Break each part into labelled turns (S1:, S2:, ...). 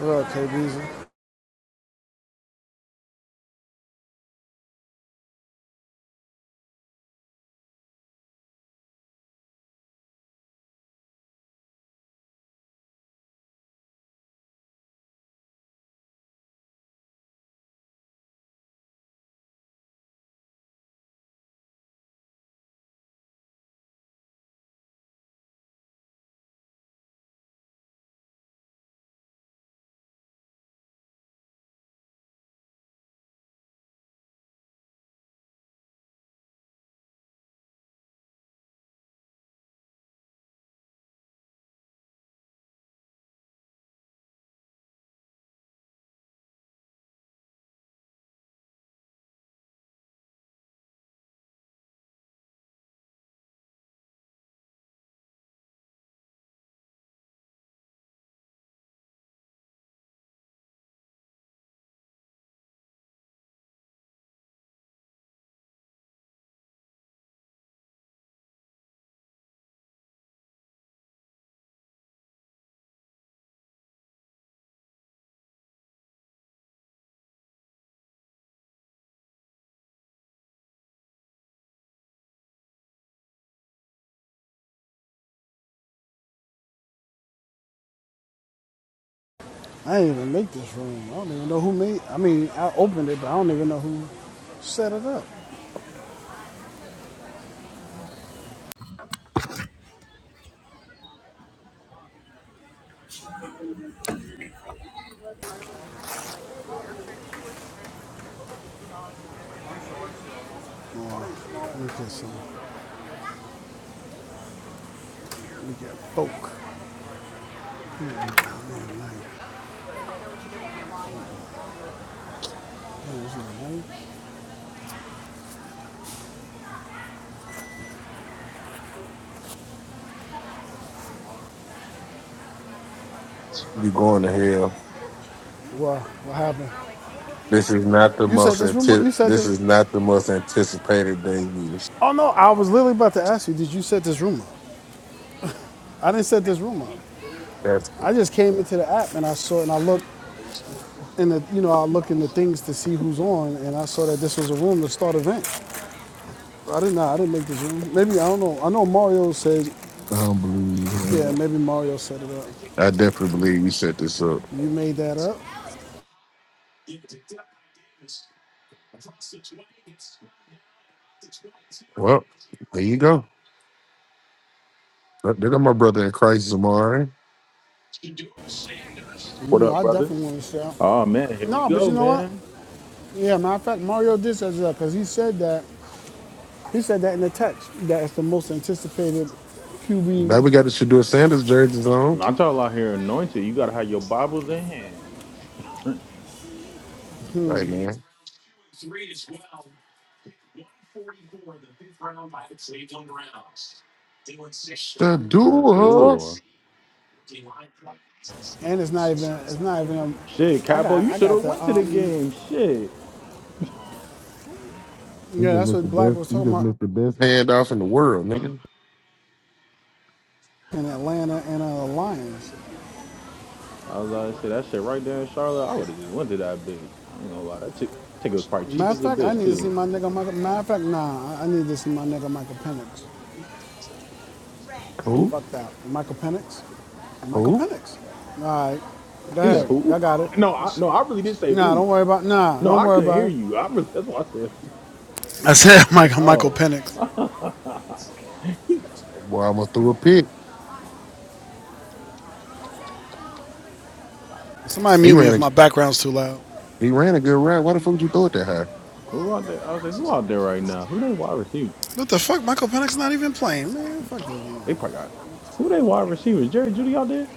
S1: What up, KBZ? I didn't even make this room. I don't even know who made. I mean, I opened it, but I don't even know who set it up. Oh, look at some. We got folk.
S2: You going to hell.
S1: What? What happened?
S2: This is not the
S1: You set
S2: most
S1: this room up.
S2: anti-
S1: You set
S2: this
S1: this.
S2: is not the most anticipated day of the year.
S1: Oh no, I was literally about to ask you. Did you set this room up? I didn't set this room up.
S2: That's
S1: I
S2: I
S1: just came into the app and I saw it and I looked in the you know I look in the things to see who's on and I saw that this was a room to start event. I didn't know. I didn't make this room. Maybe I don't know. I know Mario said
S2: don't believe you,
S1: Yeah,
S2: man.
S1: maybe Mario set it up.
S2: I definitely believe you set this up.
S1: You made that up.
S2: Well, there you go. Look, There go my brother in Christ Zamari.
S1: You
S3: What
S1: know,
S3: up,
S1: I
S3: brother?
S1: definitely want to shout.
S3: Oh man, here we
S1: No, but
S3: go,
S1: you know what?
S3: man.
S1: Yeah, matter of fact, Mario did set it up because he said that. He said that in the text that it's the most anticipated QB,
S2: Now we got the Shadur Sanders jerseys on.
S3: Not y'all out here anointed. You gotta have your Bibles in hand.
S2: Right man.
S3: Sure,
S2: Shadur.
S3: do.
S1: and it's not even. It's not even. um,
S3: Shit,
S1: I
S3: Capo,
S1: got.
S3: you
S1: I
S3: should
S1: got
S3: have
S1: the.
S3: went to the
S1: Um.
S3: game. Shit.
S2: You
S1: Yeah,
S2: just
S1: that's
S2: missed the
S1: what Black
S2: best
S1: was
S2: you
S1: talking
S2: just
S1: about
S2: missed the best handoff in the world, nigga.
S1: in Atlanta and uh, Lions.
S3: I was about to say that shit right there in Charlotte. I would have just went to that bitch. I ain't gonna lie, that chick, ticket was probably cheap
S1: Matter of
S3: as a
S1: fact, I
S3: bitch
S1: need to see
S3: too.
S1: my nigga Michael. Matter of fact, nah, I I need to see my nigga Michael Penix.
S2: Who?
S3: Who?
S1: Fuck that, Michael Penix. Michael
S2: Who?
S1: Penix. All right, go
S3: He said
S1: ahead. I
S3: who?
S1: got it.
S3: No, I, no, I really did say
S1: Nah, don't
S3: who.
S1: worry about. Nah,
S3: No,
S1: don't
S3: I
S1: worry
S3: couldn't
S1: about
S3: hear
S1: it.
S3: you. I really that's why I said
S1: I said Michael Michael
S3: oh.
S1: Penix.
S2: That Boy, I almost threw a pick.
S1: Somebody
S2: He
S1: mute me if
S2: ran.
S1: my background's too loud.
S2: He ran a good route. Why the fuck would you throw it that high?
S3: who out there? I was like, who out there right now? Who they wide receiver?
S1: What the fuck? Michael Penix not even playing, man. Fuck this dude.
S3: They probably got who they wide receivers? Jerry Judy out there?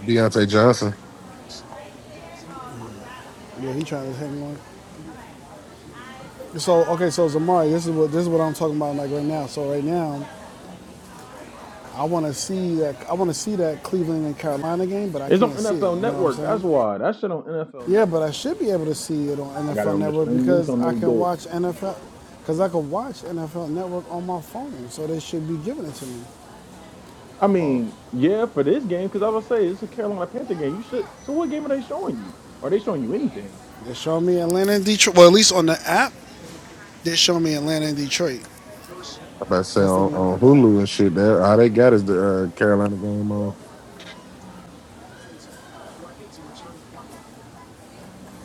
S2: Deontay Johnson.
S1: Yeah, he trying to hit me one. So okay, so Zamari, this is what this is what I'm talking about like right now. So right now, I want to see that I want to see that Cleveland and Carolina game, but I
S3: It's on
S1: can't see it.
S3: NFL
S1: You know what I'm
S3: Network. That's
S1: saying?
S3: why. That shit on NFL
S1: Yeah,
S3: Network.
S1: but I should be able to see it on
S3: I got it
S1: NFL
S3: on the
S1: Network
S3: stream. It's
S1: because
S3: on
S1: I
S3: this
S1: can
S3: bitch.
S1: watch NFL. Because I can watch NFL Network on my phone, so they should be giving it to me.
S3: I
S2: Oh,
S3: mean, yeah, for this game, because I would say it's a Carolina Panther game. You should. So what game are they showing you? Are they showing you anything?
S1: They show me Atlanta and Detroit. Well, at least on the app, They show me Atlanta and Detroit.
S2: I about to say
S1: That's the
S2: on,
S1: name I
S2: on
S1: got.
S2: Hulu and shit. That all they got is the uh, Carolina game on.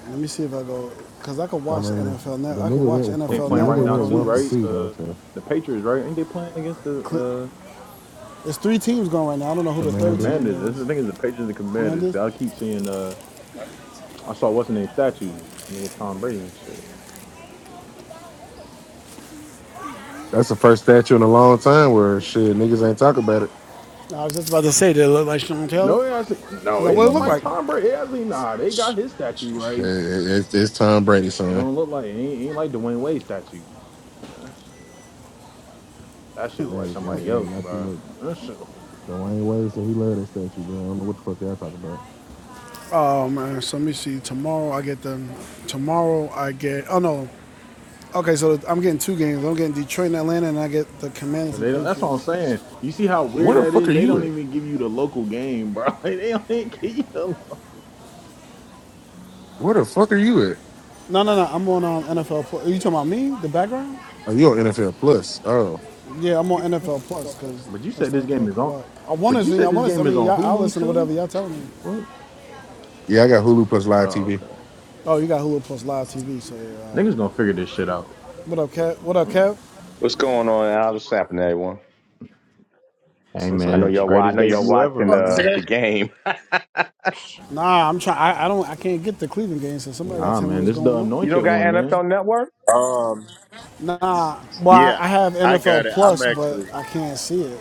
S1: Let me see if I go, cause I could
S2: I
S1: watch
S2: mean,
S1: NFL Net.
S2: the
S1: I could
S2: nigga
S1: watch
S2: went
S3: They
S2: for-
S1: NFL
S2: the
S3: playing right
S2: nigga
S1: Network
S3: now
S2: went
S1: on
S3: too,
S2: one for
S3: right?
S1: this.
S2: two though.
S3: Uh,
S2: So
S3: the Patriots, right? Ain't they playing against the uh
S1: There's three teams going right now. I don't know who the
S3: the
S1: third
S2: Commanders.
S1: team
S3: Commanders? That's
S1: is.
S3: the thing is the Patriots and the Commanders.
S1: Mendes.
S3: 'cause I keep seeing uh, I saw what's his name statue, nigga Tom Brady and shit.
S2: That's the first statue in a long time where shit niggas ain't talk about it.
S1: I was just about to say, did it look like Sean Taylor?
S3: No, it hasn't. No,
S1: No,
S3: it
S1: what it
S3: looked
S1: look
S2: Mm,
S3: like
S2: it-
S1: like?
S3: Tom Brady. It hasn't. Nah, they got his statue right.
S2: it- It's, it's Tom Brady,
S3: It
S2: son.
S3: don't look like it ain't, it ain't like Dwayne Wade statue. That shit, that shit look like
S2: Hey, hey,
S3: somebody
S2: hey,
S3: else,
S2: not too
S3: bro.
S2: much.
S3: That shit.
S2: Dwayne Wade said he love that statue, bro. I don't know what the fuck y'all talking about.
S1: Oh man, so let me see. Tomorrow I get them. Tomorrow I get. Oh no. Okay, so I'm getting two games. I'm getting Detroit and Atlanta, and I get the Commanders
S3: But
S1: and
S3: they don't, that's what I'm
S1: Patriots.
S3: saying. You see how weird
S2: Where the
S3: that
S2: fuck
S3: is?
S2: are
S3: They
S2: you
S3: don't
S2: at?
S3: even give you the local game, bro. Like, they don't even give you the local.
S2: Where the fuck are you at?
S1: No, no, no. I'm on um, NFL. Are you talking about me? The background?
S2: Are you on NFL Plus? Oh.
S1: Yeah, I'm on NFL Plus because
S3: But you
S1: that's
S3: said
S1: the
S3: this
S1: only thing I
S3: game is
S1: could
S3: on.
S1: watch. I want
S3: But
S1: to
S3: you
S1: see. I
S3: said this
S1: want to. I
S3: game is
S1: mean,
S3: on
S1: I
S3: Hulu
S1: listen to
S3: too.
S1: whatever y'all telling me.
S3: What? fuck?
S2: Yeah, I got Hulu plus live
S3: Oh,
S2: TV.
S3: okay.
S1: Oh, you got Hulu Plus Live TV. So yeah. all
S3: Niggas gonna figure this shit out.
S1: right. What up, Kev? What up, Kev?
S4: What's going on? Al? What's happening, everyone?
S3: Hey
S2: That's
S4: I
S2: how
S3: man,
S4: know
S3: it's the
S2: much.
S4: y'all. wa- I
S3: greatest
S4: know y'all
S3: debut ever,
S4: watching
S5: Oh,
S3: man.
S4: the the game.
S1: Nah, I'm trying. I I don't. I can't get the Cleveland game. So somebody got to
S3: Nah,
S1: tell me
S3: man,
S1: what's
S3: this is the
S1: going on.
S4: You
S3: anointed
S4: don't got
S3: one, man.
S4: NFL Network?
S6: Um,
S1: Nah. Well, I
S6: yeah,
S1: I have
S6: I got
S1: NFL
S6: it. I'm
S1: Plus, but
S6: actually,
S1: I can't see it.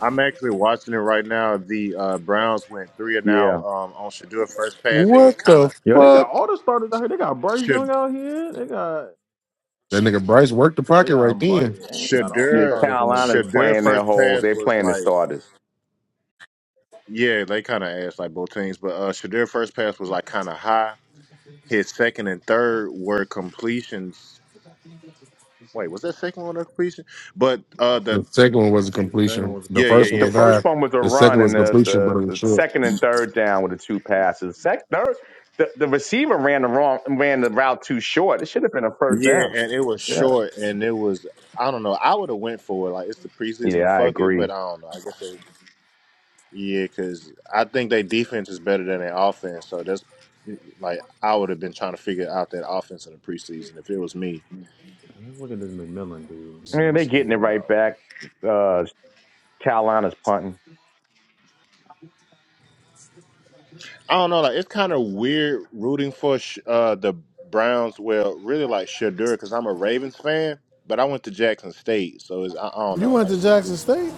S6: I'm actually watching it right now. The uh, Browns went three and now
S4: Yeah,
S6: um, on Shadur first pass. It was
S2: What
S6: kind
S2: the
S6: of
S3: Yo, they got
S2: fuck?
S3: all the starters out here. They got Bryce Young
S6: should
S3: out here. They got
S2: That nigga Bryce worked the
S3: They
S2: pocket
S3: got
S2: right
S3: bright.
S2: then.
S3: Ain't they got all the
S4: yeah.
S6: Shadur
S3: starters in this
S4: Carolina's
S3: joint?
S6: Shadur
S4: playing their
S6: first
S4: whole.
S6: pass
S4: They're
S6: was
S4: playing the
S6: like
S4: starters.
S6: yeah, they kind of asked like both teams, but uh, Shadur first pass was like kind of high. His second and third were completions. Wait, was that second one a completion? But uh, the
S2: The second one was a
S3: Dragon
S2: completion.
S3: was a
S2: The
S6: yeah,
S4: The,
S6: yeah,
S2: first one
S3: completion.
S4: the
S6: yeah.
S2: was
S4: first
S2: high.
S4: one was a
S2: The second
S4: run,
S2: was
S4: and the,
S2: completion, but
S4: the,
S2: it was
S4: the
S2: short.
S4: second and third down were the two passes. Sec, third, the, the receiver ran the wrong ran the route too short. It should have been a first
S6: Yeah,
S4: down.
S6: and it was
S4: Yeah,
S6: short, and it was I don't know. I would have went for it. Like it's the
S4: yeah,
S6: preseason,
S4: I
S6: fuck it.
S4: agree.
S6: But I don't know. I guess they yeah, because I think their defense is better than their offense. So that's like I would have been trying to figure out that offense in the preseason if it was me.
S3: Man, let's look at this McMillan dude. Man,
S4: Man, they
S3: let's see what
S4: getting it
S3: he's
S4: right
S3: about.
S4: back. Uh, Carolina's punting.
S6: I don't know. Like it's kind of weird rooting for Sh- uh the Browns. Well, really like Shadur because I'm a Ravens fan, but I went to Jackson State, so it's I, I don't
S1: You
S6: know.
S1: went
S6: Like
S1: to
S6: it, it
S1: Jackson
S6: just
S1: State?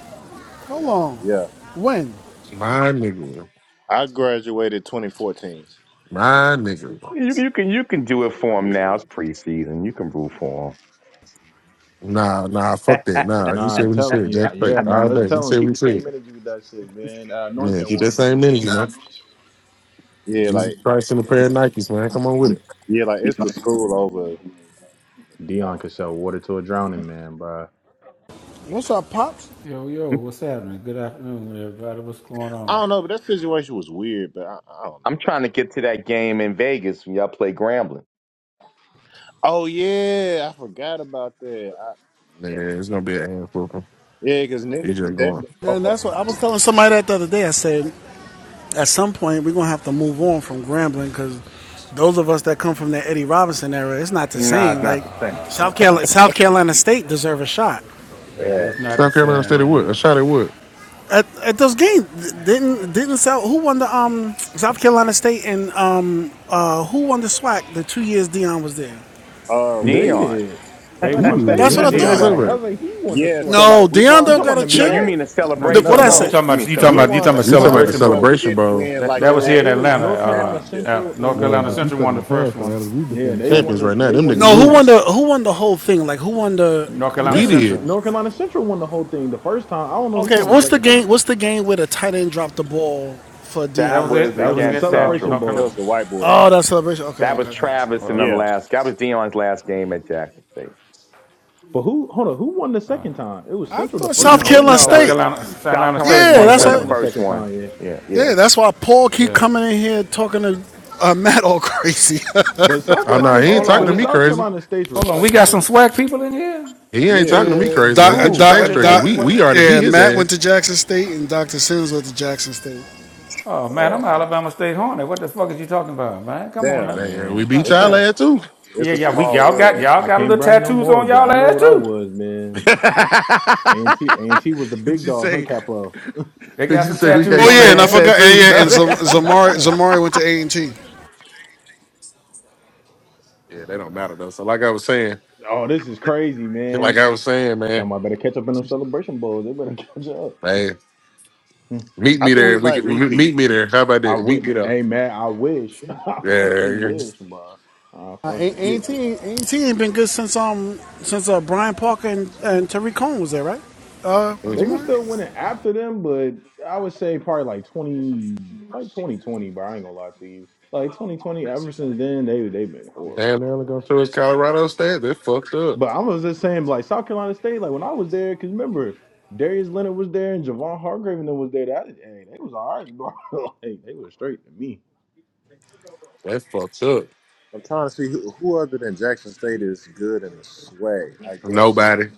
S1: How long?
S6: yeah.
S1: When?
S2: My nigga.
S6: I graduated 2014.
S2: My nigga.
S4: You, you can you can do it for them
S6: Yeah.
S4: now. It's preseason. You can root for
S2: Nah, nah,
S4: them.
S2: fuck that. Nah, he
S3: Nah,
S2: said what he
S3: tell him.
S2: said.
S3: Yeah,
S2: Jack Fake.
S3: yeah,
S2: All
S3: Matt. Let's
S2: day. He
S3: tell him.
S2: said what
S3: Keep
S2: he
S3: the same
S2: said.
S3: energy with that shit, man. Uh,
S2: Man,
S3: anointed
S2: keep that
S3: one.
S2: same energy, man.
S6: Yeah,
S2: Jesus
S6: like
S2: Christ in a pair of Nikes, man. Come on with it.
S6: Yeah, like it's the
S3: Hey,
S6: school over,
S3: man.
S6: you
S3: Dion
S6: know.
S3: could sell water to a drowning man, bro.
S1: What's up, pops?
S7: Yo, yo, what's happening? Good afternoon, everybody. What's going
S6: I
S7: on?
S6: don't know, but that situation was weird, but I, I don't
S4: I'm
S6: know. I
S4: trying to
S6: don't
S4: get to
S6: I don't
S4: that
S6: know.
S4: game in Vegas when y'all play Grambling.
S6: Oh yeah, I forgot about that. I,
S2: Man,
S6: damn.
S2: it's gonna be an ass whooping.
S6: Yeah, because
S2: He
S6: niggas is
S2: just going.
S6: definitely
S1: And
S6: going.
S1: that's what I was telling somebody that the other day. I said, at some point we're gonna have to move on from Grambling because those of us that come from the Eddie Robinson era, it's not the
S7: Nah,
S4: Nah,
S1: same.
S4: it's not
S1: Like
S4: the same.
S1: South Carolina, South Carolina State deserve a shot
S7: yeah,
S4: Yeah.
S7: it's not the
S2: South Carolina Said it would.
S7: same.
S2: A shot at what?
S1: at, at those games. Didn't didn't South who won the um South Carolina State and um uh who won the SWAC the two years Dion was there?
S6: Uh we
S3: They
S6: did.
S4: Dion.
S3: did.
S7: They
S2: We
S3: That's
S2: did,
S3: since they
S7: want,
S1: That's
S7: they,
S1: what
S2: nigga.
S3: won
S1: I
S3: the
S2: Fuck is you
S7: Dion
S1: thought.
S2: talking
S3: swag.
S7: want.
S2: about?
S3: I was like, he won the
S6: Yeah, so
S3: swag.
S6: like
S1: No,
S6: we
S1: Dion
S3: You
S6: won
S1: don't
S6: the
S3: talking
S1: got
S3: about
S1: a
S3: the
S4: No,
S1: chip.
S4: you
S3: MEAC?
S6: swag.
S4: mean the
S7: No, you
S1: The,
S6: No
S1: what
S6: no
S4: Celebration
S7: talking
S1: I
S7: about, you
S1: say?
S6: no.
S4: Bowl.
S7: talking
S4: You
S7: about,
S4: mean
S7: you talking
S6: We
S7: about, you
S4: Celebration
S6: won
S7: talking
S6: the
S7: about
S4: bowl.
S2: You talking
S4: Yeah,
S2: about the
S7: Celebration
S6: conference,
S4: yeah.
S6: but we
S7: Bowl.
S2: celebration,
S6: didn't
S2: bro?
S6: win
S7: That
S6: like
S7: that
S6: the
S7: was
S3: So
S7: here in
S3: it was
S7: Atlanta.
S6: actual
S3: North Carolina
S7: Uh,
S6: championship.
S3: Central
S7: at North
S3: and
S2: Yeah,
S7: Carolina
S2: but
S3: uh,
S2: you
S7: Central
S2: stuck
S7: won
S2: in
S7: the
S2: the
S7: first
S2: past though.
S7: one,
S2: Adams. We
S3: yeah,
S2: defending
S3: they
S7: and
S3: won
S2: champions
S3: the
S2: right now.
S3: they
S2: Them
S3: won the
S2: niggas
S1: No,
S7: eh,
S1: who
S2: losing.
S3: MEAC.
S1: won the who won the whole thing? Like who won the?
S7: North Carolina
S2: We did.
S7: Central.
S3: North Carolina Central won the whole thing the first time. I don't know who
S1: okay,
S3: won the
S1: what's the
S3: second time.
S1: game? What's the game where the tight end dropped the ball for
S7: That
S4: That
S7: was
S1: Dion?
S4: was
S7: it.
S3: That
S7: That
S3: was
S7: was
S3: in the
S4: against
S7: against uh,
S3: Celebration
S7: North
S4: Central.
S6: That was
S3: Bowl.
S7: Carolina.
S6: the white boy.
S1: Oh, that celebration. Okay,
S4: That
S1: okay,
S4: was
S1: okay.
S4: Travis and them
S7: Uh,
S6: Yeah.
S4: last. That was Dion's last game at Jackson State.
S3: But who? Hold on. Who won the second time? It was
S1: I
S3: Central the
S1: thought
S3: first
S1: South
S3: time. Who
S4: No, it-
S3: won
S1: Carolina
S3: the
S4: no, it
S7: South
S4: was
S3: second?
S1: State.
S7: Carolina, South
S4: South
S7: Carolina State
S4: Carolina
S1: Yeah,
S7: won the
S3: Oh,
S4: State
S1: that's
S3: they
S4: won the
S7: second
S1: why.
S3: won the
S7: one.
S4: first
S3: second
S4: one.
S3: time. Yeah.
S4: Yeah, yeah.
S1: Yeah,
S3: Okay.
S1: that's why Paul keep
S7: Yeah.
S1: coming in here talking to uh, Matt all crazy.
S3: But South
S2: Oh no,
S3: Carolina
S2: he ain't
S7: Hold
S3: State.
S2: talking
S7: on,
S2: to
S7: we,
S3: But
S2: me
S3: South
S7: hold
S2: crazy.
S3: Carolina State's
S7: on. We got some
S3: respectable.
S7: swag people in here.
S2: He ain't
S6: Yeah.
S2: talking to me
S1: yeah,
S2: crazy.
S1: doc, uh,
S2: Get
S7: Who?
S2: your
S1: doc, uh,
S2: facts
S7: What?
S2: straight, cause
S1: doc,
S7: What?
S2: we we
S7: What?
S2: already
S1: yeah,
S2: beat his
S1: Matt went
S2: ass.
S1: to Jackson State and Dr. Sims went to Jackson State.
S7: Oh man, I'm
S6: Oh.
S3: Like,
S7: Alabama State Hornet. What the fuck is you talking about, man? Come on
S3: hey
S6: Damn.
S7: now,
S2: Man, we
S3: man,
S2: beat
S7: stop
S6: It's a
S2: y'all
S7: playing.
S2: ass too.
S6: it's
S7: Yeah,
S6: a
S7: yeah, we
S6: small
S7: y'all got
S6: world.
S7: y'all
S3: I
S7: got a
S3: can't
S7: little
S3: brag no
S7: tattoos
S3: more.
S7: on
S3: But
S7: y'all
S3: I know
S7: ass
S3: what I
S7: too.
S3: was,
S2: did
S3: man. Okay, A and T. A and T was the big
S2: you
S3: dog. Hunt
S2: say?
S3: Capo.
S7: They
S2: Did
S7: got
S2: you
S7: some
S2: say we can
S7: tattoos
S1: Oh
S7: on
S1: yeah, and
S2: exchange
S1: I
S2: the
S7: their ass.
S1: forgot. And
S2: tattoos?
S1: yeah, and
S7: Yeah,
S1: Zamari
S7: yeah.
S1: Zamari went to A and T.
S2: No, yeah, they don't matter though. So like I was saying,
S3: Oh, this is crazy,
S2: like
S3: man.
S2: I was saying, man,
S3: Somebody better catch up in them Celebration Bowls. They better catch up.
S2: hey, meet
S6: I
S2: me
S6: think we
S2: there. We
S6: might
S2: can
S6: repeat.
S2: meet me there. How about
S3: I
S2: that? Meet
S3: would.
S2: me there.
S3: Hey man, I wish. I
S2: Yeah,
S3: fucking
S2: Yeah.
S3: wish, bro. I
S1: Uh,
S3: fucking wish.
S6: Yeah.
S1: A and T ain't been good since um since uh, Brian Parker and, and Tariq Cohen was there, right? Uh,
S2: yeah.
S3: They were
S1: Zamari.
S3: still winning after them, but I would say probably like twenty, like twenty twenty. But I ain't gonna lie to you, like twenty twenty. Ever since then, they they've been
S2: Damn,
S3: horrible.
S2: they're only
S3: Bro.
S2: going to it's Colorado State. They fucked up.
S3: But I was just saying, like South Carolina State, like when I was there, because remember Darius Leonard was there and Javon Hargrave and them was there. That hey, they was all right, bro. like they was straight to me.
S2: They fucked up.
S6: I'm trying to see who, who other than Jackson State is good in the swag. I guess.
S2: Nobody.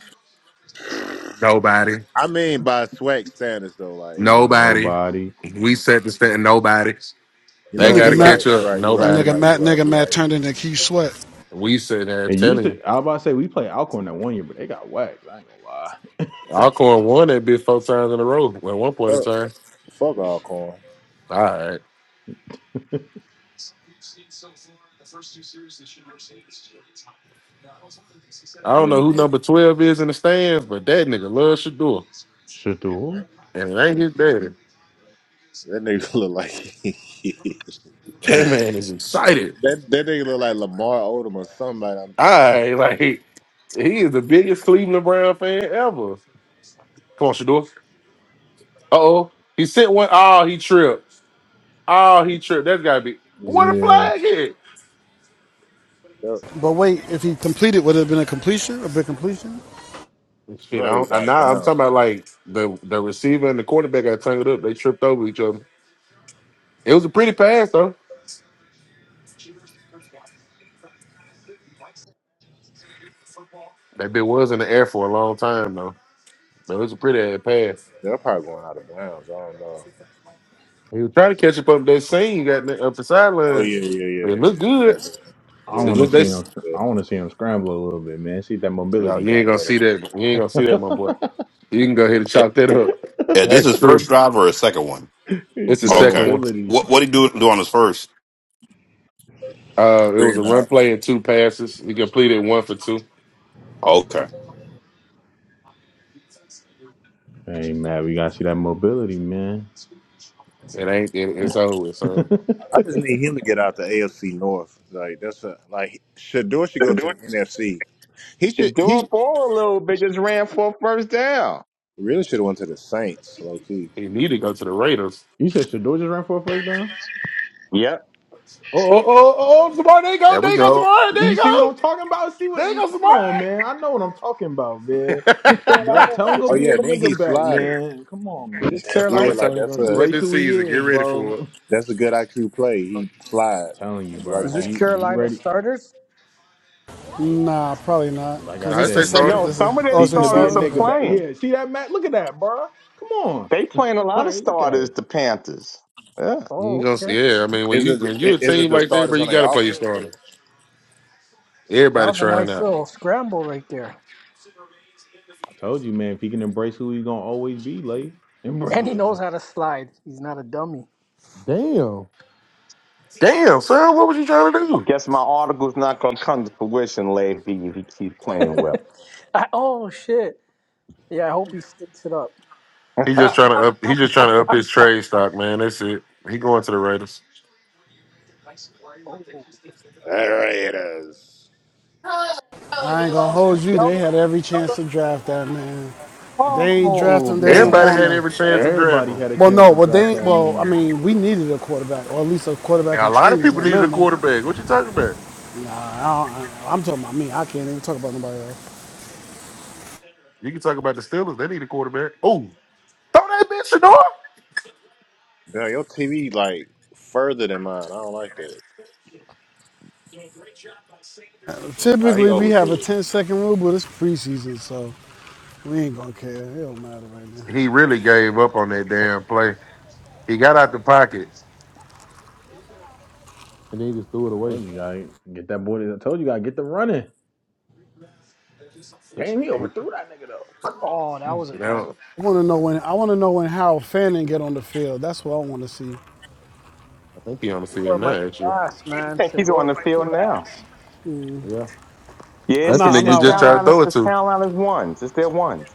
S2: Nobody.
S6: I mean, by swag standards, though, like
S2: Nobody.
S3: Nobody.
S2: We set the stand. Nobody.
S6: you
S2: They
S6: know,
S2: got
S1: nigga
S2: to
S6: you're
S1: Matt,
S6: right,
S2: catch
S6: you're
S2: up.
S6: right, you're right, you're
S2: Nobody.
S1: nigga
S6: right,
S1: Matt,
S6: you're right,
S1: nigga
S6: you're
S1: Matt
S6: right.
S1: turned into Keith Sweat.
S2: We sitting there
S3: It
S2: and
S3: used
S2: telling you.
S3: to. I was about to say we played Alcorn that one year, but they got whacked. I ain't gonna lie.
S2: Alcorn won that bitch four times in a row at one point in
S6: Fuck,
S2: time.
S6: fuck Alcorn.
S2: All right. I
S6: And
S2: don't know who
S6: anybody,
S2: number 12 is in the stands, but that nigga loves Shador.
S3: Shit, the who?
S2: And it ain't his daddy.
S6: that nigga look like
S2: That
S6: that.
S2: man is excited.
S6: That nigga look like Lamar Odom or somebody. I'm
S2: All
S6: trying.
S2: right. Like, he is the biggest Cleveland Brown fan ever. Come on, Shador. Uh oh. He sent one. Oh, he tripped. Oh, he tripped. That's gotta be what a
S3: Yeah.
S2: flag hit.
S6: That,
S1: But wait, if he completed, would it have been a completion? A big completion?
S2: Shit, I
S6: look, it was
S2: don't I
S6: out of
S2: nah, I'm talking
S6: bounds.
S2: about like the the receiver and the quarterback got tangled up. They tripped over each other. It was a pretty pass though. That bit was in the air for a long time though. But it was a pretty ass pass.
S6: They're probably going out of bounds. I don't know.
S2: He was trying to catch up up that scene got up the
S6: Oh
S2: sideline.
S6: yeah, yeah,
S2: It
S6: yeah,
S2: looked
S6: yeah,
S2: good.
S3: I
S6: yeah,
S2: It
S3: want
S6: yeah.
S3: to
S2: just
S3: see him.
S2: they
S6: yeah.
S3: I want to see him scramble a little bit, man. See if that
S2: Yo,
S3: mobility
S2: you
S3: got
S2: ain't gonna
S3: better.
S2: see that. You ain't gonna see that, my boy. You can go ahead and
S8: Yeah,
S2: chop that up.
S8: yeah, this
S2: That's
S8: is first
S2: true.
S8: drive or a second one.
S3: you
S2: It's
S3: see
S2: the
S3: that
S8: Oh,
S6: Second
S8: Okay.
S2: second one.
S3: mobility.
S8: What what he do do on his first?
S2: Uh, it
S6: three
S2: was a
S6: and
S2: run
S6: out.
S2: play and two passes. He completed one for two.
S8: Oh, Okay.
S3: Hey, man, we gotta see that mobility, man.
S2: It ain't. It, it's over with, son.
S6: I just need him to get out the AFC North. Like that's a, like Shador should
S4: They're
S6: go to
S4: doing
S6: the NFC. He should
S4: Shador
S6: he
S4: ball a little bit, just ran for a first down.
S6: really should have went to the Saints, low key.
S2: He need to go to the Raiders.
S3: you said Shador just ran for a first down.
S4: Yep.
S2: Oh, oh, oh, oh! oh, Samari, there you go,
S8: There
S2: there
S8: we
S2: you go,
S8: go.
S2: Samari, there
S3: You
S2: you
S3: see what
S2: go,
S3: I'm talking about? See what?
S2: there
S3: You, come on, man. I know what I'm talking about, man.
S2: you go,
S3: Go tell him go
S2: Samari.
S6: Oh
S3: be a
S6: yeah, then he
S3: nigga back,
S6: slided.
S3: man. Come on,
S5: this
S3: man.
S2: That's the
S6: Yeah,
S2: only
S5: Carolina
S6: like
S2: time he's
S6: that's
S2: gonna see
S6: a
S2: that
S3: Embrace
S2: this
S3: who he
S2: season. Get
S3: is,
S2: ready for it.
S3: bro.
S6: that's a good IQ play. He slide
S3: telling you,
S6: at the right
S3: bro.
S5: is this
S6: time.
S3: Be be
S5: Carolina
S3: ready.
S5: starters?
S1: Nah, probably not.
S3: Like I
S1: Cause
S2: No,
S1: this
S2: it's
S1: the
S2: a
S3: said,
S1: second.
S2: starter.
S4: No,
S3: man.
S1: This is
S4: some of their
S1: oh,
S3: Teach
S1: so
S3: him
S1: they
S3: to be
S1: saw
S3: a
S1: it.
S4: starters are
S3: nigga
S1: Okay.
S3: back.
S4: playing.
S3: Yeah. See that, Matt? Look at that, bro. Come on.
S4: They playing a lot of
S3: Like, look at
S4: starters,
S3: it.
S4: the Panthers. Yeah.
S2: You
S5: Oh,
S2: ain't gonna
S5: okay.
S2: see. Yeah, I mean, when
S6: Is
S2: you
S6: it
S2: when you
S6: i-
S2: a
S6: is it
S2: team
S6: the
S2: like that, bro,
S6: starters on
S2: you
S6: the
S2: gotta play your
S6: offense?
S2: starter.
S6: Or?
S5: That
S2: Everybody
S5: was a
S2: trying
S5: nice
S2: out.
S5: little scramble right there.
S3: I told you, man, if he can embrace who he's gonna always be, like embrace
S5: And
S3: who
S5: he
S3: he-
S5: knows how to slide. He's not a dummy.
S2: Damn. Damn, son, what was you trying to do?
S4: Guess my article's not gonna come to fruition, Lady, B, if he keeps playing well.
S5: I, oh shit. Yeah, I hope he sticks it up.
S2: He just trying to up. He just trying to up his trade stock, man. That's it. He going to the Raiders.
S5: Oh,
S6: All right, it is.
S1: I ain't gonna hold
S5: tell
S1: you.
S5: tell
S1: They
S5: them.
S3: Damn.
S1: had every
S5: Tell them.
S1: chance to draft that man. They ain't draft
S4: oh
S1: him. They ain't
S2: Everybody
S1: want
S4: man,
S2: had
S1: him.
S2: every chance to draft
S3: Everybody
S2: him.
S3: had a
S1: Well,
S3: chance
S1: no.
S3: to
S1: Well,
S3: draft
S1: they. ain't-
S3: that
S1: Well, I
S3: man.
S1: mean, we needed a quarterback, or at least a quarterback
S2: And a
S1: in
S2: lot of
S1: training
S2: people
S1: at
S2: needed a
S1: minimum.
S2: quarterback. What you talking about?
S1: Nah, I don't, I, I'm talking about me. I can't even talk about nobody else.
S2: You can talk about the Steelers. They need a quarterback. Oh, throw that bitch Shador.
S6: Girl, your TV like further than mine. I don't like that. Oh, he
S1: Typically, we have a
S6: overthrew it.
S1: 10-second rule, but it's preseason, so we ain't gonna care. It don't matter right now.
S2: He really gave up on that damn play. He got out the pocket and then he just threw it
S3: I
S2: away.
S3: told you guy. get that boy I told you guy. get the running. Damn, he
S2: You
S3: overthrew that nigga
S5: Oh, that
S3: though.
S5: was a bad.
S2: know,
S1: I want to know when I want to know when Harold Fanning get on the field. That's what I want to see.
S2: I think he on the field
S5: Shador might
S2: now.
S5: be
S2: Actually,
S5: ass,
S4: you
S5: man.
S4: think he's on
S5: Shador
S4: the
S5: might be
S4: field now?
S5: ass.
S2: yeah,
S4: Yeah,
S1: I'm
S4: it's
S2: that's the
S1: not
S4: it's,
S1: I'm
S2: nigga you
S4: it's
S1: not
S2: just tried to
S1: watching.
S4: Carolina's
S2: throw it
S4: it's
S2: to.
S4: Carolina's ones. It's their ones.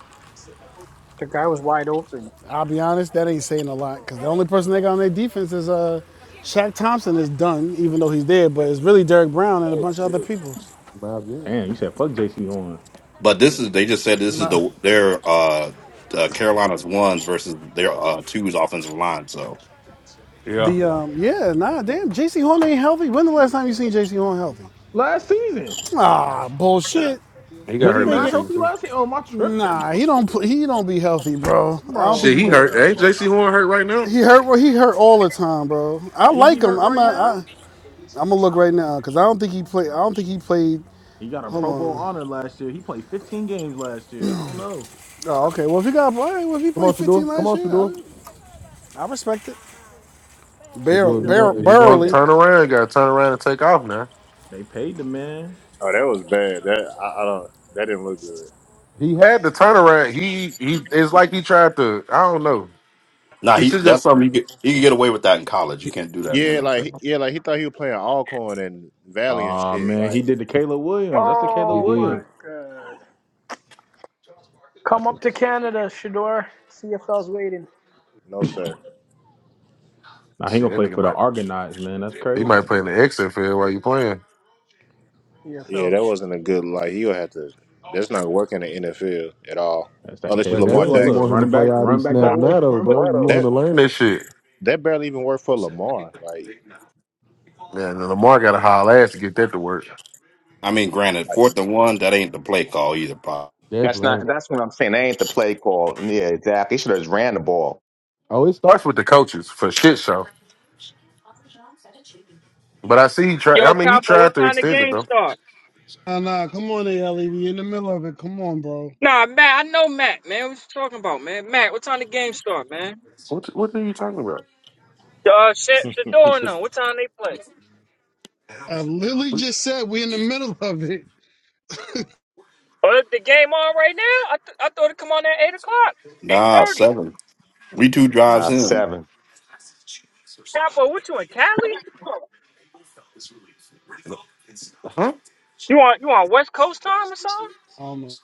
S5: The guy was wide open.
S1: I'll be honest, that ain't saying a lot because the only person they got on their defense is uh, Shaq Thompson is done, even though he's there, but it's really Derrick Brown and a
S6: Oh
S1: bunch of
S6: shit.
S1: other people.
S2: Miles Garrett.
S3: Damn, you said fuck JC on.
S8: But this is they just said this is
S1: Nah,
S8: the their uh, uh Carolina's ones versus their uh twos offensive line. So
S2: Yeah,
S1: the um, yeah, nah, damn, J.C. Horn ain't healthy. When the last time you seen J.C. Horn healthy?
S3: Last season.
S1: Ah, bullshit.
S2: he got
S3: Was
S1: I
S3: he
S2: hurt
S1: mean,
S3: not
S2: last
S1: get-
S2: season
S3: healthy
S2: too.
S3: last season? Oh my tripping.
S1: nah, he don't he don't be healthy, bro. I don't
S3: Bro,
S1: think
S2: Shit,
S1: he
S2: he
S1: been.
S3: hold
S2: hurt.
S3: up,
S2: Hey,
S3: bro.
S2: J.C. Horn hurt right now?
S1: He hurt. Well, he hurt all the time, bro. I
S3: Is he
S1: like him.
S3: hurt
S1: I'm
S3: right
S1: not.
S3: now?
S1: I, I'm gonna look right now because I don't think he played. I don't think he played.
S3: He got a
S1: Hold
S3: Pro Bowl
S1: on.
S3: honor last year. He played 15 games last year. I don't know.
S1: Oh, okay. Well, if he got all right, well, if he
S2: Come
S1: played
S2: on,
S1: 15
S2: Shador. Come
S1: last
S2: on,
S1: year, I,
S2: Shador.
S1: I respect it.
S3: They
S2: So
S1: Barrel,
S2: do
S3: paid
S2: if
S3: him.
S2: you
S1: barrel,
S2: don't
S3: Hey,
S2: if
S3: they
S2: you Don't
S3: paid
S2: don't
S1: barely.
S3: that.
S2: turn around. Got to turn around and take off now.
S3: They paid the man.
S6: Oh, that was bad. That I, I don't. That didn't look good.
S2: He had the turnaround. He he. It's like he tried to. I don't know.
S8: nah,
S2: He
S8: he
S2: should have.
S8: that's something you get you can get away with that in college. You can't do that in
S6: Yeah,
S8: the
S6: like
S8: NFL.
S6: yeah, like he thought he was playing Alcorn and Valley and
S3: Oh
S6: shit.
S3: man, he
S6: Like,
S3: did the Caleb Williams. That's the Caleb
S2: he
S5: Oh my
S2: did.
S3: Williams.
S5: god. Come
S3: That's the
S5: up to Canada, Shador. CFL's waiting.
S6: no sir.
S3: now he
S2: Shit,
S3: gonna
S2: that
S3: play
S2: nigga
S3: for the
S2: might.
S3: Argonauts, man. That's
S2: He might
S3: crazy.
S2: play in the exit field while you playing.
S6: Yeah,
S5: CFL's
S6: that wasn't a good like he'll have to that's not working in the NFL at all.
S3: That's that
S6: Unless you
S2: But
S3: Caleb
S2: that's
S6: Lamar
S2: why
S3: Williams.
S2: you
S3: Look,
S6: Jackson.
S2: want him to
S3: running
S2: play
S3: back,
S2: all
S3: run
S2: these
S3: back
S2: snaps
S3: that way.
S2: now though, bro. You want him to
S6: That
S2: learn That shit.
S6: that barely even worked for Lamar. Like
S2: Yeah, and Lamar got a holler ass to get that to work.
S8: I mean, granted, fourth and one that ain't the play call either. Pop.
S4: That's
S2: definitely
S4: not.
S2: ain't.
S4: That's what I'm saying. They ain't the play call. Yeah, exactly. He should have just ran the ball.
S2: Oh, it start Starts with the coaches for shit show. But I see he tried. I
S9: Yo,
S2: mean, he
S9: Capo, what
S2: tried to
S9: time the
S2: extend it
S9: game
S2: though.
S9: start?
S1: Nah, nah. Come on, Ellie. We in the middle of it. Come on, bro.
S9: Nah, Matt, I know Matt, man. What you talking about, man? Matt, what time the game start, man?
S2: What What are you talking about?
S9: Uh, Sha- Shador and them, what time they play?
S1: Uh, Lily just said we in the middle of it.
S9: Oh, the the game on right now? I, th- I thought it come on at 8 o'clock,
S8: Nah,
S9: 8.30.
S8: seven. We two drives
S4: Nah,
S8: in.
S4: seven.
S9: Capo, what you in Cali?
S2: Huh?
S9: You on, you on West Coast time or something?
S1: I don't know.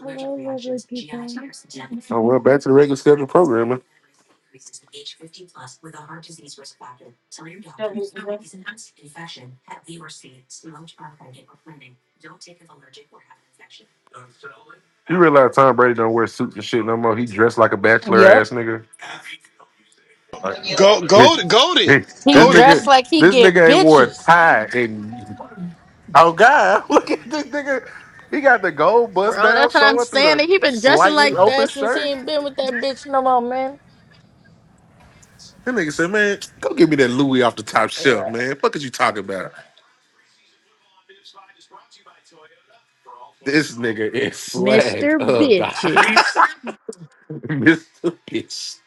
S10: Hello, lovely people.
S2: back to the regular scheduled You realize Tom Brady don't wear suits and shit no more. He dressed like a bachelor
S10: Yep.
S2: ass nigga. Like,
S1: Go, go, go it,
S2: this
S10: He
S1: go it.
S10: dressed
S2: nigga,
S10: like he
S2: this
S10: get
S2: nigga ain't wore a
S10: bitches.
S2: tie. And oh god, look at this nigga. He got the gold bust
S10: Bro,
S2: down
S10: that's what I'm
S2: showing through
S10: saying.
S2: the
S10: He been dressing
S2: slightly
S10: like
S2: open
S10: that since
S2: shirt.
S10: he ain't been with that bitch no more, man.
S2: That nigga said, "Man, go give me that Louis off the top shelf, man. Fuck is you talking about? This nigga is slagged
S10: Mr.
S2: up. dog.
S10: Bitches.
S2: Mr. Bitch,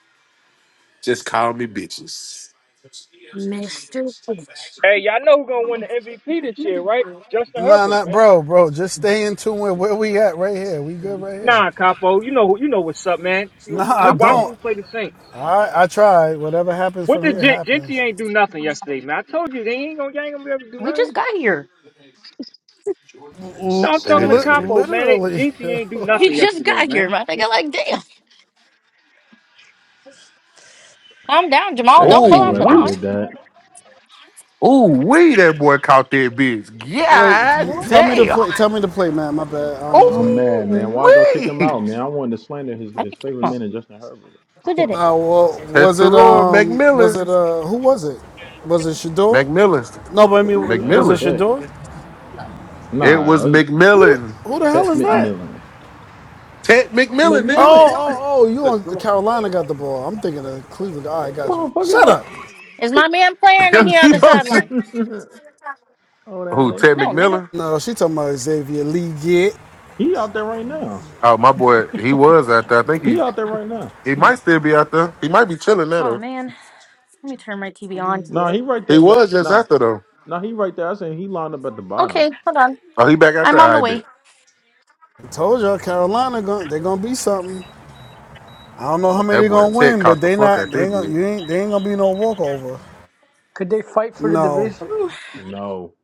S2: just call me bitches."
S10: Mr. Bitch.
S9: Hey, y'all know who gonna win the MVP this year, right? Justin
S1: Nah,
S9: Herbert,
S1: nah,
S9: man.
S1: bro, bro. Just stay in tune with where we at right here. We good right here.
S9: Nah, Capo, you know you know what's up, man. You,
S1: Nah,
S10: Who's
S1: I
S9: we watched
S10: Compo?
S1: don't.
S9: them play the Saints.
S1: I I tried. Whatever happens
S9: What
S1: from
S9: the
S1: here
S9: Gen- Genti
S1: happens.
S9: ain't do nothing yesterday, man. I told you they ain't gonna, y'all ain't gonna be able to do
S10: We
S9: nothing.
S10: just got here.
S9: No,
S1: L-
S9: I'm
S2: And
S9: talking
S2: it
S9: to
S2: was,
S1: li-
S9: Capo, man. They,
S1: literally.
S9: GT ain't do
S10: He
S9: nothing
S10: just
S9: yesterday,
S10: got
S9: man.
S10: here, my nigga. Like, damn. Calm down, Jamal.
S3: Thank
S10: Don't
S3: you,
S10: pull out the
S3: whoever
S2: oh,
S10: nine.
S3: did that.
S2: Ooh, wee, that boy caught that bitch.
S1: Wait,
S2: Yeah,
S10: Well,
S1: tell me the
S2: damn.
S1: play. Tell me the play, man. My bad. I don't know what's
S3: I'm
S1: going
S3: mad,
S2: Ooh,
S3: man. Why'd y'all kick him
S2: wee.
S3: out, man? I wanted to slander his
S10: I
S3: his
S10: didn't kick
S3: favorite
S10: him out.
S3: man in Justin Herbert. I
S10: Who did
S3: wanna-
S10: it?
S1: on. Uh, well, was it
S2: Teteroy
S1: um, was it
S2: McMillan.
S1: uh, who was it? Was it Shador?
S2: McMillan.
S1: No, but I mean,
S3: yeah,
S1: was
S3: it's
S1: it
S2: McMillan.
S3: Tech.
S1: Shador?
S2: It
S3: Nah,
S2: was
S3: that's
S1: Who the
S2: McMillan.
S1: who the hell
S3: Tech
S1: is that?
S3: McMillan.
S2: Ted
S1: Oh,
S2: McMillan,
S3: McMillan,
S1: oh, oh! You on
S2: nigga.
S1: Carolina got the ball. I'm thinking of Cleveland. All right, got you.
S3: motherfucker,
S1: Shut
S3: like
S1: up.
S10: Is my man playing here on the
S2: Keep on saying-
S10: sideline?
S3: oh that
S2: Who,
S3: nigga.
S2: Ted
S10: No, nigga.
S2: McMillan?
S1: No, she talking about Xavier Lee. Get
S3: He out there right now.
S2: Oh, my boy, he was out there. I think
S3: He
S2: he
S3: out there right now.
S2: he might still be out there. He might be chilling at
S10: Oh,
S2: her.
S10: man. Let me turn my TV on.
S5: league
S3: Nah,
S5: yet.
S3: he right
S2: He
S3: there. ma-
S2: was just
S3: Nah,
S2: after though.
S3: No, he right there. I said he lined up at the bottom.
S10: Okay, hold on.
S2: Oh, he back out
S10: I'm
S2: there.
S10: on the
S2: I bet.
S10: way.
S1: I told y'all Carolina gon' they gonna be something. I don't know how
S2: That
S1: many they
S2: boy
S1: gonna
S2: Ted
S1: win, but
S2: caught the
S1: they
S2: fuck
S1: not
S2: out
S1: they
S2: there,
S1: ain't gonna
S2: bitch.
S1: you ain't they ain't gonna be no walkover.
S5: Could they fight for the
S1: No,
S5: division?
S10: Ooh,
S3: No,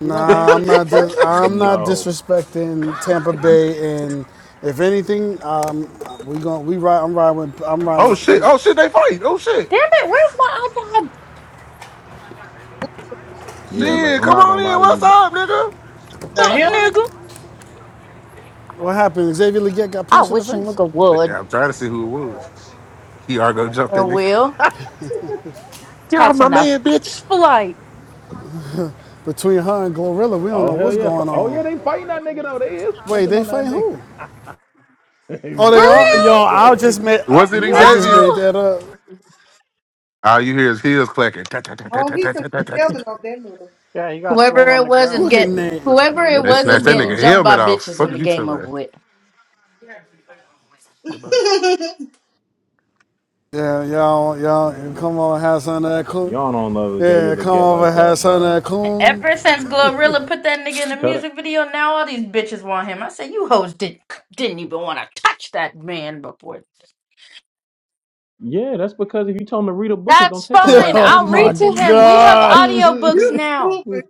S5: You don't think
S1: Nah,
S5: they
S1: I'm
S5: could
S1: not.
S5: fight?
S1: Dis- I'm not
S3: no.
S1: disrespecting Tampa
S3: Mm,
S1: Bay, and if anything, um, we going we ride. I'm riding with. I'm riding
S2: Oh
S1: with
S2: shit!
S1: Penix.
S2: Oh shit! They fight! Oh shit!
S10: Damn it, where's my iPod?
S3: Yeah,
S11: Mm-hmm.
S3: like
S2: Shit!
S3: I'm
S2: Come
S3: not gonna
S2: on
S3: lie
S2: in.
S3: to you.
S2: What's
S3: But
S2: up, nigga?
S3: I'm not
S10: Fuck,
S3: gonna lie. To you.
S10: nigga.
S1: What happened? Xavier Leggett got
S10: I
S1: punched in the
S10: wish a
S1: face.
S10: nigga would
S2: Yeah, I'm trying to see who it was. He are gonna jump that
S10: and
S2: nigga.
S10: will
S2: Get off my
S10: catching a
S2: man, bitch.
S10: first flight.
S1: Between her and Glorilla, we don't
S3: Oh
S1: know
S3: hell
S1: what's
S3: yeah! Fi-
S1: going
S3: Oh
S1: on.
S3: yeah, they fighting that nigga though. They is
S1: Wait,
S3: punching
S1: they
S3: on that
S1: fighting
S3: nigga.
S1: who? Oh,
S10: For
S1: they
S3: Xavier
S1: are. Yo,
S10: real?
S1: I
S3: Leggett.
S1: just made. I,
S2: Was it
S3: Yeah.
S1: I
S10: No.
S1: just
S2: Xavier?
S1: made that up.
S2: All you hear is heels clacking. Ta, ta, ta, ta,
S11: Oh,
S2: ta,
S11: he
S2: ta,
S11: took
S2: ta, ta, ta,
S11: the
S2: ta.
S11: heaven off that mother.
S5: Yeah, he got thrown
S10: Whoever
S5: on
S10: it
S5: the
S10: was is
S5: ground.
S1: Look at
S10: get
S1: Nate.
S3: And
S10: whoever
S3: they
S10: it
S3: ripped
S2: They
S3: his
S10: was is
S2: snatched
S3: helmet
S2: that
S10: getting
S2: nigga
S3: off.
S10: jumped by
S2: helmet off.
S10: bitches
S2: Fuck
S10: when the
S2: is you
S10: game over
S2: talking
S10: with.
S2: about?
S1: Yeah, y'all, y'all,
S3: Man,
S1: come over and have some of that coon.
S3: y'all don't love Xavier
S1: Yeah, come
S3: Leggett
S1: over and
S3: like
S1: have
S3: that,
S1: some
S3: bruh.
S1: of that
S10: And
S1: coon.
S10: ever since Glorilla put that nigga in the
S3: Tell that.
S10: music video, now all these bitches want him. I said, you hoes did, didn't even want to touch that man before.
S3: Yeah, that's because if you tell him to read a book, it's gonna
S10: That's
S3: take him
S10: fine.
S3: like
S1: oh
S10: I'll
S3: 40
S1: my
S10: read
S3: days,
S10: to
S3: 40
S10: him.
S3: nights.
S10: We have
S1: God.
S10: audiobooks
S11: you
S10: now.
S11: stupid.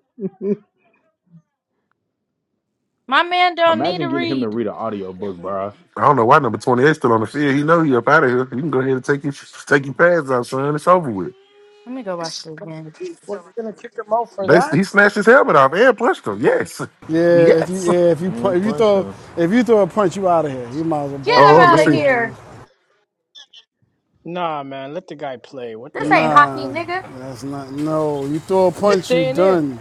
S10: My man don't need to
S3: Imagine getting him to
S10: read.
S3: read an audio book, bruh.
S2: I don't know why number 28 still on the field. He know he up out of here. You can go ahead and take your take your pads off, son. It's over with.
S10: Let me go watch this again.
S5: What, you're gonna kick him out for
S2: They,
S5: that?
S2: he snatched his helmet off and punched him. Yes.
S1: Yeah, if you
S2: Yes.
S1: yeah, if you
S3: And
S1: if you
S3: punch
S1: throw
S3: them.
S1: if you throw a punch, you out of here. You might as well ball
S10: Get
S1: it
S10: him
S2: Oh,
S1: up.
S10: out
S2: let's
S1: You're
S10: of
S2: see.
S1: going.
S10: here.
S5: Nah, man, let the guy play. What
S10: This
S5: the
S10: ain't
S5: hell?
S10: hockey,
S1: Nah,
S10: nigga.
S1: that's not. No, you throw a
S5: He's
S1: punch, you
S5: staying in.
S1: done.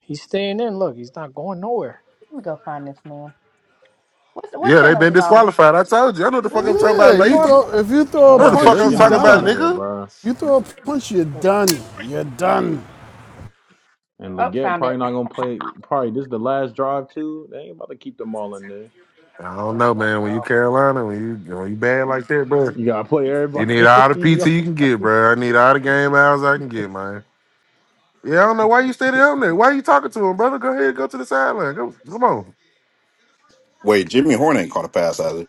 S5: He's staying in. Look, he's not going nowhere.
S10: Let me go find this man. What what
S2: Yeah, they
S10: channel is
S2: been
S10: it on?
S2: disqualified. I told you. I know what the fuck I'm talking
S11: Ooh,
S1: Yeah,
S2: about,
S1: you
S11: before
S2: lazy.
S1: throw. If you
S3: I'm
S1: throw
S2: I
S1: a
S2: know
S3: about to
S2: the
S3: say
S2: fuck
S3: they
S1: punch,
S2: I was
S1: you
S3: getting them
S2: talking
S5: Ah,
S3: up
S2: about,
S3: out of
S1: done.
S3: there,
S2: nigga.
S3: bro.
S1: You throw a punch, you're
S5: that's
S1: done. You're done.
S3: And
S5: bad.
S10: Oh,
S3: Leggett
S10: found
S3: probably
S10: it.
S3: not gonna play. Probably this is the last drive too. They ain't about to keep them all in there.
S2: I don't know,
S5: Personal
S2: man. When you
S5: foul.
S2: Carolina, when you when you bad like that, bro,
S3: You gotta play
S2: you
S3: everybody.
S2: need all the
S3: in the
S2: PT
S3: other
S2: you can get, bro. I need all the game hours I can get, man. Yeah, I don't know why you standing on there. Why you talking to him, brother? Go ahead, go to the sideline. Go, come on.
S8: Wait, Jimmy Horn ain't caught a pass either.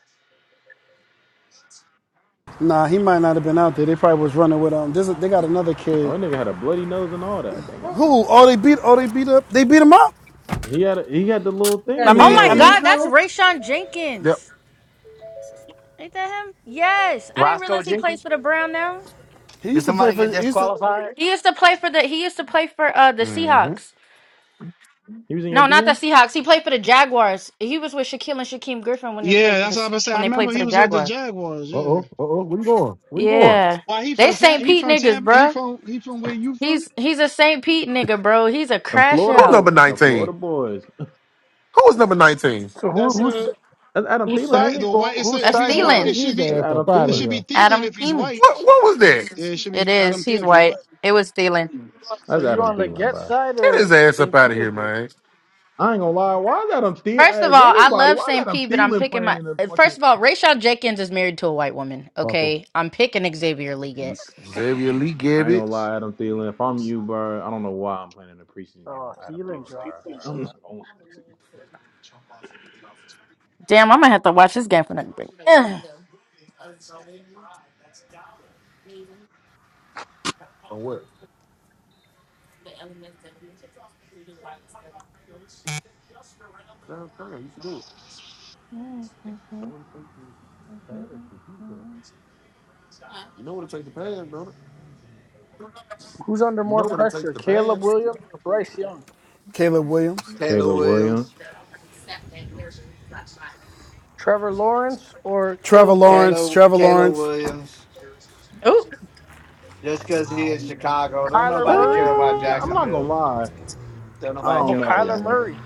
S1: Nah, he might not have been out there. They probably was running with him. This is, they got another
S3: oh,
S1: kid.
S3: that nigga had a bloody nose and all that.
S11: the
S3: Damn,
S11: mm,
S1: Who? Oh, they beat. Oh, they beat up. They beat him up.
S3: he had a, he had the little thing
S1: I
S3: in his
S10: Oh
S11: this
S1: mean,
S10: my
S1: I
S11: shit
S3: nose.
S1: mean,
S11: was
S10: God, that's
S11: no.
S10: Rayshon
S2: Yep.
S10: Jenkins. Ain't that him? Yes, I didn't
S12: Roscoe
S10: realize he
S12: Jenkins?
S10: plays for the Brown now.
S1: he
S12: Did
S1: used to play
S12: somebody
S1: for.
S12: get
S1: He used to
S12: disqualified?
S10: He used to play for the. He used to play for uh the
S2: Mm-hmm.
S10: Seahawks.
S3: He was in your
S10: No, not the
S3: DM.
S10: Seahawks. He played for the Jaguars. He was with Shaquille and Shaquem Griffin when they
S1: Yeah,
S10: played for the
S1: that's what I
S10: S-
S1: was saying.
S10: when
S1: I
S10: they played
S1: remember
S10: for
S1: he
S10: the
S1: was with the
S10: Jaguars.
S1: Jaguars.
S2: Uh
S1: Yeah.
S2: oh. Uh oh. Where you going? Where you going?
S10: Yeah,
S1: Why he
S10: they
S1: from Tam-
S10: St.
S1: he
S10: Pete
S1: from
S10: niggas,
S1: Tam- he
S10: bruh.
S1: from he from where you from?
S10: He's he's a St. Pete nigga, bro. He's a
S3: Them
S1: Uh,
S10: crash
S3: Florida
S2: Who
S10: out.
S2: number
S3: boys. The Florida
S2: nineteen?
S3: boys.
S2: Who was number nineteen?
S5: So who
S1: That's
S5: who's
S1: a
S3: That's Adam
S5: whose
S3: Thielen,
S5: side
S3: ain't
S1: that
S5: you
S3: it?
S1: the
S5: go?
S1: white. It's
S5: Whose
S1: a, if
S10: That's
S5: side
S1: he's
S2: Man,
S5: you
S1: white,
S5: on?
S1: it
S10: Thielen,
S2: get
S1: should
S2: his
S1: be
S3: That's
S2: ass up
S3: Adam
S2: out
S1: it
S2: of
S3: Thielen.
S1: should be
S2: here.
S1: Thielen
S10: Adam
S1: if he's
S10: Thielen.
S1: white.
S2: What What was
S1: Yeah,
S2: that?
S1: it should
S10: It
S1: be
S10: is.
S1: Adam
S10: He's
S1: Thielen if he's
S10: white.
S1: white.
S10: It was stealing.
S5: So
S3: That's
S5: you
S3: Adam
S5: on the
S3: Thielen,
S5: get
S3: bro.
S5: side
S2: Get
S5: or
S2: his ass up
S5: St.
S2: out of here,
S5: Peterborough?
S2: man.
S3: I ain't gonna lie. Why is Adam
S10: First of
S3: Thielen? If
S10: all, I
S3: anybody,
S10: love
S3: why is
S10: St.
S3: Adam
S10: Pete, but I'm
S3: Thielen
S10: picking
S3: playing
S10: my.
S3: in a
S10: First
S3: fucking?
S10: of all, Rayshon Jenkins is married to a white woman. Okay, I'm picking Xavier Leggett.
S2: Xavier Lee
S3: I
S2: gave
S3: ain't gonna
S2: it.
S3: lie, Adam Thielen. If I'm you, bro, I don't know why I'm playing in the preseason game
S5: Oh,
S3: on Adam
S5: Thielen
S3: Thielen, bro.
S5: dropped that.
S3: I'm not gonna lie to you, bro.
S10: Damn, I'm gonna have to watch this game for nothing. but-
S2: Or what? Downtown, you should do it. No
S10: Ugh.
S2: one takes the pass for defense. You know what it takes to pass, don't it?
S5: Who's under
S2: You know
S5: more
S2: what it takes
S5: pressure,
S2: to
S5: Caleb
S2: pass.
S5: Williams or Bryce Young?
S1: Caleb Williams,
S12: Kayla
S3: Caleb Williams.
S12: Williams.
S5: Trevor Lawrence or
S1: Trevor
S5: Caleb Williams?
S1: Lawrence,
S12: Kayla
S1: Trevor
S12: Kayla
S1: Lawrence,
S12: Williams. Just because he
S5: Wow.
S12: is Chicago, don't
S5: Kyler
S12: nobody care
S5: Murray
S12: about
S3: Uh, I'm not gonna
S12: Jacksonville.
S3: lie.
S12: Don't
S3: I
S5: How
S12: nobody
S3: don't
S12: care
S5: about
S12: about
S3: know,
S5: Kyler
S3: man.
S12: Jacksonville.
S5: Murray?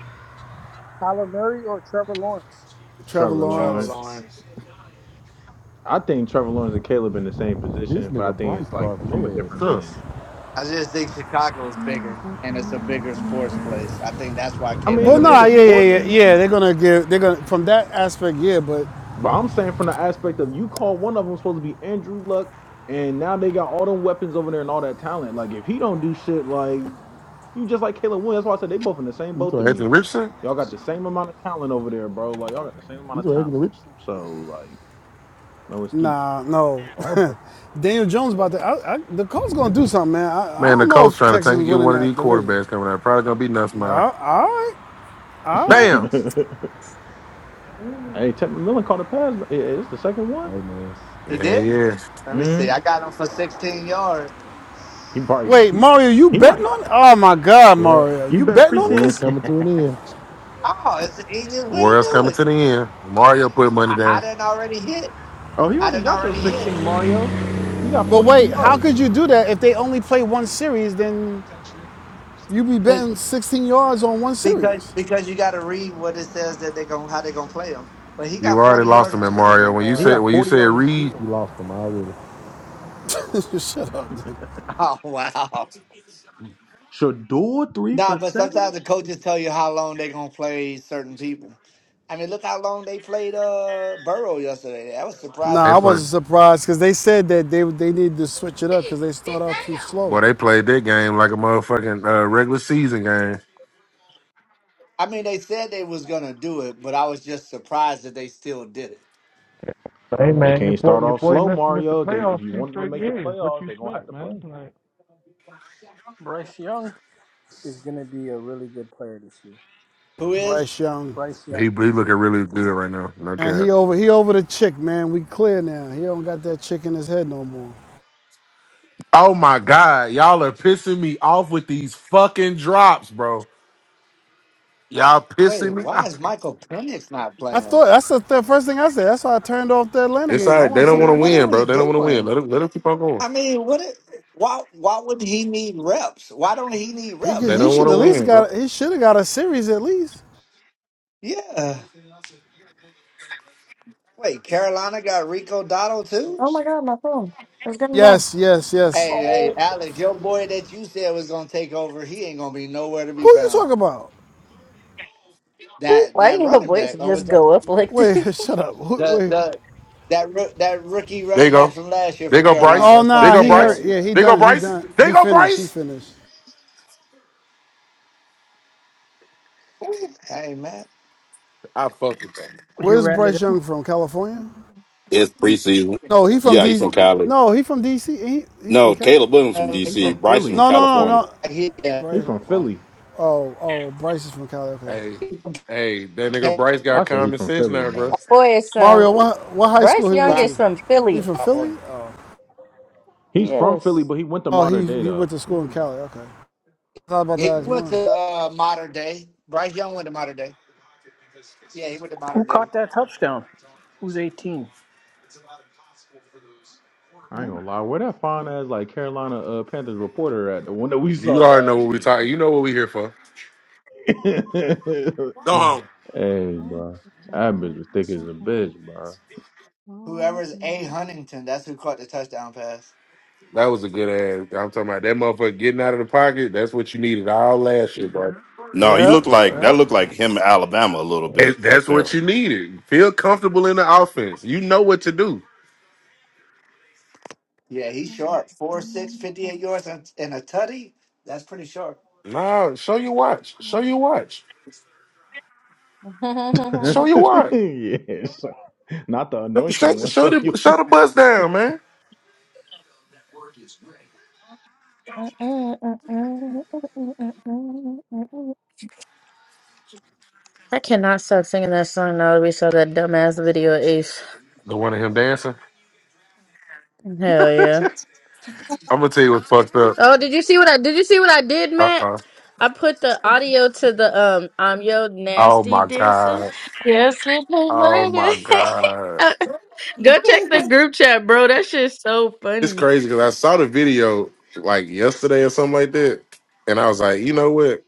S5: Kyler Murray or Trevor Lawrence?
S1: Trevor
S3: Trevor
S12: Trevor
S1: Lawrence.
S3: Lawrence.
S12: Lawrence.
S3: I think Trevor Lawrence and Caleb in the same
S2: This
S3: position, but I
S2: nigga
S3: think
S2: Bryce
S3: it's like
S2: carving
S3: from a
S2: their ass
S3: different
S2: up.
S3: lens.
S2: Tough.
S12: I just think Chicago is bigger, and it's a bigger sports place. I think that's why
S3: I mean,
S12: Caleb
S3: it's
S1: Well,
S3: a
S1: nah,
S3: bigger
S12: Williams
S1: yeah,
S12: is
S1: yeah,
S3: sports,
S1: yeah,
S12: under.
S1: yeah.
S10: Oop.
S1: They're gonna give. They're gonna from that aspect, yeah. But
S3: but I'm saying from the aspect of you call one of them supposed to be Andrew Luck, and now they got all them weapons over there and all that talent. Like if he don't do shit, like You just like Caleb Williams. That's why I said they both in the same
S2: You
S3: boat to
S2: saw Anthony
S3: me.
S2: Richardson?
S3: Y'all got the same amount of talent over there, bro. Like y'all got the same amount
S2: you
S3: of
S2: saw Anthony
S3: talent.
S2: Richardson?
S3: So like, no excuse.
S1: nah, no.
S2: Oh,
S1: Daniel Jones about to. I, I, the Colts gonna do something, man. I, I
S2: man,
S1: don't
S2: the
S1: know
S2: coach
S1: if
S2: trying to
S1: Texas
S2: tank
S1: is
S2: and get
S1: winning
S2: one of
S1: that
S2: these
S1: division.
S2: quarterbacks coming out. Probably gonna be nothing.
S1: Uh,
S2: man.
S1: all right,
S3: hey,
S1: all right.
S2: Bam.
S3: Tevin
S11: Mm.
S3: McMillan caught a pass. Yeah, It's the second one.
S2: Hey man.
S12: He
S2: Yeah,
S12: did.
S2: yeah.
S12: Let me see.
S3: Mm.
S12: I got him for 16 yards.
S3: He probably
S1: Wait, Mario, you
S3: he
S1: betting
S3: might.
S1: on? it? Oh my God,
S2: Yeah.
S1: Mario,
S3: You
S1: you
S3: bet
S1: betting
S2: The
S1: on
S2: world's
S1: this?
S3: preseason.
S2: coming to an end.
S12: Oh, it's the easiest
S2: The
S12: way to
S2: world's
S12: do
S2: coming
S12: it.
S2: to the end. Mario put
S12: I,
S2: money
S12: I
S2: down.
S12: didn't already hit.
S3: Oh, he
S12: I
S3: already
S12: didn't
S3: got your
S12: already
S3: 16,
S12: hit.
S3: Mario. He got
S1: But wait,
S3: 42
S1: how
S3: yards.
S1: could you do that if they only play one series? Then you be betting 16 yards on one
S12: because
S1: series.
S12: because you got to read what it says that they're gonna how they're gonna play him. But he
S2: You
S12: got
S2: already
S12: forty
S2: lost
S12: yards
S2: them at Mario.
S12: receiving.
S2: When you
S3: He
S12: Uh,
S2: said
S3: got
S2: when you
S3: 40
S2: said
S3: yards
S2: Reed,
S3: receiving.
S2: You lost them already.
S1: Shut up, dude.
S12: oh wow!
S3: Shador three
S12: Nah,
S3: for
S12: but sometimes
S3: seven.
S12: the coaches tell you how long they're gonna play certain people. I mean, look how long they played uh Burrow yesterday. That was surprising
S2: they
S1: Nah,
S12: to
S1: I
S2: play.
S1: wasn't
S12: me.
S1: surprised because they said that they they needed to switch it up because they start out too slow.
S2: Boy, they played that game like a motherfucking uh, regular season game.
S12: I mean, they said they was gonna do it, but I was just surprised that they still did it.
S13: Hey
S3: They
S13: man, your
S3: can't
S13: boy,
S3: start
S13: your
S3: off
S13: boy
S3: slow,
S13: missed missed the
S3: Mario. They
S13: playoffs
S3: if you
S13: two
S3: want them to
S13: straight
S3: make the
S13: years. What you
S3: playoffs, they gonna have
S13: expect,
S3: to
S13: man?
S3: play.
S13: Like,
S5: Bryce Young is going to be a really good player this year.
S12: Who is?
S1: Bryce Young,
S5: Bryce Young.
S2: He he looking really good right now. No
S1: and
S2: cap.
S1: he over he over the chick, man. We clear now. He don't got that chick in his head no more.
S2: Oh my god, y'all are pissing me off with these fucking drops, bro. Y'all pissing
S12: Wait,
S2: me
S12: why is
S2: off.
S12: Michael Penix not
S1: I
S12: playing?
S1: thought that's the, the first thing I said. That's why I turned off the Atlanta
S2: It's
S1: game.
S2: all
S1: I
S2: right.
S1: want
S2: They
S1: to
S2: don't
S1: see
S2: want
S12: What
S1: my
S2: to
S1: guy.
S12: What are
S2: win,
S12: we
S2: bro. They don't want to win.
S12: doing?
S2: Let them let them keep on going.
S12: I mean, what? It, why? Why would he need reps? Why don't he need
S1: He
S12: reps?
S2: They
S12: What are
S1: he
S2: don't
S12: we
S2: want
S1: should
S2: to
S1: at least
S12: doing?
S2: win, bro.
S1: got he should have got a series at least.
S12: Yeah. Wait, Carolina got Rico Dotto too.
S10: Oh my god, my phone. is gonna die.
S1: Yes, yes, yes.
S12: Hey,
S5: Oh,
S12: hey, Alex, your boy that you said was gonna take over, he ain't gonna be nowhere to be
S1: Who are you
S12: found.
S1: talking about?
S12: That
S10: Why
S12: that
S10: didn't her
S12: running
S10: voice
S12: back, or was
S10: just
S12: that
S10: go up like this?
S1: Wait, shut up.
S12: the
S1: wait.
S12: the that roo- that rookie
S2: There
S12: running
S2: you
S12: back
S2: go.
S12: from last year
S2: There
S12: for
S2: you go
S12: Carolina that
S2: Bryce.
S1: Oh
S12: was
S2: There you
S1: nah,
S12: supposed to
S2: go
S1: he
S12: take
S1: hurt.
S2: Bryce.
S12: over?
S1: Yeah, he
S2: There you go
S1: done. He
S2: Bryce.
S1: done.
S2: There
S1: He
S2: you go
S1: finished. He
S2: Bryce.
S1: finished.
S12: Hey, Matt,
S2: I fuck with that.
S5: he
S1: Where's
S5: ran it
S1: Bryce
S5: in.
S1: Young from? California?
S8: It's
S12: you-
S8: preseason.
S1: No, he from
S8: Yeah, he's
S1: D.
S8: from Cali.
S1: No, he from DC. He he
S8: No,
S1: from Cal?
S8: Caleb Williams
S12: I
S8: from
S3: He from
S8: DC. Bryson from
S3: Philly.
S1: No, no,
S8: California.
S1: no, no.
S12: hit that
S3: He
S1: Bryce.
S3: from Philly.
S12: one.
S1: Oh, oh, Bryce is from Cali. Okay.
S2: Hey, hey, that nigga
S12: Can't
S2: Bryce
S3: I
S2: got
S3: say he
S2: common
S3: from
S2: sense
S3: Philly,
S2: now, bro.
S3: bro.
S10: Boy, is um,
S1: Mario, what what high school
S10: Bryce
S1: he
S10: Young
S1: went
S12: ride
S1: to?
S10: is from
S1: He
S10: Philly.
S1: from
S12: off on
S1: Philly?
S12: him.
S1: Oh,
S3: He's from Philly,
S10: Yes.
S3: but he went to
S1: oh he
S3: modern day
S1: he went
S3: though.
S1: to
S3: He
S1: school in
S3: was,
S1: Cali. Okay. I thought about
S12: He
S1: that as
S12: went
S3: yeah.
S12: to
S1: mine.
S12: uh, modern day. Bryce Young went to modern day. Yeah, he went to
S5: Who
S12: modern day.
S5: caught that touchdown? Who's 18?
S3: I ain't gonna lie. Where that fine ass like Carolina uh, Panthers reporter at the one that we saw
S2: You already know what
S3: last
S2: we
S3: year?
S2: talking. You know what we here for.
S3: hey,
S2: Go home.
S3: bro. That bitch was thick as a bitch, bro.
S12: Whoever's A Huntington, that's who caught the touchdown pass.
S2: That was a good ass. I'm talking about that motherfucker getting out of the pocket. That's what you needed all last year, bro.
S8: No, he
S1: Yeah,
S8: looked like
S1: yeah.
S8: that looked like him in Alabama a little bit
S2: That-
S8: right
S2: That's
S8: there.
S2: what you needed. Feel comfortable in the offense. You know what to do.
S12: Yeah, he's sharp. Four, fifty eight yards and and a tutty. That's pretty sharp.
S2: Nah, show your watch. Show your watch. Show your watch.
S3: yeah, so- not the anointing
S2: Show,
S3: one.
S2: show
S3: So
S2: the show
S3: you.
S2: the bus down, man.
S10: I cannot stop singing that song now that we saw that dumbass video of Ace.
S2: The one of him dancing.
S10: Hell yeah.
S2: I'm gonna tell you what's fucked up.
S10: Oh, did you see what I did you see what I did,
S2: Uh
S10: Matt?
S2: uh
S10: I put the audio to the um I'm your
S2: Oh
S10: nasty
S2: my
S10: dancer.
S2: god.
S10: Yes, it may
S2: Oh my god.
S10: murder. Go check the group chat, bro. That shit's so
S2: It's
S10: funny.
S2: crazy because I saw the video like yesterday or something like that, and I was like, you know what?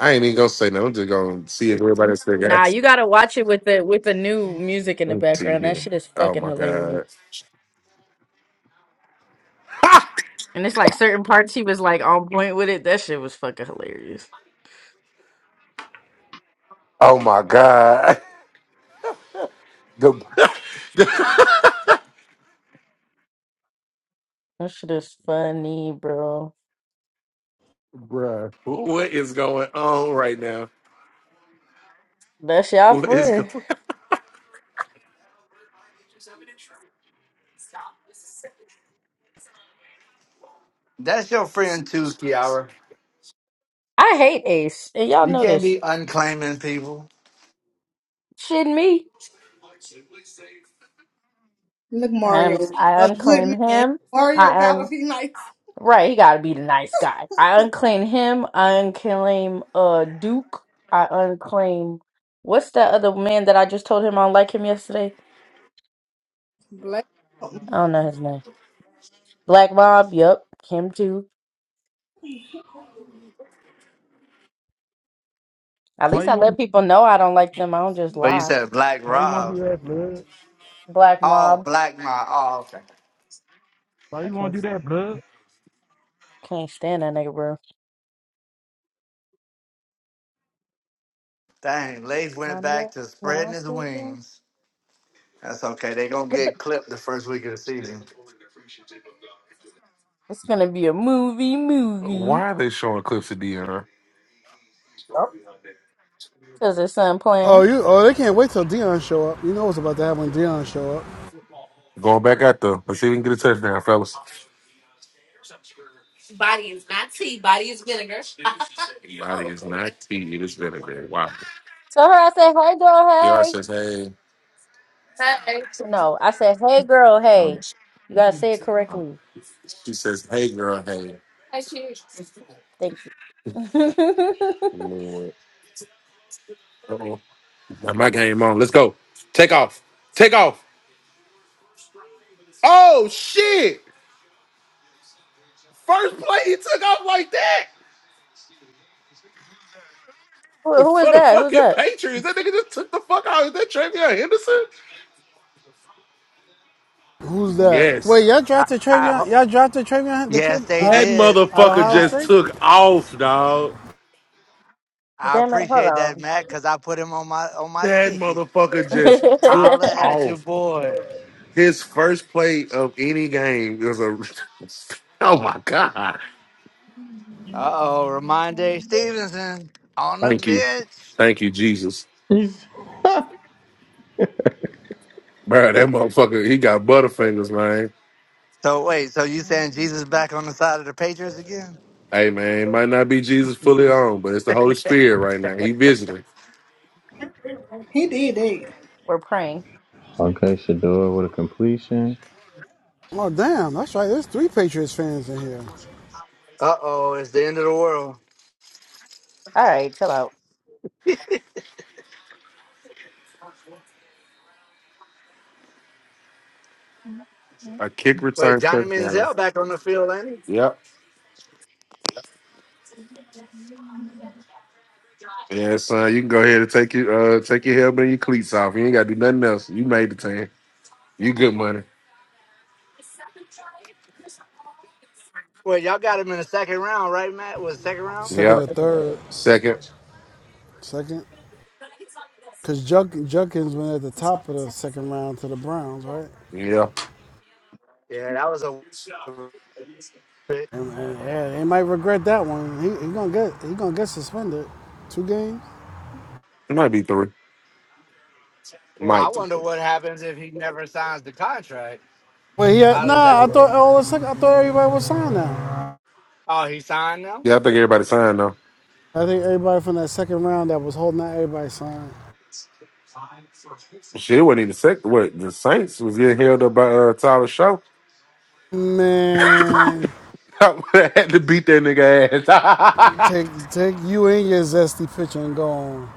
S2: I ain't even gonna say nothing. I'm just gonna see if everybody else think
S10: Nah,
S2: ass.
S10: you gotta watch it with the with the new music in the
S2: Let's see
S10: background. That
S2: here.
S10: shit is
S2: Oh
S10: fucking
S2: my
S10: hilarious.
S2: god.
S10: And it's like certain parts he was like on point with it. That shit was fucking hilarious.
S2: Oh my god. The,
S10: That shit is funny, bro.
S2: bruh, what is going on right now?
S10: That's y'all
S2: What is
S10: friend.
S2: going?
S12: That's your friend too, Kiara.
S10: I hate Ace, and y'all
S12: You
S10: know
S12: can't
S10: this.
S12: be unclaiming people.
S10: Shitting me.
S11: Look,
S10: I
S11: Mario,
S10: un- I
S11: a good
S10: unclaim
S11: man.
S10: him.
S11: Mario
S10: I un
S11: gotta be nice.
S10: right. He got to be the nice guy. I unclaim him. I unclaim uh Duke. I unclaim what's that other man that I just told him I don't like him yesterday?
S11: Black. something.
S10: I don't know his name. Black Mob. Yep, him too. At
S13: why
S10: least
S13: you
S10: I
S13: want,
S10: let people know I don't like them. I don't just
S12: But you
S10: lie.
S12: said Black
S13: why you want to
S12: Rob.
S13: do that, blood?
S10: Black
S12: Oh,
S10: Mob.
S12: Black Ma. Oh, okay.
S13: Why
S10: I
S13: you want
S10: can't
S13: to do that, blood?
S10: can't stand that nigga, bro.
S12: Dang, Leif went
S10: Um, yep.
S12: back to
S10: No,
S12: spreading
S10: I
S12: his
S10: still do.
S12: wings. That's okay. They gonna get clipped the first week of the season.
S10: It's gonna be a movie,
S2: Why
S10: movie.
S2: are they showing clips of Dion?
S5: up?
S10: Cause there's son
S1: Oh,
S10: playing.
S1: you! Oh, they can't wait till Dion show up. You know what's about to happen when Dion show up.
S2: Going back out though. Let's see if we can get a touchdown, fellas. Body is not tea. It is vinegar. Wow.
S10: So her, I say, hey, girl,
S2: VR
S10: hey."
S2: says, hey.
S10: No, I said, hey, girl,
S2: Um,
S10: hey. You gotta say it
S2: um,
S10: correctly.
S2: she says, "Hey, girl, hey,
S10: Thank you. who,
S2: Lord, oh, my game on. Let's go. Take off. Take off. Oh shit! First play, he took off like that."
S10: who is
S2: For the
S10: that? Who's
S2: fucking
S10: that?
S2: Patriots, that nigga just took the fuck out. Is that Travion Henderson?
S1: Who's that?
S2: Yes,
S1: Wait, y'all
S12: I,
S1: drafted
S12: I
S1: Travion?
S12: ho-
S1: Y'all drafted Travion, the kid
S12: yes, they
S1: uh,
S2: that
S12: did.
S1: out of
S2: motherfucker
S12: And
S1: Ohio
S12: I
S2: just
S1: State?
S2: took off, dog.
S12: I
S10: Damn it,
S12: appreciate that,
S10: hold on.
S12: Matt, because I put him on my on my
S2: That
S12: ticket.
S2: motherfucker just took
S12: Holla at your
S2: off.
S12: boy.
S2: His first play of any game was a. oh my god!
S12: Uh oh, Ramondre Stevenson on the
S2: Thank you,
S12: bench.
S2: thank you, Jesus.
S3: He's-
S2: Bro, that motherfucker, he got butterfingers, man.
S12: So wait, so you saying Jesus back on the side of the Patriots again?
S2: Hey, man, might not be Jesus fully on, but it's the Holy Spirit right now. He visiting.
S11: He did
S10: We're praying.
S3: okay, Shador with a completion.
S1: Oh, damn! That's right. There's three Patriots fans in here.
S12: Uh oh, it's the end of the world.
S10: All right, chill out.
S2: A kick
S12: Wait,
S2: return
S12: Johnny
S2: touchdown.
S12: Manziel back on the field, ain't he?
S2: Yep. Yeah, son, you can go ahead and take your uh, take your helmet and your cleats off. You ain't got to do nothing else. You made the team. You good money.
S12: Wait, y'all got him in the second round, right, Matt? Was it second round?
S1: Second or
S2: Yep.
S1: third?
S2: Second.
S1: Second? Because Junk, Junkins went at the top of the second round to the Browns, right?
S2: Yeah.
S12: Yeah, that was a pick.
S1: And, and, yeah, they might regret that one. He, he gonna get he gonna get suspended. Two games.
S2: It might be three.
S12: Well, I
S2: Might be
S12: wonder
S2: three.
S12: what happens if he never signs the contract.
S1: Wait, yeah,
S12: How does
S1: nah.
S12: that
S1: I
S12: work?
S1: thought all the second, I thought everybody was signed now.
S12: Oh, he signed now?
S2: Yeah, I think everybody signed though.
S1: I think everybody from that second round that was holding out, everybody signed.
S2: Shit, it wasn't even second. What the Saints was getting held up by uh, Tyler Shaw.
S1: Man,
S2: I had to beat that nigga ass.
S1: take take you and your zesty picture and go on.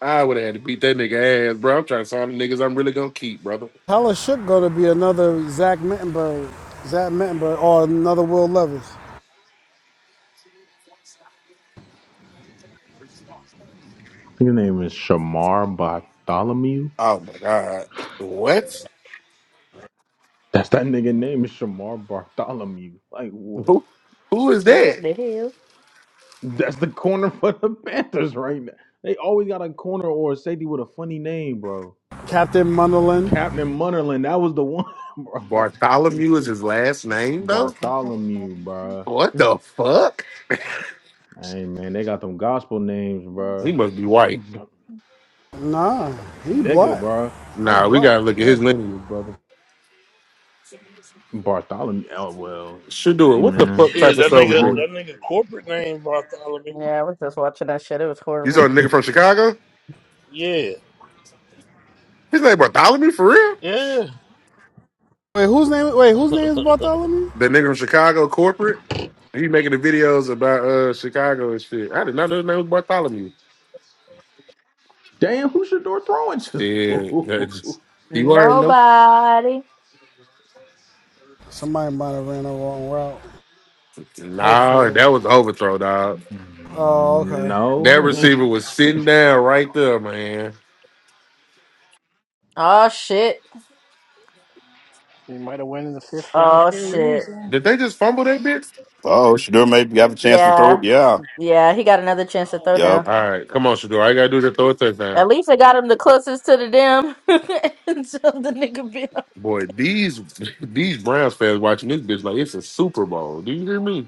S2: I would have had to beat that nigga ass, bro. I'm trying to sign the niggas I'm really gonna keep, brother.
S1: Tyler Shook gonna be another Zach Mittenberg, Zach Mittenberg, or another Will Levis.
S3: I think his name is Shamar Bartholomew.
S2: Oh my god. What?
S3: That's that nigga name is Shamar Bartholomew. Like what?
S2: Who who is
S10: What
S2: that?
S10: the hell?
S3: That's the corner for the Panthers right now. They always got a corner or a safety with a funny name, bro.
S1: Captain Munderland.
S3: Captain Munnerlin, that was the one, bro.
S2: Bartholomew is his last name though?
S3: Bartholomew, bro.
S2: What the fuck?
S3: Hey man, they got them gospel names,
S2: He
S3: bro.
S2: must be white.
S1: Nah, he
S3: Nigga,
S1: black.
S3: bro.
S1: That's
S2: Nah, we
S1: black.
S2: gotta look at
S1: That
S2: his
S1: black.
S2: lineage, brother.
S3: Bartholomew. Oh well.
S2: Should do it.
S3: Hey
S2: What the
S3: man.
S2: fuck
S14: Yeah,
S2: type of
S14: that
S3: You Know
S2: soul is
S14: nigga,
S3: who
S2: that?
S3: owned
S14: that
S3: it?
S14: nigga corporate name Bartholomew.
S10: Yeah, I was just watching that shit. It was
S2: You saw
S10: horrible.
S2: a nigga from Chicago?
S14: Yeah,
S2: His name Bartholomew for real?
S14: yeah.
S1: Wait, whose name? Wait, whose name is Bartholomew?
S2: The nigga from Chicago corporate? He making the videos about uh Chicago and shit. I did not know his name was Bartholomew.
S3: Damn, who Shador throwing to?
S2: Shit. that just- You already know.
S10: Nobody.
S1: Somebody might have ran the wrong route.
S2: Nah,
S1: Hopefully.
S2: that was overthrow, dog.
S1: Oh,
S3: Mm,
S1: okay.
S2: That
S3: no.
S2: receiver was sitting down right there, man.
S10: Oh, shit.
S5: He might have went in the fifth round
S10: Oh,
S5: for a
S10: shit.
S5: reason.
S2: Did they just fumble that bitch?
S8: Oh, Shador maybe have a chance to throw.
S10: Yeah.
S8: Yeah.
S10: Yeah, he got another chance to throw down.
S8: Yep.
S2: All right, come on, Shador. I gotta do the throw a touchdown.
S10: At least I got him the closest to the damn until the nigga bit
S2: Boy, these these Browns fans watching this bitch like it's a Super Bowl. Do you hear me?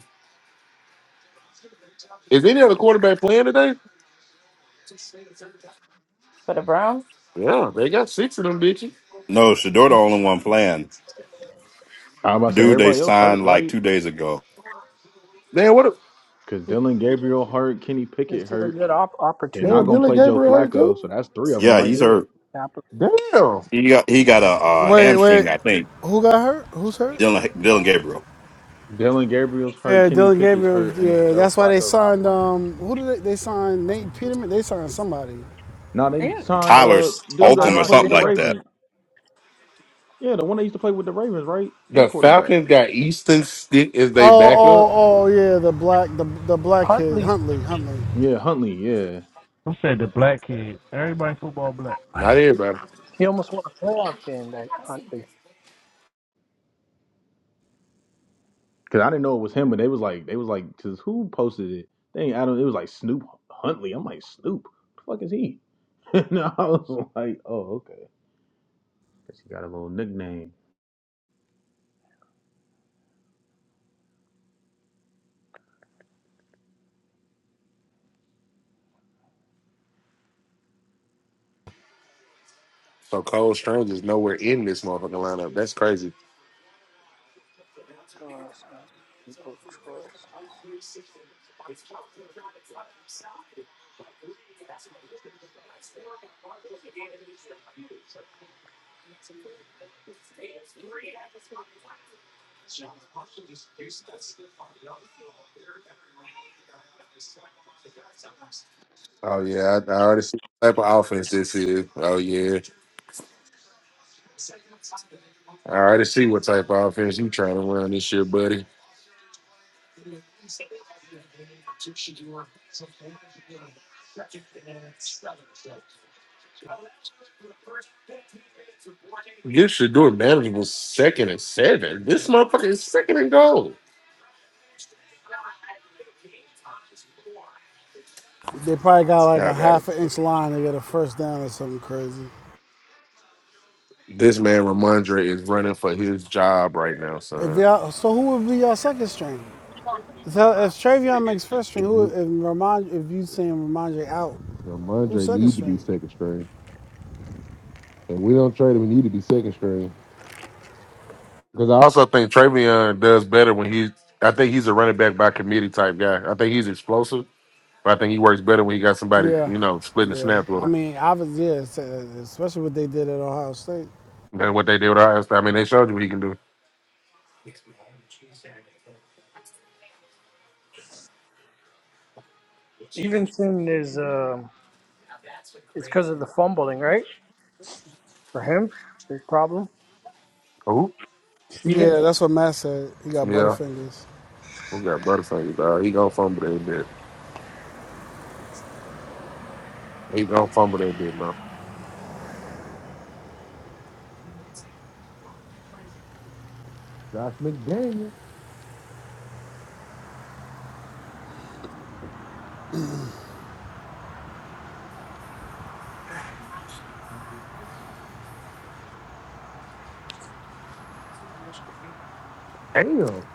S2: Is any other quarterback playing today?
S10: For the Browns?
S2: Yeah, they got six of them bitches.
S8: No, Shador the only one playing.
S3: I was about to say
S8: Dude they
S3: everybody else hurt,
S8: signed like
S3: right?
S8: two days ago.
S2: Damn, what? A,
S3: Because
S5: This,
S3: Dylan Gabriel hurt, Kenny
S5: this
S3: Pickett
S5: is a
S3: hurt.
S5: good op-
S3: They're not
S2: damn,
S5: opportunity
S3: gonna
S5: for
S2: Dylan
S3: play
S5: him
S3: Joe
S5: to
S2: Gabriel hurt
S3: Flacco,
S2: too.
S3: so that's three of them
S8: Yeah,
S3: right
S8: he's
S3: there.
S8: hurt.
S5: capitalize.
S2: Damn,
S8: He got he got a uh,
S1: Wait,
S8: hamstring,
S1: wait.
S8: I think.
S1: Who got hurt? Who's hurt?
S8: Dylan Dylan Gabriel.
S3: Dylan Gabriel's hurt,
S1: Yeah,
S3: Kenny
S1: Dylan
S3: Pickett's
S1: Gabriel.
S3: hurt, and then
S1: Yeah,
S3: Joe
S1: that's why they
S3: Flacco's not
S1: signed.
S3: playing.
S1: Um, who did they, they signed? Nate Peterman. They signed somebody.
S3: Now they
S10: Yeah.
S3: signed
S8: Tyler
S3: a dude that
S8: Holcomb
S3: used
S8: or
S3: to
S5: Tyrod
S3: play with
S8: something
S3: the
S8: like
S5: Taylor.
S8: that.
S3: Ravens. Yeah, the one that used to play with the Ravens, right? They
S2: the
S3: quarterback.
S2: Falcons got Easton Stick as
S1: Oh,
S2: they backup.
S1: oh, oh, yeah, the black, the the black kid,
S5: Huntley.
S1: Huntley, Huntley.
S3: Yeah, Huntley. Yeah,
S13: I said the black kid. Everybody football black.
S2: Not
S10: I
S2: everybody.
S5: He almost won a playoff game, that Huntley.
S3: because I didn't know it was him, but they was like, they was like, because who posted it? They ain't Adam. It was like Snoop Huntley. I'm like Snoop. What The fuck is he? and I was like, oh okay, guess he got a little nickname.
S2: So Cole Strange is nowhere in this motherfucking lineup. That's crazy.
S5: People's choice.
S2: Oh yeah, I, I already see what type of offense this is. Oh yeah, I already see what type of offense you trying to run this year, buddy. You should do a manageable second and seven. This motherfucker is second and goal.
S1: They probably got like
S2: Y'all
S1: a
S2: got it.
S1: half an inch line to get a first down or something crazy.
S2: This man Ramondre is running for his job right now,
S1: If
S2: son.
S1: y'all, so who would be y'all second string? So if Travion makes first string, who if
S2: Mhm.
S1: Ramon, if you saying Ramondre out, who's
S2: Ramondre
S1: second
S2: need to be
S1: string?
S2: second string, and we don't trade him. He need to be second string because I also think Travion does better when he. I think he's a running back by committee type guy. I think he's explosive. But I think he works better when he got somebody,
S1: Yeah,
S2: you know, splitting the
S1: yeah.
S2: snaps with
S1: I
S2: him
S1: mean, obviously, yeah, uh, especially what they did at Ohio State.
S2: than what they did with us. I mean, they showed you what he can do.
S5: Stevenson is, um, it's because of the fumbling, right? For him, big problem.
S2: Who?
S5: Steven,
S1: Yeah, that's what Matt said. He got
S2: Yeah,
S1: butterfingers.
S2: we got Butterfingers. Uh, he gonna fumble that bit. He gonna fumble that bit, though. Josh McDaniel. Damn.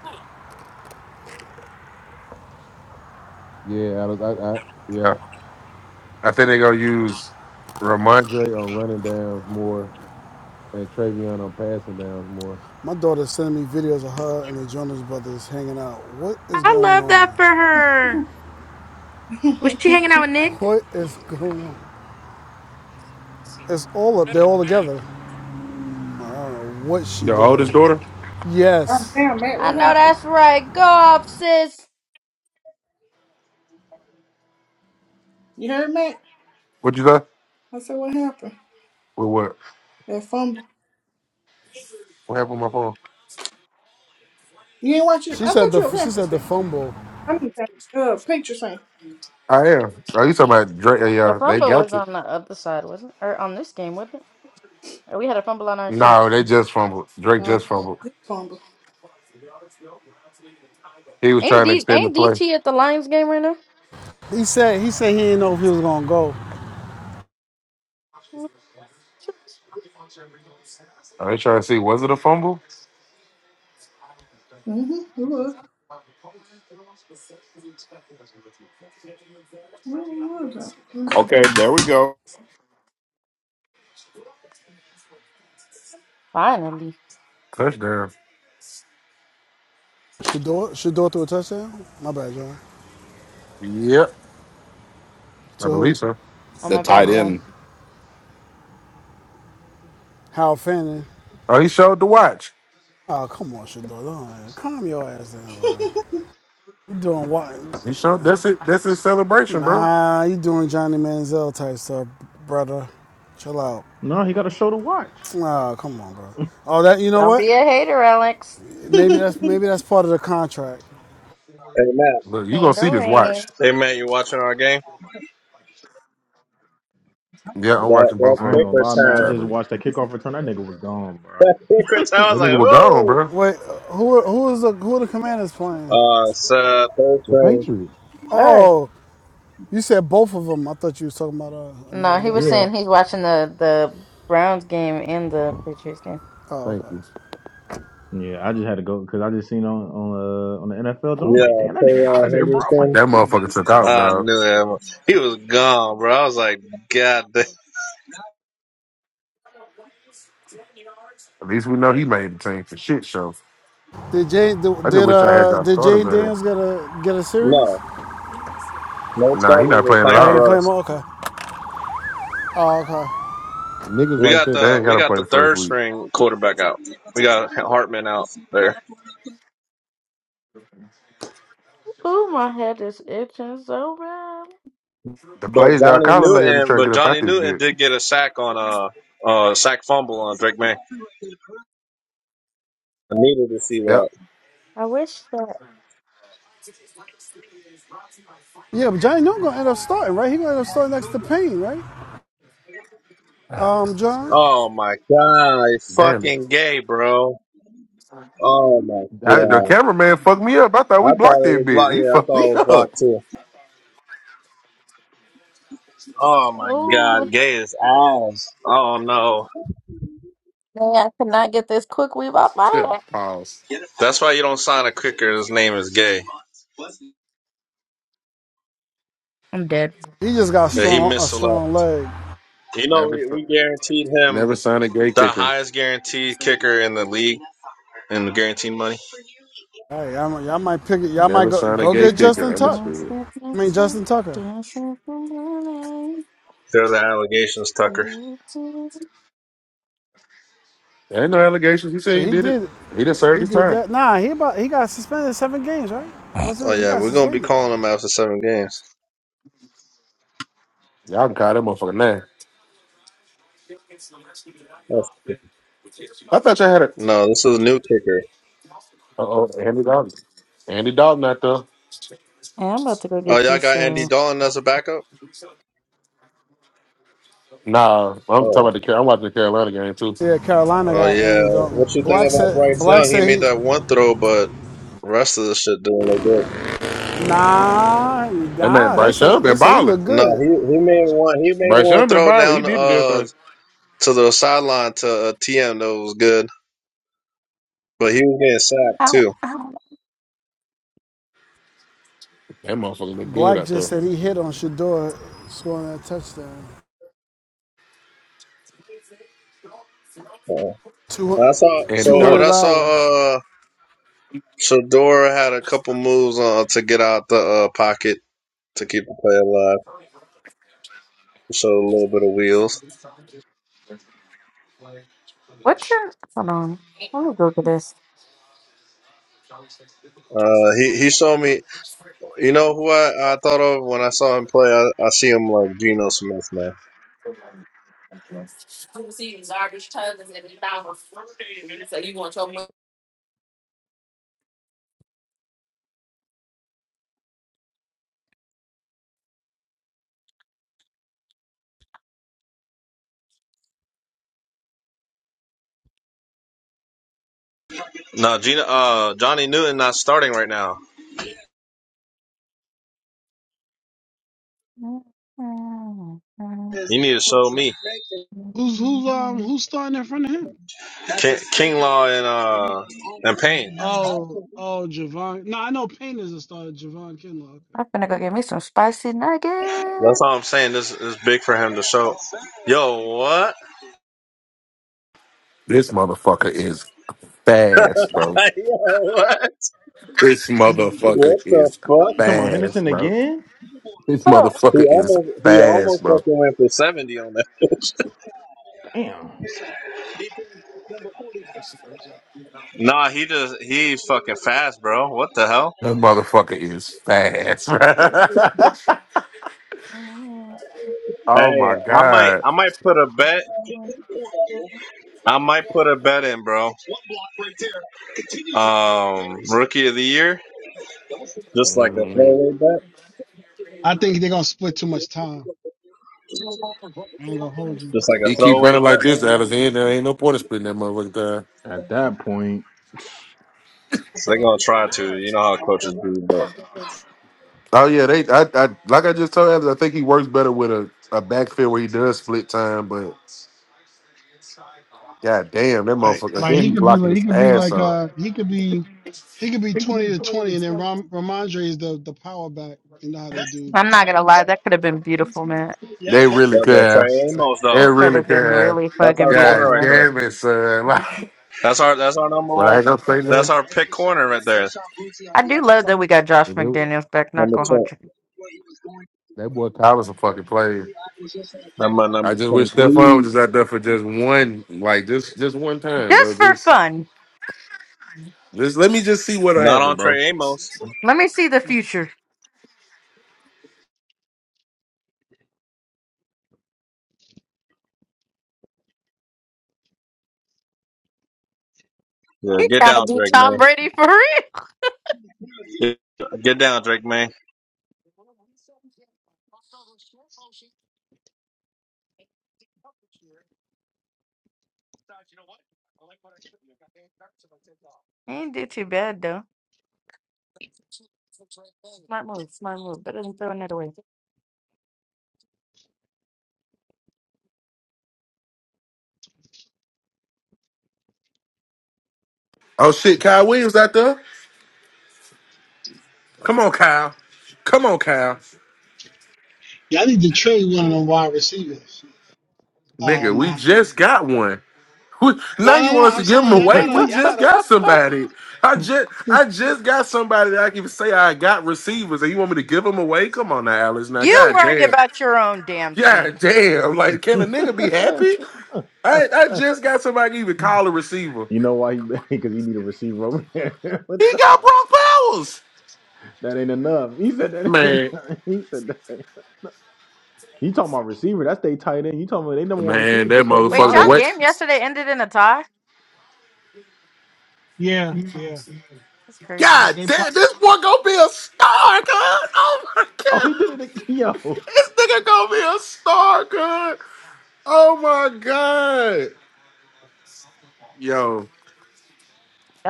S2: Yeah, I, was- I, I Yeah, I think they gonna use Ramon, Andre on running downs more and Travion on passing downs more.
S1: My daughter's sending me videos of her and the Jonas brothers hanging out. What is going
S10: love
S1: on?
S10: that for her. Was she
S11: that.
S10: hanging out with Nick?
S1: What is going on? It's all up. They're all together. I don't know what she
S2: your
S1: doing.
S2: oldest daughter.
S11: God
S1: Yes.
S11: damn, Matt,
S10: I
S11: what
S10: know
S11: happened?
S10: that's right. Go off, sis.
S11: You heard Matt?
S2: What you say?
S11: I said, what happened?
S2: With what?
S11: That fumble.
S2: What happened with my phone?
S11: You ain't watching.
S1: She
S11: I
S1: said
S11: thought
S1: the
S11: you were a
S1: she
S11: Panthers
S1: said the
S11: fan.
S1: fumble.
S11: I'm just a uh, picture saying.
S2: I am. Are you talking about Drake?
S10: The
S2: Yeah, they
S10: fumble was
S2: got you.
S10: on the other side, wasn't it? Or on this game, wasn't it? Or we had a fumble on our team.
S2: No, they just fumbled. Drake
S11: Nah,
S2: just fumbled.
S11: good fumble.
S2: He was
S10: Ain't
S2: trying to
S10: D
S2: extend the
S10: ain't
S2: play.
S10: DT at the Lions game right now?
S1: He said he said he didn't know if he was gonna go.
S2: I was trying to see, was it a fumble?
S11: Mm-hmm. It was. It was. uh,
S8: Okay, there we go.
S10: Finally.
S2: Touchdown.
S1: Shador Shador threw a touchdown. My bad, John.
S2: Yep. I
S1: To
S2: believe
S1: who?
S2: so.
S10: Oh
S8: The
S10: my
S2: I don't
S10: bad,
S8: tight
S2: know.
S10: John.
S8: end.
S1: Hal Fanning.
S2: Oh, he showed the watch.
S1: Oh come on, Shador. Don't- Calm your ass down, bro. You doing what?
S2: He showed that's it. That's his celebration, bro.
S1: Nah, you doing Johnny Manziel type stuff, brother. Chill out.
S3: No, he got a show to watch.
S1: Oh, come on, bro. Oh, that you know
S10: Don't
S1: what?
S10: be a hater, Alex.
S1: Maybe that's maybe that's part of the contract.
S15: Amen.
S2: Look, you gonna see this watch.
S15: Hey man, you watching our game?
S2: Yeah, I'm
S15: That
S2: watching
S15: that
S2: both of
S3: I ain't
S2: them.
S15: kick
S3: gonna lie, man.
S2: What
S3: I
S15: return.
S2: time
S3: just
S2: is it?
S3: watched that kickoff return. That nigga was gone, bro.
S15: That kick return. I was
S2: That
S15: like,
S2: nigga was gone,
S15: oh.
S2: bro.
S1: Wait, who who is the who are the Commanders playing?
S15: Uh, so third
S2: The
S15: string.
S2: Patriots.
S10: Earth.
S1: Oh, you said both of them. I thought you was talking about uh,
S10: No,
S1: another
S10: he
S1: game.
S10: was
S2: Yeah.
S10: saying he's watching the the Browns game and the Patriots game.
S1: Oh,
S2: Thank
S1: okay.
S2: you.
S3: Yeah, I just had to go because I just seen on on uh, on the NFL. I was like,
S15: Yeah,
S3: damn, that
S15: K.
S3: nigga out of
S15: Uh,
S3: there, bro. I'm like,
S15: Henderson.
S2: That motherfucker took out,
S15: I
S2: dog.
S15: knew him. He was gone, bro. I was like, God damn.
S2: At least we know he made the team for shit show.
S1: Did Jane did
S2: I just
S1: did,
S2: wish I had
S1: uh
S2: got
S1: did
S2: started
S1: Jane
S2: with him.
S1: Daniels get a get a series?
S15: No, no
S2: Nah, he
S15: starters
S2: not
S15: are
S2: playing at
S1: Oh,
S15: playing
S1: he ain't
S2: all.
S15: for
S1: playing
S15: us.
S1: more. Okay. Oh, okay.
S2: Niggas
S15: We
S2: like
S15: got
S2: that. They
S15: the
S2: ain't
S15: we
S2: gotta
S15: got
S2: play the
S15: the
S2: first
S15: third
S2: week.
S15: string quarterback out. We got Hartman out there,
S10: Ooh, my head is itching so bad.
S2: The
S15: But
S2: plays y'all
S15: Johnny
S2: calling later to
S15: Newton
S2: try to
S15: but
S2: get up out
S15: Johnny
S2: this
S15: Newton
S2: bitch.
S15: did get a sack on a uh uh sack fumble on Drake May. I needed to see that.
S2: Yep.
S10: I wish that.
S1: Yeah, but Johnny Newton gonna end up starting, right? He gonna end up starting next to Payne, right? Um, John.
S15: Oh my god, it's
S2: Damn.
S15: fucking gay, bro. Oh my
S2: I, the
S15: god.
S2: cameraman fucked me up. I thought we
S15: I thought
S2: blocked
S15: it
S2: that
S15: was blocked.
S2: bitch. He
S15: Yeah, I
S2: fucked
S15: thought
S2: me
S15: it was
S2: up.
S15: blocked too. Oh my
S10: Ooh,
S15: god, gay is ass. Oh no.
S10: man, I could not get this quick weave off my
S2: Yeah.
S10: head.
S2: Pause.
S15: That's why you don't sign a kicker. His name is gay.
S10: I'm dead.
S1: He just got
S15: Yeah, he
S1: strong a
S15: missed a lot.
S1: strong leg.
S15: You know,
S2: Never,
S15: we,
S2: s-
S15: we guaranteed him
S2: never sign a gay
S15: the
S2: kicker.
S15: highest guaranteed kicker in the league in the guaranteed money.
S1: Hey, y'all, might y'all might pick it. Y'all might
S2: Never
S1: go
S2: sign a
S1: go
S10: Hey,
S2: gay
S1: get Justin
S2: kicker.
S1: Tuck.
S2: Understood.
S1: I mean Justin Tucker.
S15: They're the allegations, Tucker.
S2: There ain't no allegations. He said
S1: Yeah,
S2: he
S1: He
S2: did it.
S1: did.
S2: He done served
S1: He
S2: his
S1: did
S2: time.
S1: that. Nah, he about he got suspended seven games, right? What's
S15: Oh
S1: it? He
S15: yeah,
S1: got
S15: we're gonna be
S1: suspended.
S15: calling him after seven games.
S2: Y'all can call that motherfucker now. I thought y'all had a.
S15: No, this is a new kicker.
S2: Uh oh, Andy Dalton. Andy Dalton out there.
S10: I'm about to go
S15: Oh,
S10: get
S15: y'all
S10: this.
S15: got Andy
S10: Uh,
S15: Dalton as a backup?
S2: Nah, I'm talking
S15: Oh.
S2: about the. Car- I'm watching the Carolina game too.
S1: Yeah, Carolina
S15: Oh
S1: got
S15: yeah,
S1: Andy Dalton.
S15: what you think
S1: Black
S15: about
S1: said
S15: Bryce
S1: Black
S15: Young? He
S1: said
S15: made
S1: he
S15: that one throw, but rest of the shit didn't look good.
S1: nah
S2: That man
S1: nah. They
S2: Bryce Young
S1: said they
S2: been
S1: said he
S2: balling.
S1: looked
S15: No,
S1: good.
S15: he he made one. He made
S2: Bryce
S15: one
S2: Young been
S15: throw
S2: balling. He
S15: down
S2: did the damn
S15: uh
S2: thing.
S15: to the sideline to uh, TM that was good, but he was getting sacked
S10: ow,
S15: too.
S10: ow.
S2: That motherfucker look good
S1: Black
S2: out
S1: just
S2: there.
S1: said he hit on Shador scoring that touchdown.
S15: Uh,
S1: Two,
S15: I saw.
S2: Andy
S1: Two
S15: So
S2: Dalton.
S1: hundred
S15: what I saw,
S1: dollars.
S15: uh, Shador had a couple moves uh, to get out the uh, pocket to keep the play alive. Showed a little bit of wheels.
S10: What's in? Hold on. Let me go get this.
S15: Uh, he he showed me. You know who I, I thought of when I saw him play. I, I see him like Geno Smith now. No, Gina, uh, Johnny Newton not starting right now.
S10: I'm
S15: You need to show me
S1: Who's who's um who's starting in front of him?
S15: King, King and uh and Payne.
S1: Oh oh Javon. No, I know Payne is a starter. Javon Kinlaw. Okay.
S10: gonna go get me some spicy
S15: That's
S10: nuggets.
S15: all I'm saying. This is big for him to show. Yo, what?
S2: This motherfucker is fast, bro.
S15: Yo, what?
S2: This motherfucker
S15: What the
S2: is
S15: fuck?
S3: you talking about Henderson
S2: fast, bro.
S3: again?
S2: This
S15: He
S2: motherfucker is
S15: almost he
S2: fast,
S15: almost
S2: bro.
S15: fucking went for seventy on that.
S3: Damn.
S15: Nah, he just he's fucking fast, bro. What the hell?
S2: That motherfucker is fast. bro.
S10: Oh.
S2: oh
S15: Hey,
S2: my
S15: I might
S2: god.
S15: I might put a bet.
S10: I'm
S15: I might put a bet in, bro. Um, rookie of the year, just like a
S2: Mm.
S15: throwaway bet,
S1: I think they're gonna split too much time. I ain't gonna hold you.
S15: just like a
S2: He keep
S15: throwaway
S2: running like
S15: bet,
S2: this,
S15: maybe.
S2: Alice. Ain't, there ain't no point in splitting that motherfucker down.
S3: At that point,
S15: So they're gonna try to. You know how coaches do, but
S2: Oh yeah, they. I, I like I just told Alice. I think he works better with a, a backfield where he does split time. But god damn, that
S1: Like,
S2: motherfucker.
S1: like
S2: Then he
S1: he could be
S2: blocking
S1: like he
S2: his
S1: could be
S2: ass
S1: like
S2: off.
S1: uh he could be he could be twenty to twenty, and then Ram, Ramondre is the the power back. You know how they do.
S10: not gonna lie, that could have been beautiful, man.
S2: They really could
S15: never Trey
S2: have.
S15: Amos
S2: It
S10: It
S15: though.
S10: could
S2: really
S10: have been
S2: could.
S10: really
S15: That's
S10: fucking
S15: our corner
S2: God
S15: right
S10: beautiful.
S15: there.
S2: damn it, son. Like,
S15: That's our that's our number
S2: but I
S15: one.
S2: ain't gonna say
S15: That's
S2: nothing.
S15: our pick corner right there.
S10: I do love that we got Josh
S2: If it-
S10: McDaniels back. Not
S15: Number
S10: gonna
S15: two,
S10: hold you.
S2: That boy Tyler's a fucking player.
S15: number
S2: I
S15: number
S2: just
S15: twenty
S2: wish Stephon was
S15: three.
S2: just out there for just one, like just just one time,
S10: Just
S2: bro.
S10: for
S2: Just
S10: fun.
S2: just let me just see what'll
S15: Not
S2: happen,
S15: on
S2: bro.
S15: Trey Amos.
S10: Let me see the future.
S15: Yeah,
S10: He's
S15: get
S10: trying to
S15: down,
S10: do
S15: Drake
S10: Tom
S15: man.
S10: Brady for real.
S15: Get, get down, Drake man.
S10: He didn't do too bad though. Smart move, smart move. Better than throwing it away.
S2: Oh shit, Kyle Williams out there. Come on, Kyle. Come on, Kyle.
S1: Y'all need to trade one of them wide receivers. Oh
S2: Nigga, we
S1: man,
S2: just got one. We-
S1: no,
S2: Now
S1: no,
S2: you
S1: no.
S2: want us to
S1: I'm
S2: give them
S1: saying y'all
S2: away?
S1: gotta,
S2: We
S1: y'all
S2: just
S1: gotta.
S2: got somebody. I just I just got somebody that I can say I got receivers, and you want me to give them away? Come on now, Alice. Now,
S10: You
S2: god
S10: worry
S2: damn,
S10: about your own damn team.
S2: god damn. Like, can a nigga be happy? I I just got somebody to even call a receiver.
S3: you know why? Because he he need a receiver over there. what
S2: He
S3: the?
S2: got Brock Powers,
S3: That ain't enough. He said that ain't.
S2: man.
S3: He said that. Ain't. He talking about receiver. That's they tight end. You talking about they number one
S2: Man,
S3: receiver,
S2: that
S3: Jacoby
S10: Wait,
S2: motherfucker. The
S10: y'all
S2: way,
S3: Myers.
S10: game yesterday ended in a tie?
S1: Yeah, yeah.
S10: That's crazy.
S2: god
S1: They block.
S2: damn, this boy gonna be a star, cuz. Oh my
S3: Oh, he did
S2: god,
S3: it. ag- Yo,
S2: this nigga gonna be a star, cuz. Oh my god. Yo,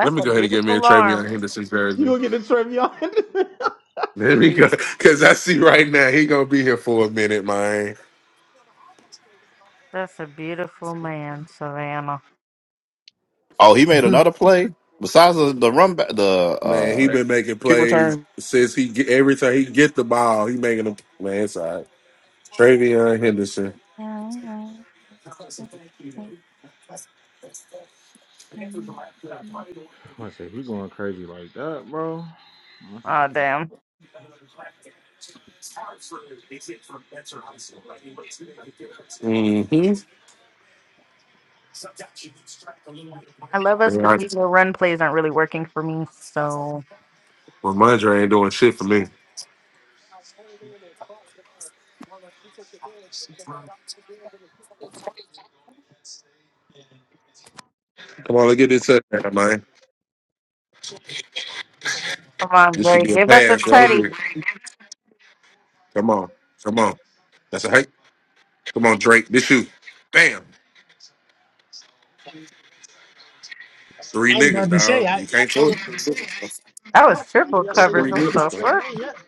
S2: let me
S10: a
S2: go ahead and get me a
S10: beautiful arm.
S2: Travion Henderson
S3: you
S2: jersey.
S3: gonna get the Trevion? Henderson?
S2: Let
S3: he
S2: me
S3: said.
S2: go, cause I see right now he gonna be here for a minute, man.
S10: That's a beautiful man, Savannah.
S8: Oh, he made
S1: Mhm.
S8: another play besides the, the run back, the
S2: Man, he
S8: uh
S2: been making
S8: kick
S2: plays
S8: return.
S2: since he get every time he get the ball, he making them. Man, it's all right. Travion Henderson.
S10: Oh,
S3: I said he going crazy like that, bro. I said,
S10: damn.
S2: Mm-hmm.
S10: I love us, but these little run plays aren't really working for me, so.
S2: Well, Mondre ain't doing shit for me. Come on, let's get this up, man.
S10: Come on,
S2: This should
S10: Gray.
S2: be a
S10: Give us a
S2: pass right
S10: teddy.
S2: here. Come on, come on. That's a hike. Come on, Drake. This you. Bam. Three
S1: I was
S2: niggas,
S1: about to say,
S2: dog.
S1: I,
S2: You
S1: y'all
S2: can't throw
S1: talk,
S2: it.
S10: That was
S1: I
S10: triple
S1: think y'all
S2: That's
S1: say
S10: coverage.
S1: nothing
S2: three
S10: What
S1: good
S2: niggas,
S10: the
S1: about
S2: bro.
S1: Drake
S10: fuck?
S1: May yet.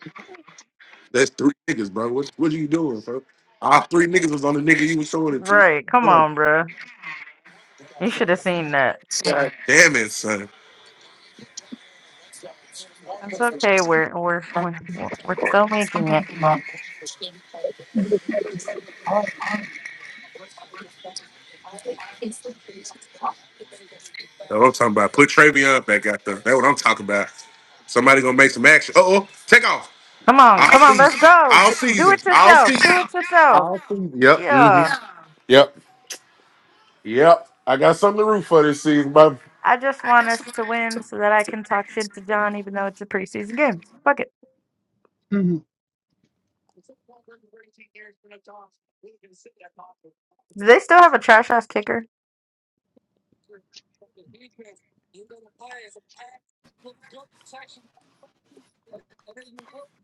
S2: That's three niggas, bro. What what are you doing, bro? All three niggas was on the nigga you was showing it to.
S10: Right. Come
S2: Hold on.
S10: on, bro. You should have seen that.
S2: Damn it, son.
S10: It's okay. We're, we're, we're, we're still making it.
S2: That's what I'm talking about. Put Travion back out there. That's what I'm talking about. Somebody gonna make some action. Uh oh. Take off.
S10: Come on,
S2: All
S10: come on, let's
S2: season.
S10: go.
S2: All
S10: D- do
S2: season.
S10: it
S2: All
S10: yourself.
S2: season.
S10: Do it yourself.
S2: All season. Yep. hmm
S10: Yeah.
S2: Yep. Yep. I got something to root for this season, bro.
S10: I just want us to win so that I can talk shit to John, even though it's a preseason game. Fuck it.
S1: Mhm.
S10: Do they still have a trash ass kicker?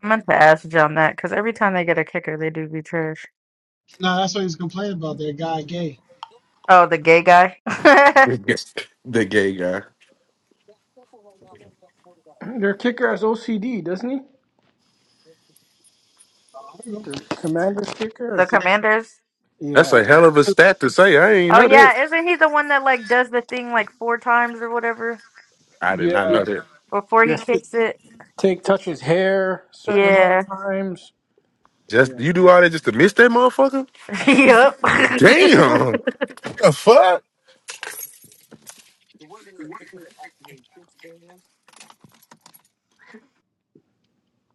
S10: I meant to ask John that because every time they get a kicker, they do be trash.
S1: no, that's what he's complaining about. That guy gay.
S10: Oh, the gay guy,
S2: the gay guy.
S5: Their kicker has OCD, doesn't he?
S1: I don't
S5: the commander's kicker, I
S10: the
S5: think,
S10: commanders.
S2: That's
S5: yeah.
S2: a hell of a
S1: know.
S2: stat to say. I ain't
S10: Oh
S2: know
S10: yeah, isn't he the one that like does the thing like four times or whatever
S2: I did not
S5: Yeah.
S2: know that.
S10: before he
S5: Yes.
S10: kicks it?
S5: take, touches hair certain amount
S10: Yeah.
S5: of times.
S2: Just
S5: Yeah.
S2: you do all that just to miss that motherfucker?
S10: yep.
S2: Damn. The fuck?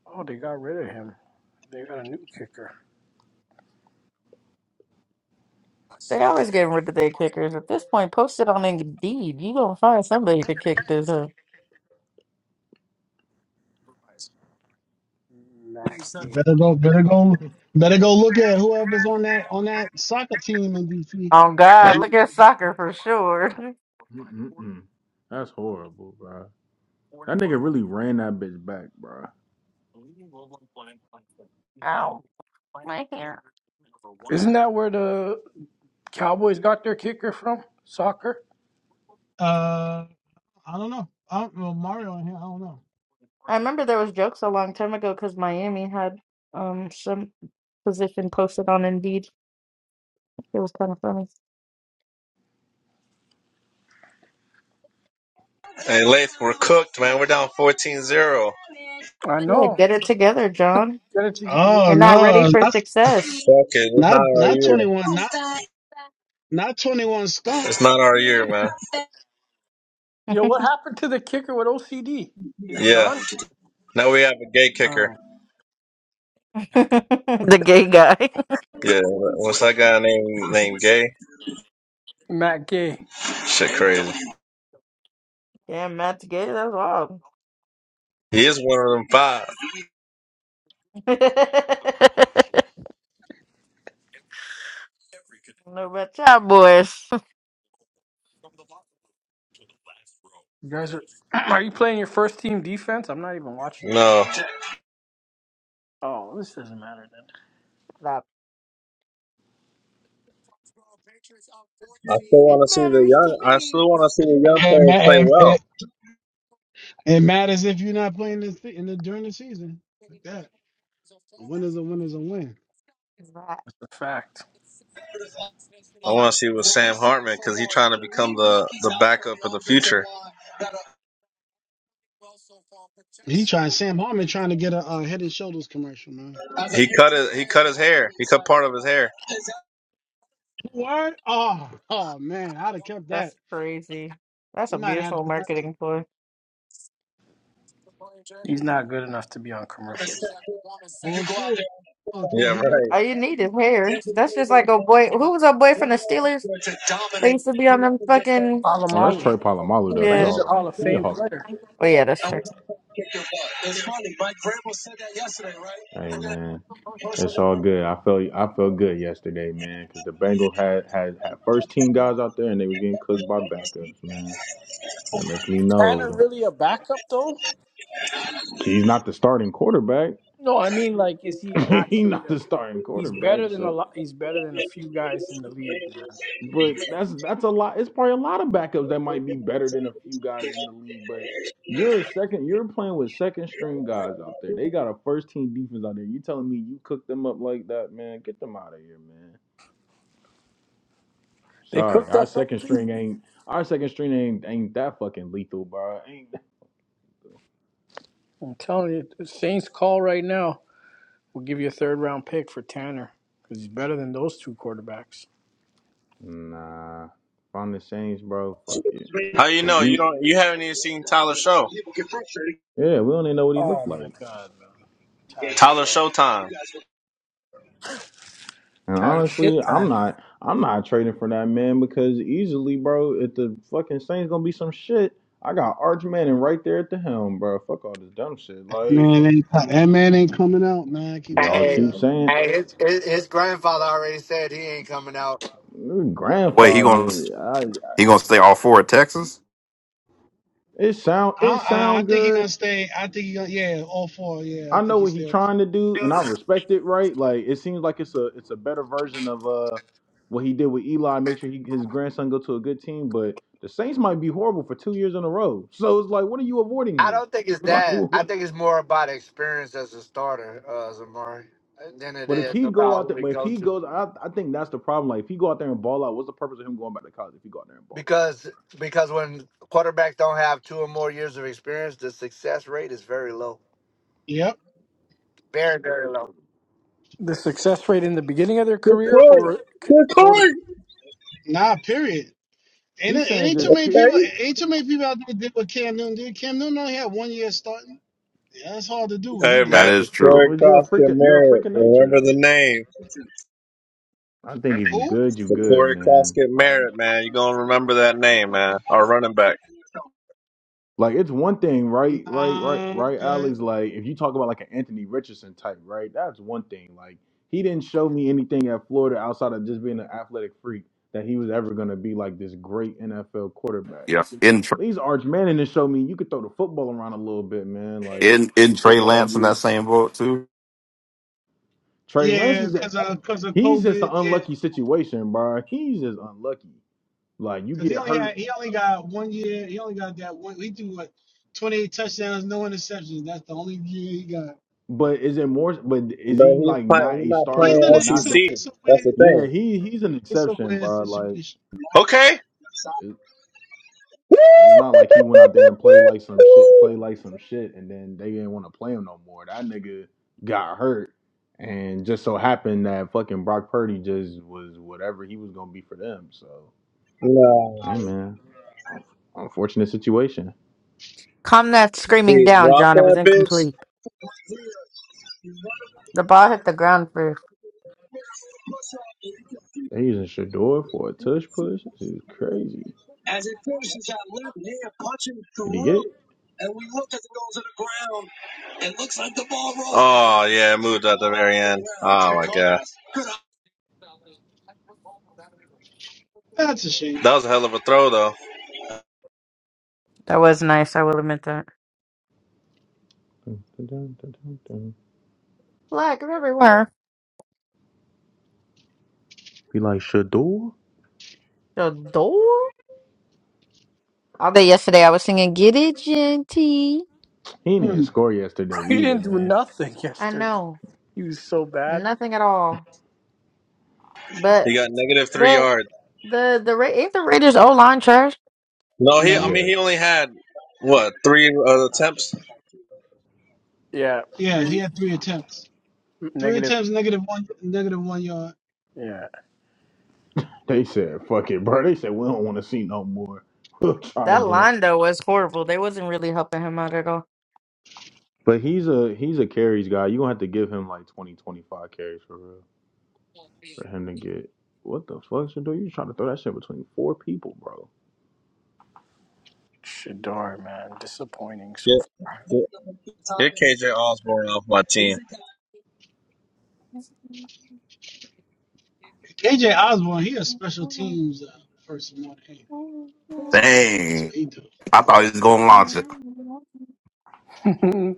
S5: Oh, they got rid of him. They got a new kicker.
S10: they always getting rid of their kickers. At this point, post it on Indeed. You gonna find somebody to kick this. Up.
S5: Matt Gay.
S1: Better go, better go, better go look at whoever's on that on that soccer team in DC.
S10: Oh God, look at soccer for sure.
S3: Mm-mm-mm. That's horrible, bro. That nigga really ran that bitch back, bro.
S10: Ow, my hair.
S5: Isn't that where the Cowboys got their kicker from? Soccer.
S1: Uh, I don't know. I don't, well, Mario in here. I don't know.
S10: I remember there was jokes a long time ago because Miami had um some position posted on Indeed. It was kind of funny.
S15: Hey, Leif, we're cooked, man. We're down fourteen-zero. 0
S5: I
S10: Yeah,
S5: know.
S10: get it together, John.
S5: Get it to
S1: Oh
S10: You're not ready
S1: no,
S10: for
S1: not
S10: success.
S15: Fuck it, it's not
S1: not
S15: our
S1: not
S15: year.
S1: twenty one, not not twenty one skunk.
S15: It's not our year, man.
S5: yo. What happened to the kicker with OCD? Is he
S15: Yeah.
S5: gone?
S15: Now we have a gay kicker.
S5: Oh,
S10: the gay guy.
S15: Yeah. What's that guy named named Gay?
S5: Matt Gay.
S15: Shit, crazy.
S10: Yeah, Matt's gay. That's wild.
S15: He is one of them
S5: Oh
S15: five.
S10: No, know about y'all boys.
S5: You guys are are you playing your first team defense? I'm not even watching that
S15: No,
S5: game. Oh, this doesn't matter then.
S10: Stop.
S15: I still
S10: It
S15: want to see the
S10: matters to
S15: young. I
S10: me.
S15: still want to see the young
S1: It, ma-
S15: players play
S1: it,
S15: well.
S1: it, it matters if you're not playing this thing in the during the season. Like that, a win is a win is a win.
S5: That's a fact.
S15: I want to see with Sam Hartman because he's trying to become the the backup of the future.
S1: He trying Sam Hartman trying to get a, uh Head and Shoulders commercial, man.
S15: He cut his he cut his hair. He cut part of his hair.
S1: What? Oh, oh man, I'd have kept that.
S10: See, That's
S1: He
S10: a
S1: might have had
S10: beautiful
S1: a commercial.
S10: marketing ploy.
S5: He's not good enough to be on commercials.
S1: Bullshit. Yeah, Paul,
S15: Yeah,
S1: he could have.
S10: All
S15: right.
S10: you need is hair. That's just like a boy. Who was a boy from the Steelers? They used to be on them fucking.
S3: Oh, that's
S5: Alamalu,
S3: Troy Polamalu though.
S5: but
S3: He a
S10: Yeah.
S5: he's a
S3: hall.
S5: Hall of
S3: He a
S5: Fame
S3: hall.
S5: player.
S10: Oh, yeah, that's true.
S3: Hey man, it's all good. I felt I felt good yesterday, man, because the Bengals had, had had first team guys out there and they was getting cooked by backups, man. That lets me
S5: Tanner
S3: know
S5: really a backup though?
S3: he's not the starting quarterback.
S5: No, I mean like, is he
S3: he's
S5: actually?
S3: not
S5: A,
S3: the starting
S5: he's better
S3: quarterback,
S5: than
S3: so.
S5: a lot. He's better than a few guys in the league, man.
S3: But that's that's a lot. It's probably a lot of backups that might be better than a few guys in the league. But you're a second. You're playing with second string guys out there. They got a first team defense out there. You telling me you cook them up like that, man? Get them out of here, man.
S5: They
S3: Sorry,
S5: cooked
S3: our
S5: us up
S3: second
S5: too.
S3: string ain't our second string ain't ain't that fucking lethal, bro. Ain't
S5: I'm telling you, the Saints call right now. We'll give you a third round pick for Tanner because he's better than those two quarterbacks.
S3: nah. If I'm the Saints, bro, fuck it.
S15: How you
S3: If
S15: know you
S3: you
S15: don't you haven't even seen Tyler Show?
S3: yeah, we don't even know what he
S5: Oh
S3: looked like.
S5: my God, man, Tyler
S15: Tyler
S5: Show.
S15: Showtime.
S3: And
S5: Tired shit
S3: honestly, I'm
S5: time.
S3: not I'm not trading for that man because easily, bro, if the fucking Saints gonna be some shit, I got Arch Manning right there at the helm, bro. Fuck all this dumb shit. Like
S1: Man, ain't, that man ain't coming out, man. I keep
S3: y'all
S1: telling
S12: Hey,
S1: you.
S3: keep saying
S12: hey, his, his his grandfather already said he ain't coming out.
S8: Wait, he gonna
S3: grandfather. I,
S8: he gonna stay all four at Texas?
S3: it sound
S1: I,
S3: it
S1: I, I
S3: sound
S1: think he gonna
S3: good.
S1: stay. I think he gonna yeah, all four. Yeah, I
S3: I know
S1: think he
S3: what he
S1: stay. all four.
S3: trying to do, and I respect it. Right? Like it seems like it's a it's a better version of uh what he did with Eli. Make sure he, his grandson go to a good team, but the Saints might be horrible for two years in a row. So it's like, what are you avoiding
S12: I
S3: here?
S12: don't think it's that.
S3: Like,
S12: I think it's more about experience as a starter, uh, Zamari, than it
S3: But if
S12: is
S3: he go
S12: about
S3: out
S12: who
S3: there,
S12: we
S3: but if
S12: go
S3: he
S12: to.
S3: goes, I, I think that's the problem. Like if he go out there and ball out, what's the purpose of him going back to college if he go out there and ball out?
S12: Because because when quarterbacks don't have two or more years of experience, the success rate is very low,
S1: Yep.
S12: very very low.
S5: The success rate in the beginning of their
S15: Good
S5: career
S15: court.
S5: or c-
S15: Good
S5: total?
S15: court.
S1: Nah, period. Ain't
S3: He's
S1: it
S3: saying
S1: ain't too
S3: just
S1: many
S3: pick.
S1: people.
S15: Hey
S1: Ain't too many people out there did what Cam Newton did. Cam Newton only had one year starting. Yeah, that's hard to do what he
S15: hey,
S8: That
S1: did.
S15: man,
S8: is
S15: Corey
S8: true.
S3: Well, you're a
S15: Croskett
S3: freaking, you're a
S15: Merritt.
S3: freaking nature
S15: Remember
S3: though.
S15: the name.
S3: I think if you
S1: Who?
S3: good, you good,
S15: Corey
S3: man.
S15: Croskett
S3: Like,
S15: Merritt, man. You're gonna remember that name, man. Our running back.
S3: like it's one thing, right, right, right,
S1: Nah, Okay.
S3: right, Alex. Like if you talk about like an Anthony Richardson type, right? That's one thing. Like he didn't show me anything at Florida outside of just being an athletic freak that he was ever gonna be like this great NFL quarterback.
S8: Yeah. in.
S3: At Arch Manning to show me you could throw the football around a little bit, man. Like you
S8: In
S3: could throw the
S8: in Trey
S3: football.
S8: Lance in that
S3: You
S8: same boat too.
S3: Trey Lance
S1: Yeah,
S3: is at,
S1: because of because of
S3: he's just an
S1: COVID. Yeah,
S3: unlucky situation, bro. He's just unlucky. Like you
S1: because
S3: get
S1: he only had
S3: hurt,
S1: he only got one year. He only got that one. He threw what twenty eight touchdowns, no interceptions. That's the only year he got.
S3: but is it more? But is
S15: But
S3: he
S15: he's
S3: like
S15: playing.
S3: not
S15: He's
S3: a
S15: not
S1: But he's
S3: starter
S1: in
S15: playing
S3: or
S1: a
S3: not?
S1: it's
S3: The,
S1: a
S15: SEC.
S1: it's a weird
S15: That's the thing.
S3: yeah, he he's an
S1: it's a
S3: exception,
S1: weird
S3: bro. Like
S1: situation.
S15: Okay.
S3: it, it's not like he went out there and played like some shit, play like some shit, and then they didn't want to play him no more. That nigga got hurt. And just so happened that fucking Brock Purdy just was whatever he was gonna be for them. So
S15: No,
S3: Hey man, Un- unfortunate situation.
S10: Calm that screaming
S15: he
S10: down,
S15: dropped
S10: John. It was
S15: that bitch.
S10: incomplete. The ball hit the ground first.
S3: They using Shador for a touch push. This is crazy. Did he get it?
S15: It looks like the ball rolled. Oh yeah, it moved at the very end. Oh my god,
S1: That's a shame.
S15: that was a hell of a throw though.
S10: That was nice. I will admit that.
S3: Dun, dun, dun, dun, dun, dun.
S10: Black everywhere.
S3: He like Shador.
S10: The door? All day yesterday, I was singing "Get It Genty."
S3: He didn't
S1: Hmm.
S3: score yesterday
S5: He
S3: either,
S5: didn't do
S3: man.
S5: nothing
S10: I
S5: yesterday.
S10: know
S5: He was so bad.
S10: nothing at all, but
S15: He got negative three
S10: but
S15: yards.
S10: the the Ra- ain't the Raiders O line trash.
S15: No, he. I
S1: No.
S15: mean, he
S3: Yes,
S15: only had what three uh, attempts.
S5: Yeah,
S1: Yeah, he
S5: three
S1: had three attempts. Three
S5: negative.
S1: attempts, negative one, negative one yard.
S5: Yeah,
S3: they said fuck it, bro. They said we don't want to see no more. We'll try
S10: That
S3: again.
S10: line though was horrible. They wasn't really helping him out at all.
S3: But he's a he's a carries guy. You gonna have to give him like 20 25 carries for real for him to get. What the fuck, Shador? You trying to throw that shit between four people, bro?
S5: Shador, man, disappointing so
S15: Get, get. Get KJ Osborne off my team.
S1: KJ Osborne, he a special teams uh, person more than anything. That's
S8: Dang,
S1: what he do.
S8: I thought he was going to launch it.
S5: far.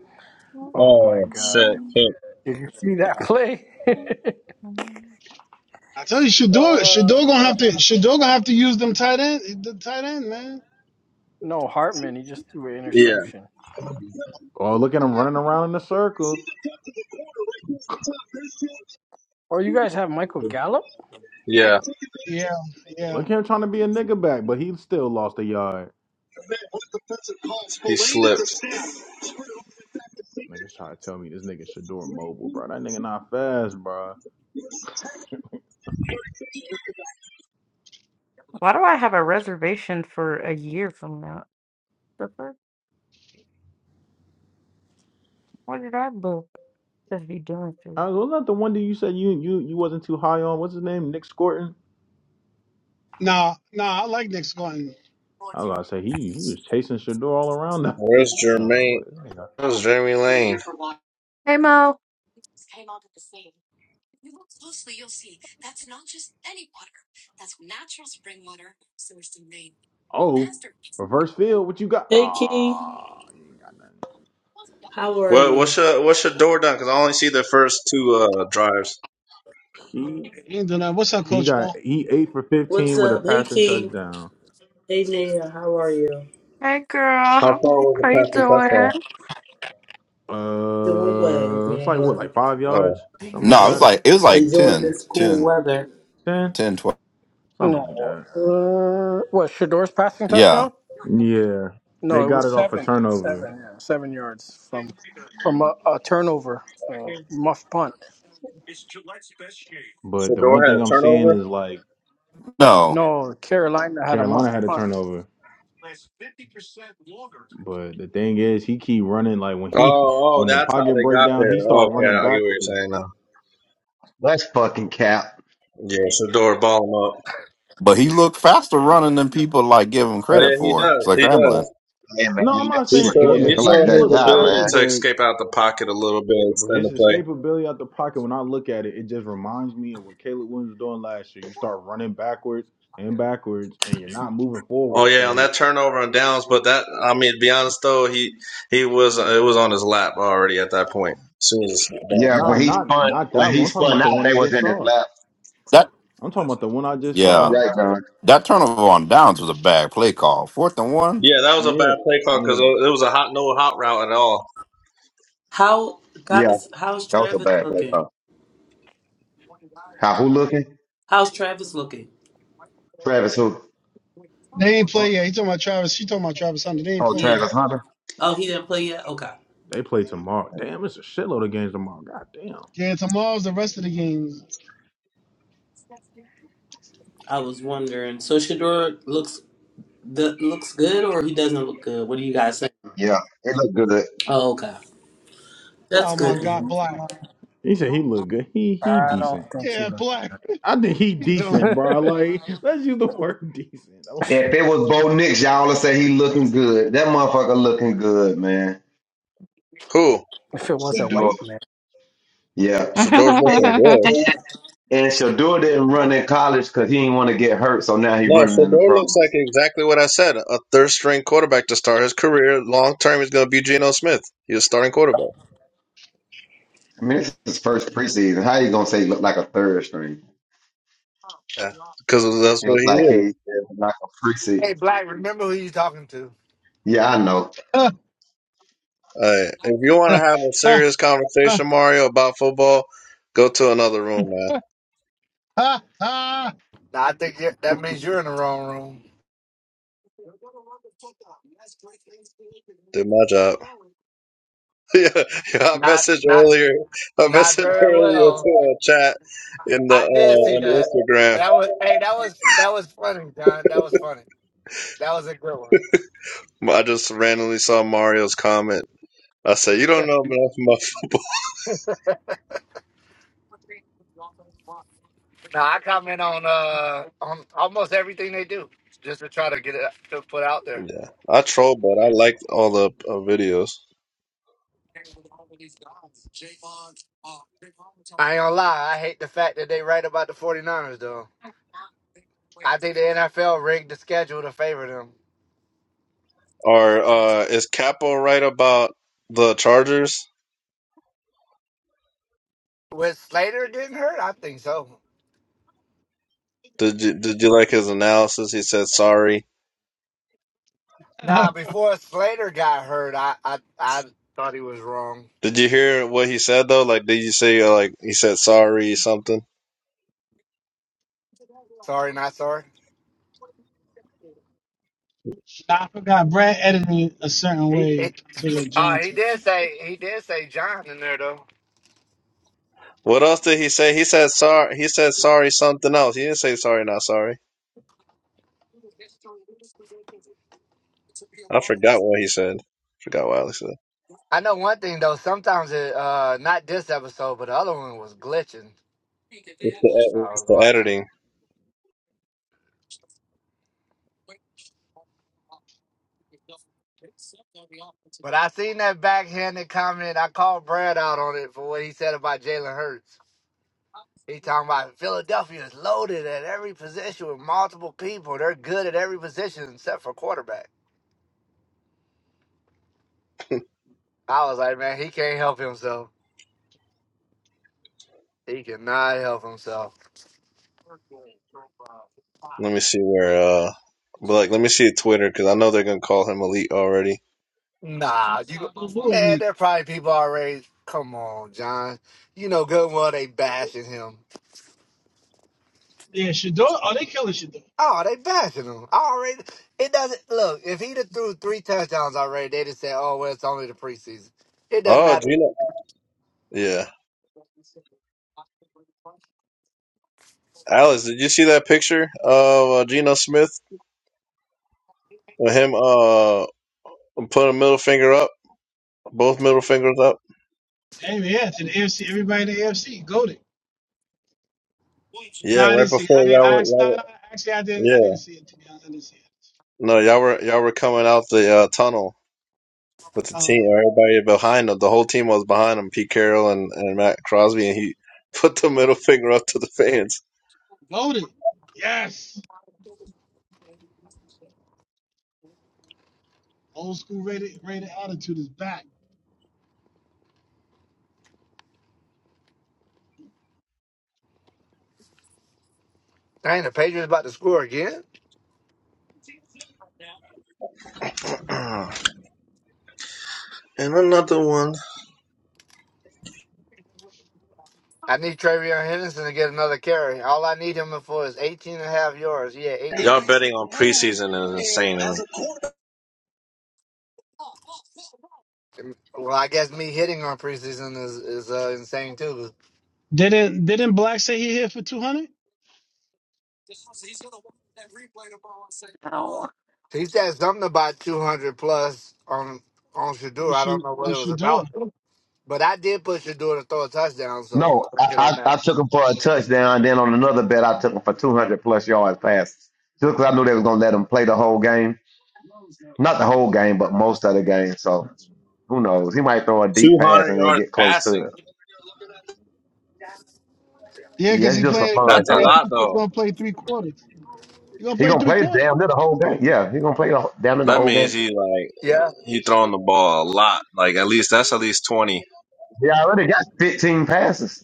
S5: oh my
S15: Oh
S5: god.
S15: shit! Pick.
S5: Did you see that play?
S1: I tell you, Shador,
S5: Uh,
S1: Shador gonna have to, Shador gonna have to use them tight end, the tight end, man.
S5: no, Hartman, he just threw an
S15: Yeah,
S5: interception.
S3: Oh, look at him running around in a circle.
S5: Or you guys have Michael Gallup?
S15: yeah.
S1: Yeah, yeah.
S3: Look at him trying to be a nigga back, but he still lost a yard.
S15: He slipped.
S3: Niggas trying to tell me this nigga Shador mobile, bro. That nigga not fast, bro.
S10: Why do I have a reservation for a year from now? The fuck? What did I book? Just be doing shit.
S3: I was wasn't that the one that you said you you you wasn't too high on. What's his name? Nick Scorton.
S1: Nah, nah, I like Nick Scotton.
S3: I was gonna say he he was chasing Shador all around that. bitch.
S15: Where's
S3: uh, I
S15: Jermaine?
S3: was like, "This nigga-
S15: Where's Jeremy Lane?
S10: Hey Mo.
S3: oh, reverse field. What you got?
S16: Hey Key,
S3: Ah, you ain't got nothing.
S16: how are
S15: What, what's
S16: you?
S15: your what's your door down? Because I only see the first two uh, drives.
S3: He
S1: He ain't doing that. What's up,
S3: he
S1: Coach
S3: got
S1: Paul?
S3: he eight for
S16: What's
S3: fifteen with a
S16: up? Hey
S3: passing
S16: Key,
S3: touchdown.
S16: hey Nia, how are you?
S10: Hey girl.
S15: How
S10: How
S15: far was the
S10: how you
S15: passing
S10: doing?
S15: touchdown?
S16: Doing well,
S3: Uh, it's
S16: doing
S3: like what,
S16: well.
S3: like five
S15: Oh,
S3: yards, something like
S8: No, it was
S5: Seven.
S3: that,
S8: like it was like
S16: Enjoying
S8: ten,
S16: this cool
S8: ten,
S16: weather.
S3: ten,
S8: ten, twelve.
S5: No.
S3: something like that.
S5: Uh, what, Shador's passing
S8: Yeah,
S5: touchdown?
S3: Yeah,
S5: No,
S3: they
S5: it
S3: got
S5: was
S3: it off a
S5: seven,
S3: turnover.
S5: seven, yeah, seven yards from from a, a turnover, a muff punt.
S3: But
S15: so
S3: the one
S15: had
S3: thing
S15: a
S3: I'm seeing
S15: turnover.
S3: is like
S8: no,
S5: No, Carolina had a
S3: Carolina
S5: muff
S3: had a
S5: punt.
S3: turnover. But the thing is, he keep running. Like when he
S15: Oh, oh,
S3: when the
S15: that's how
S3: pocket
S15: they got
S3: breakdown, he
S15: there.
S3: start
S15: okay,
S3: running
S15: I get what
S3: backwards,
S15: you're saying now.
S3: bro.
S17: That's fucking cap.
S15: Yeah, so ball him up.
S8: but he looked faster running than people like give him
S15: Oh
S8: credit
S15: yeah, he
S8: for. It's
S15: does.
S8: like
S15: He
S8: rambling.
S15: does.
S17: Hey man,
S3: No, I'm not
S17: that's
S15: He
S3: saying.
S17: Fedor
S15: showed
S3: Yeah,
S15: he
S17: looking like
S3: he
S15: showed
S3: he
S17: that
S15: his
S3: looked
S17: guy,
S3: faster,
S15: ability
S17: man.
S15: to
S3: but
S15: escape out the pocket a little bit,
S3: but
S15: extend
S3: his
S15: the play.
S3: escapability out the pocket. When I look at it, it just reminds me of what Caleb Williams was doing last year. You start running backwards and backwards, and you're not moving
S15: Oh
S3: forward.
S15: yeah, on
S3: So
S15: that turnover on downs. But that, I mean, to be honest though, he he was it was on his lap already at that point. As soon as the snap
S17: Yeah,
S15: back.
S3: nah,
S17: when he
S3: not
S17: spun
S3: not
S17: when
S3: that one.
S17: he
S3: I'm talking
S17: spun
S3: about the
S17: out,
S3: one he
S17: they was
S3: just
S17: in his
S3: saw.
S17: lap.
S8: That
S3: I'm talking about the one I just
S8: yeah,
S17: You
S3: saw.
S17: Right, John.
S8: that turnover on downs was a bad play call. Fourth and one.
S15: Yeah, that was a
S3: Yeah,
S15: bad play call because
S3: yeah.
S15: it was a hot no hot route at all.
S16: How
S17: Yeah,
S16: guys? How's
S17: that was a
S16: Travis
S17: bad play
S16: looking?
S17: call. How who looking?
S16: How's Travis looking?
S17: Travis who?
S1: They ain't
S3: Uh,
S1: play yet. He talking about Travis. She talking about Travis Hunter. They ain't
S17: Oh,
S1: play yet.
S16: Yeah.
S17: Travis Hunter.
S16: Oh, he didn't play yet. Okay.
S3: They play
S1: Man.
S3: tomorrow. Damn, it's a shitload of games tomorrow. God damn.
S1: Yeah, tomorrow's the rest of the games.
S16: I was wondering. So Shador looks the looks good, or he doesn't look good? What do you guys think?
S17: Yeah, it looked good.
S16: Oh, okay. That's
S1: Oh my
S5: Oh,
S1: God,
S16: good.
S1: Black.
S5: my.
S3: he said he looked good. He he
S5: I
S3: decent.
S5: don't think he
S1: Yeah,
S5: looked.
S1: Black.
S3: I think he
S1: What are you doing?
S3: decent, bro.
S5: Good.
S3: Like let's use the word decent. Don't-
S17: If it was Bo Nix, y'all would say he looking good. That motherfucker looking good, man.
S15: Who?
S5: if it was a
S17: Shador.
S5: white man,
S17: Yeah.
S15: Shador's
S17: And,
S15: looking good.
S17: and, and Shador didn't run in college because he didn't want to get hurt, so now he
S15: No,
S17: running in the
S15: Shador looks
S17: pros.
S15: like exactly what I said. A third string quarterback to start his career. Long term, he's going to be Geno Smith. He's a starting quarterback.
S17: I mean, it's his first preseason. How you gonna say he looked like a third string?
S15: Yeah, because that's
S17: He
S15: what
S17: looked
S15: he
S17: like he
S15: is.
S17: he looked like a
S12: Hey,
S17: preseason.
S12: Black, remember who you talking to.
S17: Yeah, I know.
S15: Uh, if you want to have a serious conversation, Mario, about football, go to another room, man.
S12: Now, I think you that means you're in the wrong room.
S15: Did my job. yeah, yeah, I
S12: Not
S15: messaged
S12: not
S15: earlier. I
S12: not
S15: messaged
S12: very
S15: earlier
S12: well.
S15: to a chat in the uh,
S12: I did see that.
S15: on Instagram.
S12: That was hey, that was that was funny, John. That was funny. That was a good one.
S15: I just randomly saw Mario's comment. I said, "You don't know enough about football."
S12: Now I comment on uh on almost everything they do just to try to get it to put out there.
S15: I troll, but I liked all the uh, videos.
S12: I ain't gonna lie, I hate the fact that they write about the 49ers though. I think the NFL rigged the schedule to favor them.
S15: Or uh, is Capo right about the Chargers?
S12: With Slater getting hurt, I think so.
S15: Did you did you like his analysis? He said sorry.
S12: Nah, before Slater got hurt, I I, I thought he was wrong.
S15: Did you hear what he said though? Like, did you say uh, like he said sorry something?
S12: Sorry, not sorry.
S1: I forgot. Brad edited it a certain
S12: He, he
S1: way to what
S12: uh,
S1: John
S12: he
S1: took.
S12: did say he did say John in there though.
S15: What else did he say? He said sorry. He said sorry something else. He didn't say sorry, not sorry. I forgot what he said. Forgot what Alex said.
S12: I know one thing though. Sometimes it uh not this episode, but the other one was glitching.
S15: It's The,
S12: I
S15: it's
S12: was
S15: the
S12: watching
S15: editing.
S12: it. But I seen that backhanded comment. I called Brad out on it for what he said about Jalen Hurts. He talking about Philadelphia is loaded at every position with multiple people. They're good at every position except for quarterback. I was like, man, he can't help himself. He cannot help himself.
S15: Let me see where. uh but like, let me see Twitter because I know they're gonna call him elite already.
S12: Nah, you
S1: Oh, who are
S12: man,
S1: we?
S12: there probably people already. Come on, John. You know good and well they bashing him.
S1: Yeah, Shador. Oh, they killing Shador.
S12: Oh, they bashing him. already it doesn't look, if he'd have threw three touchdowns already, they'd have said, Oh, well, it's only the preseason. It doesn't
S15: Oh,
S12: matter.
S15: Gino. Yeah, Alice, did you see that picture of uh, Geno Smith with him uh putting a middle finger up, both middle fingers up?
S1: Damn, yeah, to the AFC. Everybody in the AFC. Go No,
S15: Yeah,
S1: I didn't
S15: right
S1: see. It. I
S15: before
S1: didn't.
S15: y'all
S1: I
S15: were,
S1: actually,
S15: y'all
S1: no, no, actually, I
S15: were
S1: didn't. I
S15: yeah.
S1: didn't see it. I didn't see it.
S15: No, y'all were y'all were coming out the uh, tunnel. with the
S1: Uh,
S15: team, everybody behind him. The whole team was behind him, Pete Carroll and, and Matt Crosby, and he put the middle finger up to the fans.
S1: loaded. Yes. Old school rated rated attitude is back.
S12: Dang, the Patriots about to score again.
S15: and another one.
S12: I need Travion Henderson to get another carry. All I need him for is 18 and a half yards. Yeah,
S15: Y'all
S12: 18.
S15: betting on preseason is insane. Man.
S12: Well, I guess me hitting on preseason is, is uh, insane too.
S1: Didn't didn't Black say he hit for two hundred
S12: He said something about 200 plus on on
S1: on
S12: Shadur. I don't
S1: Sha-
S12: know what
S1: on
S12: it was
S1: Shador?
S12: about. But I did put Shadur to throw a touchdown, so
S17: No, I,
S12: it don't
S17: I,
S12: matter.
S17: I took him for a touchdown. Then on another bet, I took him for 200 plus yards passes just because I knew they was gonna let him play the whole game. Not the whole game, but most of the game. So who knows? He might throw a deep pass
S15: 200
S17: and then
S15: yards
S17: get close to it.
S15: passing.
S1: Yeah,
S17: Yeah,
S1: because
S17: it's
S1: he
S17: just for
S1: playing. He gonna
S17: fun,
S15: That's a
S1: play
S17: John.
S15: lot,
S1: three. qu- He
S15: though.
S1: gonna play three quarters. He gonna
S17: He
S1: play
S17: gonna
S1: three
S17: play
S1: quarters.
S17: damn near the whole game. Yeah, he gonna play the, whole- damn near the
S15: That
S17: whole
S15: means
S17: game.
S15: he like
S12: Yeah.
S15: he throwing the ball a lot. Like at least that's at least twenty.
S17: He already got 15 passes.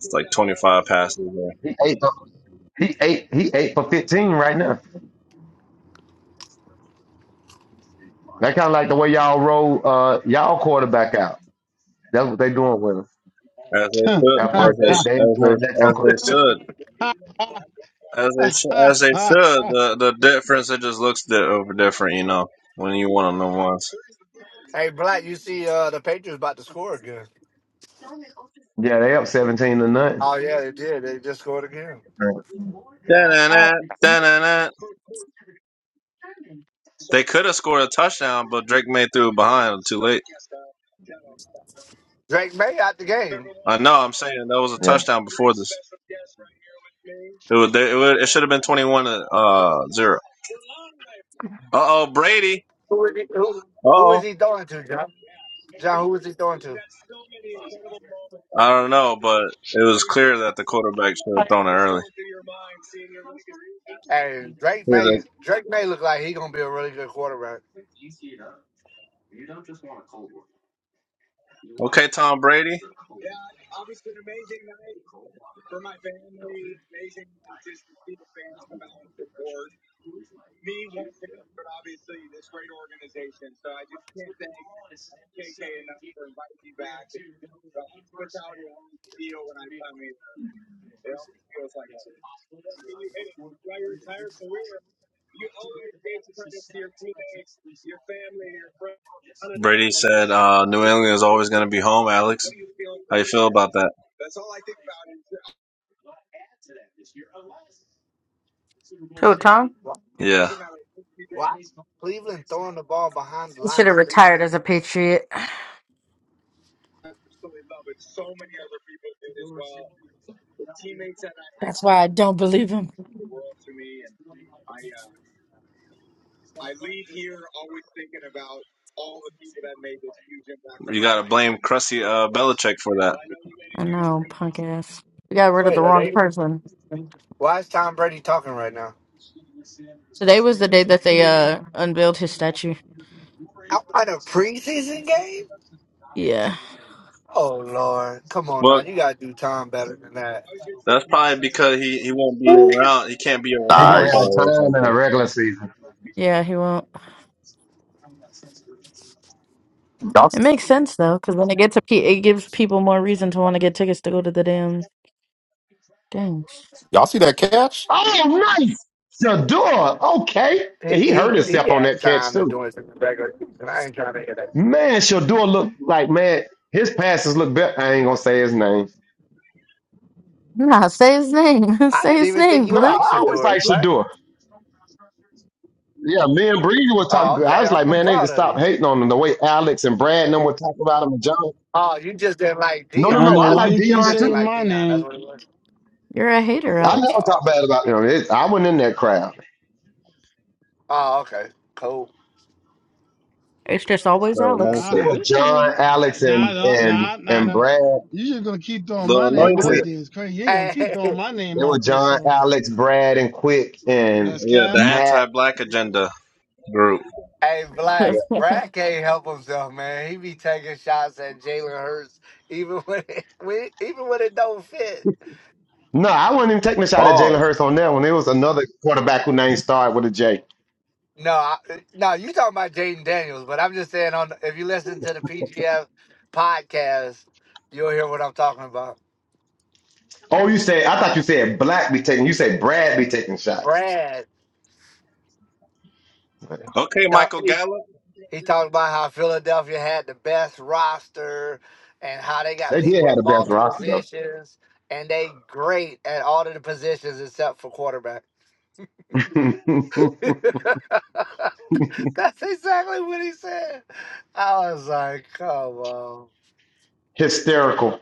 S15: It's like twenty five passes there.
S17: He ate He eight he eight for fifteen right now. That kind of like the way y'all roll uh y'all quarterback out. That's what they doing with him.
S15: As they
S17: At
S15: should, as
S17: first
S15: they
S17: they
S15: sh-
S17: they ain't
S15: as
S17: doing that
S15: they as
S17: talk.
S15: they should, as they sh- as they should. The the difference it just looks di- over different, you know. When you one on them ones.
S12: Hey, Black, you see uh, the Patriots about to score again.
S17: Yeah, they up seventeen to nothing.
S12: Oh, yeah, they did. They just scored again.
S17: Right.
S15: Da-na-na,
S10: Oh,
S15: da-na-na. They could have scored a touchdown, but Drake made through it behind too late.
S12: Drake May out the game.
S15: I know. I'm saying that was a
S17: Yeah,
S15: touchdown before this. It would. It, would, it should have been 21 to uh, zero. Uh oh, Brady.
S12: Who is he, who, who is
S15: Oh,
S12: he throwing to, John? John, who is he throwing to?
S15: I don't know, but it was clear that the quarterback should have thrown it early.
S12: And
S15: Yeah,
S12: Drake May,
S15: the-
S12: Drake May look like he going to be a really good quarterback.
S15: okay, Tom Brady. Brady said, uh, "New England is always going to be home." Alex, how you feel about that?
S10: Tom,
S12: Wha-
S15: Yeah,
S12: What? Cleveland throwing the ball behind the
S10: he
S12: line
S10: should
S12: of
S10: have
S12: scrimmage.
S10: retired as a Patriot. That's why I don't believe him.
S15: you got to blame crusty uh, Belichick for that.
S10: I know, punk ass. We got rid of the
S12: Wait, are
S10: wrong
S12: they?
S10: person.
S12: Why is Tom Brady talking right now?
S10: Today was the day that they uh unveiled his statue.
S12: Out at a preseason game?
S10: Yeah,
S12: Oh Lord, come on now,
S15: But
S12: you gotta do Tom better than that.
S15: that's probably because he, he won't be around. He can't be
S17: he
S15: around
S17: won't have
S8: Nice.
S15: probably or
S17: time in a
S15: something.
S17: regular season.
S10: yeah, he won't.
S8: Y'all,
S10: It makes sense though, because when it gets a pe- it gives people more reason to want to get tickets to go to the damn thing.
S8: y'all see that catch?
S17: Oh, nice, Shador. Okay,
S12: He
S17: And he hurt
S12: he he
S17: himself on
S12: had
S17: that catch
S12: time to
S17: too.
S12: do it in the regular season. I ain't trying to hear that.
S17: Man, Shador look like man. His passes look better. I ain't gonna say his name.
S10: Nah, say his name.
S12: I
S10: say
S12: didn't
S10: his
S12: even think
S10: name,
S12: you
S17: No,
S10: Blick.
S12: liked
S17: I always
S12: Shador
S17: like
S12: Black.
S17: Shador. Yeah, me and Bree were talking.
S12: Oh,
S17: I
S12: okay.
S17: was like,
S12: I'm, I'm
S17: man, they need to
S12: proud of
S17: stop
S12: you.
S17: hating on him the way Alex and Brad and them were talking about him and John.
S12: Oh, you just didn't like
S17: No,
S1: I
S17: no,
S1: don't
S17: no.
S12: Dion.
S1: know
S17: I
S12: That's
S1: why
S17: like
S12: what
S1: you
S12: you
S1: keep
S17: Dion
S12: just didn't
S17: too.
S1: saying
S12: like
S1: my
S12: Dion.
S1: name.
S12: That's what it was.
S10: You're a hater,
S17: I
S10: Alex.
S17: never
S12: Oh,
S17: talk
S12: okay.
S17: bad about him. It, I wasn't in that crowd.
S12: Oh, okay. Cool.
S10: It's just always
S15: The
S10: Alex.
S17: It
S1: Ah, I
S15: anointed,
S17: was
S1: didn't say
S17: John,
S1: nothing. Uh,
S17: Alex,
S1: Nah,
S17: and
S1: no,
S17: and
S1: nah, nah,
S17: and
S1: nah.
S17: Brad
S1: You just gonna keep throwing my
S15: the
S17: and
S1: name out
S17: Quick.
S15: anointed.
S1: there. It's crazy. You ain't gonna keep
S12: Hey,
S1: throwing my
S17: It
S1: name out
S17: was
S1: there,
S17: John,
S1: so
S17: Alex, Brad, and Quick and
S1: that's
S15: Yeah,
S1: cat.
S15: the
S17: Matt.
S15: anti-black agenda group.
S12: hey,
S17: Yeah.
S12: Black. Brad can't help himself, man. He be taking shots at Jalen Hurts, even when it, when even when it don't fit.
S17: No, I wasn't even taking a shot at Jalen
S15: Pause.
S17: Hurts on that one. It was another quarterback who name started with a J.
S12: No, I, no, you talking about Jaden Daniels, but I'm just saying on if you listen to the PGF podcast, you'll hear what I'm talking about.
S17: Oh, you said I thought you said Black be taking. You said Brad be taking shots.
S12: Brad, he
S15: Okay,
S12: talk-
S15: Michael
S12: he
S15: Gallup.
S12: He talked about how Philadelphia had the best roster and how they got
S17: They did
S12: people
S17: have
S12: in
S17: the best
S12: multiple
S17: roster
S12: positions and they great at all of the positions except for quarterback.
S17: though.
S12: That's exactly what he said. I was like, come on.
S17: Hysterical.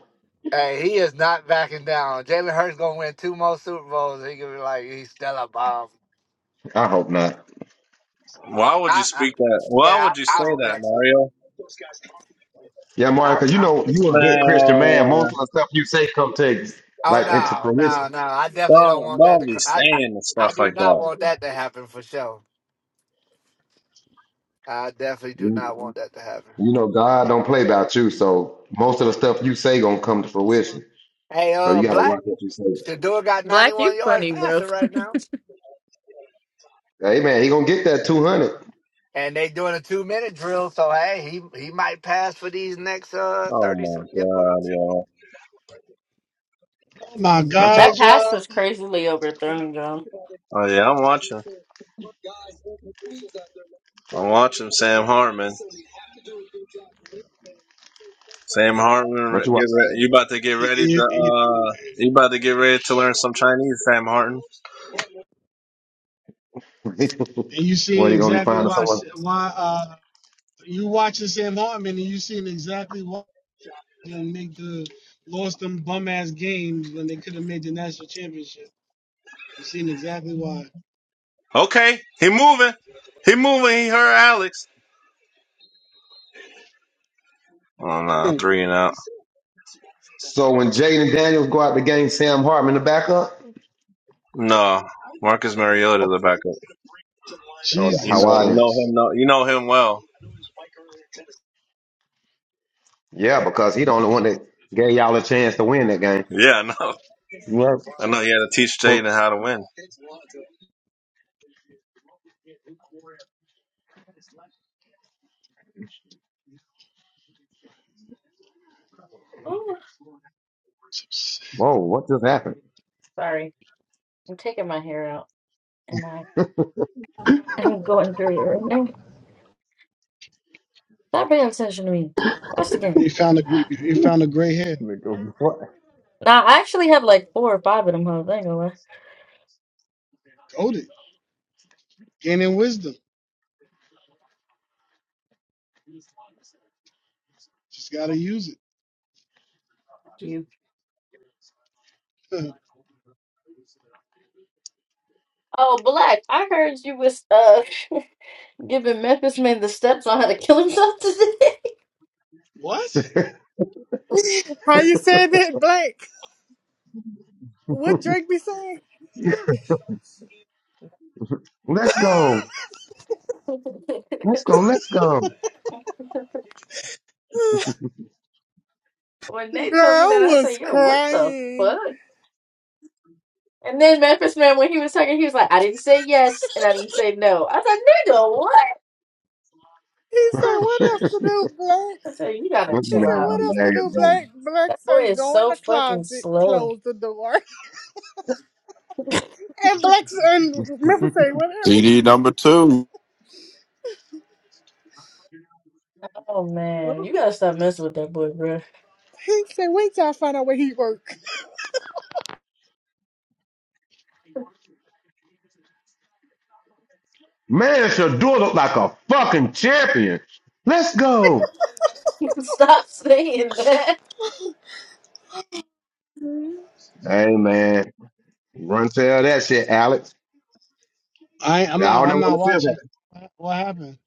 S12: Hey, he is not backing down. Jalen Hurts gonna win two more Super Bowls. He gonna be like, he's still a bomb.
S17: I hope not.
S15: Why would you
S12: I, I,
S15: speak that? Why
S12: yeah,
S15: would you
S12: I, I
S15: say
S12: hope
S15: that,
S12: that's.
S15: Mario?
S17: Yeah, Mario,
S12: I,
S17: because you
S12: I,
S17: know you a good Christian man. Most
S15: Man,
S17: of the stuff you say come to
S12: Oh
S17: like into
S12: no,
S17: fruition.
S12: no, no! I definitely don't
S15: don't
S12: want that
S15: don't
S12: to.
S15: be
S12: cr- I, I
S15: saying
S12: I
S15: stuff
S12: do
S15: like
S12: not
S15: that.
S12: want that to happen for sure. I definitely do
S17: You
S12: not want that to happen.
S17: you know God don't play about you, so most of the stuff you say gonna come to fruition.
S12: Hey,
S17: So you
S12: uh,
S17: gotta watch
S12: Black
S17: what you say.
S12: Shador got
S10: Black, you
S12: 91 yards
S10: funny, bro.
S12: passing right now,
S17: Hey man, he gonna get that two hundred.
S12: and they doing a two minute drill. So hey, he he might pass for these next uh
S15: Oh
S12: 30
S15: my
S12: something
S15: god,
S12: yards.
S15: yo.
S1: Oh my
S17: Not
S1: God,
S10: That
S17: y'all.
S10: pass
S1: y'all.
S10: was crazily overthrown, John.
S15: Oh yeah, I'm watching. I'm watching Sam Hartman. Sam Hartman,
S17: What
S15: re-
S17: you
S15: get re-
S17: watching?
S15: you about to get
S1: It-
S15: ready to
S1: it- it-
S15: uh, you about to get ready to learn some Chinese, Sam Hartman.
S1: And you seeing
S17: what he gonna be
S1: exactly
S17: finding
S1: why I
S17: someone?
S1: said- why uh you watching Sam Hartman and you seeing exactly why they make the lost them bum ass games when they could have made the national championship. You seeing exactly why.
S15: Okay, he moving, he moving. He heard Alex. Oh no,
S1: Hmm.
S15: three and out.
S17: So when Jaden Daniels go out the game, Sam Hartman the backup.
S15: No, Marcus Mariota
S17: Oh,
S15: the backup.
S17: oh, the
S15: You
S1: Jesus
S15: know, you
S17: Hawaiian.
S15: know
S1: Christ.
S15: him. No, you know him well.
S17: Yeah, because he the only one that gave y'all a chance to win that game.
S15: Yeah, I know.
S17: Well,
S15: I know. He had to teach
S17: whoa,
S15: Jaden how to win.
S10: Ooh,
S17: whoa, what just happened?
S10: Sorry. I'm taking my hair out and I am going through it right now. Stop paying attention to me. Watch the game.
S1: They found a gr- they found a gray hair.
S3: Nigga, what?
S10: Now I actually have like four or five of them hoes. I ain't gonna lie.
S1: Goaded. Gaining wisdom. Just gotta use
S10: to You.
S1: it.
S10: Oh, Black, I heard you was uh giving Memphis Man the steps on how to kill himself today.
S1: What?
S11: How you say that, Blake? What Drake be saying?
S17: let's go. Let's go. Let's go.
S10: when they
S11: Girl,
S10: told me
S11: I
S10: that, I
S11: was
S10: said, "Yo, what the
S11: crying.
S10: fuck?" And then Memphis Man, when he was talking, he was like, "I didn't say yes and I didn't say no." I was like, "Nigga, what?"
S11: He said, "What else to
S17: this
S11: do, Blake?"
S10: I said, "You gotta
S11: He
S10: chill
S17: man
S11: said,
S17: is
S11: "What
S10: out.
S11: else to
S17: hilarious,
S11: do, Blake?"
S17: man.
S11: Blake
S10: That boy
S11: say,
S10: is
S11: "Go in
S10: so
S11: the
S10: fucking
S11: closet,
S10: slow."
S11: close the door." And Blake and Memphis say, "What else?"
S8: CD number two.
S10: Oh man,
S11: Oh,
S10: you gotta stop messing with that boy, bro.
S11: He said, "Wait till I find out where he work."
S17: Man, Shadur look like a fucking champion. Let's go.
S10: Stop saying that.
S17: Hey, man. Run tell that shit, Alex.
S1: I I'm not
S17: Y'all ever
S1: I'm
S17: want
S1: not
S17: to feel
S1: watching.
S17: that.
S1: What what happened?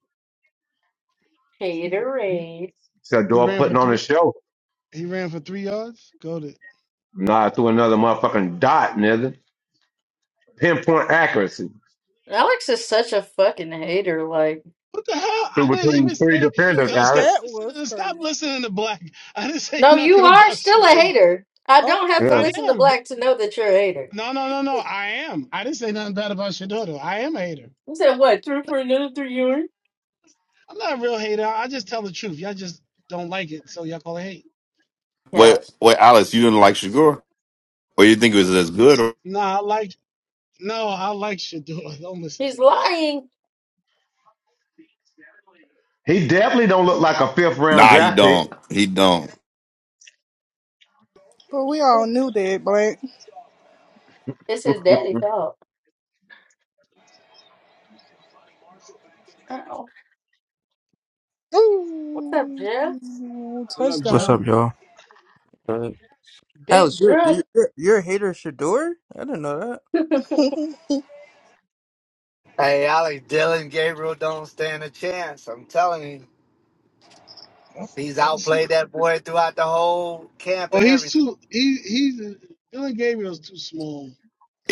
S1: He
S10: Haterade.
S1: he
S17: Shadur
S1: ran for
S17: putting on
S1: three
S17: a show.
S1: he ran for three yards? Go to
S17: Nah, threw another motherfucking dot, nigga. Pinpoint accuracy.
S10: Alex is such a fucking hater. Like,
S1: What the hell? I
S17: Through
S1: didn't
S17: between
S1: even
S17: three
S1: say.
S17: defenders,
S1: Yo, stop
S17: Alex.
S11: That was
S1: listening. Stop
S11: crazy.
S1: listening to Black. I didn't say
S10: no, you
S1: nothing
S10: are
S1: about
S10: still a
S1: Shadur.
S10: hater. I
S11: Oh,
S10: don't have to
S17: Yeah.
S1: I
S10: listen to
S1: am. but-
S10: Black to know that you're a hater.
S1: No, no, no, no. I am. I didn't say nothing bad about Shadoro. I am a hater.
S10: You said what? Through for another three years?
S1: I'm not a real hater. I just tell the truth. Y'all just don't like it, so y'all call it hate.
S10: Yeah.
S8: Wait, wait, Alice, you didn't like Shagur? Or you think it was as good? Or...
S1: No, I like no, I like Shadoro. Don't listen
S10: He's
S1: to Black.
S10: lying.
S17: He definitely don't look like a fifth round
S8: Nah, he
S17: draft pick.
S8: don't. He don't.
S11: but we all knew that, Blake.
S10: It's his
S17: wait
S10: daddy fault. Oh, what's up,
S11: Ooh,
S10: Jeff?
S1: What up,
S18: What's
S1: Jeff?
S11: touchdown.
S18: up, y'all? Right.
S10: Big
S18: Alex, you're
S10: Jeff.
S18: you're, you're you're a hater, of Shador? I didn't know
S12: Hey, Alex Dylan Gabriel don't stand a chance. I'm telling you,
S1: We'll
S12: he's
S1: See,
S12: outplayed that boy throughout the whole camp
S1: well,
S12: and
S1: he's
S12: everything.
S1: too. He he's Dylan Gabriel's too small.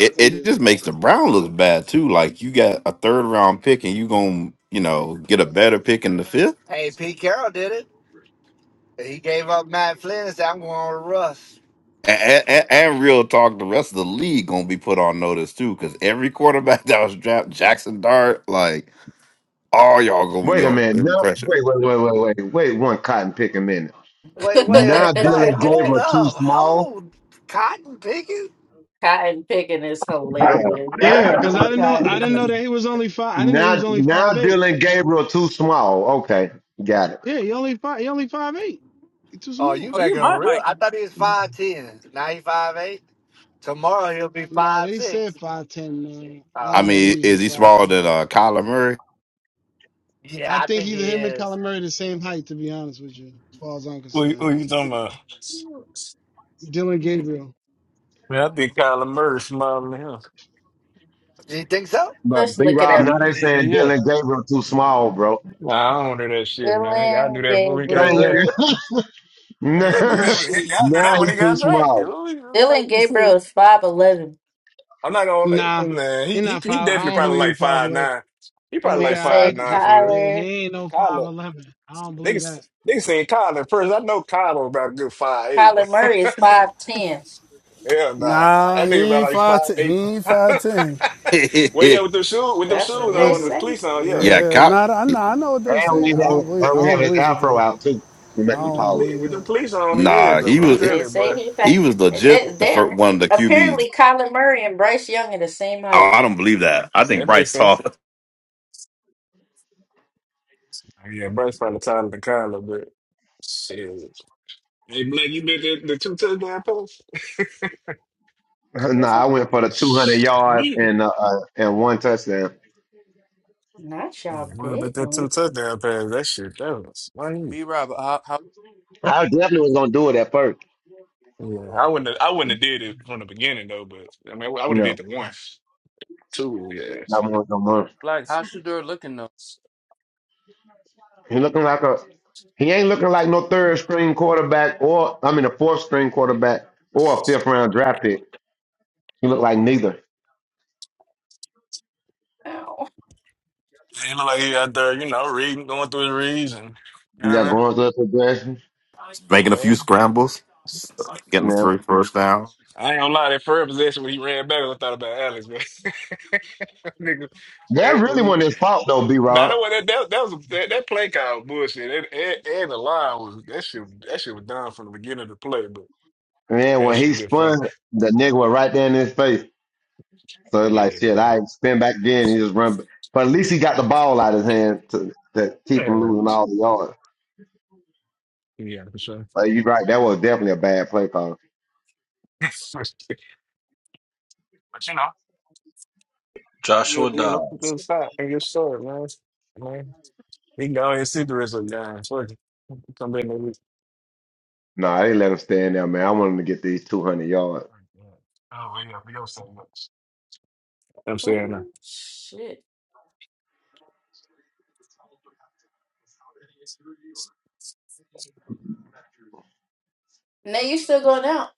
S1: That's gonna be
S8: it
S1: his
S8: just makes the
S1: problem.
S8: Brown look bad too. Like you got a third round pick and you gonna you know get a better pick in the fifth.
S12: Hey, Pete Carroll did it. He gave up Matt Flynn and said, "I'm going with Russ."
S8: And, and, and real talk, the rest of the league gonna be put on notice too, because every quarterback that was drafted, Jackson Dart, like all y'all gonna be
S17: a
S8: on
S17: minute. No, wait,
S8: impression.
S17: wait, wait, wait, wait. Wait one cotton pick a minute.
S12: Wait, wait,
S17: Now
S12: Black,
S17: Dylan
S12: hold
S17: Gabriel too
S12: up.
S17: small.
S12: Hold cotton picking?
S10: cotton picking is
S17: Yeah.
S10: hilarious. Why it
S1: Yeah,
S10: had to
S1: because I
S10: be
S1: didn't know. I
S10: cotton
S1: didn't
S18: that.
S1: know that
S10: picking?
S1: he was only five. I didn't know he
S17: Now
S1: was only
S17: now
S1: five eight.
S17: Dylan Gabriel too small. Okay, got it.
S1: Yeah, he only five. He only five eight. He's too
S12: Oh, you
S1: small.
S18: oh, you
S12: making him
S18: my
S12: real.
S18: height,
S12: I thought he was 5'10. Now he five eight. Tomorrow he'll be
S1: Nah, they said
S12: 5'6.
S1: five ten. Man, I
S12: Oh,
S8: I
S1: don't
S12: okay.
S8: mean,
S1: believe he
S8: is he
S1: five
S8: smaller than
S1: ten.
S8: uh, Kyler Murray?
S12: Yeah,
S1: I
S12: I
S1: think
S12: think he
S1: either him and
S12: is.
S1: Kyler Murray the same height. To be honest with you, as far as I'm
S19: Who, who
S1: concerned,
S19: you talking about?
S1: Dylan Gabriel.
S19: Man, I think Kyler Murray smiling at him.
S12: Do you think so?
S17: But
S10: Let's
S17: B
S10: look it
S17: Rob,
S10: up.
S17: now they saying
S19: Yeah, yeah.
S17: Dylan Gabriel too small, bro.
S19: Nah, I don't do that shit, man. Y'all knew
S10: Dylan
S19: that before he got
S17: Thank
S19: drafted.
S17: you.
S10: Gabriel.
S19: Y'all, y'all, knew, that
S17: now
S1: Shit,
S19: when, y'all knew
S17: now
S19: that when he
S17: he's too
S19: got drafted.
S17: small.
S19: Ooh, he was Like,
S10: Dylan
S19: you see,
S10: Gabriel is five eleven,
S19: I'm not gonna let
S1: Nah,
S19: man. He,
S1: he
S19: he
S1: not
S19: he
S1: five. I
S19: definitely
S1: don't
S19: probably
S1: believe he
S19: like
S1: five
S19: five
S1: eleven.
S19: nine. He
S10: and
S19: probably
S10: they
S19: like
S1: Yeah, I
S19: five
S10: say
S19: nine
S1: he,
S19: for real.
S1: yeah,
S10: Kyler
S1: he ain't no five
S19: Kyler,
S1: eleven. I don't believe
S19: niggas
S1: that.
S19: niggas seen Kyler at first. I know Kyler about a good five eight, bro.
S10: Kyler Murray is five ten.
S19: Hell nah,
S1: Nah,
S19: that
S1: he
S19: nigga
S1: ain't
S19: about like
S1: five
S19: five
S1: ten. He
S19: eight.
S1: ain't five ten.
S19: well, yeah, with them shoes, with them
S10: That's what
S19: shoes
S10: they
S1: With
S19: on,
S1: the,
S19: with
S10: say.
S19: cleats on, yeah.
S8: yeah,
S1: yeah, nah, I
S8: Ky-
S1: know, I know what they
S17: And we
S1: say. I
S17: have
S1: don't believe. I
S17: and we
S1: don't
S17: have his
S1: believe it
S17: afro
S1: though.
S17: out too. We
S1: I
S17: make
S19: And
S17: him
S19: with them
S1: don't
S17: taller.
S19: police,
S1: believe
S19: with
S1: it.
S19: them police on the head
S8: nah,
S19: though,
S8: he
S19: but I'm
S8: was
S19: telling
S10: They
S19: you,
S10: say
S19: boy,
S10: he. fa-
S8: he was legit
S10: They,
S8: the
S10: they
S8: first one of the QBs.
S10: apparently Kyler Murray and Bryce Young are the same
S8: Oh,
S10: height.
S8: I don't believe that. I think
S19: that
S8: Bryce
S19: makes
S8: tall.
S19: sense. Oh, Yeah, Bryce probably tired of the car a little bit. Shit. Hey, Blake, you bet that the two touchdown pass?
S17: No,
S10: What's that?
S17: I went for the two hundred yard
S19: Shit.
S17: and uh, uh, and one touchdown.
S10: Not
S19: Yeah,
S10: y'all
S19: worry about that two
S10: bitten.
S19: touchdown pass. That shit, that was funny.
S18: B Rob. How, how
S17: I definitely was gonna do it at first.
S19: Yeah, I wouldn't. Have, I wouldn't have did it from the beginning though. But I mean, I
S17: You
S19: would have did
S17: know,
S19: the one, two. Yeah,
S17: I want no more.
S18: like how's Shador looking
S17: He looking like a he ain't looking like no third string quarterback or I mean a fourth string quarterback or a fifth round draft pick. He look like neither.
S10: Ow.
S19: he looked like he out there, you know, reading, going through his reads, and you
S17: You know,
S19: know
S17: going through a progression.
S8: making a
S19: what I
S8: few
S19: mean.
S8: scrambles,
S19: Yeah.
S17: You
S8: getting
S17: know.
S8: free first down.
S19: I ain't gonna lie, that third possession when he ran back, I thought about Alex, man. Nigga,
S17: That
S19: hey,
S17: really
S19: when we,
S17: wasn't his fault though, B
S19: now that,
S17: Rob.
S19: was- that that that was that, that play call was bullshit, and, and, and the line was that shit that shit was done from the beginning of the play, but
S17: Man,
S19: that
S17: when
S19: shit
S17: he
S19: looked funny.
S17: spun, the nigga was right there in his face. So it's
S19: Yeah,
S17: like
S19: it
S17: shit, I spin back again, he just run but at least he got the ball out of his hand to, to keep
S19: yeah,
S17: him
S19: man.
S17: losing all the yards.
S19: yeah, for sure.
S17: Uh, you right. That was definitely a bad play call.
S19: but you know, you
S15: Joshua
S19: you
S15: Dobbs.
S19: know, good side and good story, man. Man, he can go ahead and see the rest of the guys. Come back next week.
S17: No, I didn't let him stand there, man. I wanted him to get these 200 yards.
S19: Oh yeah, we don't say much. I'm saying that.
S10: Oh shit. Now you still going out?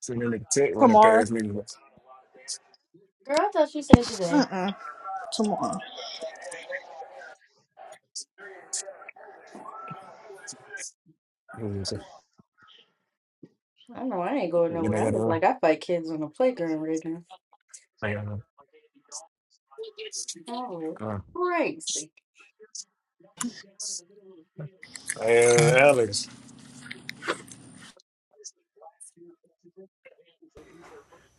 S19: So then the tech run it
S11: Tomorrow.
S19: past me.
S10: Girl, I thought you said today.
S11: Uh-uh. Tomorrow.
S19: and so-
S10: I know I ain't going
S19: Then I
S10: nowhere. I
S19: got
S10: look
S19: a,
S10: like I fight kids on the playground right now.
S19: I got a,
S10: Oh,
S19: uh,
S10: crazy.
S19: uh, Alex.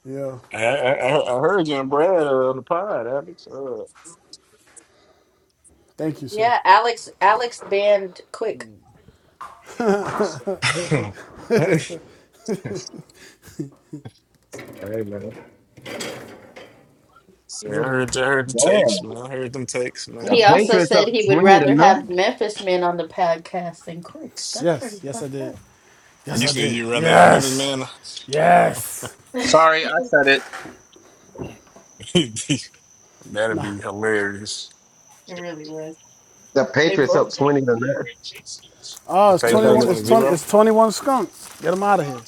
S1: Yeah.
S19: I, I I I heard you and Brad uh, on the pod, Alex. Uh,
S1: Thank you, sir.
S10: Yeah, Alex Alex banned Quick.
S19: hey, hey, man. See, I
S1: Got it.
S19: heard, I heard the
S17: Yeah.
S19: takes, man. I heard them takes,
S17: The
S10: He
S19: man.
S10: also
S17: Patriots
S10: said
S17: up
S10: he would
S17: 20 to
S10: rather have
S17: nine.
S10: Memphis Men on the podcast than Quick. That's
S1: Yes.
S10: pretty
S1: Yes, I
S10: fucked
S1: did.
S10: up.
S19: And
S1: Yes,
S19: you
S1: I
S19: said
S1: did.
S19: you'd rather have Memphis
S1: Yes.
S19: man.
S1: Yes.
S15: Sorry, I
S10: it
S15: said it.
S19: That'd
S1: Nah.
S19: be hilarious.
S10: really was.
S17: The
S10: They
S17: Patriots
S10: both.
S17: up 20 to nine.
S1: Oh,
S19: The
S1: it's
S17: Good
S1: twenty
S19: pages are
S17: thing
S1: one.
S17: this.
S19: twenty
S1: It's twenty.
S19: zero.
S1: It's twenty one skunks. Get him out of here.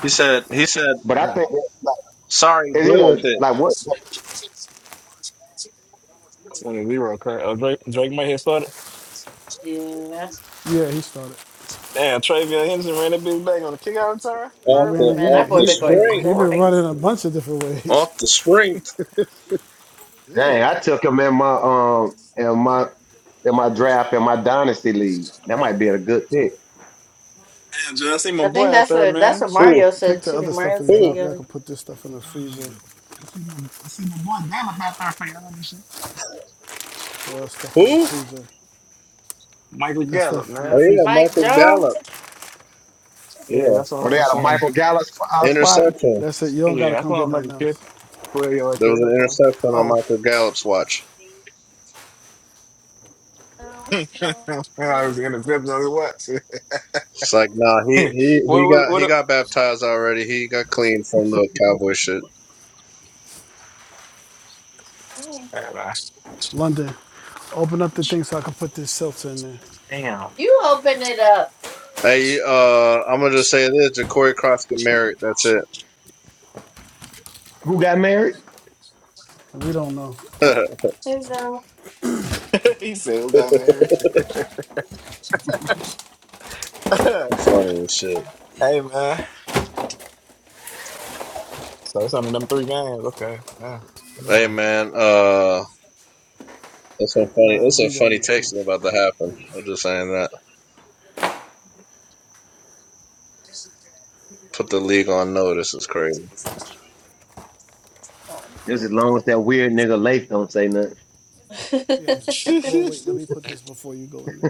S15: He said. He said.
S17: But
S19: 0.
S17: I think, like,
S15: Sorry,
S17: is it
S15: deal with
S17: a,
S15: it.
S17: like, what?
S19: Twenty zero current. Oh, Drake Drake might hit started.
S10: Yeah,
S1: Yeah, he started.
S19: Damn, Travion Henderson ran that bitch back on the kick out return for
S1: He
S15: Off
S19: her
S15: the
S19: play.
S1: ran. He
S10: man,
S15: off
S10: that
S1: ran,
S10: boy
S1: he
S15: the
S10: been
S1: he
S10: going
S15: spring.
S1: he been running a
S10: crazy.
S1: bunch of different ways.
S15: Off the spring.
S17: Dang, I
S19: Damn.
S17: took him in my, um, in my, in my draft in my dynasty league. That might be a good pick.
S19: Damn, Joe, I see my
S10: I
S19: boy
S10: think
S19: out
S10: that's
S19: there,
S10: what that's
S19: man.
S10: what
S19: Mm.
S10: Mario
S15: Who?
S1: Take
S10: said
S1: the
S10: too.
S1: other stuff
S10: Mario
S1: and
S10: said he
S15: Who?
S1: drop.
S10: got
S1: Y'all can put this stuff in the freezer.
S19: I see my, I see my boy Gallup out there for y'all and shit.
S1: Or else stuff in the
S15: Who?
S1: freezer.
S19: Michael
S1: That
S19: Gallup,
S1: stuff in the
S15: Oh
S19: man.
S1: freezer.
S15: yeah,
S10: Mike
S15: Michael
S10: Jones.
S15: Gallup.
S19: Yeah,
S15: Yeah,
S19: that's
S17: Or
S19: on.
S17: they
S19: That's
S17: got a
S19: on.
S17: Michael Gallup sp- out spot
S15: interception.
S1: That's it. You don't
S19: Yeah,
S1: gotta
S19: that's
S1: come get
S19: on
S1: nothing
S19: Michael
S1: else.
S19: Kidd. Where you like
S15: There was an
S19: That's on.
S15: interception on
S1: Oh,
S15: Michael Gallup's watch.
S10: No, no,
S19: I
S10: no,
S19: was in the fifth on the watch.
S15: It's like, nah, he he
S19: what?
S15: he
S19: What?
S15: got he
S19: What?
S15: got baptized already. He got clean from the cowboy shit.
S10: no.
S19: what
S1: London, open up the thing so I can put this seltzer in there.
S19: Damn.
S10: You open it up.
S15: Hey, uh, I'm gonna just say this: Ja'Cory Cross get married. That's
S17: who got married.
S1: We don't know.
S15: it.
S10: There's no.
S19: he said, "Who got married?"
S15: It's funny as shit.
S19: Hey man, so it's only them three games. Okay, yeah,
S15: Hey,
S19: yeah.
S15: man. Uh, it's some funny.
S1: Nah,
S15: It's some
S1: leave that in
S15: funny
S1: the car.
S15: texting about to happen.
S1: Thanks.
S15: I'm just saying that. Put the league on notice. It's crazy.
S10: Oh.
S17: Just as long as that weird nigga Leif don't say nothing.
S1: Yeah. that's
S19: That's
S1: it. Well, wait. Let me put this before you go in there.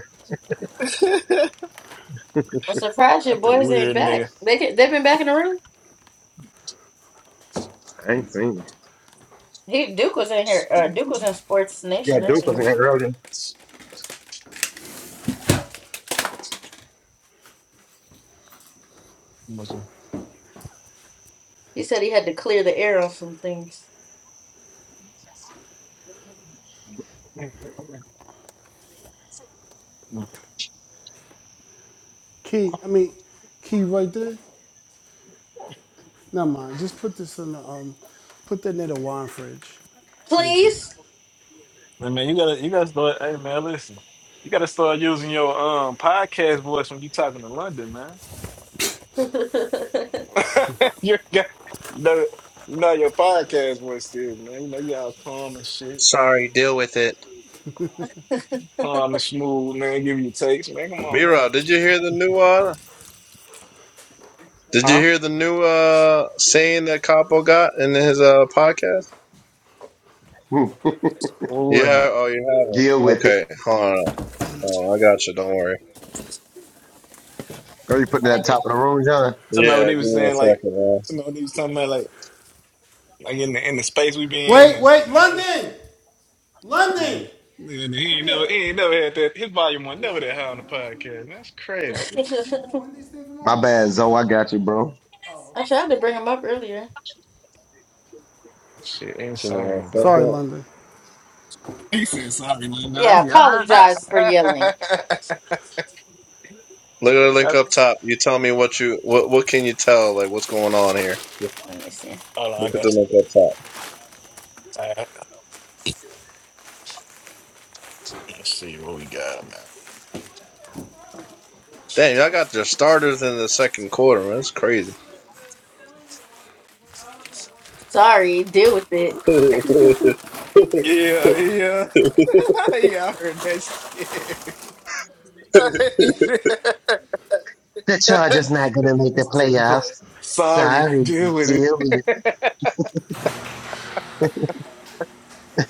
S10: I'm surprised your
S19: a
S10: boys ain't
S19: weird
S10: back.
S19: nigga.
S10: They can, they've been back in the room.
S17: I ain't seen it.
S10: He Duke was in here. Uh, Duke was in Sports
S17: Yeah,
S10: Nation
S17: Duke was
S10: earlier.
S17: in here
S19: Hey,
S10: He said he had to clear the air on some things.
S1: Key. I mean, key right there. Never mind. Just put this in the um, put that near the wine fridge. Thank you.
S10: Please.
S19: man, you gotta, you gotta start. Hey man, listen, you gotta start using your um podcast voice when you talking to London, man.
S10: I
S19: you got, you know, you know your podcast voice, still, man. You know you all calm and shit,
S15: Sorry, deal with it.
S19: calm and smooth, man. Give you takes, man. Come on, man.
S15: Miro, did you hear the new uh? Did you
S19: Huh?
S15: hear the new uh saying that Capo got in his uh podcast?
S17: earlier.
S19: What was it?
S15: Yeah. Oh, you
S17: Deal
S15: haven't.
S17: with it.
S15: Okay. Hold on. Hold on. I got you. Don't worry.
S17: Girl, you putting it at the
S10: didn't-
S17: top of the room, John?
S15: Yeah.
S19: Somebody they
S15: Give
S19: was
S15: me a
S19: saying like
S15: second, man.
S19: somebody they was talking about like like in the in the space we be in.
S1: Wait,
S19: And,
S1: wait,
S19: uh,
S1: London, London,
S19: and
S1: come
S19: he ain't never
S1: here.
S19: he ain't never had that his volume one
S1: Did
S19: never that high on the podcast. That's crazy.
S1: you just move one of these things from over
S17: My
S1: here?
S17: bad, Zoe. I got you, bro.
S1: Oh,
S10: I tried
S1: okay.
S10: to bring him up earlier.
S19: Shit
S15: Give me one
S19: insane, bro.
S1: Sorry,
S15: second.
S1: London.
S19: He said sorry, man. I
S10: Yeah,
S19: was like, "I heard
S10: apologize for yelling.
S19: that.
S15: Look at the link up top. You tell me what you what what can you tell like what's going on here?
S10: Let me see.
S19: Hold on, I
S15: Look at
S19: got
S15: the link up top.
S19: I, let's see what we got man
S15: Damn, y'all got their starters in the second quarter, man. That's crazy.
S10: Sorry, deal with it.
S19: Yeah, yeah. yeah, I heard that shit. he said,
S17: The Chargers not gonna make the
S19: play.
S17: playoffs.
S19: Sorry,
S17: Sorry,
S19: deal with it.
S17: deal with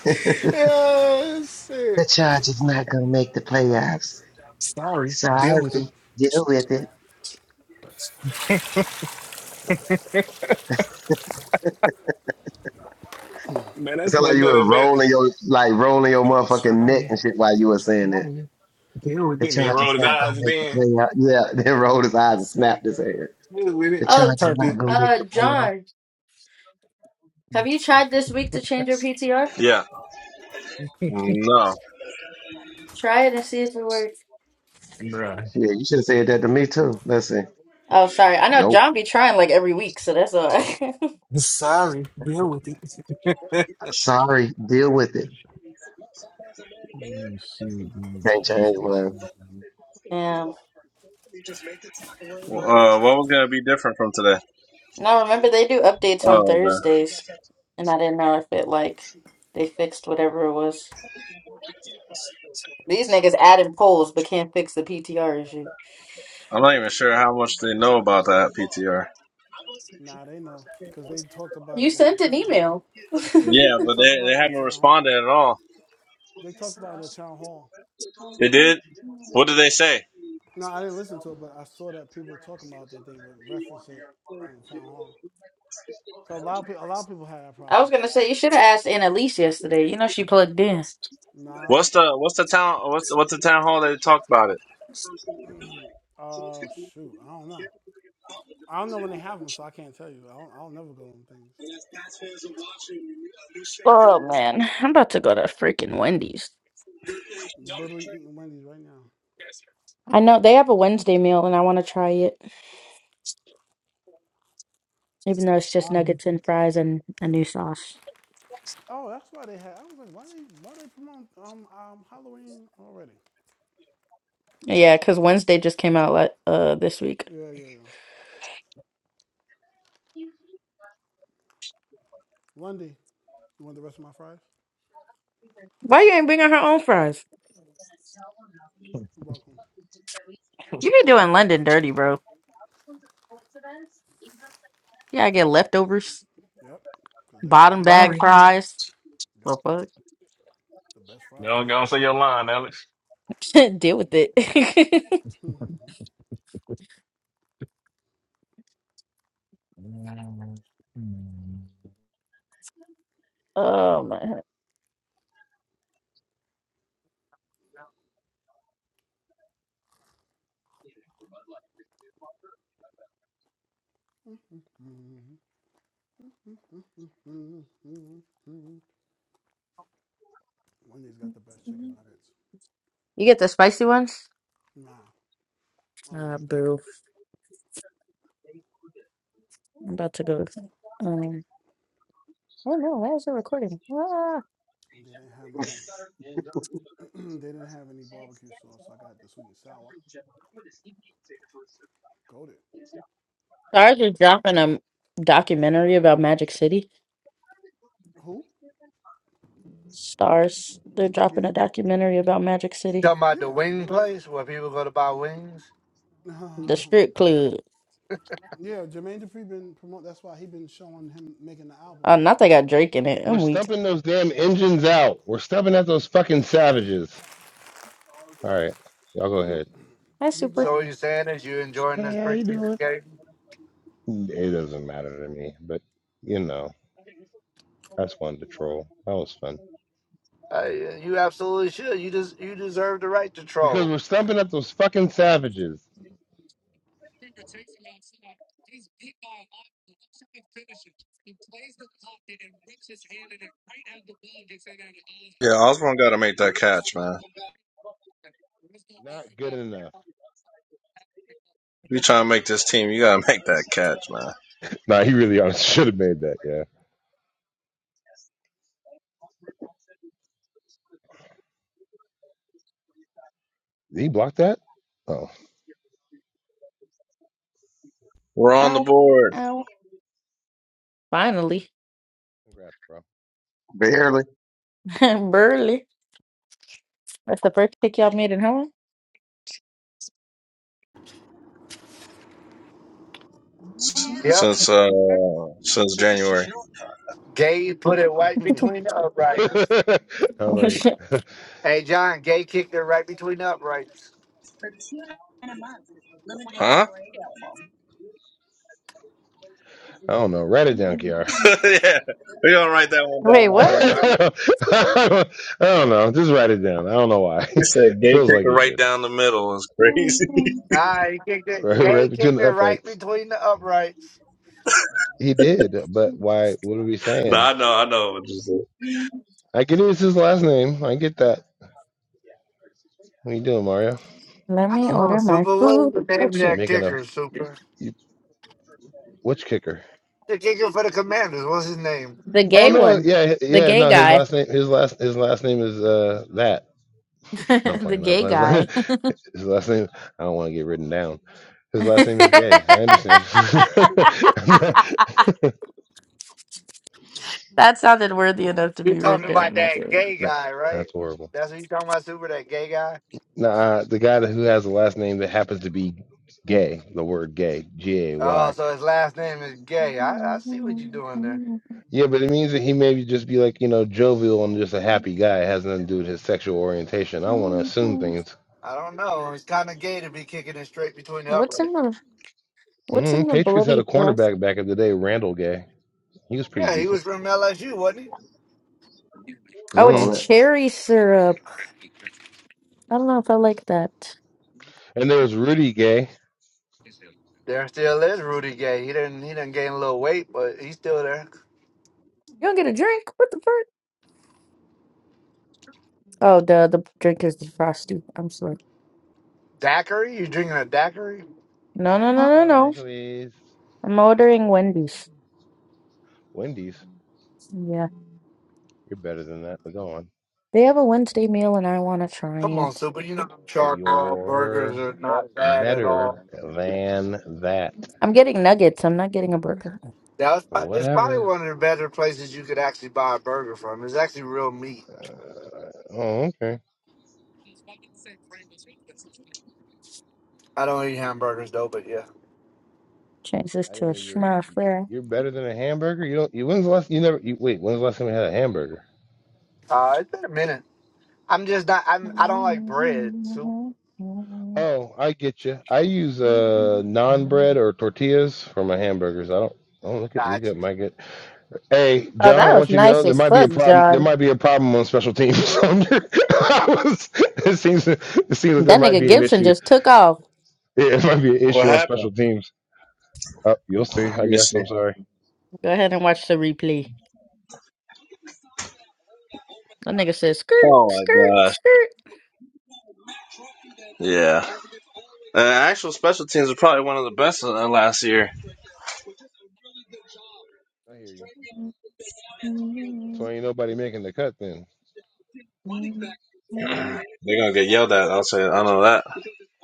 S17: it.
S19: yeah,
S17: the
S19: shit.
S17: Chargers not gonna make the playoffs.
S19: Sorry, deal
S17: Sorry,
S19: with it.
S17: deal with it.
S19: man,
S17: It
S19: that's
S17: sound
S19: fucked
S17: like
S19: up.
S17: you were
S19: That man.
S17: rolling your like rolling your motherfucking neck
S19: Sorry,
S17: and shit while you were saying that.
S19: sorry, deal with
S17: The
S19: it. Man,
S17: Chargers
S19: rolled his
S17: not gonna
S19: eyes
S17: make the
S19: then.
S17: playoffs. Yeah, then rolled his eyes and snapped his head.
S19: Deal with
S17: The
S19: it.
S10: oh,
S17: Chargers
S10: J-
S19: Turned
S17: not
S19: it.
S17: gonna make
S10: uh,
S17: the playoffs.
S10: John, Have you tried this week to change your PTR?
S15: yeah. No.
S10: Try it and see if it works.
S19: Bruh.
S17: Yeah, you should have said that to me too. Let's see.
S10: Oh, sorry. I know
S17: Nope.
S10: John be trying like every week, so that's all.
S19: Sorry, deal with it.
S17: Sorry, deal with it.
S19: Mm, shit, dude.
S17: Can't change, whatever.
S10: yeah.
S15: Uh, what was gonna be different from today?
S10: No, remember they do updates on
S15: Oh man,
S10: Thursdays, and I didn't know if it like they fixed whatever it was. These niggas adding polls but can't fix the PTR issue.
S15: I'm not even sure how much they know about that PTR.
S19: This
S1: Nah, they know because they talked about
S10: You
S1: it in the
S10: sent an
S1: town hall.
S10: email.
S1: Yeah,
S15: Yeah,
S1: they
S15: but
S1: talked
S15: they they
S1: about it in the
S15: haven't
S1: town hall.
S15: responded at all.
S1: They talked about it in the town hall.
S15: They did. What did they say?
S1: No, I didn't listen to it, but I saw that people were talking about that they would reference it in the town hall. Cause a lot of people, a lot of people had that
S10: I
S1: problem.
S10: was gonna say you should have asked Annalise yesterday. You know she plugged in.
S19: is-
S1: Nah,
S15: What's the what's the town what's the, what's the town hall that they talked about it?
S1: uh, shoot, I don't know. I don't know when they have them, so I can't tell you. I don't, I'll never go on things.
S10: Oh man, I'm about to go to freaking Wendy's.
S1: Literally eating Wendy's right now.
S10: I know they have a Wednesday meal and I want to try it, even though it's just
S19: Sorry.
S10: nuggets and fries and a new sauce.
S1: Oh, that's why they had. I was like, why they, why they promote um, um Halloween already?
S10: Yeah, because Wednesday just came out like uh this week.
S1: Yeah, yeah, yeah. Lundy, you want the rest of my fries?
S10: Why you ain't bringing her own fries?
S1: You're welcome.
S10: You be doing London dirty, bro. Yeah, I get leftovers,
S1: Yep, because they got
S10: bottom
S1: pit.
S10: bag
S19: Sorry.
S10: fries.
S1: Yep,
S10: Well, fuck,
S1: the best fries.
S19: Y'all gonna say your line, Alex.
S10: deal with it.
S19: Mm, mm.
S10: oh man,
S1: Mm mm mm Wendy's got the best chicken nuggets.
S10: you get the spicy ones.
S1: Nah, I don't like those. They didn't have no. they didn't have any barbecue sauce. so I got the sweet and sour. Goated.
S10: Stars are dropping a documentary about Magic City.
S1: Who?
S10: Stars. They're
S1: Yeah,
S10: dropping a documentary about Magic City.
S12: Talking about the
S1: yeah.
S12: wing
S1: Jermaine.
S12: place where people go to buy wings.
S10: The strip club.
S1: yeah, Jermaine Dupri been promote. That's why he been showing him making the album.
S10: Uh, not they got Drake in it.
S20: We're
S10: I'm weak.
S20: stumping those damn engines out. We're stumping at those fucking savages. All right, y'all go
S1: He
S20: ahead.
S1: he's
S12: So what
S1: um
S12: you saying is you enjoying this
S20: Hey, how you
S12: preseason
S20: doing?
S12: game?
S20: It doesn't matter to me, but you know, that's one to troll. That was fun
S12: Uh, yeah, you absolutely should. You just you deserve the right to
S20: because
S12: troll.
S20: we're stumping at those fucking savages.
S15: Yeah, Osborne got to make that catch, man.
S20: Not good enough.
S15: If you trying to make this team, you got to make that catch, man.
S20: Nah, he really honestly should have made that. Yeah, Did he blocked that. Oh,
S15: We're on the
S10: Ow.
S15: board
S10: Ow. Finally.
S20: congrats,
S17: Barely.
S10: Burley. That's the first pick y'all made in home?
S12: Yep.
S15: since uh since January,
S12: Gay put it right
S20: bro.
S12: between the uprights.
S20: I was like,
S12: Hey John, Gay kicked it right between the uprights.
S15: huh?
S20: I don't know, write it down, Kiara.
S15: yeah, we gonna write that one
S10: Wait,
S15: down,
S10: what?
S15: Mario.
S20: I don't I don't know, just write it down. I don't know why.
S15: He
S20: It
S15: said, "Gay
S20: feels like
S15: kicker
S20: you
S15: right
S20: should.
S15: down the middle is crazy."
S12: Nah, he kicked it.
S20: right,
S12: Yeah, he
S20: right between
S12: kicked it
S20: the
S12: right
S20: uprights.
S12: between the uprights.
S20: He did, but why? What are we
S15: no, I
S20: saying?
S15: know, I know. just-
S20: I get it. It's his last name. I get that. What are you doing, Mario?
S10: Let
S12: I
S10: me
S12: don't
S20: Hmm?
S12: know,
S10: order my
S12: Super. What
S10: food.
S12: was the
S10: Oh
S12: name of
S20: You
S10: shit.
S12: that
S20: making a
S12: kicker, Super?
S20: you, which kicker?
S12: The kicker for the Commanders. What's his name?
S10: The
S20: Oh
S10: gay
S20: no,
S10: one.
S20: yeah,
S10: The
S20: yeah,
S10: gay
S20: no. His
S10: guy.
S20: last name, his last, his last name is uh that. No, I'm
S10: the
S20: playing. His
S10: gay
S20: last, name,
S10: guy.
S20: his last name. I don't want to get written down. His last
S10: that
S20: name is Gay. I understand.
S10: sounded worthy enough to
S12: you
S10: be written
S12: talking
S10: down.
S12: about
S10: Not
S12: that
S10: gonna lie.
S12: gay
S20: no,
S12: guy, right?
S20: that's horrible.
S12: That's what you talking about, Super, that gay guy?
S20: Nah, the guy that- who has a last name that happens to be gay, the word gay, G A
S12: Oh,
S20: Y.
S12: so his last name is gay. I, I see what you're doing there.
S20: Yeah, but it means that he maybe just be like, you know, jovial and just a happy guy. It has nothing to do with his sexual orientation. I don't want to assume things.
S12: I don't know. It's kind of gay to be kicking it straight between the uprights.
S20: Mm, Patriots had a cornerback back in the day, Randall Gay. He was pretty
S12: Yeah, he was
S20: decent.
S12: from LSU, wasn't he?
S10: Oh, it's
S20: Mm.
S17: Hold it.
S10: cherry syrup. I don't know if I like that.
S20: And there was Rudy Gay.
S12: There still is Rudy Gay. He didn't he didn't gain a little weight, but he's still there.
S10: You don't get a drink? What the fuck? Oh, the the drink is defrosty. I'm sorry.
S12: Daiquiri? You drinking a daiquiri?
S10: No, no, no, no,
S20: Oh, there
S10: no.
S20: goes
S10: I'm ordering Wendy's.
S20: Wendy's.
S10: Yeah,
S20: You're better than that, but go on.
S10: they have a Wednesday meal, and I want to try
S12: Come on,
S10: it.
S12: Super. You know, charcoal burgers
S20: You're
S12: are not bad at
S20: better
S12: all.
S20: than that.
S10: I'm getting nuggets. I'm not getting a burger.
S12: That it's probably
S20: Whatever.
S12: one of the better places you could actually buy a burger from. It's actually real meat.
S20: Uh, oh, okay.
S12: I don't eat hamburgers though, but yeah.
S10: Change this
S20: I
S10: to
S20: didn't
S10: a
S20: know you're
S10: schmuff flare.
S20: you're better than a hamburger. You don't. You when's the last? You never. You, wait. When's the last time you had a hamburger?
S12: Uh, it's been a minute. I'm just not. I'm. I don't like bread. Soup.
S20: Oh, I get you. I use uh non bread or tortillas for my hamburgers. I don't. Oh, look at we
S12: Gotcha.
S20: got my good. Hey,
S10: Oh,
S20: John,
S10: that
S20: I
S10: was
S20: want you to know
S10: nice
S20: there
S10: as
S20: might be a
S10: fuck,
S20: problem. There
S10: John.
S20: might be a problem on special teams. I'm just- I was, it seems it seems like there
S10: That
S20: might
S10: nigga
S20: be an
S10: Gibson
S20: issue.
S10: just took off.
S20: Yeah, it might be an
S15: What
S20: issue on special
S15: happened?
S20: teams. Uh, you'll see.
S15: Let
S20: I
S15: me
S20: guess.
S15: see.
S20: I'm sorry.
S10: Go ahead and watch the replay. That nigga says skirt,
S15: Oh
S10: skirt,
S15: my gosh.
S10: skirt.
S15: Yeah. Uh, actual special teams are probably one of the best of, uh, last year.
S20: I hear you. So ain't nobody making the cut then.
S10: Oh,
S15: They're gonna get yelled at. I'll say I know that.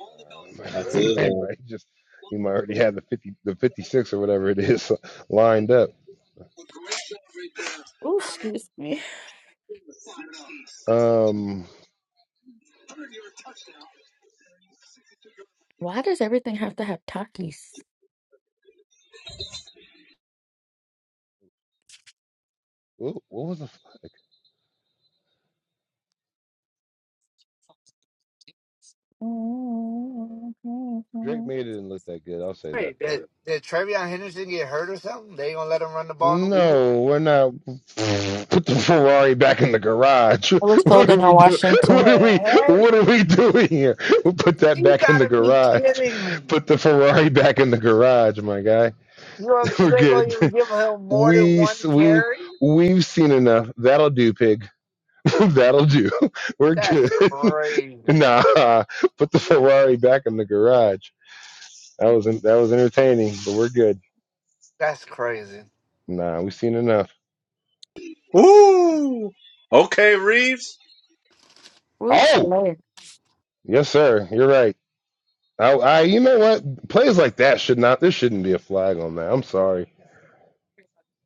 S20: Uh, he
S15: this,
S20: might
S15: one.
S20: might just he might already have the fifty the fifty six or whatever it is lined up.
S10: excuse me.
S20: Um,
S10: Why does everything have to have Takis?
S20: wh- what was the? Drake May didn't look that good. I'll say that though.
S12: Did, did Trevion Henderson get hurt or something? They gonna let him run the ball? in the No?
S20: No, we're not. Put the Ferrari back in the garage.
S10: I was
S20: What are
S10: holding
S20: we
S10: on
S20: doing?
S12: What
S20: What
S10: Washington.
S20: are we?
S12: the heck?
S20: What are we doing here? We put that
S12: You
S20: back in the
S12: gotta be
S20: garage.
S12: kidding me!
S20: Put the Ferrari back in the garage, my guy.
S12: You don't- you
S20: We're
S12: ain't gonna
S20: good.
S12: even give him more than
S20: We
S12: one
S20: we
S12: carry?
S20: we've seen enough. That'll do, pig. That'll do. We're
S12: That's
S20: good.
S12: crazy.
S20: Nah, put the Ferrari back in the garage. That was that was entertaining, but we're good.
S12: That's crazy.
S20: Nah, we've seen enough.
S15: Ooh. Okay, Reeves.
S20: Oh. Yes, sir. You're right. I, I, you know what? Plays like that should not. There shouldn't be a flag on that. I'm sorry.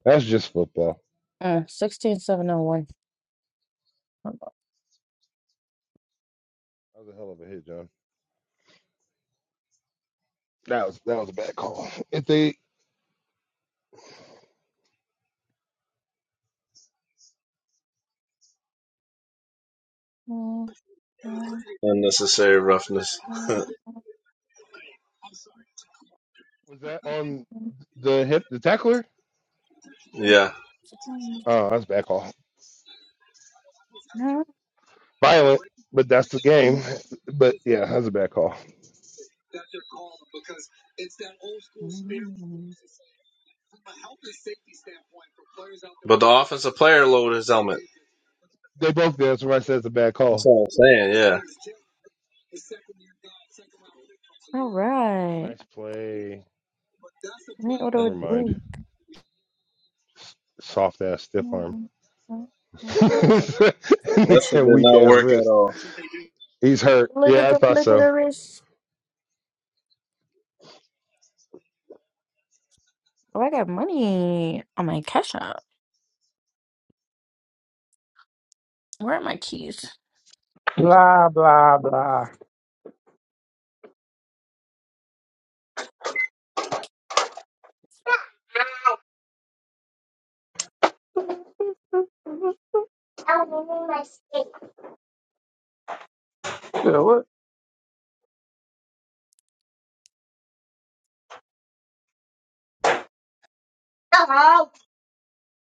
S20: That's just football.
S10: Uh, 16701.
S20: That was a hell of a hit, John. That was that was a bad call. If they
S15: Unnecessary roughness.
S20: was that on the hip, the tackler.
S15: yeah.
S20: Oh, that's a bad call. Violent, but that's the game. But yeah, that's a bad call.
S15: But the offensive player loaded his helmet.
S20: They both did. That's why I said it's a bad call.
S15: I'm saying, yeah.
S10: All right.
S20: Nice play.
S10: Let order with
S20: Never mind.
S10: wait.
S20: Soft ass stiff arm.
S15: That shit did
S20: Weak
S15: not
S20: ass
S15: work at
S20: wrist.
S15: all.
S20: He's hurt.
S10: Look
S20: Yeah,
S10: at
S20: I
S10: the
S20: thought
S10: flick of
S20: so.
S10: the wrist. Oh, I got money on my cash app. Where are my keys?
S21: Blah, blah, blah. Yeah, what?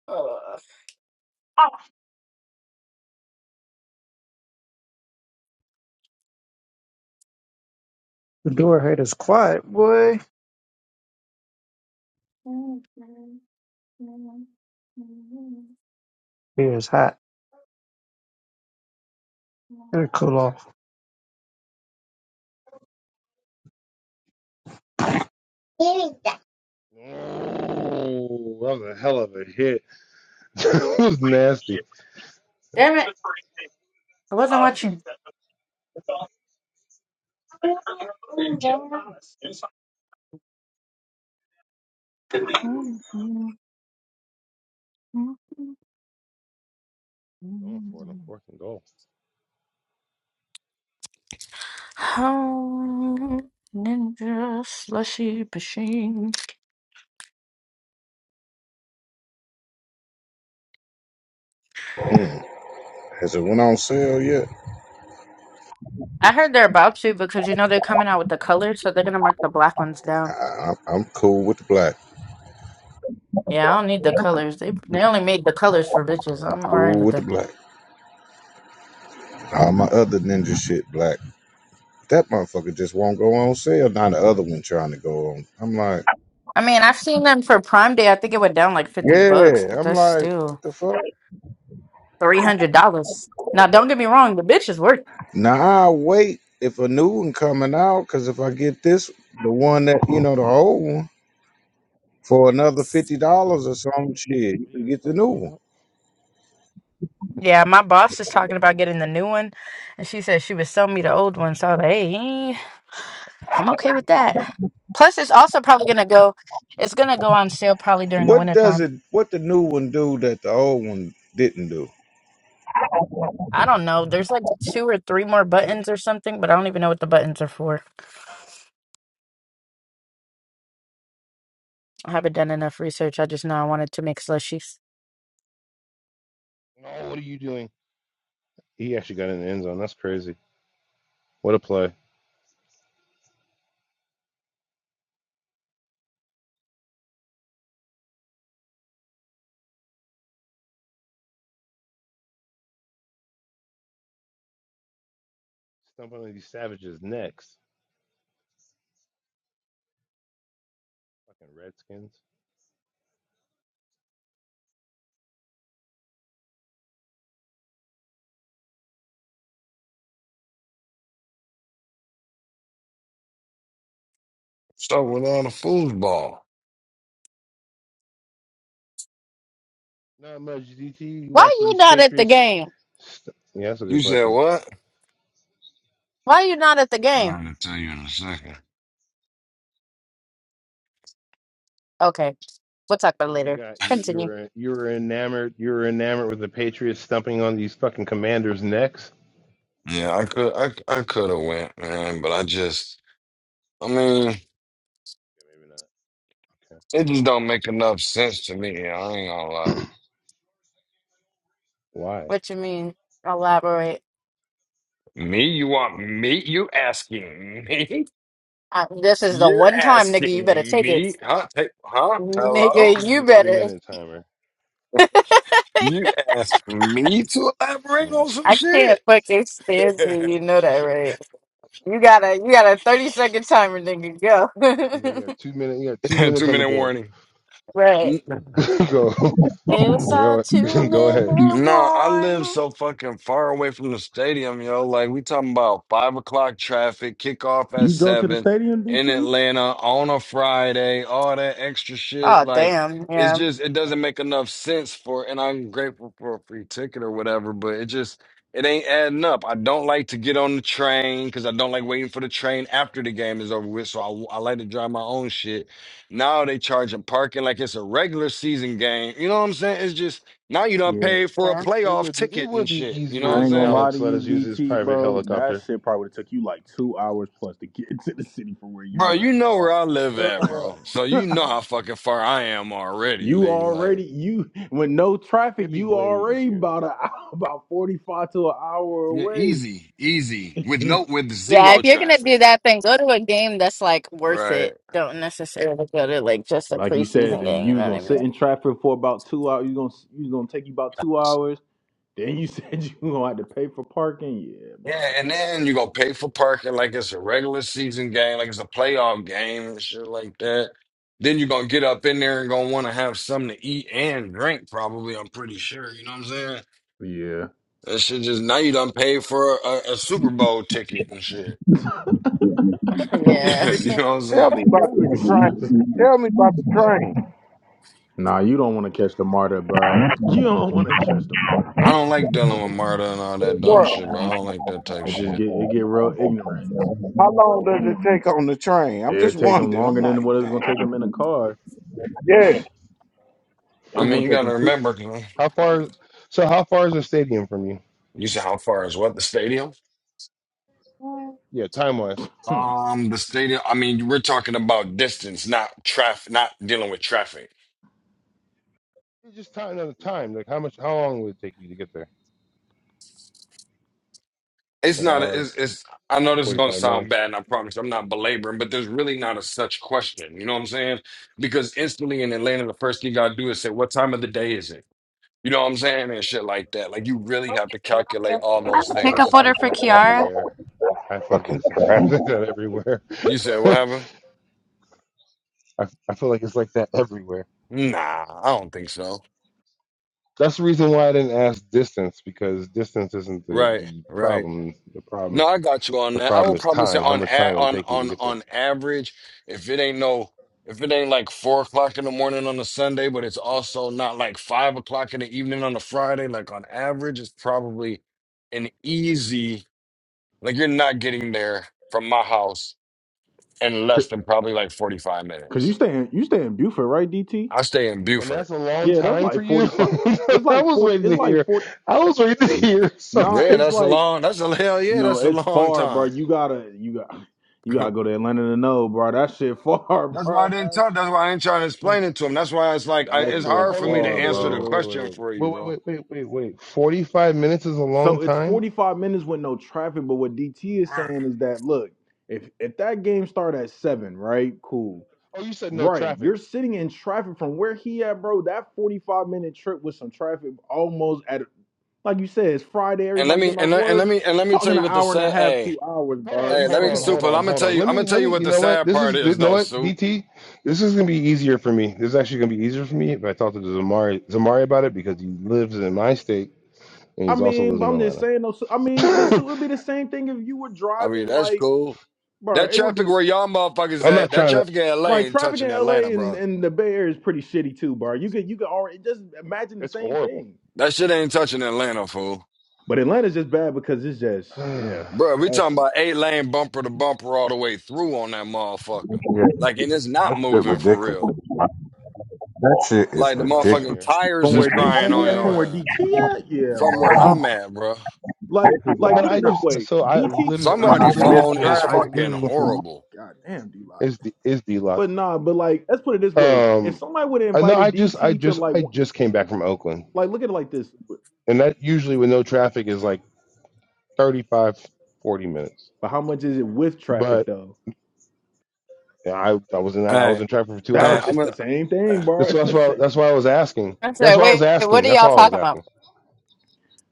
S10: Oh,
S21: The door haters quiet, boy. Here is hot. It'll cool off.
S20: Oh, that was a hell of a hit. that was nasty.
S10: damn it. I wasn't watching.
S20: Going for it on fourth and goal.
S10: Ninja slushy machine.
S22: Mm, has it went on sale yet?
S10: I heard they're about to because you know they're coming out with the colors, so they're gonna mark the black ones down.
S22: I, I'm I'm cool with the black.
S10: Yeah, I don't need the colors. They they only made the colors for bitches. I'm alright
S22: Cool
S10: with
S22: with the
S10: that.
S22: black. All my other ninja shit black. That motherfucker just won't go on sale. Now the other one trying to go on. I'm like,
S10: I mean, I've seen them for Prime Day. I think it went down like 50 bucks,
S22: yeah.
S10: but
S22: I'm
S10: that's
S22: like,
S10: still
S22: the fuck.
S10: $300. Now, don't get me wrong, the bitch is worth it.
S22: Now I wait if a new one coming out because if I get this, the one that you know the old one for another fifty dollars or some shit, you
S20: What are you
S22: can
S20: guys
S22: get the new
S20: talking
S22: one.
S20: about?
S10: Yeah, my boss is talking about getting the new one, and she said she was selling me the old one. So I was like, hey, I'm okay with that. Plus, it's also probably gonna go. It's gonna go on sale probably during the
S22: What does
S10: wintertime.
S22: it? What the new one do that the old one didn't do?
S10: I don't know. There's like two or three more buttons or something, but I don't even know what the buttons are for. I haven't done enough research. I just know I wanted to make slushies.
S20: No, what are you doing? He actually got in the end zone. That's crazy. What a play. Stumbling on these savages next. Fucking Redskins.
S23: Start with all the foosball.
S20: Not much, DT. You
S10: Why
S20: watching
S10: you
S20: these
S10: not at the
S20: Patriots?
S10: game?
S20: St- yeah, that's a
S23: You
S20: good
S23: said
S20: question.
S23: what?
S10: Why you not at the game?
S23: I'm gonna tell you in a second.
S10: Okay, we'll talk about it
S20: 'Cause you
S10: later.
S20: got you, you
S10: Continue.
S20: were you were enamored you were enamored with the Patriots stumping on these fucking Commanders' necks.
S23: Yeah, I could, I, I could have went, man, but I just, I mean,
S20: Yeah,
S23: it just don't make enough sense to me. I ain't gonna
S20: maybe not.
S23: lie.
S20: Okay. Why?
S10: What you mean? Elaborate.
S23: Me? You want me? You asking me?
S10: I, this is the
S23: You're
S10: one time, nigga. You better
S23: asking
S10: take it,
S23: me? Huh? Hey, huh? Hello?
S20: We'll
S10: nigga.
S20: give you
S10: You
S20: a three
S10: better.
S20: minute timer.
S23: You asked me to elaborate on some
S10: I can't
S23: shit?
S10: fucking stand you. You know that, right? You got a you got a thirty second timer, nigga.
S20: So you
S10: Go.
S20: got two minutes. You got two
S23: Two
S20: minutes on the
S23: minute
S20: board.
S23: warning.
S10: right.
S20: go,
S10: It's a
S20: go,
S10: two
S20: go ahead.
S10: minute
S23: No, I live
S10: warning.
S23: so fucking far away from the stadium, yo. Like we talking about five o'clock traffic, kickoff at
S3: You drove to the
S23: seven
S3: stadium,
S23: in
S3: DT?
S23: Atlanta on a Friday, all that extra shit.
S10: Oh
S23: Like
S10: damn.
S23: it's
S10: Yeah.
S23: just it doesn't make enough sense for. And I'm grateful for a free ticket or whatever, but it just it ain't adding up. I don't like to get on the train because I don't like waiting for the train after the game is over with. So I, I like to drive my own shit. Now they charging parking like it's a regular season game. You know what I'm saying? It's just now you done
S3: Yeah.
S23: paid for a
S20: It
S23: playoff
S20: would be it
S23: ticket
S20: would
S23: and
S20: be
S23: shit. You know what
S20: easier
S3: I
S23: I'm
S20: if
S3: ain't gonna
S23: saying?
S3: lie to
S20: Alex let
S3: you,
S20: us use his
S3: DT,
S20: private
S3: bro. That
S20: helicopter.
S3: shit probably would've took you like two hours plus to get to the city from where
S23: Bro,
S3: you
S23: you
S3: at,
S23: know where
S3: girl.
S23: I live at,
S10: Yeah.
S23: bro. So you know how fucking far I am already,
S3: You
S23: nigga.
S3: already
S23: Like,
S3: you with no traffic,
S20: It'd be
S3: you
S20: way
S3: already
S20: easier.
S3: about a about forty five to an hour
S23: yeah,
S3: away.
S23: easy, easy. With no with
S10: Yeah, if
S23: zero
S10: you're gonna do
S23: traffic.
S10: that thing, go to a game that's like worth
S23: Right.
S10: it. Don't necessarily go to like just a
S3: Like you said,
S10: preseason
S3: if
S10: game, you
S3: you
S10: know
S3: was
S10: what
S3: gonna
S10: I
S3: sit
S10: mean?
S3: in traffic for about two hours, you gonna you gonna take you about two hours. Then you said you gonna have to pay for parking. Yeah,
S23: Yeah,
S3: bro.
S23: and then you gonna pay for parking like it's a regular season game, like it's a playoff game and shit like that. Then you're gonna get up in there and gonna wanna have something to eat and drink, probably, I'm pretty sure. You know what I'm saying?
S3: Yeah.
S23: That shit just now you done paid for a, a Super Bowl ticket and shit.
S10: Yeah.
S23: you know what I'm
S22: Tell
S23: saying?
S22: me about the train. Tell me about the train.
S3: nah, you don't want to catch the martyr, bro. You don't want to catch the martyr, my
S23: I don't
S3: nigga.
S23: like dealing with Marta and all that dumb
S22: Well,
S23: shit, bro. I don't like that type
S3: It just get
S23: shit.
S3: it get real ignorant.
S22: how long does it take on the train? I'm
S3: It
S22: just
S3: take them
S22: wondering. I'm
S3: longer than
S22: like,
S3: what it was
S22: dang.
S3: gonna take them in the car.
S22: Yeah.
S3: It
S23: I
S3: was
S23: mean,
S3: gonna
S23: you
S3: take
S23: gotta
S3: them two.
S23: remember, 'cause I'm,
S20: How
S23: I'm-
S20: far? So how far is the stadium from you?
S23: you said how far is what the stadium?
S20: Yeah, time wise.
S3: Hmm.
S23: Um, the stadium. I mean, we're talking about distance, not traffic, not dealing with traffic.
S20: just time another time. Like how much? How long would it take you to get there?
S23: It's
S20: An
S23: not. A,
S20: hour,
S23: it's, it's. I know this is
S20: forty
S23: gonna
S20: five
S23: sound
S20: minutes.
S23: bad, and I promise I'm not belaboring, but there's really not a such question. You know what I'm saying? Because instantly in Atlanta, the first thing you gotta do is say, "What time of the day is it?" You know what I'm saying, and shit like that. Like you really have to calculate
S20: Like
S23: all
S20: that.
S23: those
S20: I feel like
S23: things.
S20: it's like that everywhere. I feel like
S22: Fucking
S20: that's
S22: traffic.
S20: like that everywhere.
S23: You said what happened?
S20: I, I feel like it's like that everywhere.
S23: Nah, I don't think so.
S20: That's the reason why I didn't ask distance because distance isn't the,
S23: Right,
S20: the
S23: right.
S20: problem. The problem
S23: No, I got you on
S20: the
S23: that. I
S20: problem
S23: would
S20: is
S23: probably say
S20: time. How
S23: on
S20: much
S23: a
S20: time would it
S23: on
S20: take you to
S23: on
S20: get there?
S23: on average, if it ain't no, if it ain't like four o'clock in the morning on a Sunday, but it's also not like five o'clock in the evening on a Friday, like on average, it's probably an easy. Like you're not getting there from my house in less than probably like 45
S3: Cause you
S23: minutes.
S3: stay in you stay in Buford, right, DT?
S23: I stay in
S20: And
S23: Buford.
S20: that's a long
S3: Yeah, that's
S20: time for
S3: like
S20: you.
S3: forty five. It's
S20: I
S3: like
S20: was
S3: forty.
S20: waiting
S3: It's
S20: to
S3: like
S20: hear.
S3: forty.
S20: I was waiting to
S23: Mm.
S20: hear
S3: Nah,
S20: something.
S23: Yeah,
S3: it's
S23: that's a
S3: like
S23: long. That's a hell yeah,
S3: No,
S23: that's a
S3: it's
S23: long
S3: far, bro.
S23: time.
S3: You gotta, you got, you gotta go to Atlanta to know, bro. That shit far,
S23: That's why I
S3: bro.
S23: didn't tell.
S3: That's
S23: That's why I ain't trying to explain it to him. That's why it's like I,
S3: that
S23: it's
S3: shit
S20: Forty-five.
S23: hard
S20: Hold
S23: for
S20: on.
S23: me
S20: Wait. Wait.
S23: to
S3: far,
S20: Wait. Wait.
S23: answer
S20: Wait. Wait. Wait.
S23: the
S20: Wait.
S3: bro.
S23: question
S20: Wait. Wait.
S23: for you,
S20: Wait.
S23: bro.
S20: Wait. Wait. Wait. Wait. Forty-five minutes is a long
S3: So it's
S20: time.
S3: forty five minutes with no traffic. But what DT is
S23: Right.
S3: saying is that look, if if that game start at seven, right? Cool.
S20: Oh, you said no
S3: Right,
S20: traffic.
S3: you're sitting in traffic from where he at, bro. That forty five minute trip with some traffic, almost at like you said, it's Friday.
S23: And let
S3: Everybody
S23: me
S3: getting
S23: and
S3: off
S23: let, and let
S3: work.
S23: me and let
S3: You
S23: me
S3: talking
S23: tell
S3: an
S23: you what the
S3: hour and a
S23: sad.
S3: half,
S23: Hey,
S3: two hours,
S20: Hold
S3: bro.
S20: on,
S23: hey,
S3: You
S23: let
S20: hold
S23: me
S3: talking
S20: on,
S3: like
S20: hold
S23: super. I'm
S20: on,
S23: gonna
S20: hold
S23: tell
S20: on.
S23: you.
S20: Let
S23: I'm gonna
S20: me,
S23: tell
S20: let
S23: you
S20: me.
S23: what
S20: You
S23: the
S20: know what?
S23: sad
S20: This
S23: part
S20: is, you
S23: is,
S20: know
S23: though,
S20: what,
S23: Soup.
S20: DT. This is gonna be easier for me. This is actually gonna be easier for me if I talk to Zamari, Zamari about it because he lives in my state and
S3: I
S20: he's also
S3: mean,
S20: lives
S3: but
S20: in
S3: I'm just
S20: Atlanta.
S3: saying though. So, I mean, but so it'd be the same thing if you were
S23: I mean,
S3: driving
S23: that's
S3: like,
S23: cool.
S3: bro.
S23: That
S3: It would
S23: traffic
S3: be
S23: where y'all motherfuckers
S20: I'm
S23: at.
S20: not
S23: That
S20: trying to.
S23: traffic in LA
S3: like
S23: ain't
S3: traffic
S23: touching
S3: in
S23: Atlanta,
S3: LA and,
S23: bro.
S3: and the Bay Area is pretty shitty too, bro. You could you could already just imagine the
S20: It's
S3: same
S20: horrible.
S3: thing.
S23: That shit ain't touching Atlanta, fool.
S3: But Atlanta's just bad because it's just
S20: it's
S3: yeah,
S23: Bro, we
S3: that
S23: talking
S3: shit,
S23: about eight lane bumper to bumper all the way through on that motherfucker. Like, and it's not
S22: That shit
S23: moving for real.
S22: ridiculous. That shit
S20: the
S23: Like
S22: is
S23: the
S20: same
S3: that
S20: thing out
S3: shit.
S23: motherfucking
S22: ridiculous.
S20: here.
S23: tires
S3: From
S22: You
S23: is
S3: where
S20: It's the
S23: crying
S20: same thing
S23: on
S3: DT
S20: out
S3: at,
S23: your
S3: from
S20: here.
S3: where
S23: ass
S3: DT at, yeah,
S23: from where
S3: bro.
S23: I'm at, bro.
S3: Like
S22: see
S3: like
S22: what
S20: But
S3: put it
S20: I
S3: this
S20: just,
S3: way,
S20: so I
S3: DT.
S20: literally, I
S23: Somebody
S22: Mitch
S20: literally
S23: phone
S20: just,
S23: is
S20: I
S23: fucking
S20: literally went from
S23: horrible.
S3: God damn, D lot.
S20: is the is the lock.
S3: But nah, but like let's put it this way. If
S20: Um,
S3: somebody would have
S20: I know. I
S3: invited
S20: just, I
S3: DT to
S20: just,
S3: like
S20: I
S3: one-
S20: just came back from Oakland,
S3: like look at it like this,
S20: and that usually with no traffic is like. 35, 40 minutes.
S3: but how much is it with traffic
S20: But
S3: though?
S20: I, I was in I was
S23: Hey,
S20: in traffic for two
S3: That's
S23: hey,
S3: what
S20: hours.
S23: I'm
S3: it's
S23: a
S3: the same
S23: eh,
S3: thing, bro.
S20: That's
S3: It's
S20: that's
S3: the
S20: why that's
S3: same.
S20: why I was asking.
S10: I'm
S20: That's
S10: sorry,
S20: why I was
S10: wait, what
S20: asking.
S10: are
S20: That's
S10: y'all
S20: all I was
S10: talking about?
S20: asking.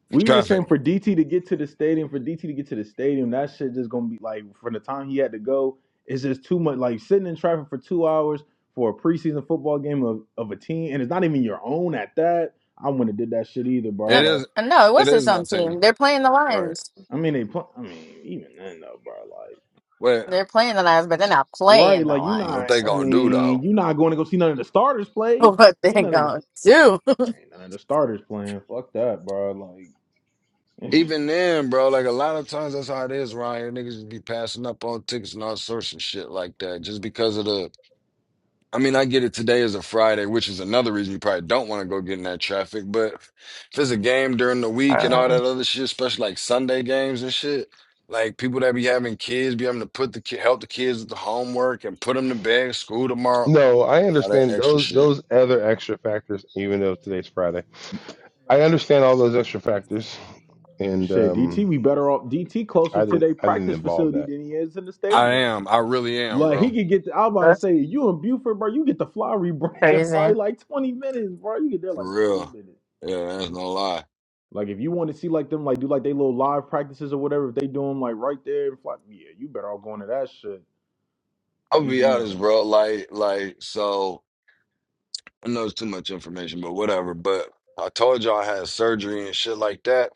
S3: We was just saying
S23: traffic.
S3: for DT to get to the stadium, for DT to get to the stadium, that shit just gonna be like from the time he had to go, it's just too much. Like sitting in traffic for two hours for a preseason football game of, of a team, and it's not even your own at that. I wouldn't have did that shit either, bro.
S23: It
S10: No,
S3: Like,
S23: is,
S10: no, it
S23: it
S10: was
S23: is
S10: his
S23: my
S10: own
S23: team,
S10: team. They're playing the
S23: right?
S10: Lions.
S3: I mean, they put. I mean, even then though, bro. Like,
S23: Well,
S10: They're playing the Lions, but they're not
S3: right?
S10: playing the
S3: Like you
S10: Lions.
S23: what
S3: not.
S23: they
S3: I
S10: So
S23: gonna do
S3: mean,
S23: though?
S3: you not going to go see none of the starters play.
S10: what they
S3: Ain't none of the
S10: gonna do?
S3: ain't none of the starters playing. Fuck that, bro. Like.
S23: Even then, bro, like a lot of times that's how it is around here. Niggas just be passing up on tickets and all sorts of shit like that just because of the I mean, I get it today is a Friday, which is another reason you probably don't want to go get in that traffic. But if it's a game during the week and all
S10: Um,
S23: that other shit, especially like Sunday games and shit, like people that be having kids, be having to put the ki- help the kids with the homework and put them to bed, school tomorrow,
S20: No, I
S23: and all that
S20: understand
S23: extra
S20: those
S23: shit.
S20: those other extra factors. Even though today's Friday, I understand all those extra factors, and
S3: Shit, DT,
S20: um,
S3: we better off DT closer
S20: I
S3: to
S20: didn't
S3: their
S20: I didn't
S3: practice
S20: involve
S3: facility
S20: that.
S3: than he is in the
S23: I
S3: stadium.
S23: am, I really am,
S3: Like he
S23: bro,
S3: could get to, I was about to
S10: that's
S3: say, you in Buford, bro, you get the flowery branch in
S10: crazy.
S3: probably like 20 minutes, bro. You get there
S23: for
S3: like 20
S23: real.
S3: minutes.
S23: Yeah, that's no lie.
S3: Like if you want to see like them like do like they little live practices or whatever, if they do them like right there, in Fly- yeah, you better all go into that shit. At
S23: I'll
S3: least
S23: be
S3: you know.
S23: honest, bro. Like, like, so I know it's too much information, but whatever. But I told y'all I had surgery and shit like that.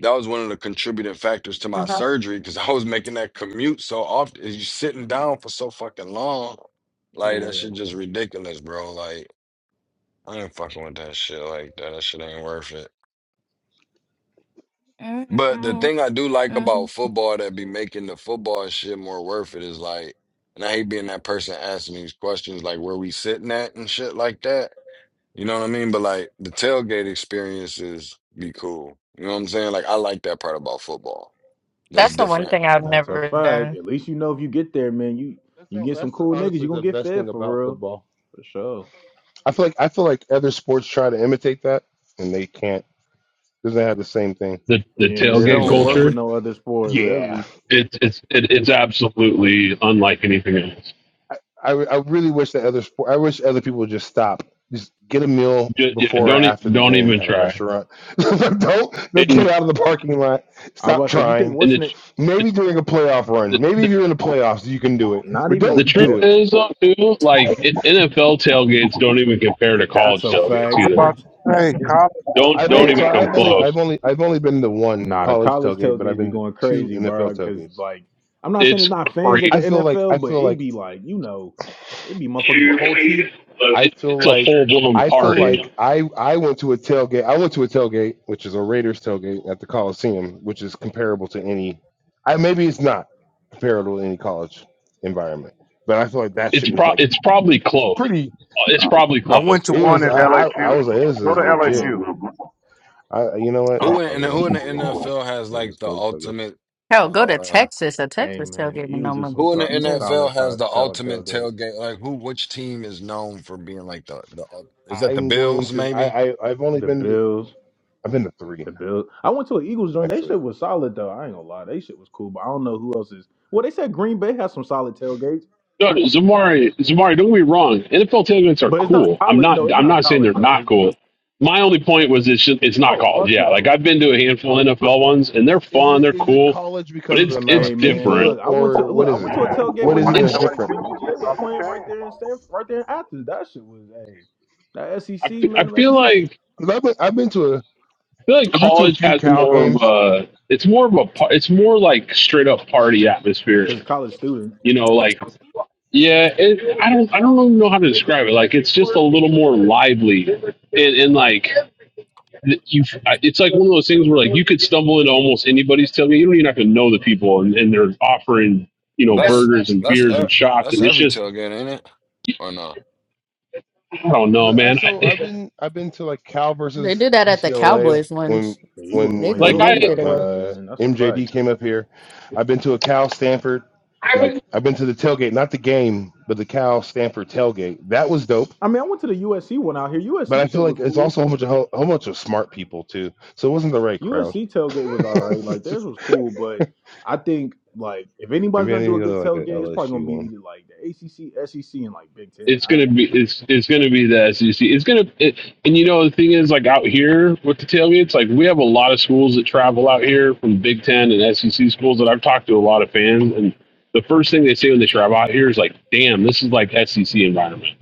S23: That was one of the contributing factors to my
S10: Mhm.
S23: surgery because I was making that commute so often. You sitting down for so fucking long, like that
S3: Yeah.
S23: shit just ridiculous, bro. Like I ain't fucking with that shit like that. That shit ain't worth it.
S10: mm
S23: But the
S10: mm
S23: thing I do like
S10: mm.
S23: about football that be making the football shit more worth it is like, and I hate being that person asking these questions like where we sitting at and shit like that. You know what I mean? But like the tailgate experiences be cool. You know what I'm saying? Like I like that part about football. That's
S10: That's the one
S23: different
S10: thing I've
S3: That's a
S10: never
S3: fact.
S10: done.
S3: At least you know if you get there, man, you
S20: That's
S3: you
S20: all,
S3: get some
S20: that's
S3: cool niggas, you
S20: honestly
S3: gonna
S20: the
S3: get
S20: best
S3: fed
S20: thing
S3: for
S20: about
S3: real.
S20: football.
S3: For sure.
S20: I feel like I feel like other sports try to imitate that, and they can't. Doesn't have the same thing.
S24: the the
S20: The
S3: Yeah, it
S24: tailgate
S3: don't
S20: same.
S3: work
S23: Yeah.
S3: with
S24: culture.
S3: no other sport,
S20: Yeah.
S3: really.
S24: It's it's it, it's absolutely unlike anything else.
S20: I, I really wish that other sport. I wish other people would just stop. Just get a meal
S24: Just, yeah,
S20: before or
S24: don't e-
S20: after the
S24: don't
S20: game
S24: even
S20: at a
S24: try.
S20: restaurant. Don't they get
S24: And
S20: out of the parking lot?
S3: I was
S20: Stop
S3: about to say, you think
S20: trying.
S24: and
S3: what's
S24: the
S3: in
S20: Maybe during a playoff
S24: the,
S20: run. Maybe
S24: the,
S20: if you're in the playoffs, you can do it.
S3: Not
S20: But
S3: even the
S24: the
S20: don't
S24: truth
S20: do it.
S3: playoff.
S24: is though, too, like i- NFL tailgates don't even compare to
S3: That's
S24: college
S3: a
S24: tailgates
S3: fact.
S22: was
S24: either.
S22: about to say? College.
S24: Don't
S20: I've only
S24: don't
S20: so
S24: even come
S20: I've only I've
S24: close.
S20: only I've only been to one
S3: Nah, the
S20: college
S3: college
S20: tailgate, but I've
S3: tailgates be
S20: been to
S3: going
S20: two
S3: crazy, bro.
S20: NFL
S3: Cause
S20: tailgates.
S3: like, I'm not saying it's
S24: It's
S3: not fans at the
S24: crazy.
S20: I feel like I
S3: NFL, but
S20: feel
S3: it
S20: like
S3: be like, you know, it be motherfuckers with whole teeth.
S24: It,
S20: I feel
S24: it's a
S20: like
S24: full blown
S20: I feel like
S24: party.
S20: I I went to a tailgate. I went to a tailgate, which is a Raiders tailgate at the Coliseum, which is comparable to any. I maybe it's not comparable to any college environment, but I feel like that
S24: It's
S20: shit was
S24: pro
S20: like
S24: it's probably close.
S20: pretty.
S24: It's probably
S22: I
S24: close.
S22: went to
S20: It
S22: one
S20: was
S22: in
S20: I I, I was like this is legit. I you know what?
S23: Who
S20: That's
S23: in and
S20: probably what I
S23: who in the
S20: should do in my life.
S23: NFL has
S20: I'll
S23: like
S20: just
S23: the
S20: go to tailgates.
S23: ultimate
S10: Hell, go to
S23: uh
S10: Texas. A
S3: Hey
S10: Texas
S3: man,
S10: tailgate
S3: the
S10: and no
S3: Eagles do some
S23: who in the
S3: sol-
S10: motherfucking
S3: some
S10: jerk.
S3: solid
S23: NFL has
S3: ta-
S23: the
S3: solid
S23: ultimate
S3: tailgate.
S23: tailgate? Like who which team is known for being like the the ul- is that the
S20: I'm going
S23: Bills
S20: to. I,
S23: maybe?
S20: I I've only
S3: The
S20: been to.
S3: Bills,
S20: I've been to three
S3: the Bills. I went to an Eagles joint. They
S20: actually.
S3: shit was solid though. I ain't gonna lie, they shit was cool. But I don't know who else is. Well, they said Green Bay has some solid tailgates,
S24: No, no, Zamari, Zamari, don't be wrong. NFL tailgates are
S3: but it's not
S24: cool. I'm
S3: college.
S24: not.
S3: No, it's
S24: I'm
S3: not
S24: not saying
S3: college
S24: they're
S3: though.
S24: not
S3: It's
S24: cool. My only point was it's just, it's not
S3: oh
S24: college.
S3: fuck
S24: Yeah,
S3: no.
S24: like I've been to a handful of NFL ones, and
S20: Is
S24: they're
S20: is
S24: fun.
S20: it
S24: They're
S20: is it
S24: cool,
S20: college
S24: but
S20: because of the
S24: it's
S20: amount
S24: it's
S3: Hey
S20: of
S3: man,
S20: people,
S24: different.
S3: look, I went to
S20: or
S3: look,
S20: what
S3: I
S20: is
S3: went
S20: it?
S3: to a tailgate
S20: What
S3: when
S20: is it
S24: It's
S20: that's
S3: UGA
S20: different?
S3: when UGA was playing right there in Stanford, right there in Athens. That shit was hey, that
S24: I,
S3: SEC
S24: f-
S3: man,
S24: I
S3: them
S24: feel
S3: SEC
S24: like
S20: 'Cause I've been I've been to a
S24: I feel like
S20: I've been to a
S24: college
S20: few
S24: has
S20: Cal
S24: more of
S20: games,
S24: a it's more of a par- it's more like straight up party atmosphere.
S3: because college student,
S24: You know, like yeah, it, I don't I don't really know how to describe it. Like it's just a little more lively and, and like you I- it's like one of those things where like you could stumble into almost anybody's tailgate. You don't even have to know the people, and, and they're offering you know
S23: That's
S24: burgers and
S23: that's
S24: beers and
S23: e-
S24: shots,
S23: that's
S24: and it's
S23: every
S24: just
S23: tailgate, ain't it? Or no?
S24: I don't know,
S20: but I
S24: man.
S20: so
S24: I,
S20: I've been I've been to like Cal
S10: They
S20: versus
S10: do that at the
S20: UCLA
S10: Cowboys
S20: when
S10: ones.
S3: the Eagles
S20: when
S10: They
S3: won.
S10: just
S24: like
S3: You'll
S20: when
S10: give
S3: eat
S10: shit
S3: out
S10: away.
S3: there,
S20: uh,
S3: man. That's a fact.
S20: MJD came up here. I've been to a Cal Stanford.
S24: I
S20: Like I've been to the tailgate, not the game, but the Cal Stanford tailgate. That was dope.
S3: I mean, I went to the USC one out here.
S20: But I
S3: USC
S20: feel
S3: shit
S20: like
S3: was
S20: it's
S3: cool.
S20: also a whole bunch of whole bunch of smart people too. So it wasn't the right crowd.
S3: USC tailgate was all right. Like theirs was cool, but I think like if anybody's
S20: Maybe I
S3: gonna
S20: need
S3: do
S20: to
S3: a
S20: go to
S3: good
S20: like an
S3: tailgate, it's probably
S20: LSU
S3: gonna be
S20: one.
S3: either like the ACC, SEC, and like Big Ten. I ain't
S24: it's
S3: gonna
S24: gonna be it's it's gonna be the SEC. It's gonna it, and you know the thing is like out here with the tailgates, like we have a lot of schools that travel out here from Big Ten and SEC schools that I've talked to a lot of fans, and the first thing they say when they travel out here is like, "Damn, this is like SEC environment."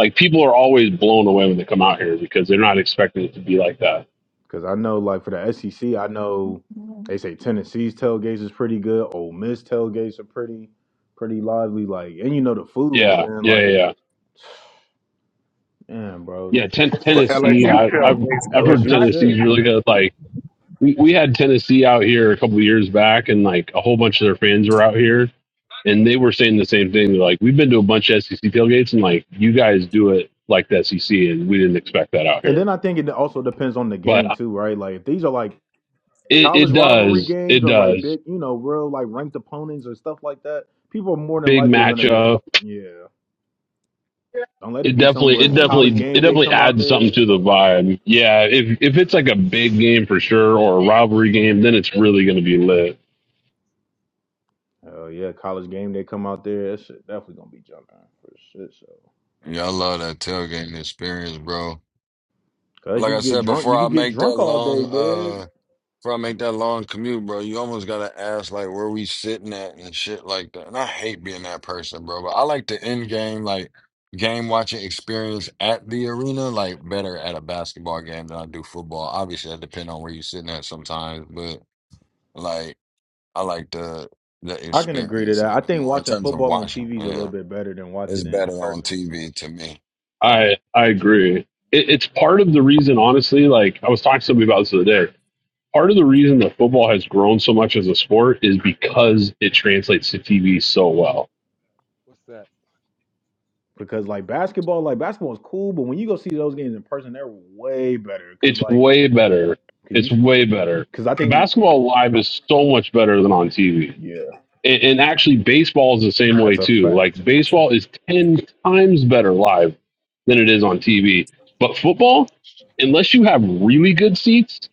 S24: Like people are always blown away when they come out here because they're not expecting it to be like that.
S3: Because I know, like, for the SEC, I know they say Tennessee's tailgates is pretty good. Ole Miss tailgates are pretty, pretty lively. Like, and you know the food,
S24: Yeah,
S3: man.
S24: yeah, yeah,
S3: Like,
S24: yeah.
S3: man, bro,
S24: Yeah, Ten-
S22: for LA.
S24: Tennessee, I, I've I've heard
S3: LSU
S24: Tennessee's
S3: should.
S24: really good. Like we, we had Tennessee out here a couple of years back, and like a whole bunch of their fans were out here, and they were saying the same thing. They're like, we've been to a bunch of SEC tailgates, and like you guys do it like the SEC, and we didn't expect that out
S3: And
S24: here.
S3: then I think it also depends on the
S24: But
S3: game too, right? Like, if these are like
S24: it, it
S3: college rivalry
S24: does,
S3: games
S24: it
S3: or like
S24: does.
S3: big, you know, real like ranked opponents or stuff like that, people more than
S24: Big
S3: likely are gonna be,
S24: matchup.
S3: yeah. Don't let it
S24: It
S3: be
S24: definitely,
S3: somewhere
S24: it
S3: college
S20: Mm,
S24: definitely,
S20: with
S24: it
S3: game
S20: a
S3: day
S24: definitely
S3: come
S20: catch.
S3: out
S24: adds something
S3: there.
S24: to the vibe. Yeah, if if it's like a big game for sure or a rivalry game, then it's really going to be lit.
S3: Oh yeah, college game day come out there. That shit definitely gonna be jumping for shit show.
S23: Yeah, I love that tailgating experience, bro. But
S3: Cause
S23: like
S3: you
S23: I
S3: get
S23: said
S3: drunk,
S23: before,
S3: you
S23: I
S3: could get
S23: make that
S3: drunk all day,
S23: long.
S3: man.
S23: uh, Before I make that long commute, bro, you almost gotta ask like where we sitting at and shit like that. And I hate being that person, bro. But I like the end game, like game watching experience at the arena, like better at a basketball game than I do football. Obviously, that depends on where you're sitting at sometimes, but like I like the the
S3: I can agree to
S23: experience a
S3: that.
S23: little
S3: I
S23: bit
S3: think
S23: more in
S3: watching
S23: terms of
S3: football on
S23: watching.
S3: TV is a little
S23: Yeah,
S3: bit better than
S23: it's
S3: watching it in
S23: better on
S3: person.
S23: TV to me.
S24: I I agree. It, it's part of the reason, honestly. Like I was talking to somebody about this the other day part of the reason that football has grown so much as a sport is because it translates to TV so well.
S20: What's that?
S3: Because like basketball, like basketball is cool, but when you go see those games in person, they're way better. Cause
S24: It's
S3: like,
S24: way better.
S3: cause
S24: It's
S3: you,
S24: way better.
S3: cause I think, yeah,
S24: Basketball live is so much better than on TV.
S3: yeah,
S24: And, and actually, baseball is the same way
S3: that's a
S24: too.
S3: fact.
S24: Like baseball is ten times better live than it is on TV. But football, unless you have really good seats,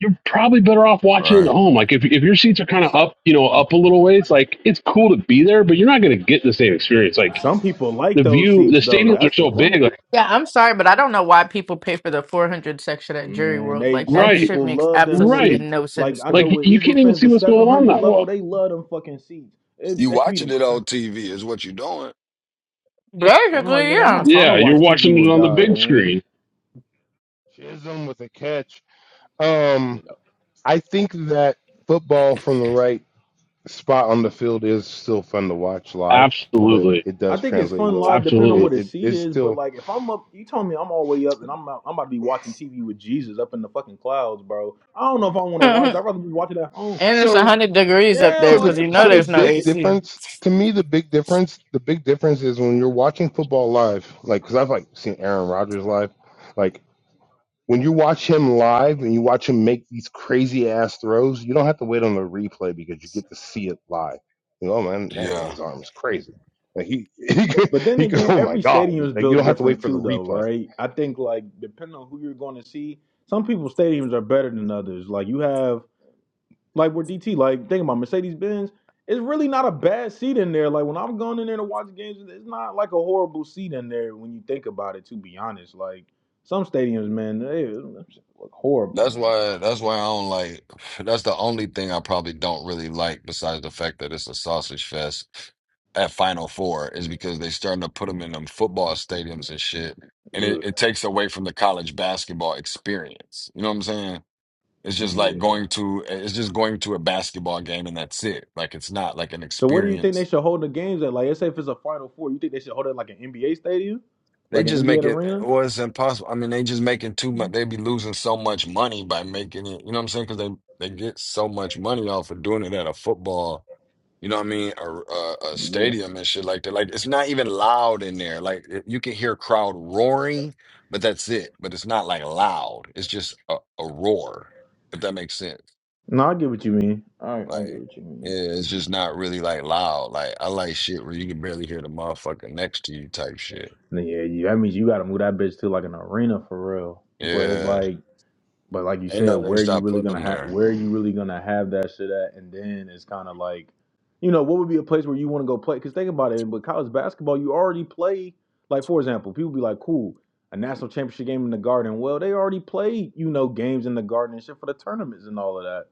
S24: you're probably better off watching it at
S23: Right?
S24: home. Like if if your seats are kind of up, you know, up a little ways, like it's cool to be there, but you're not going to get the same experience. Like
S3: Some people like
S24: the
S3: those
S24: view, the
S3: seats though.
S24: stadiums are
S3: That's the
S24: so
S3: funny
S24: big. Like,
S10: Yeah, I'm sorry, but I don't know why people pay for the 400 section at Jury
S3: man.
S10: World.
S3: They
S10: Like
S3: some
S10: that
S24: right,
S10: shit
S3: people
S10: makes
S3: love them
S10: absolutely
S24: right.
S3: seats.
S10: no
S3: Like
S10: sense
S3: I
S10: to
S3: know
S10: me.
S24: Like
S3: with
S24: you
S3: Eagles
S24: can't even
S3: fans,
S24: see
S3: the
S24: what's
S3: seven
S24: going on
S3: hundred
S24: that
S3: level,
S24: well.
S3: they love them fucking seats. It,
S23: You
S3: they be
S23: watching
S3: the
S23: it
S3: crap.
S23: on TV is what you're doing.
S3: I'm like,
S10: Basically,
S3: nigga, I'm
S10: yeah.
S3: not trying to
S24: Yeah,
S3: watch
S24: you're
S3: TV
S24: watching it
S3: with
S24: on the
S3: God,
S24: big
S3: man.
S24: screen.
S20: Chisholm with a catch. Um,
S3: You know,
S20: I think that football from the right spot on the field is still fun to watch live, but
S24: Absolutely,
S20: it
S3: I
S20: does
S3: think it's
S20: translate
S3: fun
S20: well.
S3: live depending on
S20: It,
S24: absolutely.
S3: where the
S20: it
S3: seat
S20: it's
S3: is. But
S20: still
S3: like, if I'm up, you told me I'm all the way up and I'm out, I'm about to be watching TV with Jesus up in the fucking clouds, bro. I don't know if I want to watch. that.
S10: Mhm.
S3: I'd rather be watching at home.
S10: and it's a
S20: so
S10: hundred degrees up
S3: Yeah,
S10: there
S20: so
S3: like
S20: the
S10: because you
S3: it's
S10: know
S20: so
S3: hot
S20: the
S10: there's
S3: as
S10: no
S20: big
S3: shit.
S10: AC.
S20: difference to me the big difference the big difference is when you're watching football live like because I've like seen Aaron Rodgers live like when you watch him live and you watch him make these crazy ass throws, you don't have to wait on the replay because you get to see it live. You know, oh man, that
S23: Yeah.
S20: nigga's arm is crazy. Like he he could,
S3: But then
S20: he could,
S3: again,
S20: oh my
S3: every
S20: god!
S3: stadium is
S20: Like you
S3: built
S20: don't have to wait
S3: different
S20: for the
S3: too, though,
S20: replay,
S3: right? I think like depending on who you're going to see, some people's stadiums are better than others. Like you have Like where DT, like think about Mercedes Benz, it's really not a bad seat in there. Like when I'm going in there to watch games, it's not like a horrible seat in there when you think about it. To be honest, like some stadiums, man, they look horrible,
S23: That's
S3: man.
S23: why that's why I don't like that's the only thing I probably don't really like besides the fact that it's a sausage fest at Final Four is because they starting to put them in them football stadiums and shit. And it,
S3: Ugh.
S23: it takes away from the college basketball experience. You know what I'm saying? It's just like
S3: Yeah.
S23: going to it's just going to a basketball game and that's it. Like it's not like an
S3: So where do you think
S23: experience
S3: they should hold the games at? Like, let's say if it's a Final Four, you think they should hold it at, like an NBA stadium,
S23: They
S3: like
S23: just
S3: an
S23: make
S3: NBA
S23: it,
S3: arena?
S23: or it's impossible. I mean, they just making too much. They be losing so much money by making it. You know what I'm saying? Because they they get so much money off of doing it at a football. You know what I mean? A, a, a
S3: Yeah.
S23: stadium and shit like that. Like it's not even loud in there. Like it- you can hear crowd roaring, but that's it. But it's not like loud. It's just a, a roar. If that makes sense.
S3: No, I get what you mean. I I
S23: Like
S3: get what you
S23: yeah,
S3: mean.
S23: it's just not really like loud. Like I like shit where you can barely hear the motherfucker next to you type shit.
S3: Yeah, you, that means you got to move that bitch to like an arena for real. But it's
S23: Yeah.
S3: like But like you
S23: Ain't
S3: said,
S23: no, they
S3: where you
S23: stopped
S3: really
S23: putting
S3: gonna
S23: them
S3: have
S23: there.
S3: where you really gonna have that shit at? And then it's kind of like, you know, what would be a place where you want to go play? Because think about it, but college basketball, you already play. Like for example, people be like, cool, a national championship game in the Garden. Well, they already played, you know, games in the Garden and shit for the tournaments and all of that.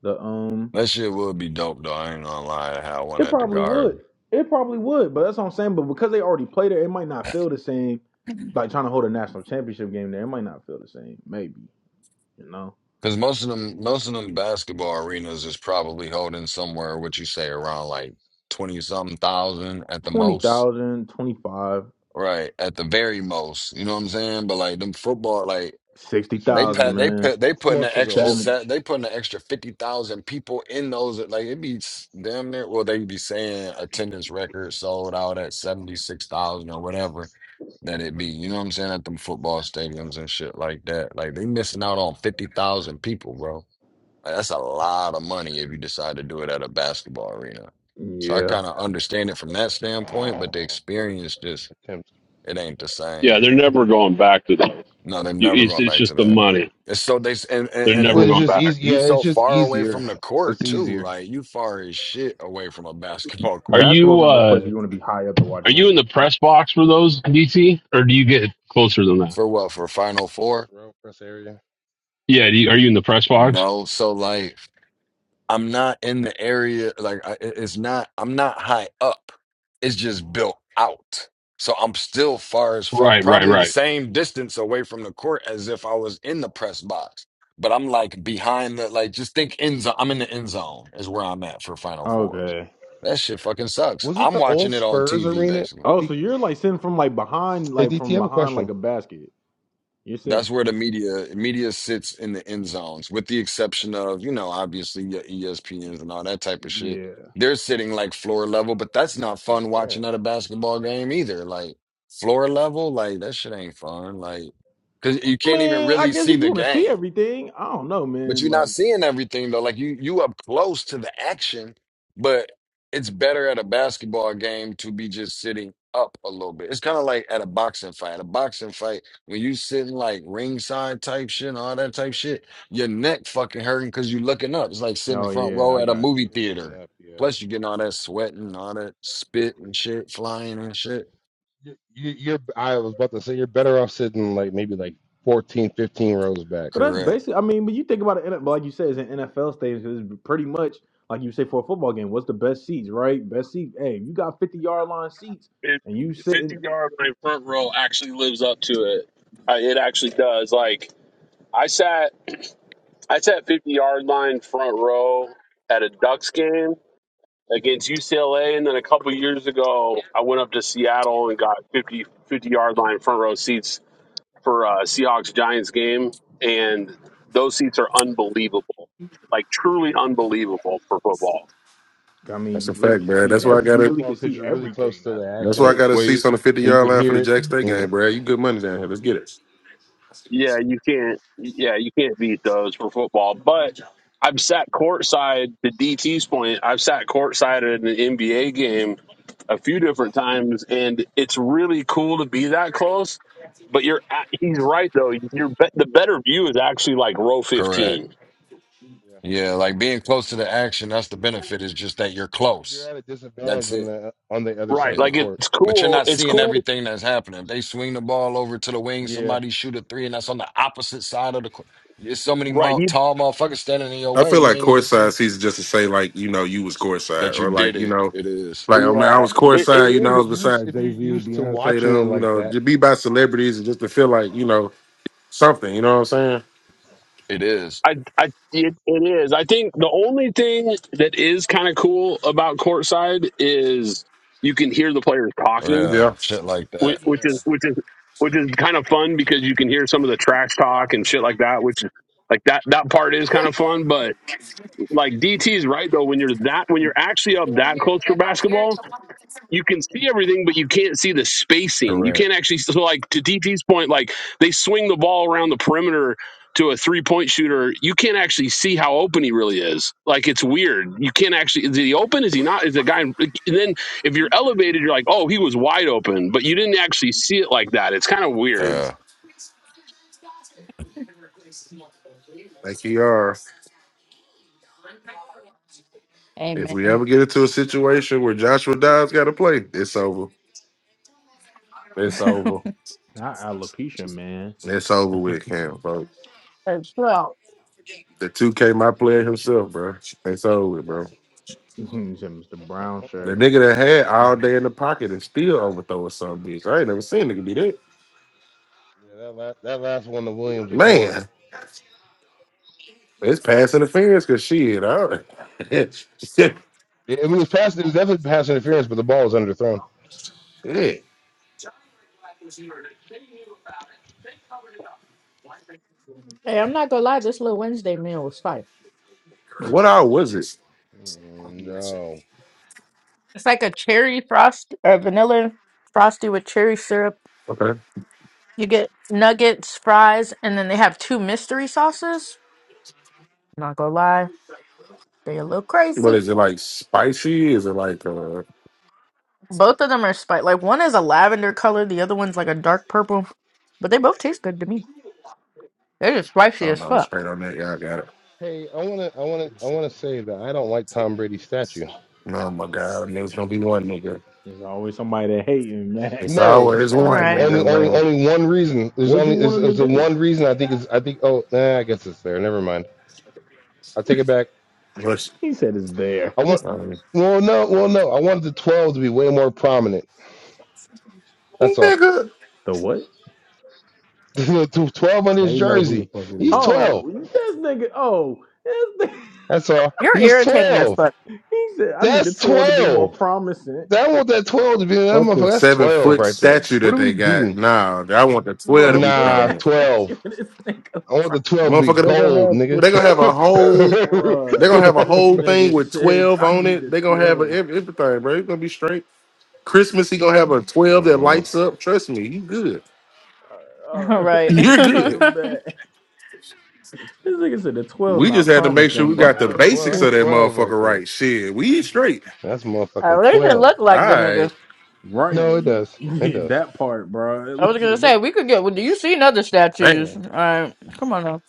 S3: The um,
S23: That shit would be dope though. I ain't gonna lie. I had one
S3: it
S23: at the
S3: probably would,
S23: Garden
S3: it probably would, but that's what I'm saying. But because they already played it, it might not feel the same. Like trying to hold a national championship game there, it might not feel the same. Maybe you know.
S23: because most of them, most of them basketball arenas is probably holding somewhere what you say around like twenty something thousand at the
S3: Twenty
S23: most,
S3: thousand, 25,
S23: right? At the very most, you know what I'm saying? But like them football, like
S3: sixty
S23: They
S20: especially
S3: thousand,
S23: put
S20: the
S23: they put they putting
S20: more
S23: an
S20: so the
S23: extra
S20: old.
S3: man. Seven.
S23: set. They putting an extra fifty thousand people in those. Like it be s- damn near. Well, they be saying attendance record sold out at seventy six thousand or whatever that it be. You know what I'm saying at them football stadiums and shit like that. Like they missing out on fifty thousand people, bro. Like, that's a lot of money if you decide to do it at a basketball arena. So I
S3: Yeah.
S23: kind of understand it from that standpoint, but the
S20: Oh, what a
S23: experience just
S20: attempt!
S23: it ain't the
S24: Yeah,
S23: same.
S24: they're never going back to those.
S23: No, they're
S24: You,
S23: never
S24: it's,
S23: going
S24: it's
S23: back to
S24: just the
S23: that.
S24: money.
S23: It's so they and,
S24: They're
S23: and
S20: Well,
S24: never
S20: it's
S24: going
S20: just
S24: back.
S20: easy.
S23: you
S20: Yeah, it's
S23: so
S20: just
S23: far away from
S20: easier.
S23: the court
S20: It's
S23: too.
S20: easier.
S23: Like you far as shit away from a basketball
S24: Are
S23: court.
S3: Basketball's
S24: you
S3: not the place where
S24: uh
S3: you want to be high up to watch
S24: are you in
S3: games.
S24: the press box for those DC, or do you get closer than that?
S23: For what? For Final
S20: Press
S23: Four?
S20: row, press area.
S24: Yeah, do you, are you in the press box?
S23: No. So like I'm not in the area. Like I, it- it's not. I'm not high up. It's just built out. So I'm still far as fuck.
S24: Right, right,
S23: Probably the
S24: right.
S23: same distance away from the court as if I was in the press box. But I'm like behind the like. Just think end zone. I'm in the end zone is where I'm at for Final Fours.
S3: Okay.
S23: That shit fucking sucks.
S20: Was it
S23: I'm
S20: the
S23: watching
S20: old
S23: it on
S20: Spurs
S23: TV
S20: arena?
S23: basically.
S3: Oh, so
S20: D-
S3: you're like sitting from like behind,
S20: hey,
S3: like
S20: DT, I
S3: from
S20: have a
S3: behind like
S20: question.
S3: a basket. You're sitting.
S23: That's where the media media sits in the end zones, with the exception of, you know, obviously your ESPNs and all that type of shit.
S3: Yeah.
S23: They're sitting like floor level, but that's not
S20: That's pass
S23: fun watching at
S20: interference.
S23: a basketball game either. Like floor level, like that shit ain't fun. Like, cause you can't even
S3: Man, I
S23: really
S3: guess
S23: see
S3: if you
S23: the
S3: want to see
S23: game
S3: everything, I don't know,
S23: but
S3: man.
S23: you're not
S3: Like,
S23: seeing everything though. Like you you up close to the action, but it's better at a basketball game to be just sitting up a little bit. It's kind of like at a boxing fight. A boxing fight, when you sitting like ringside type shit and all that type shit, your neck fucking hurting because you looking up. It's like sitting
S3: oh
S23: front
S3: yeah,
S23: row
S3: I
S23: at a
S3: got
S23: movie
S3: you.
S20: You're looking
S23: theater.
S20: up, yeah.
S23: Plus you getting all that sweat and all that spit and shit flying and shit.
S20: you, you- you're I was about to say you're better off sitting like maybe like 14, 15 rows back.
S3: But that's
S23: Correct.
S3: basically, I mean, but you think about it, but like you said, it's an NFL stage. It's pretty much like you say for a football game. What's the best seats, right? Best seats. Hey, you got fifty yard line seats,
S24: It,
S3: and you
S24: 50
S3: sitting.
S24: yard line front row actually lives up to it. Uh, It actually does. Like I sat. I sat 50 yard line front row at a Ducks game against UCLA. And then a couple years ago, I went up to Seattle and got 50 50 yard line front row seats for a Seahawks Giants game. And those seats are unbelievable, like truly unbelievable for football.
S3: I mean,
S2: That's
S3: you
S2: a
S3: really
S2: fact,
S3: can
S20: I
S2: bro.
S3: see
S2: That's
S20: believe
S2: why
S20: it
S2: I
S3: every
S2: got
S20: for
S3: you
S2: to
S3: really can
S20: football because
S3: see
S20: you're really close
S3: everything.
S20: to
S3: That's
S20: the
S3: the
S2: That's why
S20: action
S2: I
S3: shit.
S2: got a
S23: Well, you,
S2: seats on the fifty
S20: and you
S2: yard
S20: can
S2: line for
S20: hear
S2: the
S20: it.
S2: Jack State
S20: And you,
S2: game, bro. You good money down here. Let's get it.
S24: Yeah, you can't. Yeah, you can't beat those for football. But I've sat courtside. To DT's point, I've sat courtside at an NBA game a few different times, and it's really cool to be that close. But you're at, he's right though. You're bet the better view is actually like row
S23: Correct.
S24: fifteen.
S20: yeah,
S23: Yeah, like being close to the action, that's the benefit, is just that you're
S20: because you're
S23: close.
S20: at a disadvantage
S23: That's
S20: when
S23: it,
S20: the on the other
S24: Right.
S20: side
S23: you
S20: of the
S24: Like
S23: know.
S20: court.
S24: it's
S23: But you're
S24: cool.
S23: not
S24: It's
S23: seeing
S24: cool.
S23: everything that's happening. If they swing the ball over to the wing,
S20: Yeah,
S23: somebody shoot a three, and that's on the opposite side of the court. There's so many
S24: Right.
S23: mo
S24: You.
S23: tall motherfuckers standing in your
S2: I
S23: way,
S2: feel
S23: you
S2: like
S23: ain't even
S2: courtside
S23: see
S2: seats just to say like you know you was courtside
S23: that you
S2: or
S23: did
S2: like you
S23: it.
S2: know
S23: It is.
S2: like I mean I
S24: Yeah.
S20: I
S2: was
S24: It,
S20: mean
S2: courtside.
S24: it
S20: if
S2: You
S20: you're
S2: know I
S24: is.
S2: was
S20: used
S2: beside
S20: if
S2: Jay
S20: you're
S2: Z,
S20: used to
S2: Beyonce,
S20: watching it
S2: them. You
S20: like
S2: know
S20: that.
S2: to be by celebrities and just to feel like you know something. You know what I'm saying?
S23: It is.
S24: I, I, it, it is. I think the only thing that is kind of cool about courtside is you can hear the players talking,
S23: Yeah,
S2: Yeah.
S23: shit like that.
S24: which, which is
S20: Yeah.
S24: which is which is kind of fun because you can hear some of the trash talk and shit like that. Which is like that that part is kind of fun. But like DT's right though, when you're that when you're actually up that close for basketball, you can see everything, but you can't see the spacing. You
S23: Correct.
S24: can't actually so like to DT's point, like they swing the ball around the perimeter to a three point shooter. You can't actually see how open he really is. Like it's weird. You can't actually is he open? Is he not? Is the guy? And then if you're elevated, you're like, oh, he was wide open, but you didn't actually see it like that. It's kind of weird.
S23: Yeah.
S2: Like you are. If we
S10: Amen.
S2: ever get into a situation where Joshua Dobbs got to play, it's over. It's over.
S3: Not alopecia, man.
S2: It's over with Cam, bro.
S10: As well.
S2: The 2K my player himself, bro. It's over, with, bro.
S3: He said Mr. Brown
S20: yeah,
S2: The
S3: shirt.
S2: nigga that had all day in
S3: There's
S2: the pocket and still overthrowing some bitch. I ain't never seen a nigga do that.
S20: that last, that last one to Williams was
S2: Man,
S20: horrible.
S2: it's passing the fence because shit. I don't... shit.
S20: It, I mean, it was pass. It was definitely pass interference, but the ball was underthrown.
S2: shit.
S10: Hey, I'm not gonna lie, this little Wednesday meal was fire.
S2: What all was it?
S20: Mm, No.
S10: It's like a cherry frost or vanilla frosty with cherry syrup.
S2: Okay.
S10: You get nuggets, fries, and then they have two mystery sauces. Not gonna lie. They a little
S2: What
S10: crazy.
S2: is it like spicy? Is it like uh I
S10: Both of them are spice. Like one is a lavender color, the other one's like a dark purple. But they both taste good to me. They're just spicy
S2: don't
S10: as
S2: know,
S10: fuck.
S2: straight on that. Y'all got it.
S20: Hey, I wanna, I wanna, I wanna say that I don't like Tom Brady's statue.
S2: Oh my god, there's gonna be one nigga.
S3: always somebody that hating, man.
S2: It's
S20: No,
S2: always
S20: o-
S10: All
S2: one
S10: right.
S20: only
S2: nigga,
S20: only
S2: man.
S20: only one reason. There's
S3: What'd you
S20: only is
S3: want him to
S20: is the
S3: do?
S20: one reason I think is I think oh nah I guess it's there. Never mind. I take it back.
S2: Push.
S3: He said it's there.
S20: I want
S2: Um,
S20: well no well no I wanted the twelve to be way more prominent. That's all.
S2: nigga.
S3: the what?
S20: The twelve on his
S2: They know who the
S20: jersey.
S2: fuck it
S20: He's
S2: is.
S20: twelve.
S3: Oh, this nigga. Oh, this nigga.
S20: That's all.
S10: You're
S20: He's
S10: irritating as
S20: twelve.
S10: fuck.
S3: He said I need the
S20: That's
S3: twelve to be more
S20: twelve.
S3: promising,
S20: I want that twelve to be that
S2: Fuck
S20: motherfucker.
S2: this.
S20: That's
S2: Seven
S20: twelve
S2: foot
S20: right there.
S2: statue
S20: What are
S2: that
S20: we
S2: they got.
S20: doing?
S2: Nah, I want the twelve
S3: bro.
S2: to be
S3: Big
S20: Nah,
S3: ass
S2: prominent.
S3: statue
S20: twelve.
S3: of this nigga,
S20: I want the twelve to be
S2: Motherfucker, They gonna
S20: gold,
S2: have
S20: nigga.
S2: they gonna have a whole. They
S3: bro.
S2: gonna have a
S3: This
S2: whole thing
S3: nigga
S2: with
S3: said
S2: twelve
S3: I
S2: on
S3: need
S2: it.
S3: the
S2: They gonna have a,
S3: twelve.
S2: ev- everything, bro. It's gonna be straight. Christmas, he gonna have a twelve that
S20: Mhm.
S2: lights up. Trust me, you good.
S3: Uh,
S10: All right. At
S2: You're
S3: this
S2: good.
S3: nigga
S10: least
S3: back. This nigga said the twelve's
S2: We just
S3: not
S2: had to make sure
S20: 12.
S3: promising,
S2: we
S3: bro.
S2: got the
S20: Nah, 12.
S2: basics
S20: That's
S2: of that
S20: 12 right
S2: motherfucker
S20: there.
S2: right. Shit, we straight.
S20: That's motherfucking
S10: it
S20: 12.
S10: look
S2: All
S10: like the nigga.
S2: right,
S3: right.
S20: No, it does.
S3: You
S20: It
S3: hit
S20: does.
S3: that part, bro. At
S10: I was
S3: least
S10: gonna
S3: it
S10: say
S3: look
S10: we could get. Well, do you see other statues?
S2: man.
S10: All right. Come on now.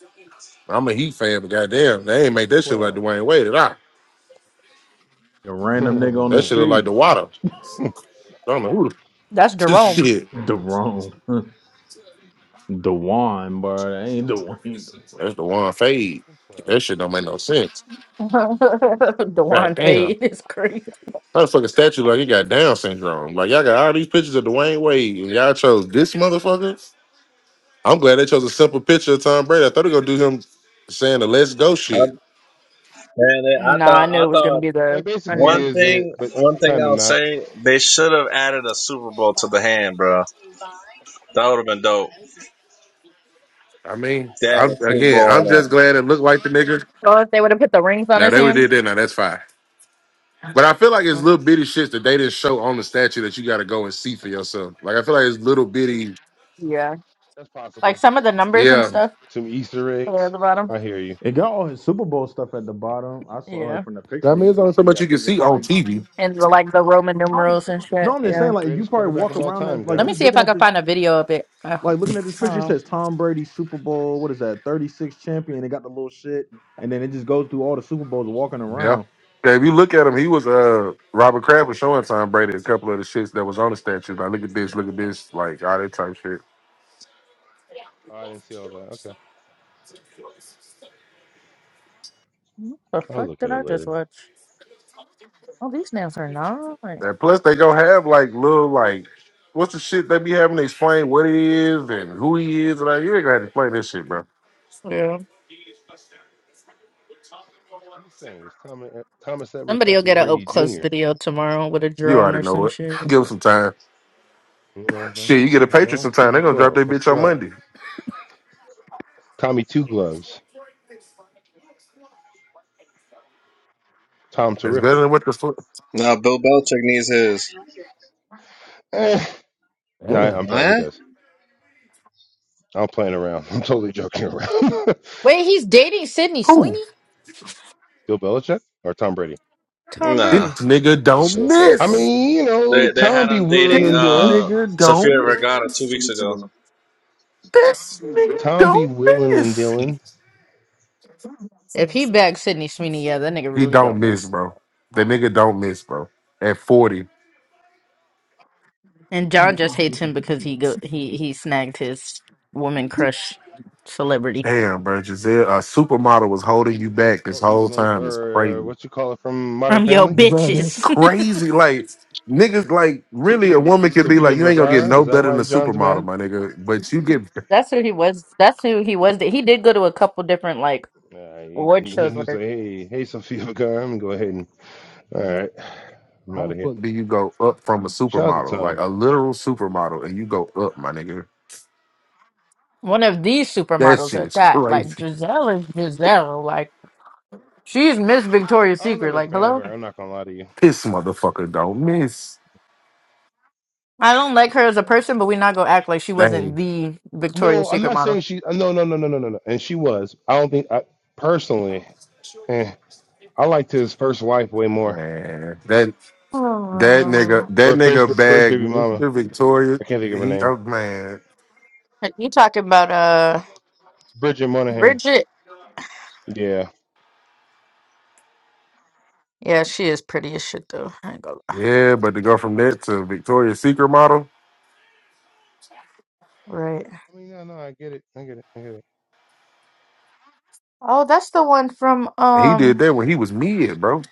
S2: I'm a Heat fan, but goddamn, they ain't make
S20: Fucking
S2: that shit like
S20: 12.
S2: Dwayne Wade at all.
S3: a random nigga on the
S2: That shit
S20: Fucking
S2: look like
S3: street.
S2: the water. I don't know who the
S10: That's Jerome.
S2: shit.
S3: Deron. Dewan, bro. That ain't Dewan.
S2: That's the one fade. That
S20: 12.
S2: shit don't make no sense. God
S10: Dewan
S2: damn.
S10: Fade is crazy.
S2: How the fuck a statue like he got Down syndrome? Like y'all got all these pictures of Dwayne Wade and y'all chose this motherfucker. I'm glad they chose a simple picture of Tom Brady. I thought they were gonna do him saying the let's go
S15: I,
S2: shit.
S15: man, I
S10: Nah, I
S15: thought,
S10: knew
S15: I
S10: it was gonna
S15: thought
S10: be
S20: That
S10: the. I knew
S20: basically
S10: it
S15: one
S10: was
S20: is
S10: gonna be
S20: it,
S15: thing,
S10: that.
S20: but
S15: one thing
S20: kind of
S15: I'll
S20: not.
S15: say, they should have added a Super Bowl to the hand, bro. That would have been dope.
S2: I mean,
S15: They had
S2: I'm
S15: a Super
S2: again, I'm
S15: Bowl on
S2: just
S15: that.
S2: glad it looked like the nigga.
S10: Well, if they would have put the rings on
S2: Now
S10: his
S2: they would did
S10: hand.
S2: that, now that's fine. But I feel like it's
S10: Mm,
S2: little bitty shit that they didn't show on the statue that you gotta go and see for yourself. Like I feel like it's little bitty,
S10: Yeah.
S20: That's
S10: Like
S20: possible.
S10: some of the numbers and
S2: yeah.
S10: stuff.
S20: Some Easter
S10: There at
S20: eggs.
S10: the bottom.
S20: I hear you.
S3: It got all his Super Bowl stuff at the bottom. I saw
S10: Yeah.
S3: like from the
S2: I
S3: picture,
S2: mean,
S3: you
S2: it's
S3: can
S2: only so
S3: see
S2: much
S3: I
S2: you can
S3: think it
S2: see on
S3: probably
S2: TV.
S10: And the, like the Roman numerals and shit.
S3: No, I'm
S20: But
S3: just
S20: he's
S3: saying,
S10: Yeah.
S20: the
S3: like you
S20: greatest
S3: probably
S20: quarterback
S3: walk
S20: of all
S3: around
S20: time,
S3: that like
S10: Let me
S20: guys.
S3: just
S10: see if
S3: looking
S10: I
S3: at
S10: can
S3: this
S10: find a video of it. Uh,
S3: like looking at this picture it
S10: oh.
S3: says Tom Brady Super Bowl, what is that, thirty six champion, it got the little shit, and then it just goes through all the Super Bowls walking
S2: Yeah.
S3: around.
S2: Yeah, if you look at him, he was uh Robert Kraft was showing Tom Brady a couple of the shits that was on the statue. Like, look at this, look at this, like all that type shit.
S20: Oh, I didn't see all that. Okay.
S10: What the
S20: I'll
S10: fuck
S20: look
S10: did
S20: at it
S10: I just
S20: later.
S10: watch? Oh, these nails are not.
S2: And plus, they gonna have like little like what's the shit they be having to explain what it is and who he is. Like you ain't gonna have to explain this shit, bro.
S10: Yeah.
S20: I'm just saying, it's Thomas, Thomas Edward
S10: Somebody will
S20: Patrick
S10: get an
S20: Brady
S10: up close
S20: Jr.
S10: video tomorrow with a
S2: You
S10: drone
S2: already
S10: or
S2: know
S10: some
S2: it.
S10: shit.
S2: Give them some time.
S20: You know what I'm saying?
S2: Shit, you get a
S20: You
S2: Patriot
S20: know,
S2: sometime. They gonna drop
S20: CB12.
S2: their
S20: That's
S2: bitch on
S20: 12.
S2: Monday.
S20: Tommy Two Gloves. Tom
S2: It's
S20: Terrific.
S2: better than what the fuck.
S15: Nah, Bill Belichick needs his.
S20: Eh. No, I-
S2: Damn.
S20: I'm playing. He
S15: Huh?
S20: does. I'm playing around. I'm totally joking around.
S10: Wait, he's dating Sydney
S2: Oh,
S10: Sweeney?
S20: Bill Belichick or Tom Brady?
S10: Tom
S2: this
S15: Nah.
S10: Brady.
S2: nigga
S15: This
S2: don't
S15: shit's
S20: I
S15: awful.
S2: miss.
S20: mean, you know,
S15: They they
S20: Tom
S15: had
S20: be
S15: him
S20: willing
S15: dating
S2: This
S20: and dealing.
S15: uh
S2: nigga don't
S15: Safira Vergara
S2: miss.
S15: two weeks ago.
S2: This nigga
S20: Tom be
S2: don't
S20: willing and
S2: miss.
S20: dealing.
S10: If he bags Sydney Sweeney, yeah, that nigga
S2: He
S10: really
S2: don't
S10: don't
S2: miss,
S10: miss.
S2: bro. The nigga don't miss, bro. At 40.
S10: And John just hates him because he go he he snagged his woman crush celebrity.
S2: Damn,
S20: Who?
S2: bro. Giselle, a supermodel was holding you back this
S20: Oh,
S2: whole
S20: Evelyn,
S2: time. It's
S20: or uh,
S2: crazy.
S20: what you call it from Modern
S10: from your
S20: Family?
S2: Bro, that's
S10: bitches.
S2: crazy. Like, niggas, like, really, a woman could be
S20: Sofia
S2: like, you ain't gonna get
S20: Vergara. Is
S2: no
S20: that
S2: better than
S20: why
S2: a
S20: John's
S2: supermodel,
S20: mad?
S2: my nigga. But you get,
S10: That's who he was. That's who he was. He did go to a couple different like
S20: Uh, he,
S10: award shows
S20: he
S10: with
S20: was
S10: her.
S20: like, hey, hey, Sofia Vergara. I'm gonna go ahead and. All right, I'm
S2: how
S20: out
S2: the
S20: of here.
S2: fuck do you go up from a
S20: Shout out to
S2: supermodel? Like,
S20: Tom.
S2: a literal supermodel, and you go up, my nigga.
S10: One of these
S2: That
S10: supermodels at
S2: shit's
S10: that. Like
S2: crazy.
S10: Giselle is Giselle. Like she's Miss Victoria's
S20: I was
S10: Secret.
S20: never a
S10: Like
S20: fan of
S10: hello.
S20: her. I'm not gonna lie to you.
S2: This motherfucker don't miss.
S10: I don't like her as a person, but we're not gonna act like she wasn't
S2: Dang,
S10: the Victoria's
S20: No, I'm
S10: Secret
S20: not
S10: model.
S20: saying she. No, no, no, no, no, no, no. And she was. I don't think I personally. eh, I liked his first wife way more,
S2: man. That. That nigga, that
S20: or first
S2: nigga
S20: first
S2: bagged
S20: baby mama.
S2: Mr. Victoria.
S20: I can't think of her
S2: He,
S20: name.
S2: oh man,
S10: And You talking about uh
S20: Bridget Monahan.
S10: Bridget?
S20: Yeah.
S10: Yeah, she is pretty as shit though. I ain't gonna lie.
S2: yeah. But to go from that to Victoria's Secret model,
S10: Right.
S20: I mean, no, no, I get it. I get it. I get it.
S10: Oh, that's the one from
S2: he
S10: um.
S2: did that when he was mid, bro.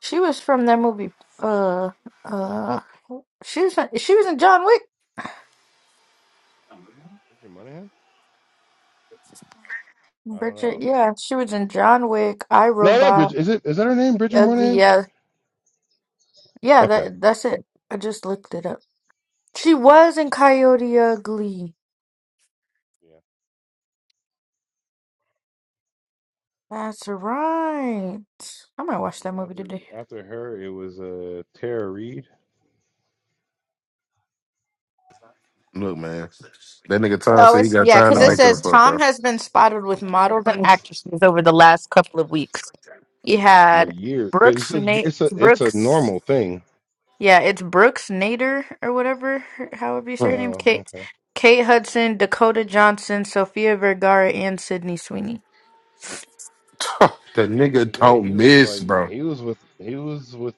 S10: She was from that movie. Uh, uh, she
S20: Yep.
S10: was she was in John Wick.
S20: Bridget Monahan. I don't
S10: Bridget,
S20: know.
S10: yeah, she was in John Wick, I
S20: No, not
S10: Robot,
S20: Bridget. Is it? Is that her name? Bridget
S10: Ugly,
S20: Monahan.
S10: yeah, yeah.
S20: Okay.
S10: That that's it. I just looked it up. She was in Coyote Ugly.
S20: Yeah.
S10: That's right. I might watch that
S20: And then
S10: movie
S20: after
S10: today.
S20: after her, it was uh, Tara Reid.
S2: Look, man, that nigga Tom
S10: Oh,
S2: said he
S10: it's
S2: got
S10: yeah,
S2: time
S10: because
S2: to
S10: it
S20: Tom.
S2: make
S10: says
S2: up for,
S10: Tom
S2: bro.
S10: has been spotted with models and actresses over the last couple of weeks. He
S20: But
S10: had
S20: years. But it's
S10: Brooks
S20: a
S10: Nate
S20: it's a it's a
S10: Brooks.
S20: normal thing.
S10: Yeah, it's Brooks Nader or whatever, her- however you say her name.
S20: Oh,
S10: Kate,
S20: okay.
S10: Kate Hudson, Dakota Johnson, Sophia Vergara, and Sydney Sweeney.
S2: Hmm.
S20: But
S2: that
S20: back in
S2: nigga
S20: the day, he
S2: don't
S20: was
S2: miss,
S20: like
S2: bro.
S20: he was with he was with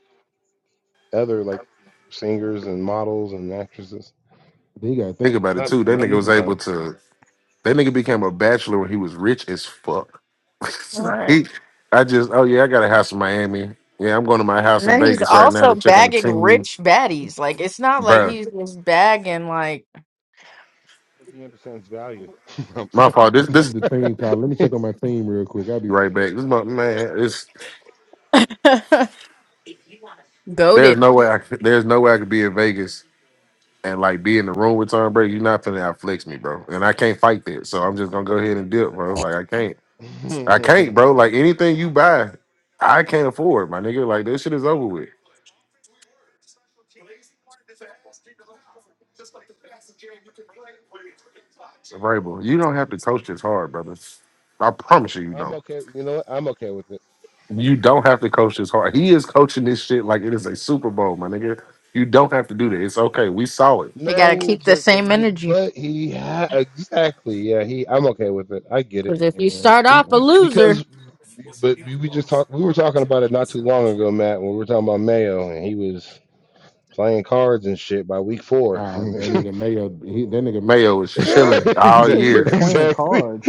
S20: other like singers and models and actresses.
S2: You got to think
S20: It's
S2: about it
S20: not
S2: too. That
S20: not
S2: nigga
S20: new
S2: was
S20: for
S2: able
S20: Tom.
S2: to. That nigga became a bachelor when he was rich as fuck.
S10: Right.
S2: he, I just, oh yeah, I got a house in Miami. Yeah, I'm going to my house
S10: And
S2: in
S10: then he's
S2: Vegas right now
S10: also
S2: to check on the
S10: bagging
S2: team,
S10: rich baddies. Like it's not like
S2: bro.
S10: he's just bagging like
S20: Because he understands value. I'm
S2: My fault. This
S20: saying-
S2: this is The team call. Let me check on my team real quick. I'll be right right back. back. This is my man. It's there's
S10: goaded.
S2: no way I could- there's no way I could be in Vegas and like be in the room with Tom Brady. You're not finna outflex me, bro. And I can't fight that. So I'm just gonna go ahead and dip, bro. Like I can't. I can't, bro. Like anything you buy, I can't afford, my nigga. Like this shit is over with. Variable. You don't have to coach this hard, brother. I promise you, you
S20: I'm
S2: don't.
S20: okay. You know what? I'm okay with it.
S2: You don't have to coach this hard. He is coaching this shit like it is a Super Bowl, my nigga. You don't have to do that. It's okay. We saw it.
S10: You gotta
S20: No,
S10: keep the
S20: but the-
S10: same
S20: he,
S10: energy
S20: but he, ha- exactly. Yeah, he. I'm okay with it. I get it.
S10: because if you start
S20: You-
S10: off a
S20: you-
S10: loser,
S20: Because, but we we just talked. We were talking about it not too long ago, Matt. When we were talking about Mayo, and he was playing cards and shit by week four.
S2: Nah, that nigga Mayo, he, that nigga Mayo was chilling
S3: You
S2: all
S3: said he was
S2: year.
S3: playing
S20: exactly.
S3: cards.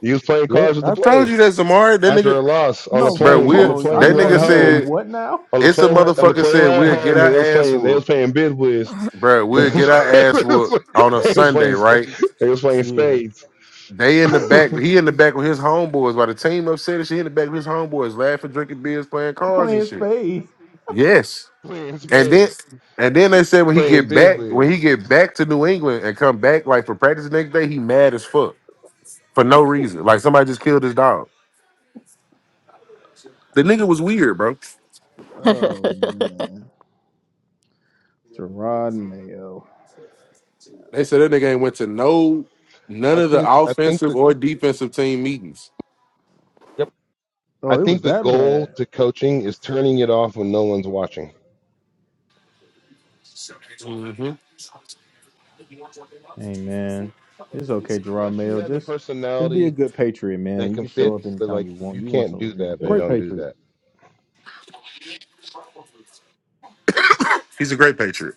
S20: He was playing
S2: Yeah,
S20: cards with the
S2: I told
S20: players
S2: you that Zamari. That
S20: after
S2: nigga,
S20: a loss on a
S3: No,
S2: bro,
S3: from
S20: plane
S2: we
S20: on the
S2: that
S3: hold on, I
S20: plane
S3: know hold
S20: ride
S2: nigga
S3: on. He did
S20: home
S2: said
S3: what now?
S20: on the
S2: it's a
S20: plane ride on the
S2: motherfucker
S20: plane
S2: said
S20: ride
S2: we'll
S20: home,
S2: get
S20: and
S2: our
S20: they was
S2: ass
S20: playing they was
S2: whooped,
S20: playing Biz Wiz.
S2: bro.
S20: they
S2: We'll get our ass whooped on a
S20: was
S2: Sunday,
S20: playing
S2: right?
S20: they was playing
S3: Yeah,
S20: spades,
S2: They in the back, he in the back with his homeboys. While the team upset and shit, he in the back with his homeboys, laughing, drinking beers, playing cards and
S3: playing
S2: shit.
S3: spades.
S2: Yes.
S20: playing
S2: And then
S20: spades,
S2: and then they said when he
S20: playing
S2: get
S20: bidwiz.
S2: back, when he get back to New England and come back like for practice the next day, he mad as fuck for no reason. Like somebody just killed his dog. The nigga was weird, bro.
S3: Oh man, Gerard Mayo.
S2: They said that nigga ain't went to no none
S20: I
S2: of the
S20: think I think
S2: offensive
S20: the
S2: or defensive team meetings.
S20: yep.
S3: Oh,
S20: I
S3: it was
S20: think the
S3: that
S20: goal
S3: bad.
S20: to coaching is turning it off when no one's watching.
S2: hmm
S3: Hey man, it's okay, Gerard
S20: Unless you
S3: Mayo.
S20: have the
S3: Just just be a
S20: personality
S3: good patriot,
S20: that
S3: man. You
S20: can
S3: can show
S20: fit,
S3: up
S20: but
S3: anytime
S20: like
S3: you
S20: if
S3: want.
S20: you
S3: You want
S20: can't
S3: some
S20: do
S3: rings
S20: that, then
S3: there?
S2: Great
S20: don't do
S2: Patriot.
S20: that.
S2: He's a great patriot.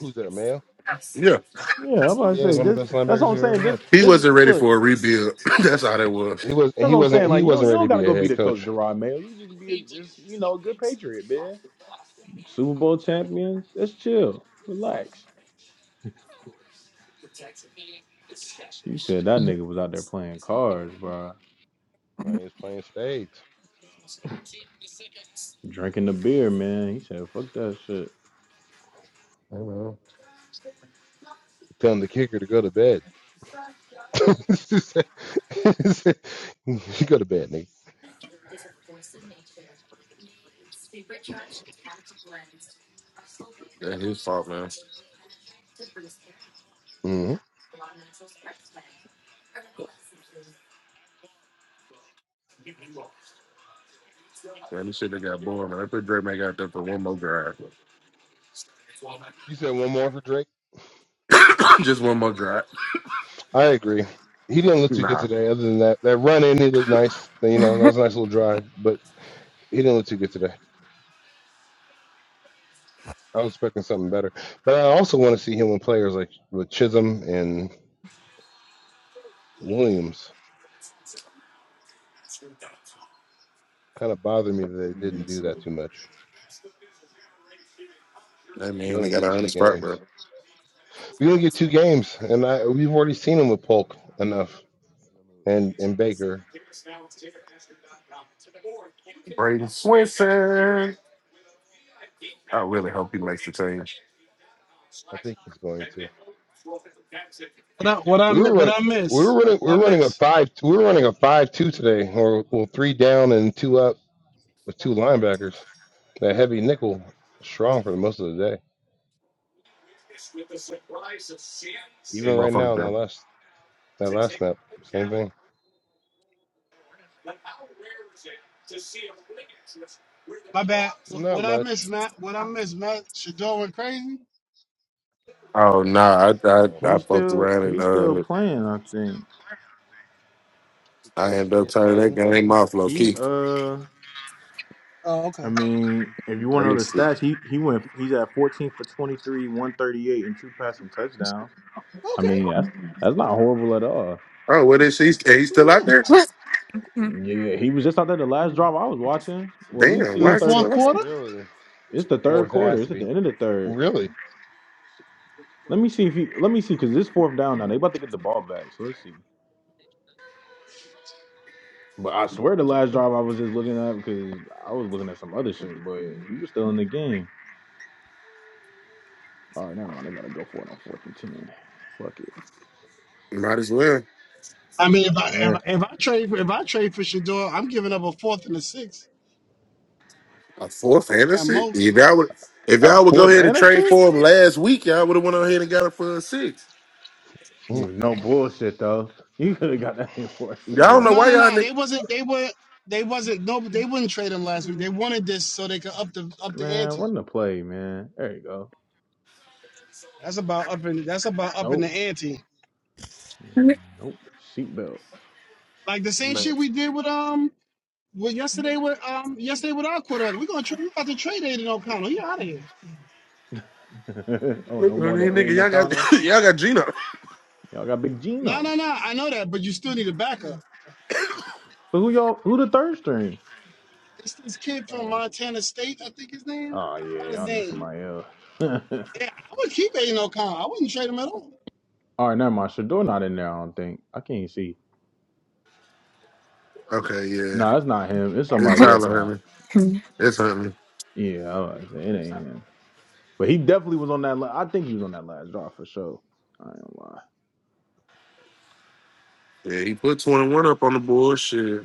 S20: Who's that male?
S2: Yeah,
S3: Yeah, I'm about to
S20: Yeah, he's
S3: say.
S20: one of the
S3: Just
S20: best
S3: that's what
S20: linebackers
S3: I'm
S20: we've ever
S3: saying.
S20: had.
S3: Just
S2: he
S3: just
S2: wasn't ready
S3: look.
S2: for a rebuild. That's how that was.
S20: He was and
S3: That's
S20: he
S3: what I'm
S20: wasn't
S3: saying.
S20: he
S3: Like you don't
S20: wasn't
S3: you
S20: ready
S3: don't
S20: to
S3: gotta
S20: be a
S3: go be
S20: head
S3: the coach,
S20: coach.
S3: Gerard Mayo. You just be a, just you know a good patriot, man. Super Bowl champion. Just chill, relax. He said that nigga was out there playing cards, bro,
S20: He was playing spades.
S3: drinking the beer, man. He said, "Fuck that shit."
S2: I know.
S20: Telling the kicker to go to bed. you go to bed, nigga.
S2: That's his fault, man.
S20: hmm
S2: Man, this shit they got boring, man. I put Drake back out there for one more drive.
S20: You said one more for Drake.
S2: Just one more drop.
S20: I agree. He didn't look too good
S2: Nah,
S20: today. Other than that, that run in, he looked nice. You know, that was a nice little drive, but he didn't look too good today. I was expecting something better. But I also want to see him with players like with Chisholm and Williams. Kind of bothered me that they didn't do that too much.
S2: that
S20: You
S2: man, they
S20: only
S2: got a
S20: get two
S2: hundred spot,
S20: games.
S2: bro.
S20: We only get two games, and I, we've already seen him with Polk enough, and and Baker.
S2: Braden Swinson. I really hope he makes the team.
S20: I think he's going to.
S1: What I what I
S20: We were
S1: what
S20: running.
S1: I
S20: We were
S1: miss?
S20: running. We
S1: What I
S20: were running a
S1: miss?
S20: five. We were running a five-two today, or well, three down and two up with two linebackers. That heavy nickel was strong for the most of the day. Even
S2: He
S20: right
S2: motherfucker.
S20: now, in that
S2: bro.
S20: last that last snap, same thing.
S1: My bad. Wh-
S20: Not
S1: What I miss,
S20: much.
S1: Matt? What I miss, Matt? Shador went crazy.
S2: Oh nah, I, I
S20: Um,
S3: He
S2: I fucked
S3: still
S2: around and
S3: he still
S2: uh
S3: playing. I think
S2: I
S20: Shador's
S2: ended up
S20: still
S2: turning that
S20: playing.
S2: game off low
S3: he
S2: key.
S3: uh.
S1: Oh,
S3: I
S1: okay.
S3: mean, if you want
S2: Let
S3: to know
S2: me
S3: the
S2: see.
S3: stats, he he went he's at 14 for 23, 138 and two passing touchdowns. I mean,
S1: Okay.
S3: that's that's not horrible at all.
S2: Oh, what is she? He's
S1: Absolutely
S2: still out
S1: not.
S2: there?
S3: Yeah, he was just out there the last drive I was watching. Well, we
S2: Damn,
S3: see
S1: In
S2: why
S3: it's
S1: the
S2: is he
S3: third
S1: fourth
S3: and-
S2: still out
S1: quarter,
S20: Really,
S3: it's the third
S20: fourth
S3: quarter.
S20: has
S3: It's
S20: to
S3: at
S20: be.
S3: the end of the third.
S20: Really,
S3: Let me see if he let me see cuz this fourth down now. They about to get the ball back. So let's see. But I swear the last drive I was just looking at because I was looking at some other shit, but he was still in the game. All right, never mind. They about to go for it on fourth and ten. Fuck it.
S2: there? Might as well.
S1: I mean, if
S3: Yeah.
S1: I if, if I trade for, if I trade for Shador, I'm giving up a fourth and a sixth
S2: A fourth
S1: at
S2: fantasy? If
S1: most.
S2: y'all would, if
S3: A
S2: y'all would go
S3: fourth
S2: ahead and
S3: and a
S2: trade
S3: six?
S2: for him last week, y'all would have went on ahead and got him for a six.
S20: Mm.
S3: No bullshit though. You could have got that thing for a
S2: Y'all
S3: six
S2: don't know
S3: round.
S1: No,
S2: why
S1: no,
S2: y'all
S1: no.
S2: nigga.
S1: They wasn't. They were. They wasn't. No, they wouldn't trade him last week. They wanted this so they could up the up the
S3: Man,
S1: ante.
S3: run the play, man. There you go.
S1: That's about up in. That's about up in the
S3: Nope.
S1: ante.
S3: Nope. Seatbelt.
S1: Like the same
S2: Man.
S1: shit we did with um with yesterday with um yesterday with our quarterback. We're gonna trade. We're about to trade Aiden O'Connell. He out of here.
S2: I
S3: oh, no more than
S2: mean, nigga,
S3: Aiden
S2: y'all got
S3: O'Connell.
S2: y'all got Gino.
S3: Y'all got Big
S1: No,
S3: Gino.
S1: no, no. I know that, but you still need a backup.
S3: So who y'all who the third string?
S1: It's this
S20: you'll
S1: kid
S20: find
S1: from
S20: one.
S1: Montana State, I think his name.
S3: Oh
S1: I
S3: yeah,
S1: forgot his
S3: y'all need
S1: name.
S3: somebody else.
S1: Yeah, I would keep Aiden O'Connell. I wouldn't trade him at all.
S3: All right, never mind. Shador not in there. I don't think. I can't see.
S2: Okay, yeah,
S3: No, that's not him. It's
S2: it's
S3: somebody else
S2: Tyler
S3: now.
S2: Huntley. It's Huntley.
S3: Yeah, I was saying, it ain't him. But he definitely was on that. La- I think he was on that last draw for sure. I ain't gonna lie.
S2: Yeah, he put twenty one up on the bullshit.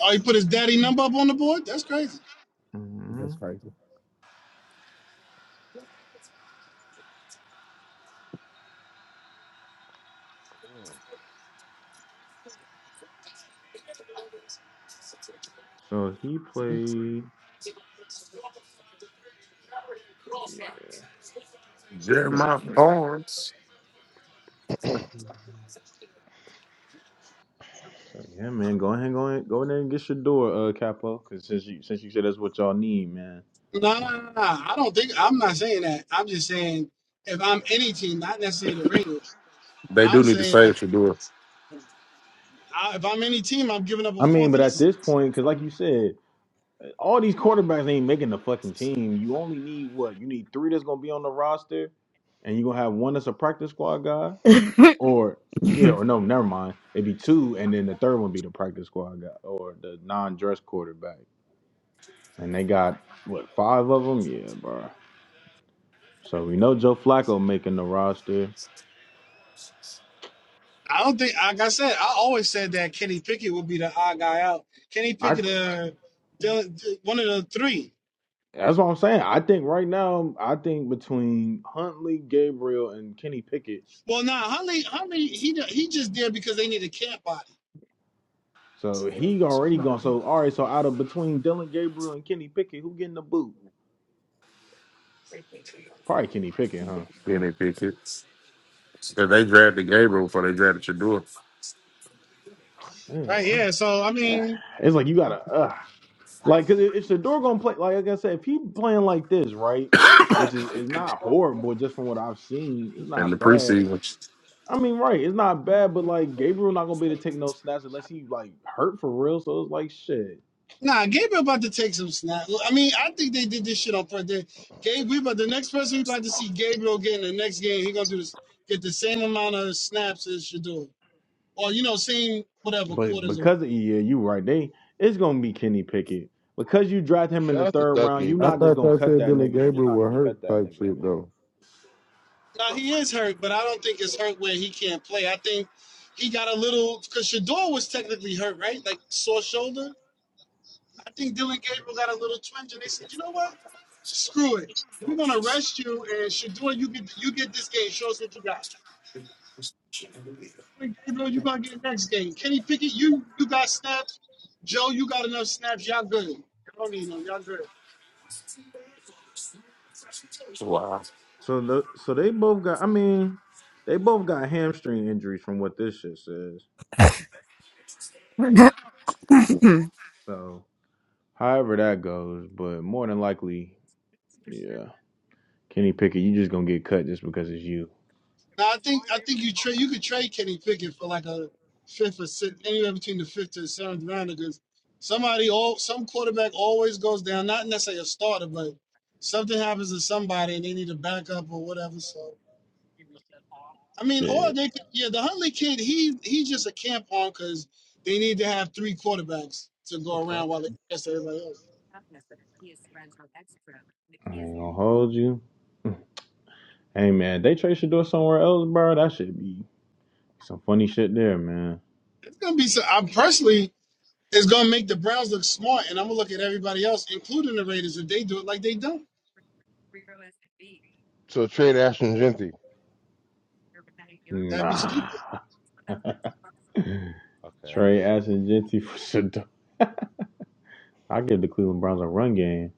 S1: Oh, he put his daddy number up on the board? That's crazy.
S3: hmm
S2: That's crazy.
S3: So he played. Yeah, that nigga.
S2: Jeremiah Barnes.
S20: Mm.
S3: So yeah, man. Go ahead, go ahead, go in there and get Shador, uh, Capo. Because since you since you said that's what y'all need, man.
S1: No, no, no, no. I don't think I'm not saying that. I'm just saying if I'm any team, not necessarily the Raiders.
S2: They
S1: I'm
S2: do need to
S1: saying if,
S2: save Shador
S1: I, if I'm any team, I'm giving up a
S3: I mean,
S1: fourth
S3: but
S1: and a
S3: at this
S1: sixth.
S3: point, because like you said, all these quarterbacks ain't making the fucking team. You only need what? You need three that's gonna be on the roster, and you are gonna have one that's a practice squad guy. Or yeah, or no, never mind. It'd be two, and then the third one be the practice squad guy or the non-dress quarterback, and they got what five of them? Yeah, bro. So we know Joe Flacco making the roster.
S1: I don't think, like I said, I always said that Kenny Pickett would be the odd guy out. Kenny
S3: I
S1: Pickett, uh, Dylan- one of the three.
S3: that's what I'm saying. I think right now, I think between Huntley, Gabriel, and Kenny Pickett.
S1: Well, nah, Huntley, Huntley, he ju- he just did because they need a camp body,
S3: So he already gone. So all right. So out of between Dylan Gabriel and Kenny Pickett, who getting the boot? Probably Kenny Pickett, huh?
S2: in their pickets. Cause they drafted Gabriel before they drafted Shador
S3: It's
S1: right?
S3: like,
S1: Yeah, so I mean,
S3: it's like you gotta. Ugh. Like, cause it- it's the door gonna play, like, like I said, if he playing like this, right, which is is not horrible, just from what I've seen, it's
S2: in the
S3: not bad.
S2: preseason.
S3: I mean, right, it's not bad, but like Gabriel not gonna be able to take no snaps unless he like hurt for real. So it's like shit.
S1: Nah, Gabriel about to take some snaps. I mean, I think they did this shit on purpose. Gabe, we about the next person we about to see Gabriel get in the next game. He gonna do this, get the same amount of snaps as Shador, or you know, same whatever
S3: But
S1: quarters. Or,
S3: because of yeah, you right, they it's gonna be Kenny Pickett because you draft him in the
S20: Shout out to
S3: third
S20: Doug
S3: round. you
S2: I
S3: not
S20: Gabriel.
S3: just
S2: thought
S3: gonna
S2: y'all
S3: cut
S2: said
S3: that
S2: Dylan
S3: nigga. You just
S2: Gabriel
S3: not
S2: were
S3: gonna
S2: hurt
S3: cut that
S2: type
S3: nigga,
S2: shit
S3: man.
S2: though.
S1: now he is hurt, but I don't think it's hurt where he can't play. I think he got a little because Shador was technically hurt, right? Like sore shoulder. I think Dylan Gabriel got a little twinge, and they said, you know what? Screw it. We're gonna arrest you and Shador, you get you get this game. Show us what you got. Quinn Gabriel, you gonna get next game. Kenny Pickett, you you got snaps. Joe, you got enough snaps. Y'all good. Y'all don't need no. Y'all good.
S3: So the so they both got. I mean, they both got hamstring injuries from what this shit says. So. However that goes, but more than likely, yeah. Kenny Pickett, you just gonna get cut just because it's you.
S1: Now I think I think you trade you could trade Kenny Pickett for like a fifth or sixth, anywhere between the fifth and seventh rounder because somebody all some quarterback always goes down. Not necessarily a starter, but something happens to somebody and they need a backup or whatever. So. I mean, or
S3: Shit.
S1: they could, yeah, the Huntley kid, he he's just a camp on because they need to have three quarterbacks to
S20: What the
S1: go
S20: fuck?
S1: around while they test everybody else.
S3: I ain't gonna hold you. Hey man, they trade Shador somewhere else, bro. That should be some funny shit there, man.
S1: It's gonna be so. I personally, it's gonna make the Browns look smart, and I'm gonna look at everybody else, including the Raiders, if they do it like they don't.
S20: So trade Ashton Genty.
S1: That'd be
S3: Nah.
S1: stupid.
S20: Okay, I was
S3: Trey
S20: just checking.
S3: Ashton Genty for Shador. I give the Cleveland Browns a run game.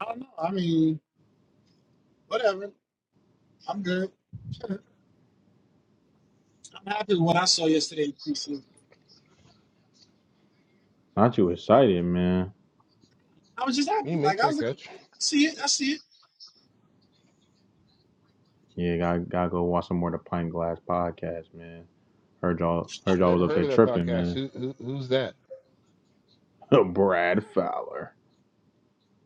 S1: I don't know. I mean, whatever. I'm good. I'm happy with what I saw yesterday in preseason.
S3: Not you excited, man.
S1: I was just
S20: He
S1: happy.
S20: make
S1: Like I was
S20: that
S1: like,
S20: catch.
S1: okay, I see it. I see it.
S3: Yeah, gotta, gotta go watch some more of the Pint Glass podcast, man. Heard y'all heard
S20: I
S3: y'all
S20: never
S3: was up
S20: heard
S3: there
S20: of that
S3: tripping,
S20: podcast.
S3: man.
S20: Who, who who's that?
S3: Brad Fowler.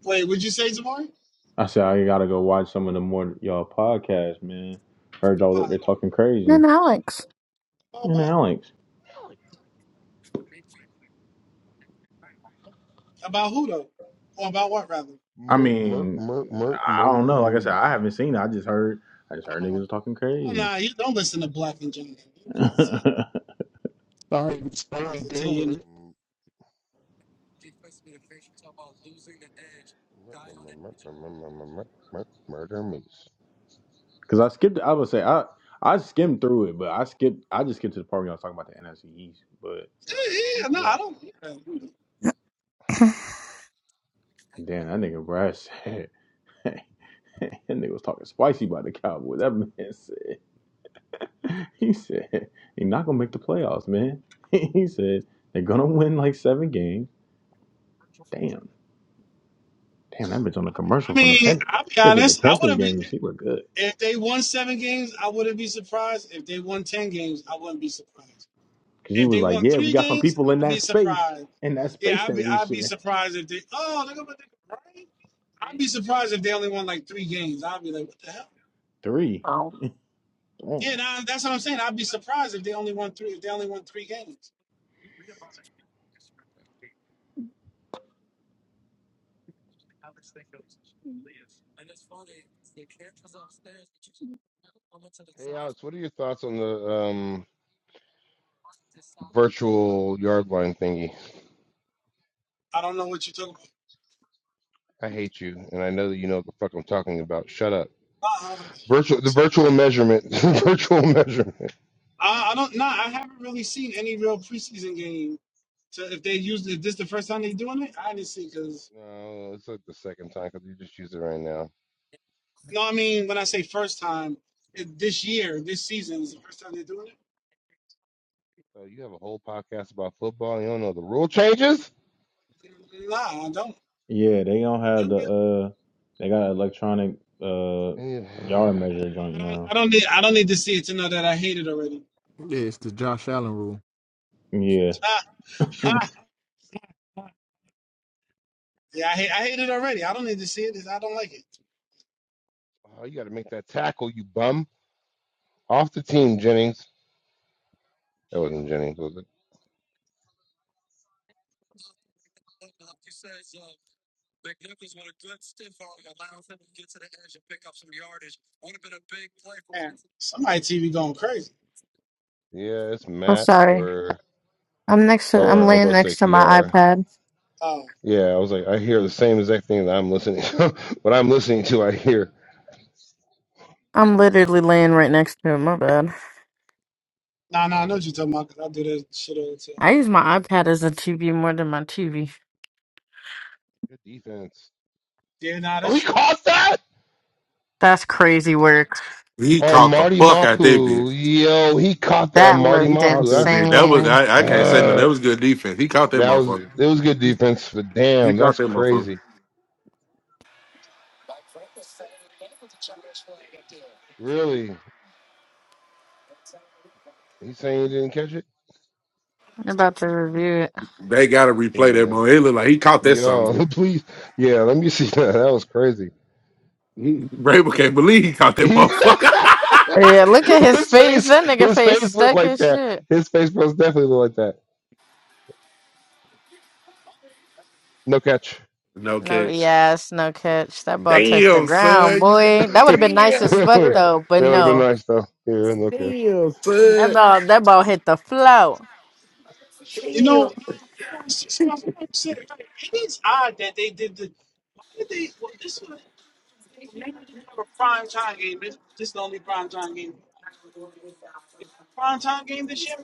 S1: Wait, would you say Jamari?
S3: I said I gotta go watch some of the more y'all podcasts, man. Heard y'all out
S1: Why?
S3: there talking crazy.
S1: About
S3: And
S1: what?
S3: Alex,
S1: About who though? Or about what rather?
S3: I
S20: Mur, mur,
S3: mean,
S20: mur, mur,
S3: I don't
S20: murder
S3: know. Like I said, I
S20: moose.
S3: haven't seen it. I just heard, I just heard
S1: Uh,
S3: niggas talking
S1: Oh,
S3: crazy.
S1: nah, you don't listen to Black and Johnson. You Niggas
S3: Cause
S13: Sorry, sorry,
S1: will tell
S13: deal
S1: you
S13: with
S1: anything.
S13: it.
S20: Mm, mur- mur- mur- mur- mur- mur- mur- mur- mur- mur- Murder moose.
S3: I skipped. I would say I I skimmed through it, but I skipped. I just skipped to the part where y'all was talking about the NFC East. But
S1: Yeah, yeah, no,
S20: Yeah.
S1: I don't. yeah.
S3: damn, that nigga Brad said. That nigga was talking spicy about the Cowboys. That man said, he said, he not gonna make the playoffs, man. he said, they're gonna win like seven games. Damn. Damn, that bitch on the
S1: I
S3: commercial from the
S1: mean,
S3: Pen-
S1: I'll be
S3: bitch at the
S1: honest. I
S3: Panthers
S1: wouldn't be
S3: game. and She looked good
S1: if they won seven games. I wouldn't be surprised. If they won ten games, I wouldn't be surprised.
S3: because she
S1: If
S3: was
S1: they
S3: like,
S1: won
S3: "Yeah, we
S1: three
S3: got some
S1: games,
S3: people in
S1: I'd be
S3: that space,
S1: surprised.
S3: in that
S1: Yeah,
S3: space
S1: I'd
S3: that
S1: be
S3: we
S1: I'd be
S3: share."
S1: surprised if they. Oh, look at what they right. I'd be surprised if they only won like three games. I'd be like, what the hell?
S3: Three, damn.
S1: Yeah, nah, that's what I'm saying. I'd be surprised if they only won three. If they only won three games,
S20: Hey Alex, what are your thoughts on the um virtual yard line thingy?
S1: I don't know what you're talking
S20: I hate you, and I know that you know what the fuck I'm talking about. Shut up.
S1: about. Uh,
S20: Virtual, the virtual measurement, the virtual measurement.
S1: I, I don't know. I haven't really seen any real preseason game. So if they used it, this the first time they doing it? I didn't see because
S20: No, it's like the second time because you just used it right now.
S1: no, I mean when I say first time, it, this year, this season is the first time they're doing it.
S20: So you have a whole podcast about football. And you don't know the rule changes.
S1: Nah, I don't.
S3: Yeah, they don't have
S1: You'll
S3: the
S1: get-
S3: uh they got electronic uh
S20: And you,
S3: yard measure joint
S1: I don't.
S3: now.
S1: I don't need. I don't need to see it to know that I hate it already.
S13: Yeah, it's the Josh Allen rule.
S3: Yeah,
S1: Ah, ah, yeah, I hate. I hate it already. I don't need to see it. 'cause I don't like it.
S20: oh, you got to make that tackle, you bum. Off the team, Jennings. That wasn't Jennings, was it?
S1: Man, somebody TV going crazy.
S20: Yeah, it's
S10: I'm
S20: Matt
S10: sorry.
S20: or
S10: I'm next to. I'm
S20: or I
S10: laying
S20: was
S10: next
S20: like, to
S10: to my iPad.
S1: Oh,
S20: Yeah, I was like, I hear the same exact thing that I'm listening to. what I'm listening to, I hear.
S10: I'm literally laying right next to it. My bad.
S1: nah, nah. I
S20: I
S1: know
S20: hear
S1: what you're talking about. 'cause I do that shit all the time.
S10: I use my iPad as a TV more than my TV.
S20: Good defense.
S1: Yeah, nah,
S20: Oh,
S1: that's
S20: he
S1: true.
S20: caught that
S10: That's crazy work.
S2: He
S20: on
S2: caught the
S20: Marty
S2: fuck out that bitch.
S20: Mapu. Yo, he caught that on
S10: That
S20: Marty
S2: He
S10: looked
S20: Mapu.
S2: caught that
S20: That's
S2: bitch. That was
S10: insane.
S2: I, I can't say nothing.
S20: uh,
S2: That was good defense. He caught that
S20: that was
S2: motherfucker.
S20: it was good defense, but
S2: He
S20: damn,
S2: caught
S20: that's
S2: that motherfucker.
S20: crazy. Really, he's saying he didn't catch it.
S10: I'm about to review it.
S2: They gotta replay that
S20: Yeah,
S2: motherfucker. It looked like he caught that something, dude.
S20: yo, please, yeah. Let me see that. That was crazy.
S2: He, Rabel can't believe he caught that
S20: He-
S2: motherfucker.
S10: Yeah, look at his
S20: his
S10: face.
S20: face,
S10: That nigga
S20: his
S10: face
S20: face looked
S10: stuck
S20: like
S10: as
S20: that.
S10: shit.
S20: His face most definitely looked like that. No catch.
S2: no
S10: No,
S2: catch.
S10: yes, no catch. That ball touched the
S2: Damn,
S10: ground,
S2: son. You got
S10: boy. That would have been nice as
S2: damn
S10: fuck
S2: son.
S20: that
S10: though, but
S20: would have been
S10: no.
S20: nice though. Yeah, no catch.
S2: Damn,
S10: That
S2: son.
S10: ball that ball hit the flow.
S1: You know,
S2: Damn.
S1: it was just I forgot to say, like, it is odd that they did the why did they what was the time game? This this is the only prime time game. Prime time game this year,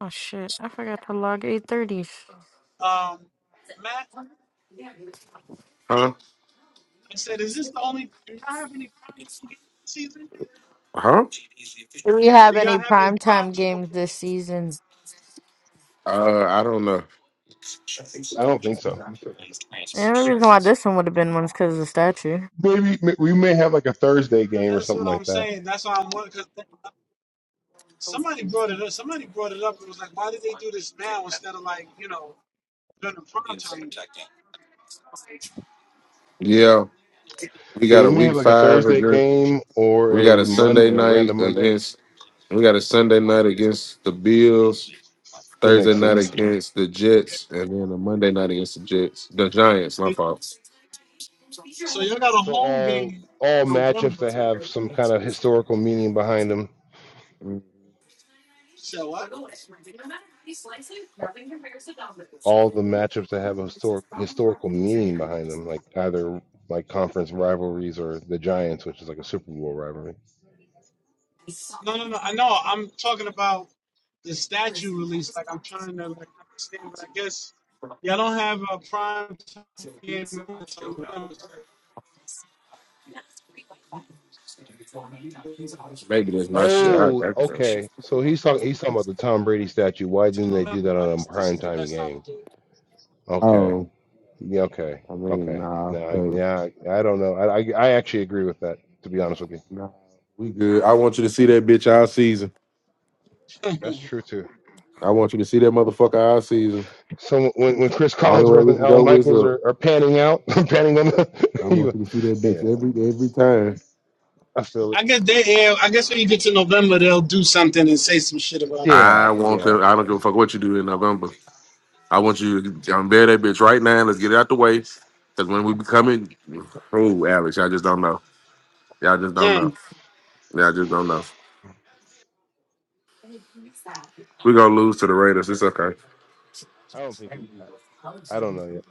S10: Oh shit. I forgot to log eight thirties.
S1: Matt? Um Matt,
S2: Huh?
S1: I said, is this the only do y'all have any prime time games this season?
S2: Huh?
S10: Do we have
S1: Do
S10: any
S1: y'all have any prime
S10: primetime
S1: time
S10: games
S1: games?
S10: this season?
S2: Uh I don't know.
S20: I don't think so.
S10: The only reason why this one would have been one's because of the statue.
S20: Maybe m- we may have like a Thursday game or
S1: That's
S20: something
S1: what I'm
S20: like that.
S1: saying. That's why I'm wondering because somebody brought it up. Somebody brought it up and was like, why did they do this now instead of like, you know, during the prime time?
S2: Yeah. We
S20: Yeah,
S2: got
S20: we
S2: a
S20: may have
S2: week
S20: like a
S2: five
S20: Thursday
S2: against
S20: game or
S2: we got
S20: a
S2: a
S20: Monday,
S2: Sunday
S20: a random
S2: night
S20: Monday.
S2: against We got a Sunday night against the Bills,
S20: That
S2: Thursday
S20: makes
S2: night
S20: sense.
S1: That's
S2: against the Jets, and then a Monday night against the Jets. The Giants, my
S1: so,
S2: fault.
S1: so y'all got a
S20: So
S1: home game
S20: all
S1: in
S20: all matchups that
S1: November.
S20: have some kind of historical meaning behind them
S2: Mm,
S1: So what?
S20: all the matchups that have a historic, historical meaning behind them, like either like conference rivalries or the Giants, which is like a Super Bowl rivalry.
S1: No, no, no. I know. I'm talking about the statue release. Like I'm trying to like understand, but I guess y'all don't have a prime time game until November. So
S2: Maybe that's my shit. I,
S20: Oh,
S2: I think.
S20: okay. So he's talking he's talking about the Tom Brady statue. Why didn't
S1: until
S20: they do
S1: November,
S20: that
S1: I
S20: on a
S1: guess this
S20: prime
S1: is the
S20: time
S1: best time to
S20: game?
S1: do
S20: Okay.
S2: Oh,
S20: Yeah, okay.
S2: I mean,
S20: Okay.
S2: nah,
S20: No, I,
S2: 'cause-
S20: yeah, I I don't know. I, I I actually agree with that. To be honest with you,
S2: nah, we good. I want you to see that bitch all season.
S20: that's
S1: it.
S20: true too.
S2: I want you to see that motherfucker all season.
S20: So when when Chris
S2: Only way
S20: Collinsworth
S2: we
S20: and
S2: can
S20: Al
S2: go is
S20: Michaels
S2: up.
S20: are, are panning out, panning on
S2: I
S20: the,
S2: want
S20: you,
S2: you to see that bitch
S20: yeah,
S2: every every time.
S20: I feel it.
S1: I guess they. Yeah, I guess when you get to November, they'll do something and say some shit about it.
S2: I
S20: Yeah,
S2: want
S20: yeah.
S2: to. I don't give a fuck what you do in November. I want you to unveil that bitch right now. Let's get it out the way. Cause when we be coming, oh Alex, y'all just don't know. Y'all just don't
S1: Hmm.
S2: know. Y'all just don't know. We gonna lose to the Raiders. It's okay.
S20: I don't think we. I don't know yet.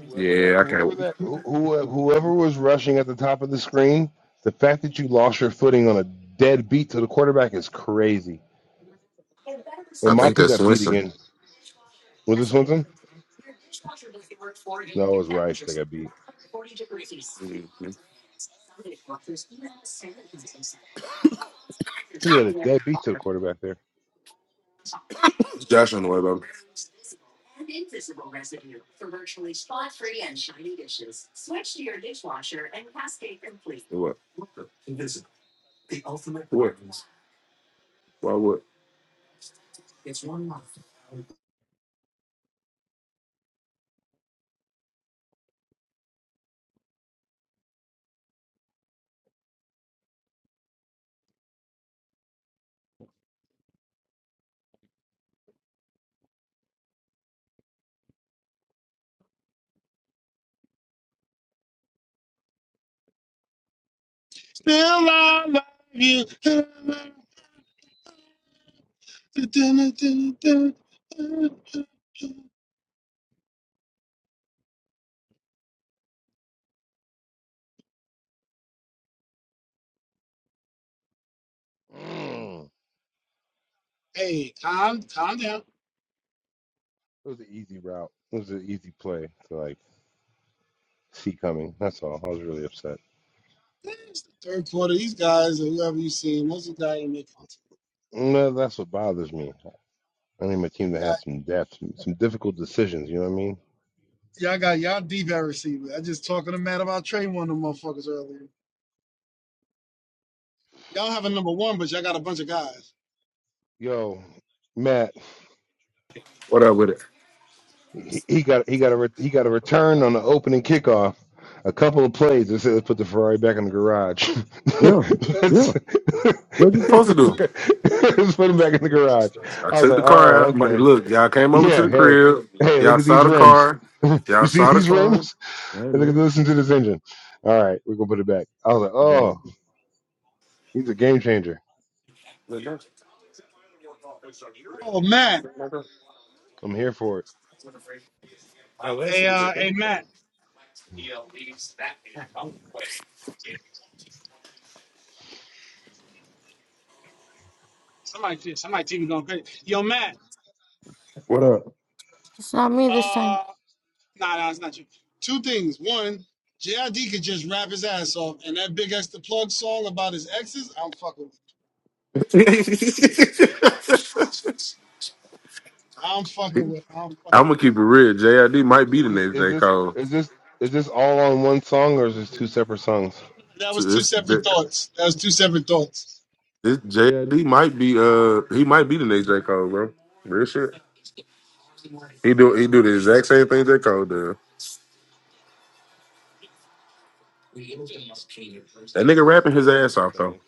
S20: Whoever that,
S2: Yeah, I
S20: whoever
S2: can't.
S20: that, who, who, uh, whoever was rushing at the top of the screen, the fact that you lost your footing on a dead beat to the quarterback is crazy.
S2: I
S20: And
S2: think
S20: Mapu
S2: that's
S20: got beat
S2: Winston.
S20: again. Was it
S2: Mhm.
S20: Swinton?
S2: Josh
S20: No, it was Rice that got beat. He had a dead beat to the quarterback there.
S2: on the way, baby. What? What? Why what?
S1: Still, I love you.
S20: Mm.
S1: Hey, calm, calm down.
S20: It was an easy route. It was an easy play to like see coming. That's all. I was really upset.
S1: It's the third quarter. These guys or whoever you seen, most of the guys ain't making the
S20: No, that's what bothers me. I need my team
S1: team.
S20: to
S1: They
S20: have
S1: got-
S20: some depth, some difficult decisions. You know what I mean?
S1: Y'all got y'all D bad receiver. I just talking to Matt about Trey one of them motherfuckers earlier. Y'all have a number one, but y'all got a bunch of guys.
S20: Yo, Matt.
S2: What up with it?
S20: He, he got he got a re- he got a return on the opening kickoff. A couple of plays that said, "Let's put the Ferrari back in the garage."
S2: Yeah, yeah.
S20: let's,
S2: What you supposed
S20: let's
S2: to do?
S20: put let's put him back in the garage.
S2: I
S20: I was
S2: took
S20: like,
S2: the car
S20: "Oh,
S2: out. But
S20: okay,
S2: look, y'all came over to
S20: yeah,
S2: the
S20: hey,
S2: crib.
S20: hey, look
S2: Y'all
S20: at
S2: saw
S20: these
S2: the
S20: rims.
S2: car.
S20: you
S2: Y'all
S20: see
S2: saw the
S20: these
S2: car.
S20: rims?
S2: Hey,
S20: And look at
S2: man.
S20: listen to this engine. All right, we're gonna put it back." I was like, "Oh, he's a game changer.
S2: Yeah.
S1: Oh Matt.
S20: I'm here for it."
S1: Hey, uh, hey, Matt. Somebody, yeah, somebody, TV going crazy. Yo, Matt.
S2: What up?
S10: It's not me this time.
S1: Uh, nah, nah, it's not you. Two things. One, JID could just rap his ass off and that big X the plug song about his exes, I'm fucking with. I'm fucking with. I'm fucking
S2: I'm gonna keep it real. JID might be
S20: Is
S2: the
S20: this
S2: next
S20: is
S2: J
S20: this
S2: Cole.
S20: is this is this all on one song or is this two separate songs?
S1: that
S2: So
S1: was two
S2: this,
S1: separate
S2: this
S1: thoughts. That was two separate thoughts.
S2: JID might be uh he might be the next J Cole, bro. Real shit. He do he do the exact same thing J Cole does. That nigga rapping his
S20: That's
S2: ass off though.
S20: upsetting.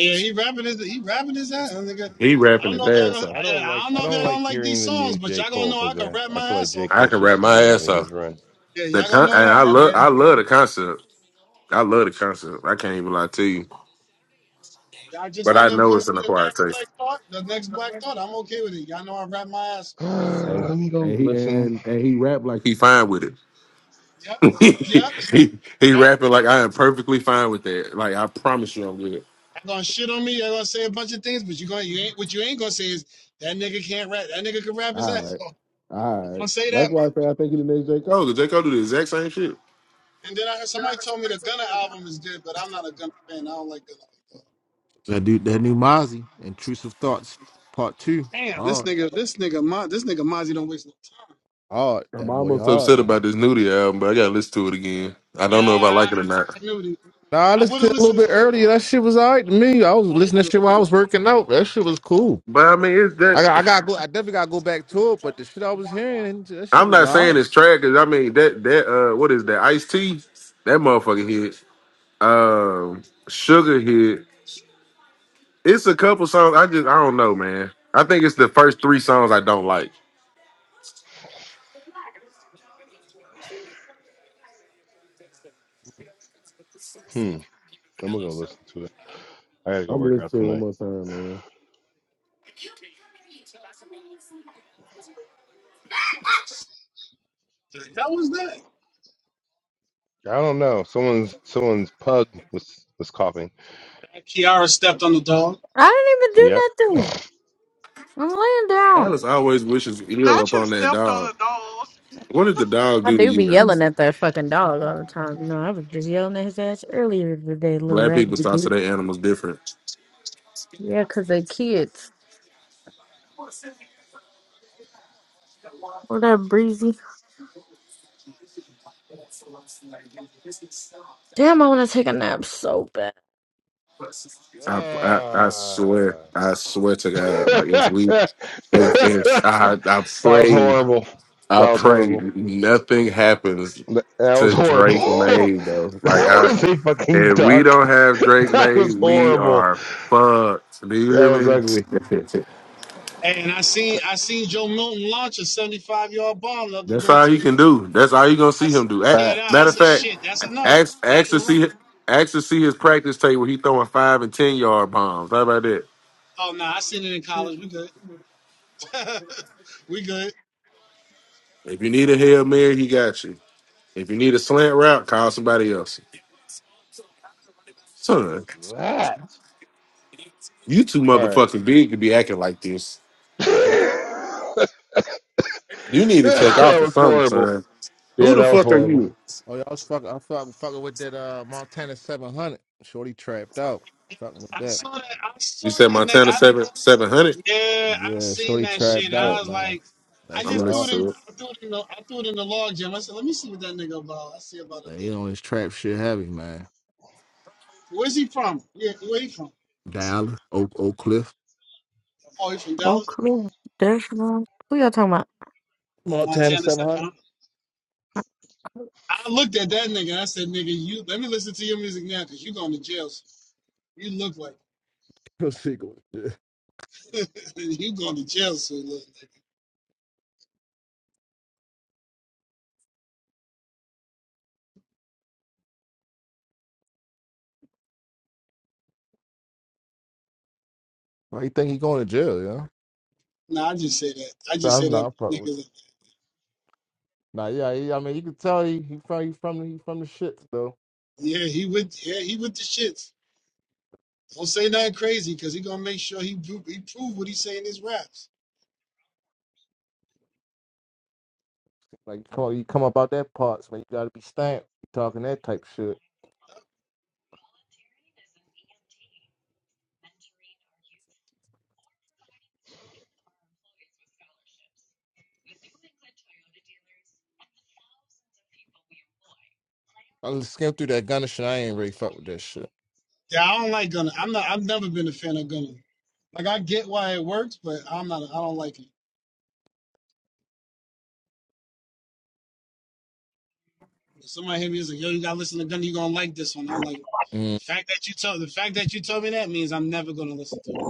S1: yeah, he rapping his he rapping his ass. Nigga.
S2: He
S1: I
S2: rapping
S1: don't
S2: his
S1: know if
S20: I
S1: y'all
S20: don't.
S2: ass
S1: gonna
S2: off.
S1: I
S20: I don't
S1: I
S20: like.
S1: don't
S20: I
S1: know if y'all
S20: don't like
S1: gonna like
S20: hearing
S1: these
S20: the
S1: songs,
S20: new
S1: but
S20: J
S1: y'all gonna
S20: Cole
S1: know I
S20: because
S1: can
S20: I,
S1: rap
S20: I
S1: my
S20: feel like
S1: ass
S20: J
S1: off.
S2: I
S20: Cole
S2: can
S20: should
S2: rap
S20: still
S2: my
S20: be
S2: ass
S20: having
S2: off.
S20: his run.
S1: Yeah,
S2: The
S1: y'all gonna
S2: con-
S1: know
S2: and
S1: that
S2: I
S1: at the
S2: love I
S1: end.
S2: love the concept. I love the concept. I can't even lie to you.
S1: If y'all just
S2: But I
S1: end up
S2: know
S1: closing
S2: it's an
S1: the
S2: acquired
S1: next
S2: taste.
S1: black thought, the next black thought, I'm okay with it. Y'all know I rap my ass off. That's it.
S2: Hey,
S20: Let me go
S2: and he
S20: listen.
S2: and, and he rap like he fine with it.
S1: Yep. Yep.
S2: he he
S1: Yep.
S2: rapping like I am perfectly fine with that. Like I promise you I'm good.
S1: Y'all gonna shit on me, y'all gonna say a bunch of things, but you gonna you ain't what you ain't gonna say is that nigga can't rap. That nigga can rap his ass
S2: Alright.
S1: off. You
S2: Alright.
S1: gonna say that
S2: That's why I
S1: much.
S2: say I think he the next J. Cole, because J. Cole do the exact same shit.
S1: And then I heard somebody told me the Gunna album is good, but I'm not a Gunna fan. I don't like Gunna.
S13: That dude, that new Mozzie, intrusive thoughts, part two.
S1: Damn. This
S13: Hard,
S1: nigga, this nigga, Ma, this nigga Mozzie don't waste no time.
S13: hard.
S2: I'm
S13: That boy
S2: almost
S13: hard,
S2: upset about
S13: man.
S2: this nudie album, but I gotta listen to it again. I
S1: Yeah,
S2: don't know if I
S1: I,
S2: like it or not.
S1: I, I knew the,
S13: Nah, I
S1: I
S13: listened
S1: would
S13: to
S1: have
S13: it a little bit
S1: listened.
S13: earlier. That shit was alright to me. I was
S1: I like
S13: listening to
S1: the,
S13: shit while I was working out. That shit was cool.
S2: But I mean it's
S13: I got, I got
S2: that
S13: to go. I definitely got to go back to it. But the shit I was hearing, that shit
S2: I'm
S13: was
S2: not
S13: all
S2: saying
S13: right.
S2: it's trash because I mean that that uh what is that Ice T? That motherfucker hit. Um, Sugar hit. It's a couple songs. I just I don't know, man. I think it's the first three songs I don't like.
S20: Hmm. I'm gonna go listen to it. I gotta go
S2: I'm gonna
S20: work
S2: listen
S20: out
S2: to it one
S20: tonight.
S2: more time, man.
S1: That was that.
S20: I don't know. Someone's someone's pug was was coughing.
S1: and Kiara stepped on the dog.
S20: Yep.
S10: I didn't even do nothing. I'm laying down.
S2: Alice always wishes ill
S11: Not you
S2: upon that
S11: stepped on
S2: dog.
S11: a dog.
S2: What did the dog
S10: I
S2: do to
S10: do be
S2: you,
S10: yelling
S2: Alice?
S10: at that fucking dog all the time. You know, I was just yelling at his ass earlier today, little
S2: Black people
S10: raggedy
S2: talk to
S10: dude.
S2: their animals different.
S10: Yeah, 'cause they kids. What up, Breezy? Damn, I want to take a nap so bad.
S2: I, I I swear,
S20: Ah.
S2: I swear to God, like if we,
S20: that
S2: if, if I I
S20: was
S2: pray.
S20: horrible.
S2: I
S20: That was
S2: pray
S20: horrible.
S2: nothing happens
S20: That that was
S2: to
S20: horrible.
S2: Drake May though. Like
S20: that
S2: I,
S20: was a fucking
S2: if we
S20: duck.
S2: don't have Drake
S20: That
S2: May,
S20: was
S2: we
S20: horrible.
S2: are fucked. Do you
S20: That
S2: hear
S20: was
S2: me?
S20: ugly.
S25: If it's it.
S1: Hey, And I seen I seen Joe Milton launch a 75 yard bomb the other
S2: That's
S1: day
S2: all he
S1: too.
S2: can do. That's all you gonna
S1: I
S2: see
S1: s-
S2: him do. A-
S1: yeah, nah,
S25: Facts.
S2: matter
S1: that's
S2: of
S1: a
S2: fact,
S1: shit. That's enough.
S2: ask
S1: That
S2: ask to
S1: and run-
S2: see ask to see his practice tape where he throwing five and ten yard bombs. How about that?
S1: oh no, I seen it in college. We good. we good.
S2: If you need a hail mary, he got you. If you need a slant route, call somebody else.
S20: fuck
S2: Son,
S20: was that?
S2: you too
S20: All right.
S2: motherfucking big to be acting like this. You need to take off
S20: that
S2: or
S20: was
S2: something,
S20: horrible.
S2: son. Who
S20: Yeah,
S2: the
S20: that was
S2: fuck are
S20: horrible.
S2: you?
S13: Oh, y'all was fucking. I fucking fucking with that uh Montana seven hundred. Shorty trapped out. Fucking with
S1: I
S13: that.
S1: saw that. I
S2: You
S1: saw
S2: said
S1: that nigga.
S2: Montana
S1: I
S2: seven
S1: didn't.
S2: seven hundred.
S1: Yeah, I
S13: Yeah,
S1: seen
S13: Shorty
S1: that shit.
S13: trapped
S1: And
S2: Yeah,
S1: I
S13: out,
S1: was
S13: man.
S1: like,
S13: That
S1: I
S2: I'm gonna
S13: shit
S1: just threw
S13: hot.
S1: it
S2: listen
S1: in.
S2: to it.
S1: I threw it in the. I threw it in the log jam. I said, let me see what that nigga about. I see about it
S13: Man, you
S1: later.
S13: know his trap shit heavy, man.
S1: Where's he from? Yeah, where he from?
S13: Dallas, Oak, Oak Cliff,
S1: Oh, he from
S10: Oh,
S1: Dallas,
S10: clear. There's one. Who y'all talking about?
S13: Montana
S1: Montana.
S13: seven
S1: Said,
S13: hundred.
S1: huh? I looked at that nigga. and I said, nigga, you let me listen to your music now, cause you going to jail. soon. You look like
S13: Go see go.
S1: you going to jail soon, little nigga.
S13: Why you think he going to jail? Yeah,
S1: No, I just say that. I
S13: nah,
S1: just say
S13: I'm
S1: that
S13: not fucking with.
S1: nigga.
S13: You.
S1: like,
S13: Nah, yeah, he, I mean, you can tell he, he from he from the- he from the shits though.
S1: Yeah, he with. Yeah, he with the shits. Don't say nothing crazy, cause he gonna make sure he pro- he prove what he saying in his raps.
S13: Like, you come you come up out that parts, man. You gotta be stamped. You talking that type shit. I just skimmed through that Gunna shit. I ain't really fuck with that shit.
S1: Yeah, I don't like Gunna. I'm not. I've never been a fan of Gunna. Like I get why it works, but I'm not. I don't like it. If somebody hit me and like, "Yo, you gotta listen to Gunna. You gonna like this one?" I'm like,
S13: Mm,
S1: the fact that you told the fact that you told me that means I'm never gonna listen to it.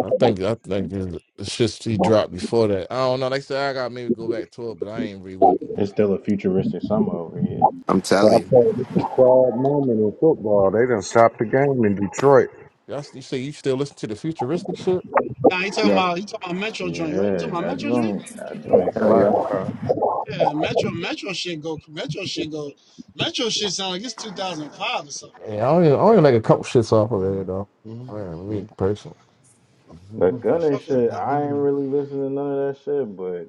S13: I think I think the the shit he dropped before that. I don't know. They said I got maybe go back to it, but I ain't really wasn't.
S3: It's still a futuristic summer over here.
S25: I'm
S22: So I
S25: telling you.
S22: played this is a proud moment in football. They done stopped the game in Detroit.
S13: Y'all, you say you still listen to the futuristic shit?
S1: Nah, he talking
S25: Yeah.
S1: about he talking about Metro joint, right? You talking
S3: Yeah,
S1: about
S3: that
S1: Metro joint?
S3: joint that joint
S25: Hell yeah.
S3: slap, bro.
S1: Yeah, Metro Metro shit go Metro shit go Metro shit sound like it's 2005 or something.
S13: Yeah, I only, I only like a couple shits off of it though. Man, me personally,
S3: The
S1: I
S3: gun and
S1: fuck with it.
S3: shit,
S1: I-
S3: I ain't really listening to none of that shit, but.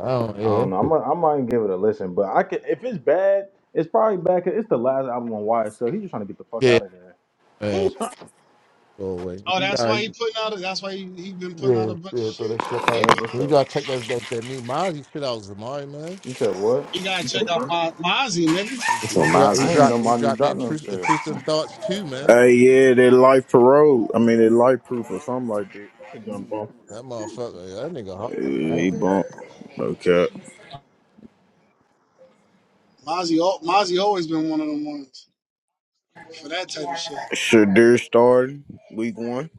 S13: I don't. Yeah,
S3: I don't
S13: that
S3: know. I
S13: shit-
S3: might, I might give it a listen, but I could if it's bad, it's probably bad. 'cause it's the last album on Wire, so he's just trying to get the fuck
S13: yeah,
S3: out of there.
S13: man,
S3: He's trying-
S13: go away.
S1: oh,
S13: You
S1: that's
S13: got
S1: why he putting out. a- That's why he, he been putting out a
S13: yeah,
S1: bunch of
S13: yeah, throw
S1: shit.
S13: that shit up out of
S3: yep, this
S13: it. You
S3: the.
S13: gotta check that that, that new Mozzie shit out, Zamari man.
S3: You said what?
S1: You gotta check out my Mozzie, nigga.
S25: It's
S13: He, he
S25: on
S13: dropped he
S3: I
S25: Mazes.
S3: didn't know
S13: dropped he
S3: Monty
S13: dropped the
S3: dropped no
S13: intrus-
S3: shit.
S13: intrusive thoughts too, man.
S26: Hey, yeah, that life parole. I mean, that life proof or something like that. Bump.
S13: That motherfucker, yeah, that nigga hard, man. I
S26: Hey, he
S13: don't care.
S26: bump. Okay.
S1: Mozzie, al- Mozzie always been one of them ones for that type of shit.
S26: Shadur starting week one.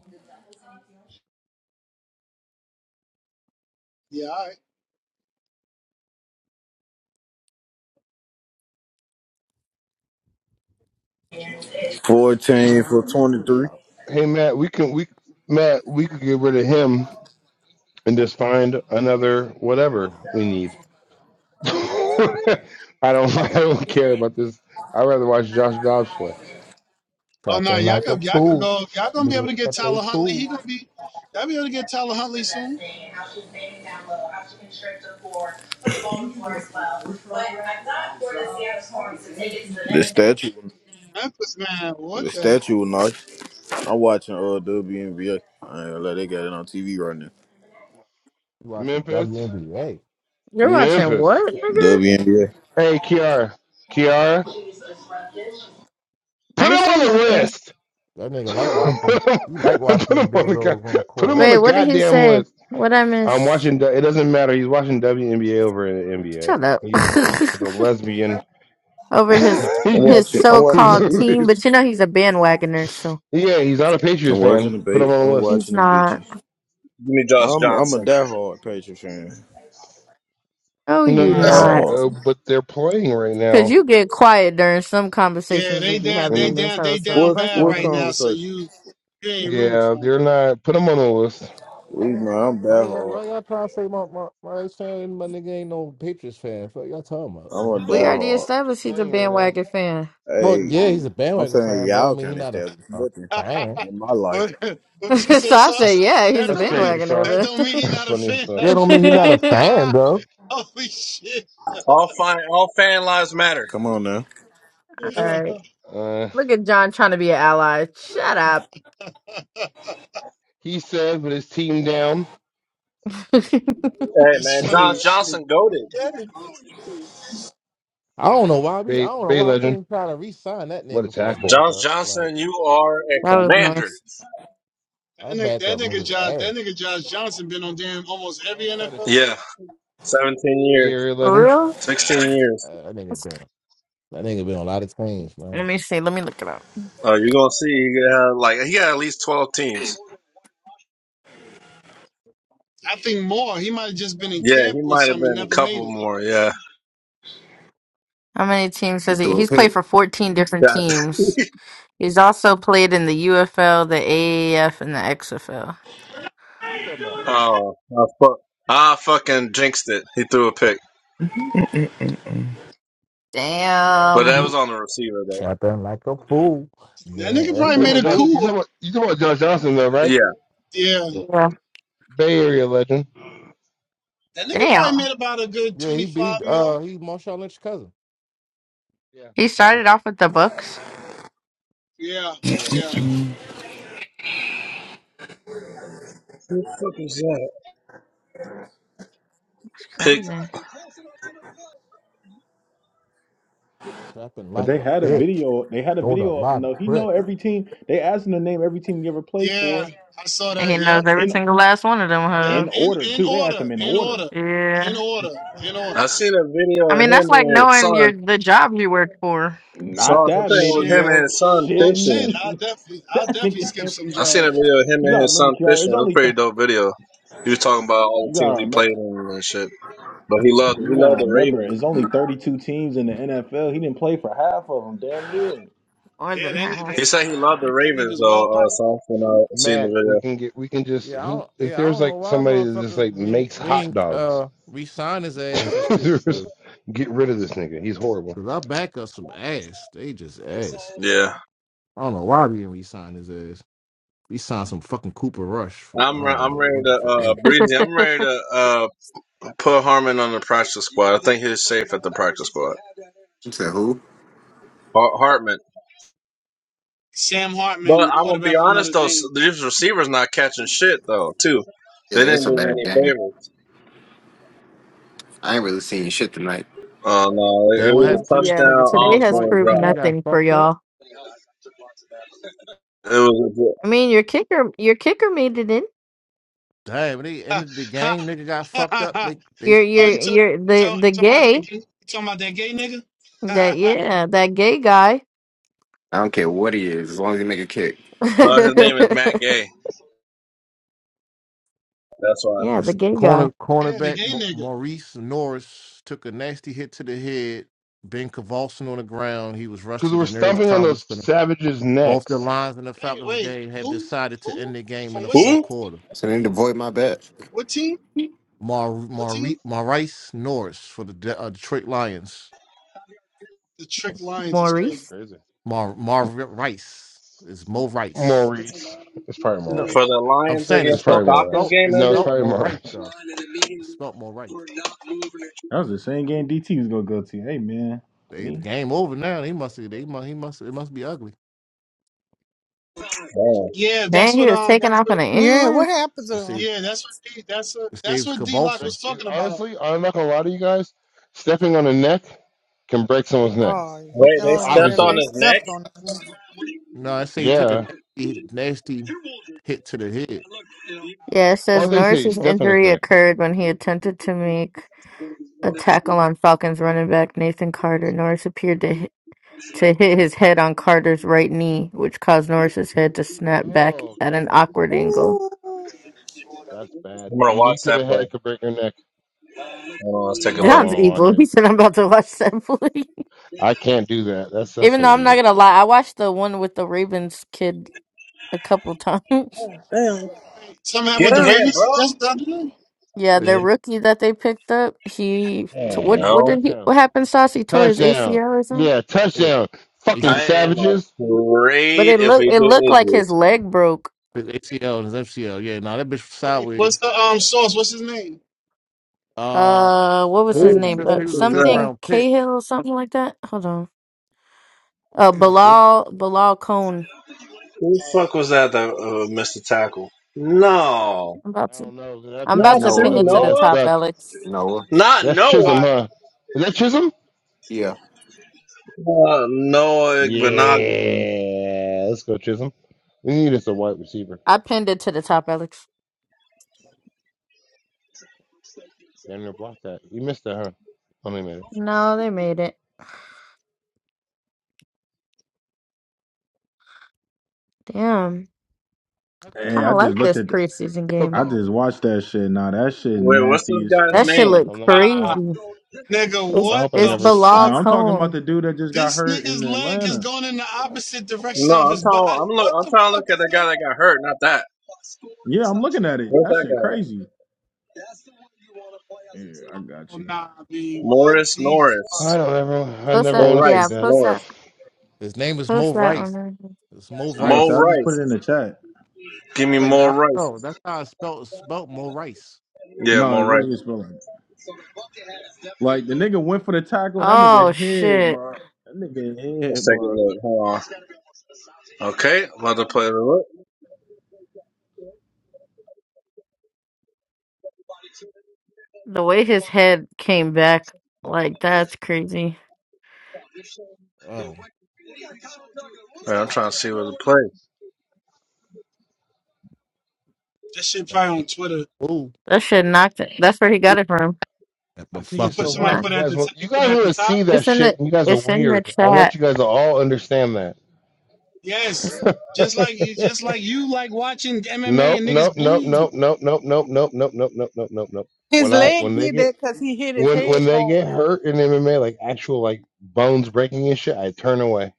S1: Yeah, all right.
S26: 14 for 23.
S13: about
S20: Hey Matt, we can we Matt, we could get rid of him and just find another whatever we need. I don't I don't care about this. I'd rather watch Josh Dobbs play.
S1: Oh no,
S13: Trapping
S1: y'all
S13: like a
S1: could, y'all could
S13: fool.
S1: go. Y'all gonna be
S13: Nigga,
S1: able to get
S13: if they
S1: Tyler Huntley.
S13: fool.
S1: He gonna be. Y'all be able to get Tyler Huntley soon.
S26: The statue,
S1: Memphis man,
S26: the
S1: what the hell?
S26: statue was nice. I'm watching uh WNBA. I ain't gonna lie, they got it on TV right now.
S13: You watching
S20: Memphis.
S13: WNBA.
S10: You're watching what,
S20: Memphis.
S10: nigga?
S26: WNBA.
S20: Hey Kiara. Kiara.
S10: I
S20: Put him
S10: ain't
S20: on
S10: saying
S20: the
S10: nothing.
S20: list.
S13: That nigga like watching,
S20: put, him,
S13: you like watching
S20: put
S13: them
S20: him on the
S13: bulldogs on
S20: go-
S13: the
S20: put
S13: court,
S20: him on
S13: huh?
S10: Wait,
S20: the
S10: what did he
S20: goddamn
S10: say?
S20: list.
S10: What I
S20: I'm
S10: miss?
S20: watching. the- It doesn't matter. He's watching WNBA over in the NBA.
S10: Shut up.
S20: He's he's a lesbian.
S10: Over his
S26: I'm
S20: he's,
S10: his
S26: watching. I'm
S10: so
S26: watching
S20: he's,
S26: the
S10: called team,
S20: he's-
S26: bitches.
S10: but you know he's a bandwagoner, so
S20: yeah. He's not a
S26: I'm
S20: Patriots
S26: watching the
S20: fan. Put him
S26: bait.
S20: on the
S26: I'm
S20: list.
S10: he's
S26: watching the
S10: not.
S26: bitches.
S15: Give me Josh
S26: I'm I'm a
S15: Johnson.
S26: diehard Patriots fan.
S10: Oh, you
S1: That's
S20: Nah,
S10: not.
S26: Diehard.
S20: uh, but they're playing right
S10: Cause
S20: now,
S10: you get quiet during some
S1: yeah.
S10: conversations we
S1: They
S10: be
S1: down.
S10: having
S1: They
S10: in
S20: and
S10: this
S1: down. They
S10: house, so
S1: down
S26: What
S10: fuck
S1: bad
S10: out of
S26: what
S1: right
S10: here.
S1: now. So
S26: conversation?
S1: you, you ain't room
S20: yeah,
S1: for
S20: they're not. Put him on the list. They're
S26: We man, I'm
S13: How
S26: that
S13: y'all,
S26: hard.
S13: why y'all trying to say my, my, my ex fan, my nigga ain't no Patriots fan? Fuck y'all talking about,
S26: I'm
S13: man.
S26: a
S10: We
S26: that
S10: already
S26: hard.
S10: established he's a
S20: playing right now.
S10: bandwagon fan.
S13: Well,
S26: Hey,
S13: yeah, he's a
S26: I'm
S13: bandwagon
S26: saying
S13: fan, but I
S26: y'all
S13: don't mean he
S26: can't
S13: not a,
S26: establish
S13: a
S26: nothing
S1: him.
S13: fan.
S26: in my life.
S1: what? What you
S10: so
S1: say,
S10: I say,
S1: sauce?
S10: yeah, he's
S1: That
S10: a
S20: That's
S1: don't mean
S20: crazy sauce.
S1: that
S10: bandwagoner,
S1: don't
S10: but
S1: mean he
S20: That's
S1: not a
S20: funny as
S1: fan.
S20: fuck.
S13: Yeah, don't mean he not a fan, though.
S1: Holy shit!
S15: All fine, all fan lives matter.
S26: Come on now.
S10: all right.
S20: Uh,
S10: Look at John trying to be an ally. Shut up.
S20: he said with his team down.
S10: that
S15: Hey
S1: it's
S15: man,
S1: funny
S15: Josh
S1: as shit.
S15: Johnson goaded.
S1: Yeah,
S13: I don't know why we, I
S20: Bay,
S13: don't know
S20: Bay
S13: why we
S20: legend.
S13: didn't try to re-sign that
S20: What a
S13: nigga for a
S20: tackle.
S15: Josh
S13: backup. Like,
S15: Johnson, you are a
S10: was
S15: commander.
S10: nice.
S1: That
S13: our
S1: nigga, that
S13: backup
S1: nigga
S13: nigga's
S1: Josh, that
S13: ass.
S1: nigga Josh Johnson been on damn almost every
S20: Miles Pettis,
S1: NFL team.
S15: Yeah, seventeen
S20: Bay
S15: years,
S20: Area
S10: For
S20: legend.
S10: real?
S15: sixteen years.
S13: Uh, that nigga been That nigga been on a lot of teams,
S10: Let
S13: man.
S10: me see. Let me look it up.
S15: Uh, you're gonna see. You got like he had at least twelve teams.
S1: I think more. He might have just been in
S15: Yeah,
S1: camp
S15: he
S1: with
S15: might have
S1: some and
S15: been a
S1: never made
S15: couple
S1: it.
S15: more. Yeah.
S10: How many teams has
S25: Just
S10: he?
S25: do a
S10: He's
S25: pick.
S10: played for 14 different
S15: God.
S10: teams. He's also played in the UFL, the AAF, and the XFL.
S20: Who you talking about?
S15: Oh, I, fuck, I fucking jinxed it. He threw a pick,
S20: Thanks, Josh.
S15: but
S10: Damn.
S15: that was on the receiver though.
S13: Trapping like a fool.
S1: That
S13: Man,
S1: nigga
S20: Who you
S1: probably
S20: talking
S13: F.A.
S1: made
S20: about,
S1: a
S20: Josh?
S13: fool.
S20: You
S1: cool.
S20: talking about, you talking about Josh Johnson, though, right?
S15: Yeah,
S1: Yeah.
S10: Yeah.
S20: Bay Area legend.
S1: That nigga probably
S10: Damn.
S1: made about a good
S13: Yeah, he
S1: twenty
S13: be
S1: five
S13: uh
S1: mil.
S13: he Marshawn Lynch's cousin.
S20: Yeah,
S10: He
S20: they're cousins.
S10: started off with the Bucks.
S1: Yeah.
S20: Yeah.
S1: Yeah.
S10: That's
S15: pick
S10: crazy.
S13: Trapping
S3: But
S13: like
S3: they
S13: a
S3: had a
S13: bitch.
S3: video. They had a
S13: Sold a
S3: video of him
S13: lot of
S3: though. He know
S13: bricks.
S3: every team. They asked him to name every team he ever played for
S1: Yeah. I saw
S10: And
S1: that.
S10: he
S1: Yeah.
S10: knows every
S3: in
S10: single last one of them,
S1: Yeah.
S10: huh?
S3: in
S1: In
S3: order
S1: in
S3: too. They asked
S1: order.
S3: him in
S1: In
S3: order.
S1: order. In
S10: Yeah.
S1: order. In
S15: I
S1: order.
S15: seen a video
S10: I
S15: of
S10: mean, that's
S15: him
S10: like
S15: and his
S10: knowing your
S15: son.
S10: the job you work for
S15: Son,
S3: Not
S15: I
S3: that
S15: think it was
S3: many,
S15: him
S1: Shit.
S15: and
S3: yo.
S15: his son
S1: Well
S3: Shitting
S1: shit.
S15: fishing.
S1: I'll
S3: me.
S1: definitely I'll
S3: that
S1: definitely
S3: nigga.
S1: skip some
S15: I seen a
S1: jobs.
S15: video of him
S3: You
S15: and
S3: gotta
S15: his
S3: remember,
S15: son
S3: Kiara. It's
S15: fishing. It was
S3: only
S15: a pretty
S3: thirty.
S15: dope video. He was talking about all
S3: You
S15: the teams
S3: gotta
S15: he
S3: remember.
S15: played in and shit. But he loved he
S3: You
S15: loved
S3: gotta
S15: the
S3: remember,
S15: Ravens.
S3: it's only 32 teams in the NFL. He didn't play for half of them, damn near.
S10: more
S1: Yeah,
S10: than
S1: that ni-
S10: half.
S1: that,
S15: He said he loved the
S1: that
S15: Ravens
S1: nigga's well
S15: though. Uh,
S1: liked.
S20: Mm.
S15: son, when I seen
S20: Matt, we
S15: the
S20: can get, we can just,
S13: Yeah, I
S20: who,
S13: don't
S20: if
S13: yeah, I
S20: there's
S13: don't know
S20: like
S13: why
S20: somebody that just
S13: motherfucker
S20: like
S13: we
S20: makes
S13: ain't, we
S20: hot
S13: ain't
S20: dogs,
S13: uh re his ass and shit.
S20: just get rid of this nigga. He's horrible.
S13: Cause our backup some ass. They just ass.
S15: video. Yeah.
S13: I don't know why we didn't resign his ass. We signed some fucking Cooper Rush for I
S15: I'm re-
S13: don't
S15: I'm
S13: know
S15: ready
S13: what the
S15: to
S13: fuck.
S15: uh
S13: That,
S15: breezy. I'm ready to uh put Harmon on the practice squad. I think he's safe at the practice squad.
S25: You said who?
S15: Har- Hartman.
S1: Sam Hartman,
S15: But
S1: the
S15: I'm gonna be
S1: quarterback for
S15: honest
S1: Notre
S15: though, s-
S1: Dame.
S15: these receivers not catching shit though too.
S25: Yeah,
S15: They
S25: it's
S15: didn't
S25: a
S15: do me
S25: bad
S15: any
S25: game.
S15: favors.
S25: I ain't really seen shit tonight.
S15: Oh no, it,
S13: that
S15: it
S13: what
S15: was
S10: This-
S13: happened
S15: a
S13: to this
S10: yeah.
S15: touchdown
S13: nigga from
S10: Today has
S13: Detroit,
S15: Osborne
S10: proved
S13: man? He
S15: drop.
S13: got
S10: nothing for
S13: fucked up.
S10: y'all.
S15: It was
S10: I mean, your kicker, your kicker made it in.
S13: Damn, when they ended the game. Nigga got fucked up.
S1: oh,
S13: They they,
S10: You're you're
S13: they
S1: you talking
S10: you're
S1: you
S10: the
S1: talk,
S10: the
S1: you talking about
S10: gay
S1: that gay? You talking about that gay nigga?
S10: that yeah that gay guy.
S25: I don't care what he is, as long as he make a kick.
S15: a, uh, his name is Matt Gay. That's why.
S10: yeah, the
S13: this
S10: gay
S13: corner
S10: guy
S1: yeah, the
S13: cornerback
S1: gay
S13: Mo-
S1: nigga.
S13: Maurice Norris took a nasty hit to the head, been convulsing on the ground. He was rushed to
S20: Because we're
S13: the nearest
S20: stomping on
S13: trauma
S20: those
S13: center.
S20: savages'
S13: Both the
S20: necks.
S13: Lions and the
S1: Wait,
S13: Falcons
S1: wait,
S13: game have
S1: who?
S13: decided to end
S1: Who?
S13: the game in
S1: From
S13: the
S1: what
S13: fourth
S15: Who
S1: city?
S13: quarter.
S25: So they avoid my bet.
S1: What team?
S13: Mar
S1: What
S13: Mar
S1: team?
S13: Rice Norris for the De- uh, Detroit Lions.
S1: The Trick Lions is
S20: That's
S1: crazy.
S10: Maurice.
S20: crazy.
S13: Mar Mar Rice is Mo Rice.
S20: Maurice. It's probably
S13: No,
S15: for
S20: Maurice.
S15: the
S13: I'm
S15: Lions
S13: saying it's
S20: It's
S15: against the
S20: probably
S13: spelled it's
S15: Falcons
S20: Maurice.
S13: spelled
S15: game
S13: it's
S20: No, it's
S15: ended?
S13: spelled
S20: probably
S13: Mo Rice
S20: Maurice.
S13: though. It's spelled Mo Rice.
S3: That was the same game DT was gonna go to. Hey man,
S13: They, the
S3: see?
S13: game over now. They must have they must he must it must be ugly.
S1: Yeah, that's
S10: Man, he
S1: what.
S10: was
S1: Um,
S10: taken
S1: that's
S10: off in
S1: what.
S10: an
S11: Yeah, what
S10: ambulance.
S11: happened to
S13: It
S11: him?
S13: saves
S1: Yeah, that's what. D, that's what.
S13: it
S1: That's
S13: saves
S1: what
S20: It
S1: D
S20: can
S1: Lock
S20: break.
S13: convulsing.
S1: was
S20: it-
S1: talking about.
S20: honestly, I'm not gonna lie to you guys. Stepping on a neck can break someone's neck.
S11: Oh,
S20: Like
S11: yeah.
S20: you-
S11: oh yeah,
S20: obviously,
S11: they stepped on him.
S13: No, I say he took a
S20: yeah.
S13: nasty, nasty hit to the head.
S10: Yeah, it
S20: Or
S10: says
S20: they say he
S10: Norris's
S20: stepped on his
S10: injury
S20: neck.
S10: occurred when he attempted to make a tackle on Falcons running back Nathan Carter. Norris appeared to hit, to hit his head on Carter's right knee, which caused Norris's head to snap back
S20: Oh,
S10: at
S20: okay,
S10: an awkward angle.
S11: Ooh,
S20: that's bad.
S15: I'm
S20: A
S15: gonna,
S20: knee to the head could break your neck.
S15: hold on, let's take a
S20: I don't
S15: look.
S10: John's
S20: want to watch
S10: evil. He
S20: it.
S10: said, "I'm about to watch that play."
S20: I can't do that. That's that's
S10: Even though
S20: so
S10: I'm not
S20: weird.
S10: gonna lie, I watched the one with the Ravens kid a couple times.
S11: damn.
S1: Wait, something happened with
S15: Get
S1: the
S11: Damn.
S15: him, bro.
S1: Ravens? That's the other name.
S10: yeah, the
S13: Man,
S10: rookie that they picked up, he t-
S15: Oh,
S10: what
S20: Hey,
S10: what
S15: no,
S10: did he
S20: touchdown!
S10: what happened? Sauce he tore his
S20: Touchdown!
S10: ACL or something.
S20: Yeah,
S13: yeah.
S20: touchdown! Fucking
S13: ACL,
S15: I
S20: savages!
S15: am
S10: But
S15: afraid
S10: it
S15: if
S10: looked
S15: we
S10: it
S15: get
S10: looked like his
S15: injuries.
S10: leg broke.
S13: ACL and his FCL. Yeah, no, that bitch was
S1: Wait,
S13: sideways.
S1: what's the um source? What's his name?
S13: Uh,
S10: Uh, what was
S13: yeah, he
S10: his
S15: Who
S13: was a
S15: the
S10: name?
S13: fifth.
S10: Uh,
S13: He
S15: fuck
S13: was a
S15: was
S13: fifth
S15: that?
S10: something
S13: round pick.
S10: Cahill, or something like that. Hold on. Uh,
S13: He was a fifth.
S10: Bilal Bilal Cone.
S15: Who the
S1: Uh,
S15: fuck was that that uh, missed the tackle? No,
S10: I'm about
S20: I
S10: to
S20: don't know. That
S10: I'm about
S20: pass
S15: not
S10: to
S20: was
S15: to
S20: an
S25: Noah.
S10: pin it to
S20: ugly
S10: the
S20: ass
S15: Noah.
S10: top,
S20: duck.
S10: Alex.
S25: Noah.
S15: Not
S20: That's
S15: Noah.
S20: Chisholm,
S1: uh,
S20: huh? Is that Chisholm?
S25: Yeah,
S15: Uh, Noah Benogany.
S20: Yeah, let's go, Chisholm. We need us a wide receiver.
S10: I pinned it to the top, Alex.
S20: Damn near blocked that. You missed that, huh? Hold on a minute.
S10: No, they made it. Damn,
S20: Chuck it,
S3: Hey,
S10: kind
S3: I
S10: of like
S3: just
S20: chuck
S3: looked
S20: it,
S10: this
S3: at. The,
S10: preseason game.
S3: I
S20: football.
S3: just watched that shit. Nah, that shit
S15: Wait, what's
S3: nasty
S15: this
S3: as
S15: guy's
S10: That
S3: fuck.
S10: shit
S15: name?
S20: Oh
S10: look
S20: no, I
S1: nah,
S10: crazy.
S1: nigga,
S10: It's
S20: I
S1: what
S20: hope I
S10: it's
S1: the
S20: never.
S3: No,
S10: Bilal
S1: fuck?
S3: I'm talking about
S10: Coon.
S3: the dude that just got
S1: This
S3: hurt in
S1: nigga's leg is
S3: Atlanta.
S1: going in the opposite
S15: No,
S1: direction of
S15: I'm
S1: his body.
S15: talking. I'm look.
S1: What
S15: I'm
S1: the
S15: trying to
S1: fuck
S15: look at
S1: is
S15: the
S1: going
S15: guy
S1: on?
S15: that got hurt. Not that.
S3: Yeah, I'm looking at it.
S15: What's
S3: That
S15: that
S3: shit
S15: guy?
S3: crazy. Yeah, I got
S1: Oh,
S3: you.
S1: nah, I mean, what
S15: Morris
S1: the fuck?
S15: Norris.
S20: I don't ever. I
S10: Post
S20: never
S15: Mo
S10: that,
S20: want to see
S10: yeah.
S15: Rice.
S20: that.
S10: Post that.
S15: Norris.
S13: His name is
S10: Post
S13: Mo
S10: that on.
S13: Rice.
S10: there.
S13: It's Mo
S3: I
S15: Mo
S3: must say,
S13: Rice.
S3: I just put it in
S15: Rice.
S3: the chat.
S15: Give me
S13: It's like,
S15: Mo
S13: nah,
S15: Rice.
S13: no, that's how I spelt spelt Mo Rice.
S15: Yeah,
S3: No,
S15: Mo
S3: it
S15: Rice.
S3: really is feeling like like, the nigga went for the tackle and that nigga
S10: Oh
S3: head,
S10: shit!
S3: bro. That nigga
S15: Let's
S3: head,
S15: take a
S3: bro.
S15: look. Hold on. Okay, I'm about to play the look.
S10: The way his head came back, like that's crazy.
S13: Oh,
S15: Man, I'm trying to see what to play.
S1: That shit probably on Twitter.
S13: ooh,
S10: That shit knocked it. That's where he
S13: ooh,
S10: got it from.
S13: that
S20: I think
S1: You
S20: it's
S13: motherfucker.
S1: put
S20: so
S1: somebody
S20: wild.
S10: Knocked-
S1: put
S20: You
S1: it at
S20: guys
S1: the top.
S20: want.
S1: You
S20: You
S1: put
S20: guys
S1: it at
S20: want
S1: the
S20: to see
S1: top.
S20: that
S10: It's in the.
S20: shit, and you guys are
S10: It's in the
S20: weird. I
S10: chat.
S20: want you guys to all understand that.
S1: Yes, just like you, just like you like watching MMA
S20: Nope,
S1: and
S20: nope,
S1: niggas
S20: nope,
S1: bleed,
S20: nope, nope, nope, nope, nope, nope, nope, nope, nope, nope, nope.
S11: His
S20: When I
S13: Yeah.
S11: leg
S20: when they
S11: did
S20: get
S11: that because he hit his
S20: when
S11: head
S20: when they get
S11: hard.
S20: hurt in MMA, like actual like bones breaking and shit, I turn away.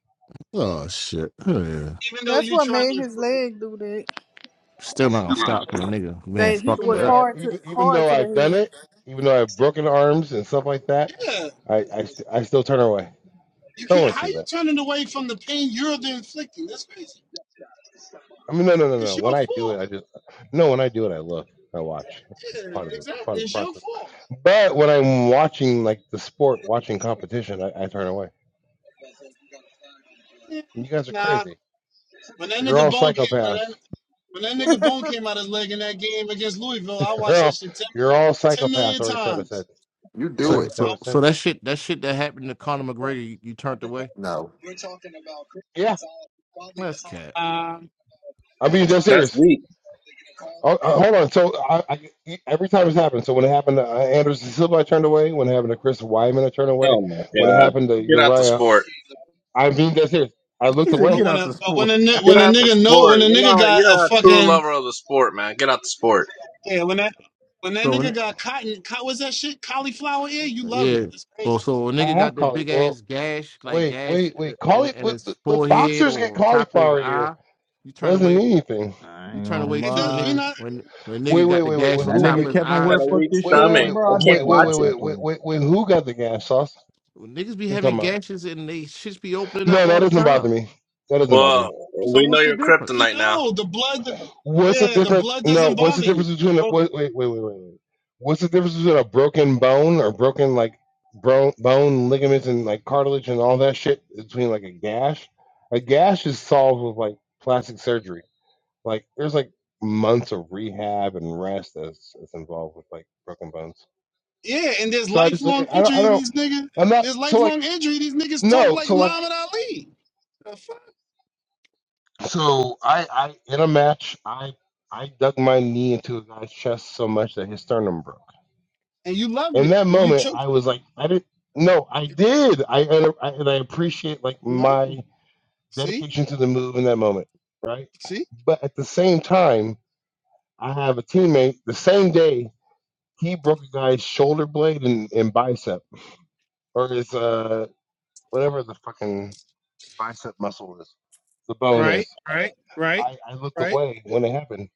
S13: Oh shit. Oh, yeah.
S1: even though
S11: That's
S1: you
S11: what
S1: trying
S11: made
S1: to.
S11: his leg do that.
S13: Still not gonna
S1: I got.
S13: stop from a nigga man
S11: That
S20: Even
S11: hit
S13: fucked
S20: even
S13: it
S11: was
S20: though
S13: up.
S20: I
S11: hard to
S20: even even
S11: hard
S20: though
S11: to
S20: I've done
S11: the
S20: it, even though I've broken arms and stuff like that,
S1: Yeah,
S20: I I, st- I still turn away.
S1: you
S20: I don't
S1: can't.
S20: want to
S1: How
S20: see
S1: you
S20: that.
S1: turning away from the pain you're the inflicting? That's crazy.
S20: I mean, no, no, no, no.
S1: It's
S20: When
S1: your
S20: I do it,
S1: fault.
S20: I just no. When I do it, I look, I watch. That's
S1: Yeah,
S20: part of the it's part
S1: exactly.
S20: of the
S1: It's your
S20: process.
S1: fault.
S20: But when I'm watching like the sport, watching competition, I, I turn away.
S1: Yeah,
S20: You guys are
S1: nah.
S20: crazy.
S1: When that
S20: You're
S1: nigga
S20: all
S1: bone came, when
S20: psychopaths.
S1: that. When that nigga bone came out his leg in that game against Louisville, I
S20: You're
S1: watched that
S20: all,
S1: shit 10,
S20: you're
S1: million
S20: all
S1: 10
S20: psychopaths.
S1: million
S20: I already said what I said.
S1: times.
S25: you
S20: I
S25: do
S13: So,
S20: already
S25: it.
S20: said
S1: I,
S20: what
S13: so,
S20: I said.
S13: so that shit, that shit that happened to Conor McGregor, you, you turned away.
S25: No.
S20: Yeah,
S13: That's cat.
S1: uh,
S20: I'm being dead
S15: That's
S20: serious.
S15: weak.
S20: Oh, uh, hold on. So I, I, every time it's happened. So when it happened to uh, Anderson Silva, I turned away. When it happened to Chris Wyman, I turned away.
S15: Oh my
S20: When it
S15: god.
S20: happened to
S15: Get out the
S20: Uriah,
S15: sport.
S20: I'm being dead serious. I looked
S3: He said,
S1: but
S20: away.
S3: "Get
S1: when
S3: out
S1: a
S3: the
S1: but
S3: sport."
S1: when a ni- when
S15: Get
S1: a
S15: out the
S1: nigga know when
S15: sport.
S1: a
S15: You're
S1: nigga
S15: not.
S1: got
S15: You're
S1: a
S15: not a true
S1: fucking
S15: lover of the sport, man. Get out the sport.
S1: yeah when that when that
S13: So, when,
S1: nigga
S20: Uh,
S1: got cotton co- what's that shit cauliflower ear you love it
S13: yeah.
S1: it's
S13: So,
S1: crazy
S13: so a
S20: I
S13: nigga
S20: have
S13: got that
S20: cauliflower.
S13: big
S20: Well,
S13: ass gash, like
S20: wait,
S13: gash
S20: wait,
S13: uh,
S20: wait.
S13: in in
S20: Cauliflower.
S13: his
S20: The,
S13: forehead
S20: boxers get
S13: or top of his
S20: cauliflower here.
S13: eye. You
S20: That
S13: turn
S20: doesn't mean
S13: away.
S20: anything.
S3: I
S13: You
S3: ain't
S13: turn
S3: gonna
S13: away
S1: it
S13: too
S1: does
S13: when
S1: we
S3: lie.
S13: nigga
S1: not
S13: when when nigga
S20: Wait,
S13: got
S20: wait,
S13: the
S20: wait, wait.
S13: gash
S3: When
S20: wait
S13: on
S3: that
S20: who?
S13: top
S3: nigga
S20: Wait.
S13: of his
S3: Kevin
S13: eye
S15: I
S13: and
S15: Got
S3: Ware
S15: a
S13: shit.
S3: fucked
S15: weak
S3: this
S20: Wait,
S3: shit
S20: wait,
S15: stomach.
S3: up,
S20: wait,
S3: bro,
S15: I
S3: I
S15: can't
S20: wait, wait,
S3: definitely
S20: wait,
S15: watch it.
S3: watched
S20: wait,
S3: that
S20: wait,
S3: play.
S20: wait, wait, who got the gas sauce?
S13: Well, niggas be
S20: What are you
S13: having
S20: talking about?
S13: gashes and they shits be opening
S20: No,
S13: up
S20: that
S13: all the
S20: doesn't
S13: time.
S20: bother me. That doesn't bother me.
S15: Well,
S13: So
S15: we know
S13: what's the
S15: your
S1: we
S13: difference?
S15: kryptonite now.
S1: know the blood
S20: What's the
S1: yeah the
S20: difference?
S1: blood
S20: No,
S1: doesn't
S20: what's the
S1: bother you
S20: difference
S1: Like,
S20: between a,
S1: bro,
S20: wait, wait, wait, wait, wait, wait. What's the difference between a broken bone or broken like bro, bone ligaments and like cartilage and all that shit between like a gash? A gash is solved with like plastic surgery. Like there's like months of rehab and rest that's, that's involved with like broken bones.
S1: yeah and there's
S20: So I just look at
S1: lifelong
S20: I don't I
S1: injury
S20: don't
S1: these niggas
S20: I'm not
S1: there's
S20: so like
S1: lifelong injury these niggas talk
S20: no
S1: like
S20: so like
S1: Muhammad Ali The fuck?
S20: so I I in a match I I dug my knee into a guy's chest so much that his sternum broke
S1: and you loved
S20: in
S1: it
S20: that
S1: and you
S20: moment i
S1: choked
S20: was like i didn't no i did i and I, and I appreciate like
S1: No.
S20: my
S1: See,
S20: dedication to the move in that moment right
S1: see,
S20: but at the same time i have a teammate the same day he broke a guy's shoulder blade and, and bicep or his uh whatever the fucking bicep muscle is the bone
S1: right,
S20: is
S1: right, right,
S20: i i looked
S1: right.
S20: away when it happened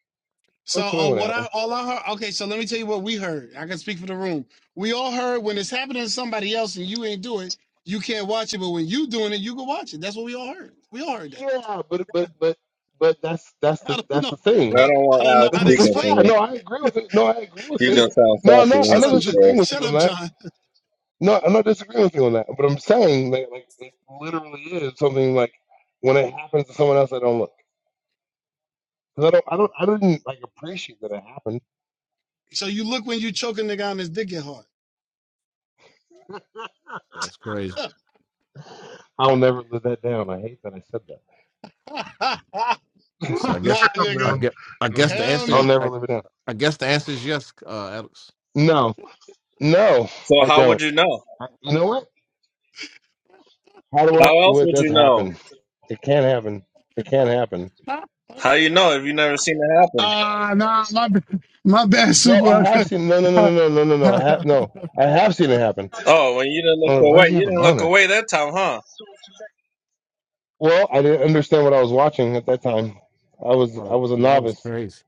S20: I
S1: So,
S20: looked away
S1: uh,
S20: when it
S1: what
S20: happened
S1: I all I heard. Okay, so let me tell you what we heard. I can speak for the room. We all heard when it's happening to somebody else and you ain't do it, you can't watch it. But when you doing it, you can watch it. That's what we all heard. We all heard that.
S20: yeah but but but but that's that's
S1: I
S20: the
S1: don't
S20: that's
S1: know.
S20: the thing
S1: Uh, I don't know
S20: yeah,
S1: how to explain.
S20: no,
S1: It.
S20: I agree with it. No, I agree with
S15: You're
S20: it.
S15: gonna sound
S20: No, I'm
S15: sassy
S20: not.
S15: when
S20: I'm
S15: you
S1: Shut
S20: not
S1: up,
S15: speak
S1: J-
S20: disagreeing
S15: fast.
S20: with
S1: shut
S20: you on
S1: up,
S20: that.
S1: John.
S20: No, I'm not disagreeing with you on that. But I'm saying that like it literally is something like when it happens to someone else, I don't look. 'Cause I don't. I don't. I didn't like appreciate that it happened.
S1: So you look when you choke a nigga on his dick get hard.
S13: That's crazy.
S20: I'll never live that down. I hate that I said that.
S13: So I
S1: nah,
S13: guess
S20: I'll
S13: I
S1: nigga.
S20: never.
S13: guess I guess
S20: Um,
S13: the
S1: Hell
S20: I'll
S1: no.
S13: answer
S20: never
S13: I,
S20: live it down.
S13: I guess the answer is yes, uh, Alex.
S20: No, no,
S15: So
S20: I
S15: how
S20: don't.
S15: would you know?
S20: I, you know what? How do I?
S15: How else
S20: What
S15: would
S20: does
S15: you know?
S20: happen? It can't happen. It can't happen.
S15: How you know if you never seen it happen?
S1: Ah, nah. My b- my bad,
S20: No, I
S1: super.
S20: have seen. No, no, no, no, no, no, no, no. I have no. I have seen it happen.
S15: Oh, when you didn't look
S20: I'm like, why
S15: away,
S20: does he have
S15: you
S20: a
S15: didn't look
S20: boner?
S15: away that time, huh?
S20: Well, I didn't understand what I was watching at that time. I was I
S13: Like,
S20: was a
S13: that was
S20: novice.
S13: crazy.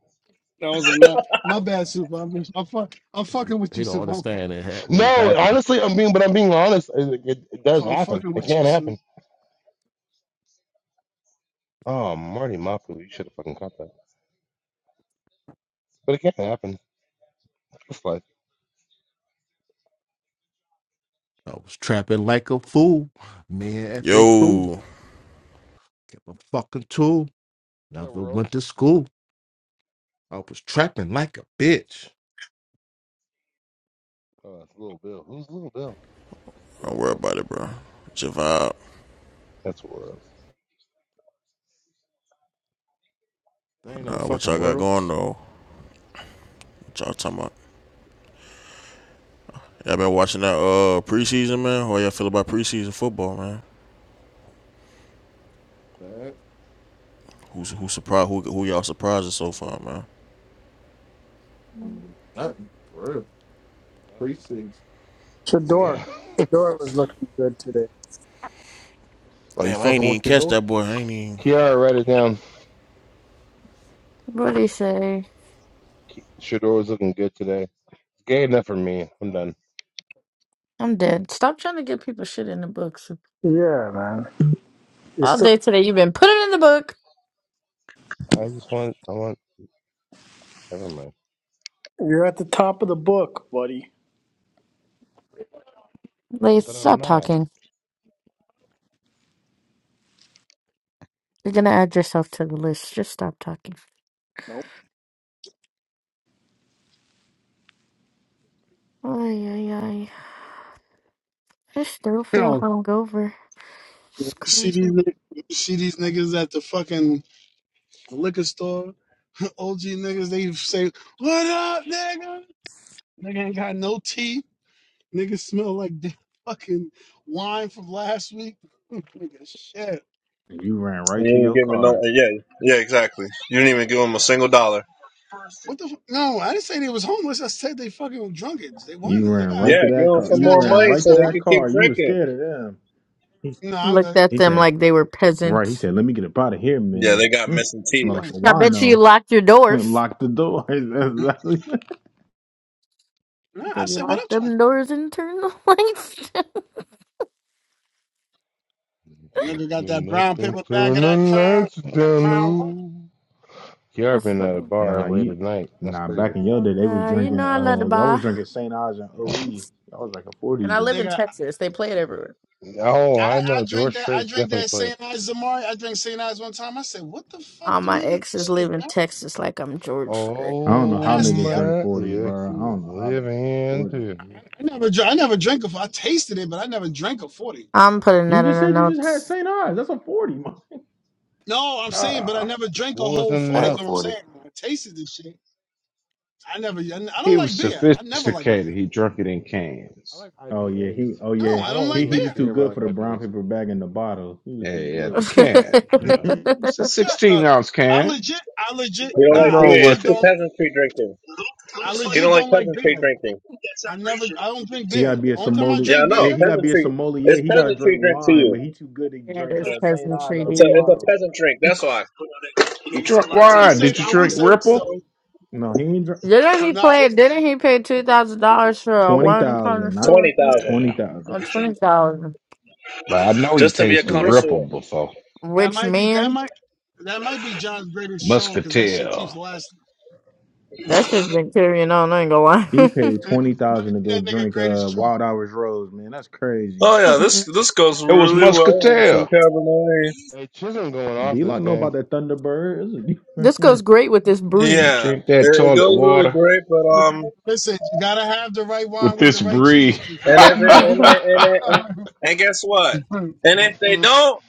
S1: That was a not my bad, soup. I'm, I'm, fuck, I'm
S13: He,
S1: fucking with you,
S13: he don't
S1: soup. I'm,
S10: Mm-hmm.
S1: fuck-
S13: understand it had, what was
S20: No,
S13: happening.
S20: honestly, I'm being, but I'm being honest. It, it, it does
S1: I'm
S20: happen.
S1: fucking
S20: It
S1: with
S20: can
S1: you, soup.
S20: happen. Oh, Marty Mapu, you should have fucking caught that. But it can happen. It's like
S13: I was trapping like a fool. Me and F.A. fool.
S27: Yo,
S13: Kept a fucking tool.
S20: is that
S13: Never
S20: world?
S13: went to school. I was trapping like a bitch.
S20: Oh, that's Little Bill. Who's Little Bill? Is
S27: don't
S20: that
S27: worry
S20: world?
S27: about it, bro. It's your vibe.
S20: That's world.
S13: There ain't no
S27: Nah, what
S13: fucking
S27: y'all got going
S13: worlds.
S27: though? What y'all talking about? Y'all been watching that uh preseason, man? How y'all feel about preseason football, man? Who's who surprised? Who who y'all surprising so far, man?
S13: Mm, Nothing. For real.
S20: Nothing.
S13: Precincts.
S20: Well,
S5: Shador,
S20: Yeah.
S5: Shador was looking good today.
S13: Are you
S27: Damn, I ain't
S13: fucking with
S27: even
S13: your
S27: catch
S13: door?
S27: that boy. I ain't even
S20: Kiara, write it down.
S10: What do you say?
S20: Shador was looking good today. Gay enough for me. I'm done.
S10: I'm dead. Stop trying to get people shit in the books.
S5: Yeah, man, you're
S10: All
S5: still
S10: day today, you've been putting in the book.
S20: I just want. I want. Never mind.
S5: you're at the top of the book, buddy.
S10: Please
S20: But I'm
S10: stop
S20: not.
S10: talking. You're gonna add yourself to the list. Just stop talking.
S5: Nope.
S10: Ay, ay, ay. I still
S1: You
S10: feel
S1: know,
S10: hungover.
S1: you
S10: It's
S1: see these
S10: crazy.
S1: niggas? you see these niggas at the fucking liquor store. OG niggas, they say, "What up, nigga?" Nigga ain't got no teeth. Niggas smell like the fucking wine from last week. nigga, shit.
S3: You ran
S15: You
S3: right to
S15: didn't
S3: your
S15: give me no. uh,
S3: car.
S15: Yeah, yeah, exactly. You didn't even give them a single dollar.
S1: What the? Fu- no, I didn't say they was homeless. I said they fucking drunkards. They
S3: You
S1: winos. They
S3: ran
S1: got
S3: right
S15: Yeah,
S3: to
S15: give
S3: that
S15: them
S3: car.
S1: niggas
S15: some
S3: You
S1: got
S15: more
S3: ran
S15: money
S1: jobs.
S3: right
S1: They
S3: to
S15: so
S1: got
S15: they
S1: money.
S3: that
S15: could keep
S3: car. You was
S15: drinking.
S3: scared of them. He,
S1: No, I'm
S10: Looked
S1: good.
S10: at
S3: he
S10: them
S3: said,
S10: like they were
S3: right. He
S10: peasants.
S3: said, let me get up out of here,
S15: Yeah,
S3: man.
S15: they got
S3: Hmm,
S15: missing teeth.
S3: smell
S10: Look,
S3: like a
S1: Mm.
S10: I bet you, you
S3: wino.
S10: locked your doors.
S3: Lock the doors.
S1: Mm.
S3: That's exactly.
S1: Nah, I
S10: Bet you
S1: said, "What
S10: locked
S1: up to 'em?"
S10: them doors and turned the lights down.
S1: Nigga got
S20: Nothing,
S1: that brown
S20: nothing,
S1: paper bag of
S20: turn the
S1: that crown,
S20: lights
S1: that
S20: down
S1: crown royal.
S20: low. Kiara
S10: That's
S20: been at a
S10: funny.
S20: bar
S3: Nah,
S20: late
S3: you.
S20: at night. That's
S3: Nah, back
S20: crazy.
S3: in your day, they was
S10: Uh, you
S3: drinking.
S10: know I love to
S3: Uh, y'all was
S10: bar.
S3: drinking Saint Ives and OE. Y'all was drinking
S10: And
S3: forties.
S10: I
S3: then.
S10: live in
S1: Nigga,
S10: Texas. They play it everywhere.
S20: Oh,
S1: I,
S20: I
S1: I
S20: know.
S1: drink
S20: George
S1: that. I
S20: Strait's
S1: drink
S20: definitely
S1: that
S20: played.
S1: Saint Ives Zamari. I drink Saint Ives one time. I said, "What the fuck
S10: All
S1: do
S10: my
S1: niggas?
S10: exes
S1: This shit is
S10: live in
S1: damn
S10: Texas like I'm George.
S3: I don't know how
S20: Oh,
S3: niggas
S1: nasty." I,
S3: drink
S20: my
S3: forties,
S20: ex
S3: bro. I
S20: is
S3: don't know how niggas drink
S20: living
S3: forties.
S20: too.
S1: I never, dr- I never drank a. I tasted it, but I never drank a forty.
S10: I'm putting
S3: You
S10: that
S3: just
S10: in the
S3: said you just had
S10: notes.
S3: St. Ives. That's a 40. man.
S1: No, I'm saying, but I
S22: Uh,
S1: never drank a
S20: What was in
S1: whole
S25: I
S20: the
S1: forty.
S25: had
S1: Is
S25: a
S1: what I'm
S20: notes?
S25: 40.
S1: saying. I tasted this shit. I never. I n- I
S22: he
S1: don't
S22: was
S1: like beer. I never like beer.
S22: sophisticated. He drunk it in
S20: I
S22: cans.
S20: like
S3: Oh yeah,
S20: IPAs.
S3: he oh
S1: No,
S3: yeah.
S20: I
S1: I don't
S20: don't really
S3: He
S1: like
S3: he
S20: like
S3: was
S1: beer.
S3: too
S20: beer, but I
S3: good
S20: like
S3: for the brown
S20: IPAs.
S3: paper bag in the bottle. He was
S22: Yeah,
S3: too
S22: at the can, you know.
S3: good.
S22: It's a
S10: yeah,
S1: Shut
S22: 16
S1: up.
S22: ounce
S1: I
S22: can.
S1: legit. I legit.
S15: He
S1: Nah,
S22: Nothing
S1: I
S22: wrong
S1: legit
S22: with it.
S1: don't. I
S15: don't, he don't
S1: legit
S15: like
S1: don't like beer.
S15: things.
S1: I never. I don't drink
S3: he gotta
S1: beer.
S3: be a
S1: Only time I
S3: sommelier.
S15: Yeah,
S1: drink
S15: I
S1: beer,
S3: eh,
S15: know.
S3: He gotta be a
S15: Peasantry.
S3: sommelier.
S15: It's
S3: He gotta drink
S15: peasantry drink to
S3: wine,
S15: you.
S3: but he too good to
S10: it
S3: drink
S10: is
S3: uh St. Ives
S10: peasantry,
S3: out of
S15: It's
S3: a
S15: a
S10: dude.
S15: it's a
S3: bottle.
S15: peasant drink. That's why.
S22: He drunk
S1: I will
S22: wine.
S1: say.
S22: Did you
S1: I will
S22: drink
S1: say this
S22: Ripple?
S1: though.
S3: No, he ain't drink
S10: Didn't he
S1: No,
S10: play? Didn't he pay two thousand dollars for a
S3: twenty
S10: one corner
S3: thousand, not
S10: shoe
S15: Twenty thousand
S3: twenty
S22: Yeah.
S10: or
S3: thousand.
S10: twenty thousand?
S22: But I know he
S15: just to be a
S22: tasted
S10: Rich,
S22: Ripple
S15: connoisseur.
S22: before.
S1: that
S10: rich
S1: might be. That
S10: man.
S1: might. That might be John's greatest troll because that shit
S22: Muscatel.
S1: keeps lasting. that
S10: That shit's been carrying on. I ain't gonna
S3: He paid
S1: might
S3: twenty thousand to
S1: be
S3: go
S1: that nigga
S3: drink
S1: greatest
S3: uh
S1: troll.
S3: Wild Hours Rose, man. That's crazy.
S15: Oh
S10: lie.
S15: yeah, this this goes
S22: It was
S15: really well with some
S22: Muscatel.
S15: Cabernet.
S20: Hey, Chisholm going off
S3: D
S20: this
S3: Lock know
S20: game.
S3: about that Thunderbird.
S10: this goes great with this
S22: Now
S10: brie.
S22: you
S15: Yeah, it,
S22: drink that
S15: it
S22: toilet
S15: goes really
S22: water
S15: great. But um,
S1: Listen, you gotta have the right
S22: with
S1: wine with
S22: this
S1: the right cheese,
S22: breed.
S1: Kiki.
S15: and if they and
S10: Deal
S22: I
S15: it, and it, and guess what?
S1: Don't
S15: And if they don't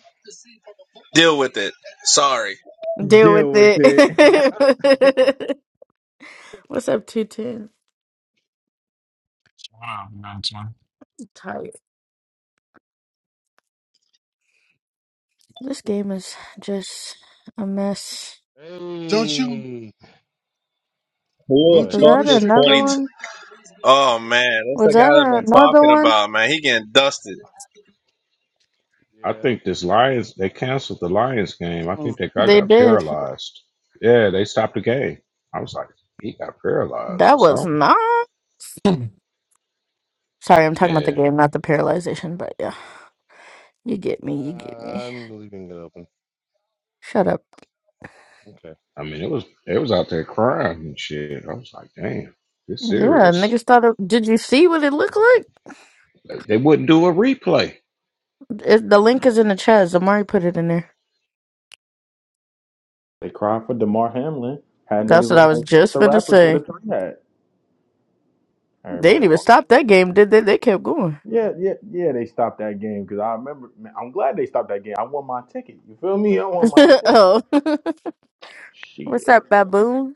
S15: deal with it, sorry.
S10: with
S3: Deal with it.
S10: it. What's up, two ten?
S19: Wow, that's one.
S10: Tight. This game is just a mess.
S1: you?
S20: hey,
S15: Who
S20: good
S15: the
S1: Don't
S20: play.
S10: Was
S1: you
S15: fuck
S10: that
S1: wish
S15: is
S1: it
S10: another
S15: twenty?
S1: could?
S15: T-
S10: one?
S15: oh man, that's
S10: Was
S15: the
S10: that
S15: guy that I've been
S10: another
S15: talking
S10: one?
S15: about. Man, he getting dusted.
S20: Yeah,
S22: think this Lions, they canceled the Lions game. I
S1: Oh,
S22: think that guy
S1: God.
S10: They
S22: got
S10: did.
S22: paralyzed. Yeah, they stopped the game. I was like, he got paralyzed
S10: That
S22: or
S10: was
S22: something.
S10: not. Sorry, I'm talking about the
S22: Yeah.
S10: game, not the paralyzation. But yeah. You get me. You get me.
S20: nah, I'm leaving it open.
S10: Shut up.
S20: Okay.
S22: I mean, it was, it was out there crying and shit. I was like, damn, this
S10: Yeah,
S22: serious.
S10: niggas thought of. Did you see what it looked like?
S22: They they wouldn't do a replay.
S10: It, the link is in the chat. Zamari put it in there.
S3: They cried for Damar Hamlin. Had
S10: That's
S3: niggas
S10: what I
S3: looking
S10: was
S3: like Chance
S10: just
S3: the
S10: finna
S3: rapper with a
S10: say.
S3: train hat.
S10: They
S3: Everybody
S10: didn't even
S3: walking.
S10: stop that game, did they? They kept going.
S3: Yeah, yeah, yeah. They stopped that game because I remember. Man, I'm glad they stopped that game. I won my ticket. You feel me? I won my ticket.
S10: oh. What's up,
S3: Shit.
S10: baboon?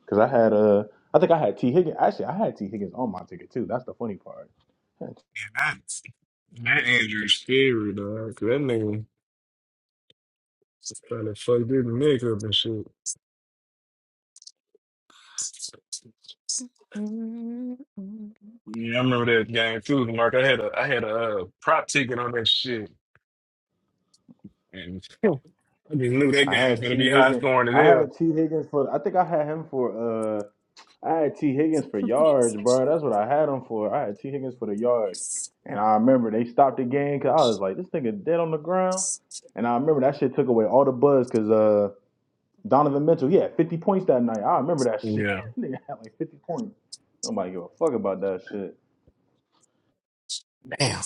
S3: Because I had Uh, I think I had T Higgins. Actually, I had T Higgins on my ticket too. That's the funny part.
S19: Yeah, that's that Andrew's scary, dog. 'cause That nigga trying to fuck this nigga up and shit. Yeah, I remember that game too, Mark. I had a I had a uh, prop ticket on that shit, and I just knew that
S3: I
S19: game was
S3: had
S19: gonna
S3: T
S19: be high
S3: Higgins.
S19: scoring as
S3: I had T Higgins for. I think I had him for. uh I had T Higgins for yards, bro. That's what I had him for. I had T Higgins for the yards, and I remember they stopped the game because I was like, this nigga dead on the ground. And I remember that shit took away all the buzz because uh, Donovan Mitchell, he had 50 points that night. I remember that shit.
S19: hell.
S3: nigga had like 50 points. Nobody give a fuck about that shit.
S19: Yeah.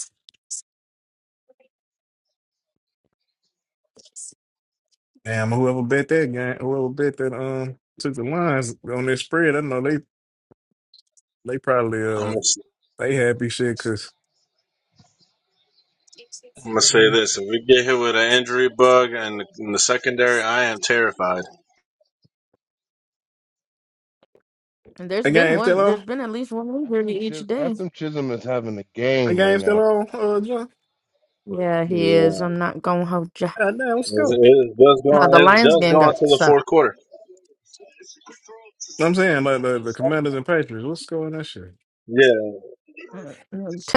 S19: Damn, whoever bet that game, whoever bet that um took the lines on their spread, I know they they probably
S15: I'm
S19: uh
S15: gonna, s-
S19: they happy shit because
S15: I'm gonna say
S19: um,
S15: this: if we get hit with an injury bug and in the secondary, I am terrified.
S10: And There's
S19: the
S10: been
S19: game still
S10: one.
S19: on.
S10: There's been at least one injury
S20: Ashton,
S10: each
S20: Chis-
S10: day.
S20: Ashton Chisholm is having a
S19: The
S20: game right
S19: game still
S20: now.
S19: on. Uh, John.
S10: Yeah, he is.
S15: Yeah,
S10: I'm not gonna hold you.
S19: God damn, let's
S15: it's,
S19: go.
S15: it's just
S10: No,
S15: going.
S10: the
S15: It's
S10: Lions
S15: just
S10: game
S15: going
S10: got
S15: to the
S10: stopped.
S15: fourth quarter.
S19: I'm saying like the, the Commanders and Patriots. Let's go in that shit.
S15: Yeah,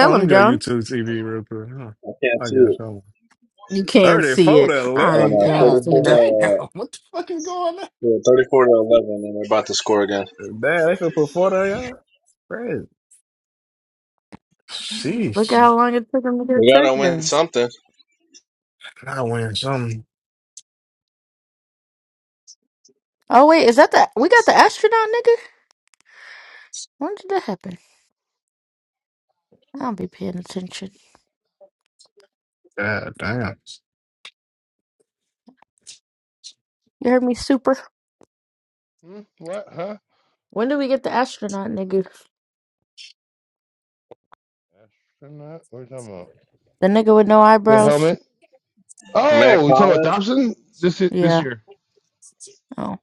S19: Oh, let
S10: him,
S19: me go
S10: John.
S19: YouTube TV real quick. Huh.
S15: I can't
S19: I
S15: see
S19: got
S15: it.
S19: something.
S10: You can't see
S19: Thirty-four
S10: it.
S19: to
S10: All
S15: No,
S10: right,
S19: eleven.
S15: no,
S10: John
S19: God
S15: 34
S10: Cena.
S19: damn,
S15: to,
S19: what the fuck is going on?
S15: yeah, 34 to 11, and they're about to score again.
S19: Damn, they could put forty on y'all. Crazy.
S10: Look at
S19: Sheesh,
S10: how long it took him to get a
S15: We gotta win
S10: touchdown.
S15: something.
S19: I win something.
S10: Oh wait, is that the we got the astronaut nigga? When did that happen? I don't be paying attention.
S19: God damn.
S10: You heard me, super.
S20: Hmm? What? Huh?
S10: When did we get the astronaut nigga?
S20: Astronaut? What are you talking about?
S10: The nigga with no
S20: The
S10: eyebrows.
S20: helmet?
S15: Matt
S20: Oh, you talking about
S15: Collins.
S20: Dobson? This is this
S10: Yeah.
S20: year.
S10: Oh,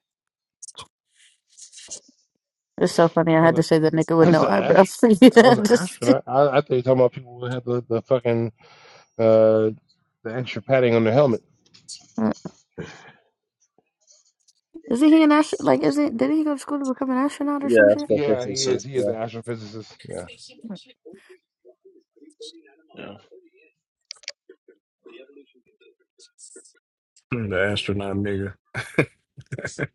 S10: it's so funny. I
S20: I was
S10: had to say
S20: like,
S10: the nigga with
S20: I
S10: no
S20: said Ash.
S10: eyebrows. You
S20: I
S10: know,
S20: was an
S10: just-
S20: astronaut. I, I thought you were talking about people who have the, the fucking uh the extra padding on their helmet.
S10: Uh, Isn't he an astronaut? Like, is it? Did he go to school to become an astronaut or some shit?
S20: Yeah, he is. He is an astrophysicist. Yeah,
S15: Yeah.
S19: The astronaut nigga.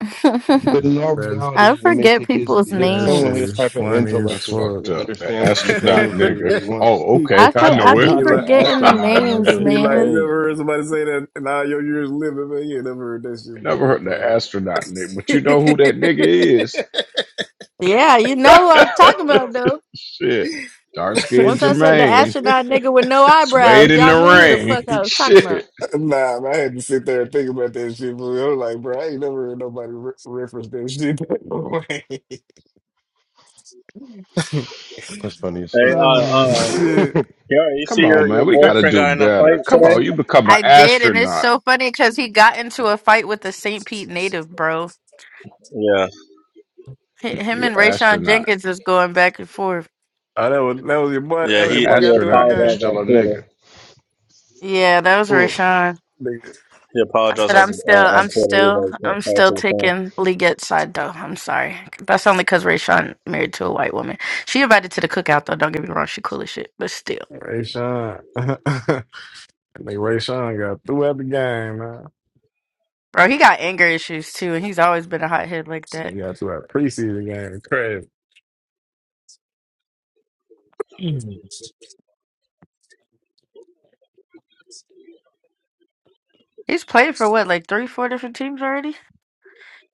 S20: but in all
S19: That's,
S10: I
S20: reality, it may
S10: forget
S20: take his,
S10: people's
S20: his
S19: that
S20: someone
S19: shit
S10: names.
S20: his
S19: is
S20: type of
S22: Mm,
S19: funny as
S20: intellect
S22: That's
S20: to,
S19: fuck.
S22: fucked
S20: to
S22: up. The
S20: understand what
S22: astronaut
S20: McDaniel's really,
S22: nigga.
S20: really wants.
S22: Oh, okay.
S10: I
S22: I
S10: for, I
S22: know it.
S10: be
S19: be
S3: Not the
S19: like,
S10: forgetting the
S3: astronaut,
S10: names,
S3: nigga.
S19: be
S3: It's
S19: like,
S10: man.
S19: you ever
S3: crazy.
S19: heard somebody say that in all your years living, man? You ain't never heard that shit,
S22: Never
S19: boy.
S22: heard the astronaut nigga, but you know who that nigga is.
S10: Yeah, you know who I'm talking about,
S22: Shit. Dark skinned
S10: Once I said the
S22: Jermaine.
S10: astronaut nigga with no eyebrows,
S22: Swayed in
S10: y'all
S22: the
S10: knew who the fuck
S22: rain.
S10: I was talking about.
S22: Shit.
S19: I'm like, nah, man, I had to sit there and think about that shit, boy. I'm like, bro, I ain't never heard nobody re- reference that shit that way.
S20: That's funny as
S15: Hey,
S20: fuck.
S15: uh,
S19: oh
S15: uh,
S19: shit!
S15: yo, you see
S22: Come on,
S15: your, your
S22: man. We gotta
S15: boyfriend
S22: do
S15: got in a
S22: better.
S15: fight?
S22: Come on, you become an
S10: I did, and it's
S22: astronaut.
S10: so funny because he got into a fight with the St. Pete native, bro.
S15: Yeah,
S10: H- Him
S22: You
S10: and Rayshawn
S22: astronaut.
S10: Jenkins is going back and forth.
S19: Oh, that was that was your boy. That
S15: yeah.
S19: was
S22: You're
S15: He
S19: your
S22: an
S19: boy.
S15: he,
S19: Got through at the
S22: astronaut and you're
S19: game.
S22: still a nigga.
S10: Yeah, that was
S20: Mm.
S10: Rayshawn.
S19: Nigga,
S15: he
S10: I
S15: apologized.
S10: said,
S15: After,
S10: I'm still, I'm still, I'm still taking Leggett side though. I'm sorry. That's only because Rayshawn married to a white woman. She invited to the cookout though. Don't get me wrong, she cool as shit, but still,
S19: Ray Sean. Nigga, Ray Sean got throughout the game, man.
S10: bro, he got anger issues too, and he's always been a hothead like
S19: He
S10: that.
S19: got throughout preseason game. Crazy. Mhm.
S10: He's played for what, like three, four different teams already.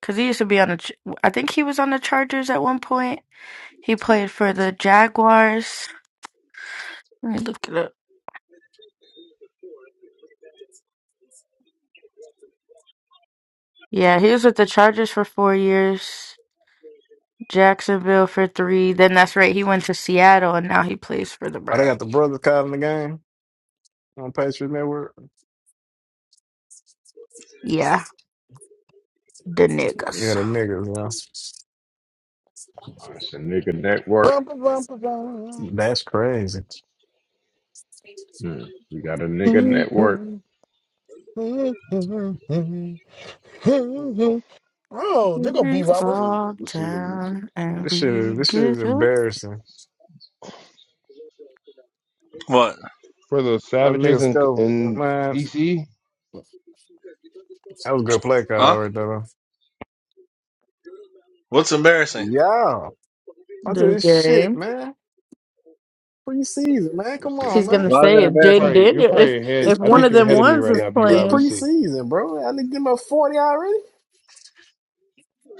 S10: Because he used to be on the, Ch- I think he was on the Chargers at one point. He played for the Jaguars. Let me look it up. Yeah, he was with the Chargers for four years, Jacksonville for three. Then that's right, he went to Seattle and now he plays for the
S19: Oh, they
S10: Browns.
S19: got the brothers calling the game on Patriot Network.
S10: Yeah, the
S19: Yeah,
S10: niggas.
S19: the niggas, man.
S22: Oh, it's a nigga network.
S1: Bum, bum, bum,
S19: That's crazy.
S22: Hmm. We got a nigga
S1: bum,
S22: network.
S20: Mm,
S1: bum. Oh, there go
S10: We
S1: B Robert.
S20: mm,
S10: fall
S20: listen to music
S10: down and
S19: This shit
S10: we
S19: is this shit is
S10: get up.
S19: embarrassing.
S15: what?
S20: for the
S19: That
S20: savages
S19: niggas
S20: in
S19: go,
S20: in
S19: man.
S20: DC.
S19: That was a good play
S15: Huh?
S19: call right there.
S15: What's embarrassing?
S19: Yeah. Watch
S10: The
S19: this shit,
S10: game.
S19: man. Preseason, man.
S20: Let me
S19: Come
S20: see this
S19: on,
S10: She's
S20: play.
S19: man.
S10: gonna
S20: You're
S10: say if
S20: probably you're
S10: Jaden
S20: probably you're
S10: Daniel, if
S20: probably ahead.
S19: It's
S10: if
S20: I
S10: one
S19: pre
S20: think
S10: of
S20: you're
S10: them
S20: ahead
S19: it,
S20: of me
S10: ones
S20: right
S10: is
S19: it,
S20: now, B.
S19: it's
S20: Rob. Let's
S10: playing,
S20: see.
S19: preseason, bro. I need to give him a 40 already.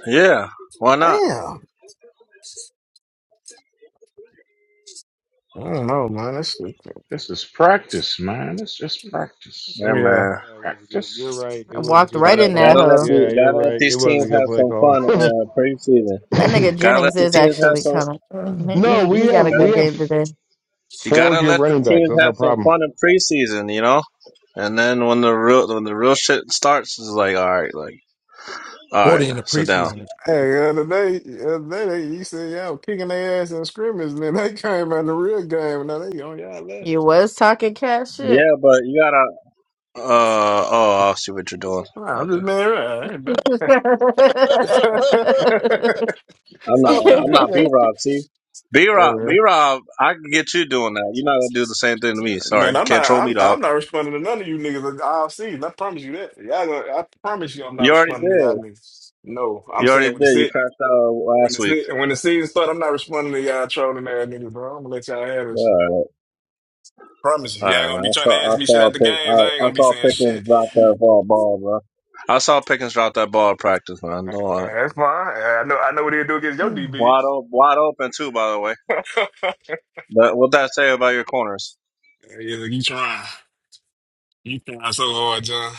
S15: Yeah. Why not?
S19: Damn. I don't know, man. That shit.
S22: This is practice, man. It's just practice.
S19: Yeah.
S20: Yeah, it was a good. You're
S22: Practice.
S20: right. It
S10: I
S20: was a
S10: walked
S20: good
S10: right
S20: play
S10: in that
S20: call.
S10: hole.
S20: Yeah, you're right. It was a good play
S15: Some
S20: call.
S15: fun uh, preseason.
S10: That nigga
S15: Gotta let
S10: Jennings
S15: the
S10: is
S15: teams have
S10: actually
S15: some.
S10: coming.
S20: no,
S10: He he
S20: we
S10: he got a
S20: have we
S10: good
S15: gotta-
S10: game
S20: have
S10: today.
S15: You
S20: four
S15: gotta
S20: good
S15: let the
S20: running backs.
S15: teams
S20: That's
S15: have
S20: our
S15: some
S20: problem.
S15: fun in preseason, you know. And then when the real when the real shit starts, it's like, all right, like, all right,
S13: 40 in the
S15: sit down.
S13: preseason. is-
S19: Hey, the other day, the other day, they, you said y'all kicking their ass in scrimmage, and then they came out in the real game, and now they on y'all
S10: You
S19: ass.
S10: was talking cat shit.
S15: Yeah, but you gotta Uh oh, I see what you're doing.
S19: Nah, I'm
S15: Okay.
S19: just being real. I ain't bad.
S15: I'm not
S1: Oh
S15: I'm not B
S1: shit.
S15: Rob, see? B
S19: Yeah,
S15: Rob
S19: man.
S15: B Rob, I can get you doing that. You're not gonna do the same thing to me.
S19: Man,
S15: Sorry. You
S19: I'm not.
S15: can't troll me,
S19: I'm.
S15: dog.
S19: I'm not responding to none of you niggas all season. I promise you that. Y'all. Gonna, I promise you, I'm not
S15: You already
S19: responding to y'all
S15: did.
S19: niggas. No, I'm
S15: You already
S19: saying
S15: did.
S19: when it's
S15: You
S19: it,
S15: crashed out
S19: when
S15: last
S19: it's
S15: week.
S19: it, when the season start, I'm not responding to y'all trolling ass niggas, bro. I'm gonna let y'all have this. shit.
S15: Alright.
S19: Promise you, y'all
S15: Alright
S19: gonna
S15: man.
S19: be
S15: I
S19: trying to
S15: saw
S19: ask
S15: I
S19: me shit
S15: saw
S19: at the
S15: pick
S19: games. I ain't
S15: I, I
S19: gonna be
S15: saw
S19: saying
S15: Pickens
S19: shit.
S15: drop that ball ball, bro. I saw Pickens drop that ball at practice, man.
S19: Uh,
S15: Don't lie.
S19: that's fine. Uh, I know. I know what he'll do against your DB.
S15: Wide open wide open too, by the way.
S19: yeah,
S15: But what that say about your corners?
S19: look, you trying? You trying so hard, John?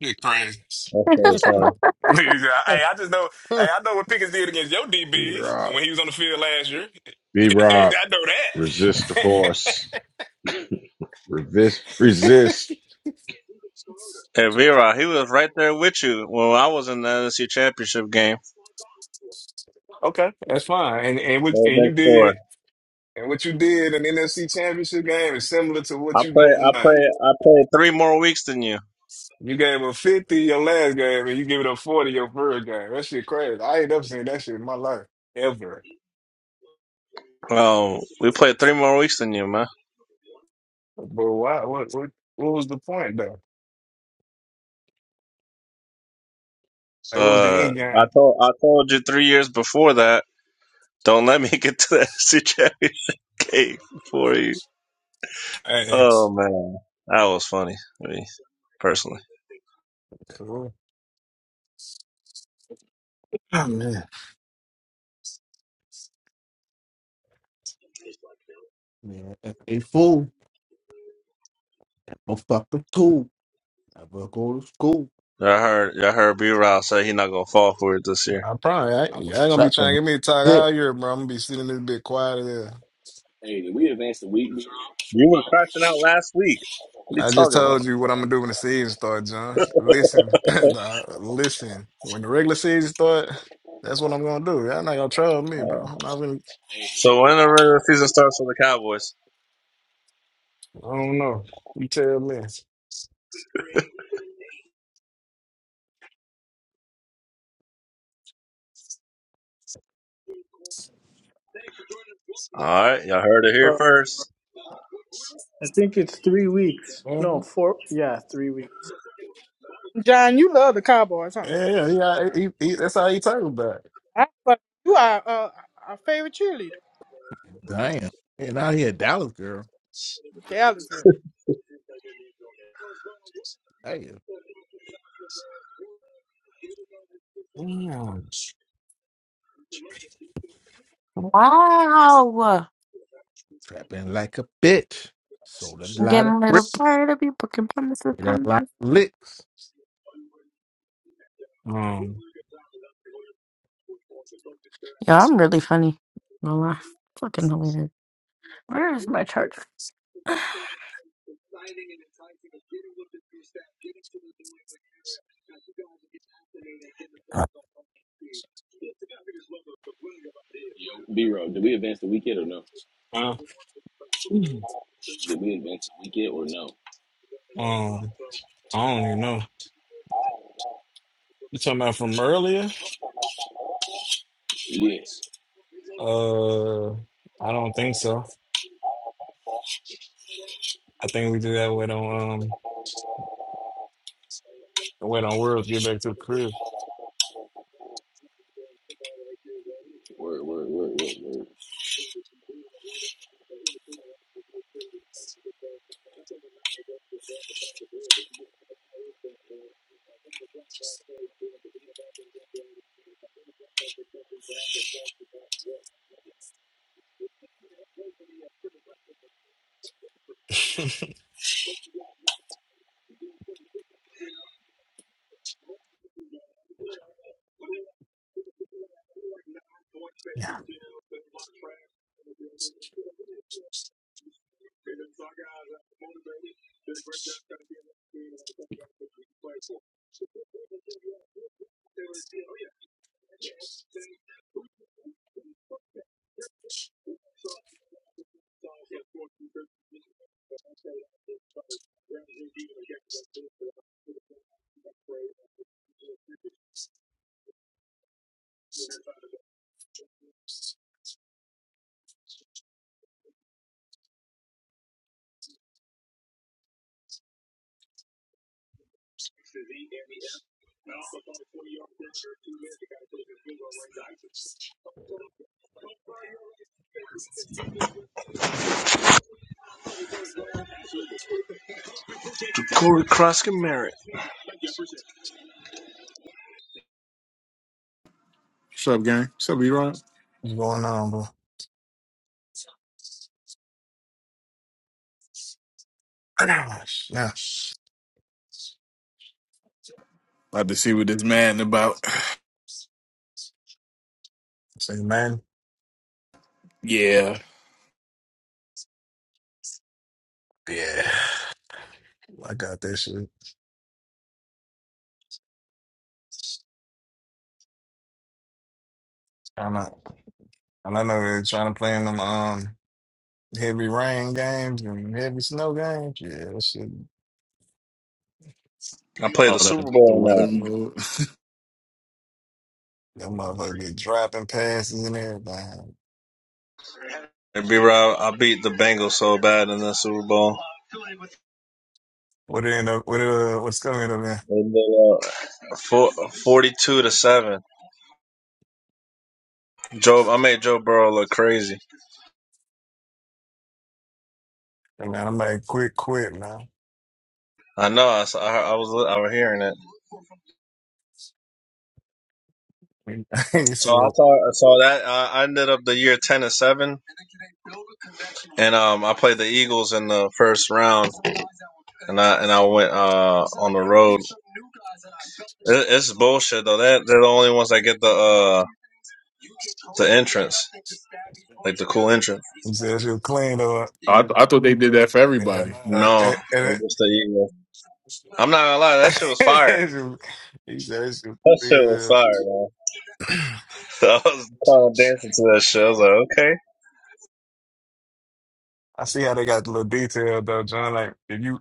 S19: You're crazy.
S15: That's Okay, funny.
S19: hey, I just know. Hey, I know what Pickens did against your
S22: B
S19: DBs
S22: Rob.
S19: when he was on the field last year.
S22: B Rob.
S19: I know
S22: Resist the
S19: that.
S22: force. Resist. Resist.
S15: Hey, Vera, he was right there with you when I was in the NFC Championship game.
S19: okay, that's fine. And and what
S15: Right
S19: and you
S15: next door.
S19: did and what you did in the NFC Championship game is similar to what
S15: I
S19: you are
S15: play,
S19: doing
S15: I play,
S19: tonight.
S15: I played three more weeks than you.
S19: You gave a 50 your last game, and you give it up 40 your first game. That shit crazy. I ain't never seen that shit in my life, ever.
S15: Um, we played three more weeks than you, man.
S19: But why? What, what, what was the point, though? Like, what was the
S15: Uh,
S19: end
S15: I
S19: game?
S15: told, I told you three years before that. Don't let me get to the NFC Championship game for you.
S19: Hey,
S15: Oh man, that was funny. I mean, personally,
S19: cool. Oh, man.
S13: Man, a a fool. I'm A fucking tool. Never go to school.
S15: I heard, I heard B. Rob say he's not gonna fall for it this year.
S19: I probably, I,
S13: I was
S19: y'all gonna be trying
S13: trapping.
S19: to get me to talk
S13: Bit.
S19: all year, bro. I'm gonna be sitting this bit quiet there.
S28: Hey, did we advance the week, B-Roll?
S15: You were crashing out last week. What are you
S19: I just
S15: talking
S19: told
S15: about?
S19: you what I'm gonna do when the season starts, John. Listen, dog, listen. When the regular season start, that's what I'm gonna do. Y'all not gonna trouble me,
S15: Uh,
S19: bro. I'm not gonna.
S28: Hey,
S15: So
S28: did we,
S15: when the regular season starts for the Cowboys.
S19: I don't know. You tell me.
S15: All right, y'all heard it here
S5: Uh,
S15: first.
S5: I think it's three weeks.
S19: Mm-hmm.
S5: No, four. Yeah, three weeks.
S11: head. John, you love the Cowboys, huh?
S19: Yeah, yeah, he, he, that's how he talk about it.
S11: I fuck- you are uh, our favorite cheerleader,
S13: Damn. And out here, Dallas girl.
S11: Dallas girl.
S13: Damn.
S19: Damn.
S10: wow.
S13: Trapping like a bitch. Sold a
S10: I'm
S13: lot
S10: getting
S13: of
S10: a little
S13: bricks.
S10: tired of you booking promises,
S13: Did a lot
S10: promises.
S13: of licks.
S19: Um,
S10: Yeah, I'm really funny. No lie. Fucking hilarious. Where is my charger?
S28: yo, B-Roll, did we advance the week yet or no?
S19: uh, mm,
S28: Did we advance the week yet or no?
S19: um, I don't even know. You talking about from earlier?
S28: Yeah,
S19: Uh, I don't think so. I think we do that wait on um wait on world to get back to the crib.
S28: word, word, word, word, word.
S19: yeah,
S15: Do Corey Cross get married?
S29: What's up, gang? What's up, E-Rob?
S19: what's going on, bro? yeah,
S29: About to see what this man about.
S19: say man.
S29: Yeah.
S19: Yeah, I got that shit. I'm not, and I know they're trying to play in them um heavy rain games and heavy snow games. Yeah, that shit.
S15: I played
S29: Oh,
S15: the
S29: that
S15: Super
S29: the
S15: Bowl in
S29: weather
S15: that.
S29: mode.
S19: That motherfucker be dropping passes and everything.
S15: And B Rob, I beat the Bengals so bad in that Super Bowl.
S19: What end up? What uh? What's coming up there?
S15: They did, uh, 42 to 7. Joe, I made Joe Burrow look crazy.
S19: Hey, man, I'm like, quit, quit, man.
S15: I know, I, saw, I, I was I was hearing it.
S19: he
S15: So I
S19: said,
S15: thought I saw that. I, I ended up the year 10 and 7. And um, I played the Eagles in the first round. And I and I went uh, on the road It, it's bullshit though. That they're the only ones that get the uh the entrance, like the cool entrance.
S19: he said she'll clean up.
S29: I, I thought they did that for
S19: Yeah,
S29: everybody.
S19: nah.
S15: No,
S19: And, and it,
S15: I'm not gonna lie. That shit was fire.
S19: he said she'll clean up.
S15: I was dancing to that shit. I was like, okay.
S19: I see how they got the little detail though, John. Like, if you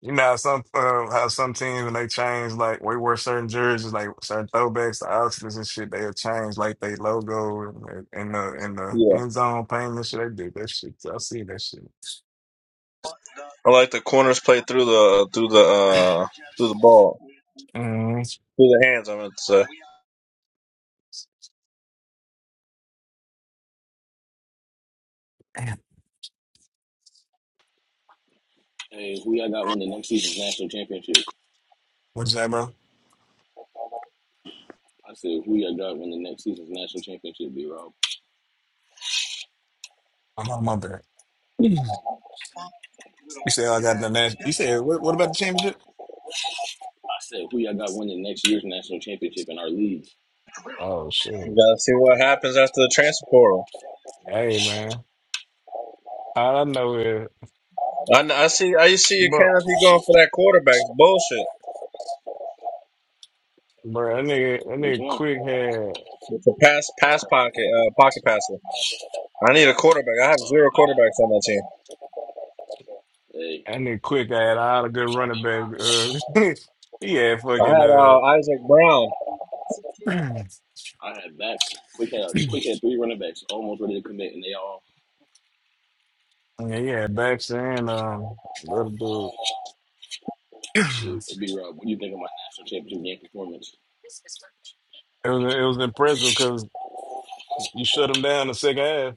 S19: You know how some uh, how some teams when they change like we wear certain jerseys like certain throwbacks to Oxfords and shit they'll change like they logo and and the in the end zone paint and shit they do that shit I see that shit.
S15: I like the corners played through the through the uh through the ball
S19: Mm.
S15: through the hands. I meant to say.
S28: Hey, who y'all got win the next season's national championship?
S19: What's that, bro?
S28: I said, who y'all got win the next season's national championship, B-Roll?
S19: I'm on my back. Mm. You said I got the national. You said what? What about the championship?
S28: I said, who y'all got win the next year's national championship in our league?
S19: Oh
S15: You
S19: sure.
S15: gotta see what happens after the transfer portal.
S19: Hey man, all I know is
S15: I, kn- I see. I see you
S19: bro,
S15: can't be going for that quarterback It's bullshit.
S19: bro. That nigga, that
S28: Which
S19: nigga
S28: one?
S19: quick had
S15: It's a pass pass pocket uh, pocket passer. I need a quarterback. I
S28: Uh,
S15: have zero
S28: I-
S15: quarterbacks on my team.
S28: hey,
S19: that nigga quick had all the good running backs. Uh, he had
S15: I
S19: fucking
S15: had
S19: uh.
S15: uh, Isaac Brown.
S19: yeah,
S28: I had backs. Quick had, quick had three running backs almost ready to commit, and they all,
S19: yeah, Baxter and um, the other dude. It
S28: shit,
S19: was
S28: B-Roll, what do you think of my national championship game performance?
S19: it was impressive because you shut him down the second half.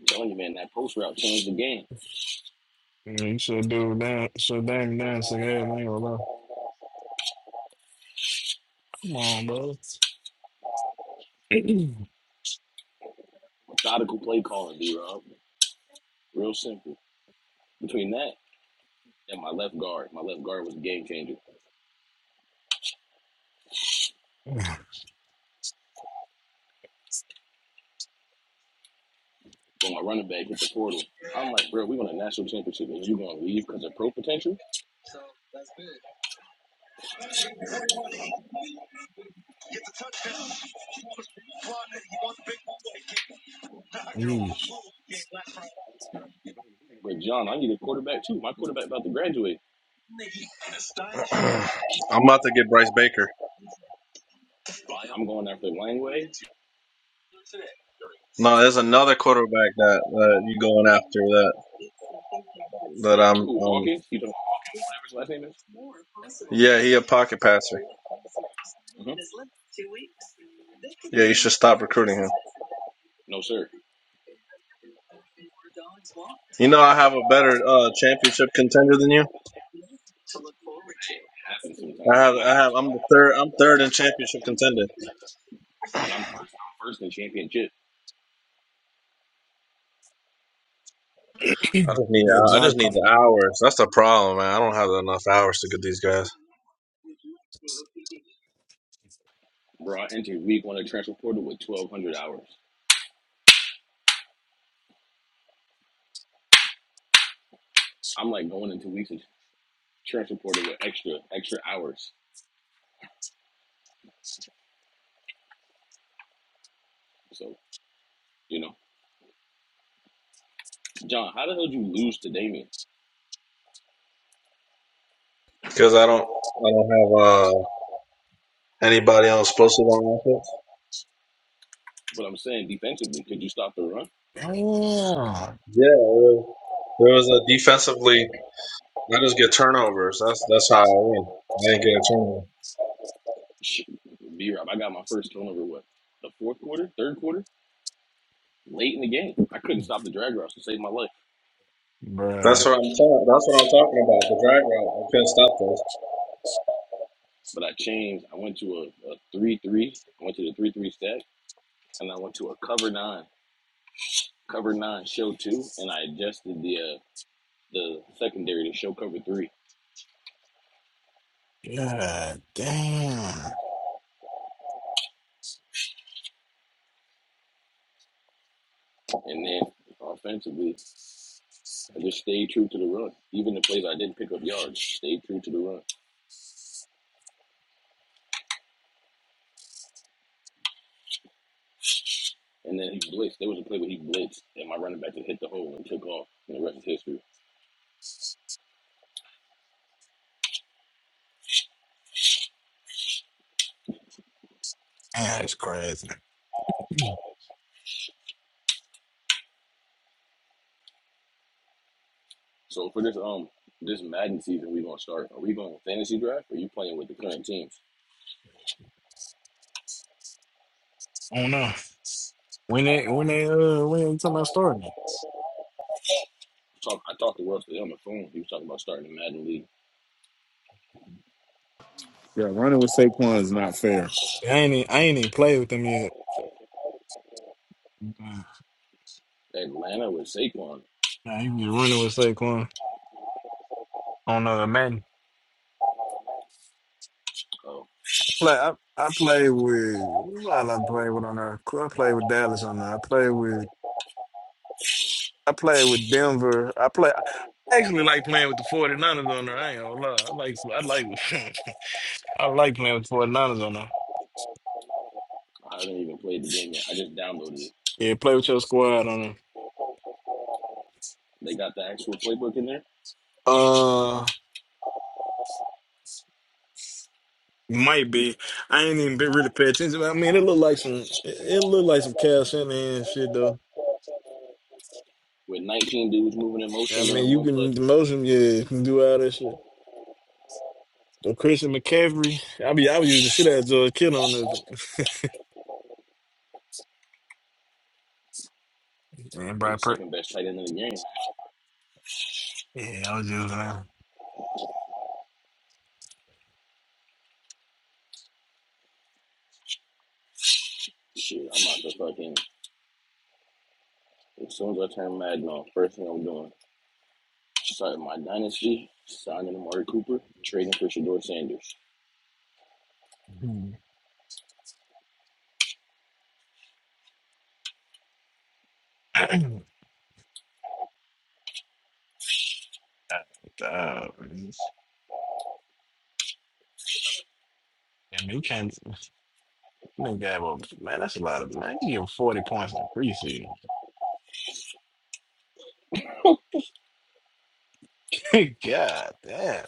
S28: I'm telling you, man, that post route changed the game.
S19: Yeah, you shut dude down, shut Dame down the second half. I ain't gonna lie. Come on, bro.
S28: Methodical play calling, D Rob. Real simple. Between that and my left guard, my left guard was a game changer. When my running back hit the portal, I'm like, bro, we won a national championship and you gonna leave because of pro potential?
S19: Yeesh.
S28: But John, I need a quarterback too. My quarterback about to graduate.
S15: I'm about to get Bryce Baker.
S28: I'm going after Langway,
S15: No, there's another quarterback that uh, you going after that that I'm.
S28: Cool
S15: Um,
S28: Hawkins. You know Hawkins or whatever his last name is.
S15: yeah, he a pocket passer.
S28: hmm
S15: Yeah, you should stop recruiting him.
S28: No sir, it
S15: You know, I have a better uh, championship contender than you.
S28: happens sometimes.
S15: I have,
S28: I
S15: I have.
S28: have, to,
S15: I'm the third. I'm third in championship contender.
S28: but I'm first. I'm first in championship,
S15: I just need.
S19: that
S15: I
S19: John,
S15: just
S19: Co-
S15: need the hours. That's the problem, man. I don't have enough hours to get these guys
S28: bro. I entered week one of transfer portal with 1,200 hours. I'm like going into weeks of transfer portal with extra extra hours. So You know, John, how the hell did you lose to Damien?
S15: because I don't. I don't have uh, anybody else posted on offense.
S28: But I'm saying defensively, could you stop the run?
S19: damn,
S15: Yeah, there there was a defensively. I just get turnovers. That's that's how I win. I didn't get a turnover.
S28: Shit, B Rob, I got my first turnover. What the fourth quarter, third quarter, late in the game. I couldn't stop the drag routes to save my life.
S15: That's
S19: bruh.
S15: what I'm talking. That's what I'm talking about. The drag route. I couldn't stop those.
S28: But I changed. I went to a, a three three. I went to the three three stack, and I went to a cover nine, cover nine show two, and I adjusted the uh, the secondary to show cover three,
S19: God damn,
S28: and then offensively, I just stayed true to the run. Even the plays I didn't pick up yards, stayed true to the run. And then he blitzed. There was a play where he blitzed, and my running back just hit the hole and took off, and the rest is history.
S19: that's crazy. I
S28: So for this um this Madden season, we gonna start. Are we going fantasy draft? Or are you playing with the current teams?
S19: don't know when they when they uh when they talking about starting. it?
S28: Talk. I talked to Russ today on the phone. He was talking about starting a Madden league.
S29: Yeah, running with Saquon is not fair.
S19: I ain't e- I ain't even played with them yet.
S28: Atlanta with Saquon.
S19: Nah, you be running with Saquon on uh Madden.
S28: Oh,
S19: Play, I, I play with who I like play with on there. I play with Dallas on there. I play with I play with Denver. I play I actually like playing with the 49ers on there. I ain't gonna lie. I like I like I like playing with the 49ers on there.
S28: I haven't even played the game yet. I just downloaded it.
S19: Yeah, play with your squad on there.
S28: They got the actual playbook in there
S19: Uh might be. I ain't even been really pay attention. I mean it looked like some it, it look like some Cal Shanahan shit though.
S28: with 19 dudes moving in
S19: I
S28: motion during
S19: mean you
S28: one play.
S19: can the
S28: I
S19: motion yeah, you can do all that shit. Well, Christian McCaffrey, I be I was using shit out of George Kittle on that. And
S28: mean, the
S19: Brad Pitt.
S28: second best tight end in the game.
S19: Yeah, I was using that.
S28: Shit, I'm about to fucking. As soon as I turn Madden off, first thing I'm doing Starting my dynasty, signing Amari Cooper, trading for Shador Sanders.
S19: Hmm. Uh, I you can't. Man, God, well, man, that's a lot of man. You give him forty points in the preseason. God damn,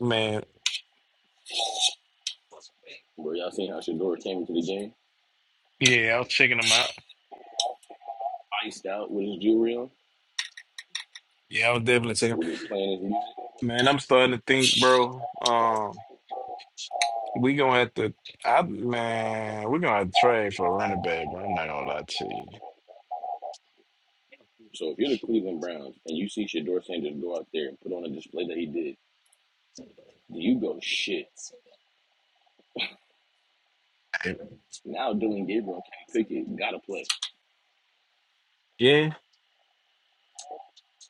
S19: man.
S28: Where y'all seen how Shador came into the game,
S19: Yeah, I was checking them out.
S28: iced out with his jewelry on,
S19: Yeah, I was definitely checking.
S28: with his playing his music.
S19: Man, I'm starting to think, bro. Um, we gonna have to. I man, we gonna have to trade for a running back. Bro. I'm not gonna lie to you.
S28: So if you're the Cleveland Browns and you see Shador Sanders go out there and put on a display that he did, do you go shit? Now Dylan Gabriel can't pick it, gotta play.
S19: Yeah.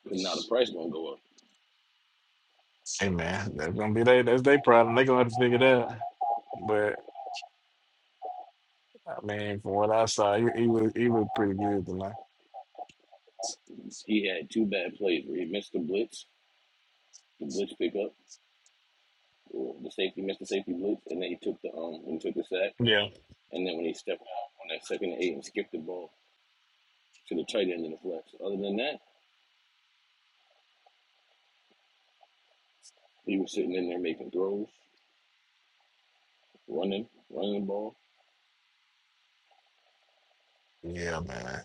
S28: Cause now the price gonna go up.
S19: Hey man, that's gonna be they that's their problem. They gonna have to figure that. out. But I mean, from what I saw, he, he was he was pretty good tonight.
S28: He had two bad plays where he missed the blitz, the blitz pickup, or the safety missed the safety blitz, and then he took the um and took the sack.
S19: Yeah.
S28: And then when he stepped out on that second and eight and skipped the ball, to the tight end and the flex. Other than that, he was sitting in there making throws, running, running the ball,
S19: Yeah, man.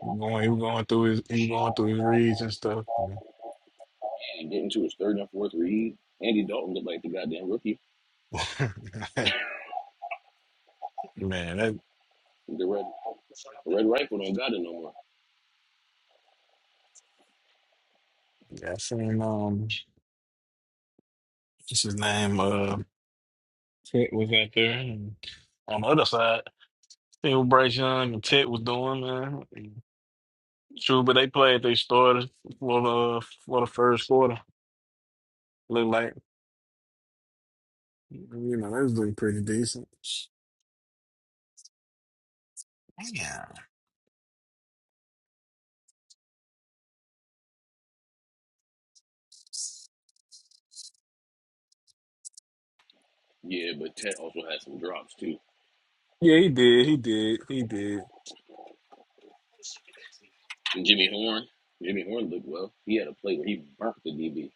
S19: He Going, he was going through his he was going through his reads and stuff. you
S28: and getting to his third and fourth read. Andy Dalton looked like the goddamn rookie.
S19: know. man, that
S28: The red the red rifle don't got it no more.
S19: yeah, I seen um what's his name? Uh Tit was out there and on the other side, seen what Bryce Young and Tit was doing, man. True, but they played they started for the for the first quarter. Looked like. You know, that's doing pretty decent. Yeah.
S28: Yeah, but Ted also had some drops too.
S19: Yeah, he did. He did. He did.
S28: And Jimmy Horn, Jimmy Horn looked well. He had a play where he burnt the DB,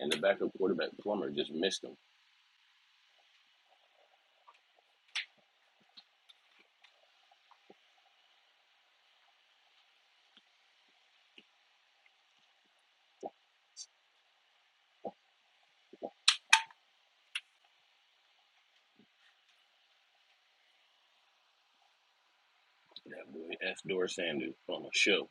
S28: and the backup quarterback Plummer just missed him. That boy F. Doris Sanders on a show.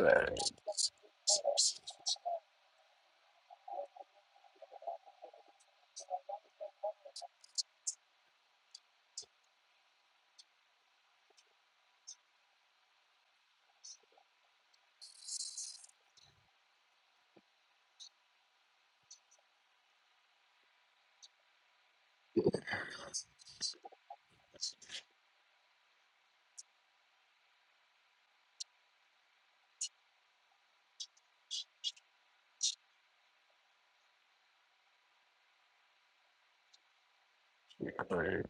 S19: Right, right.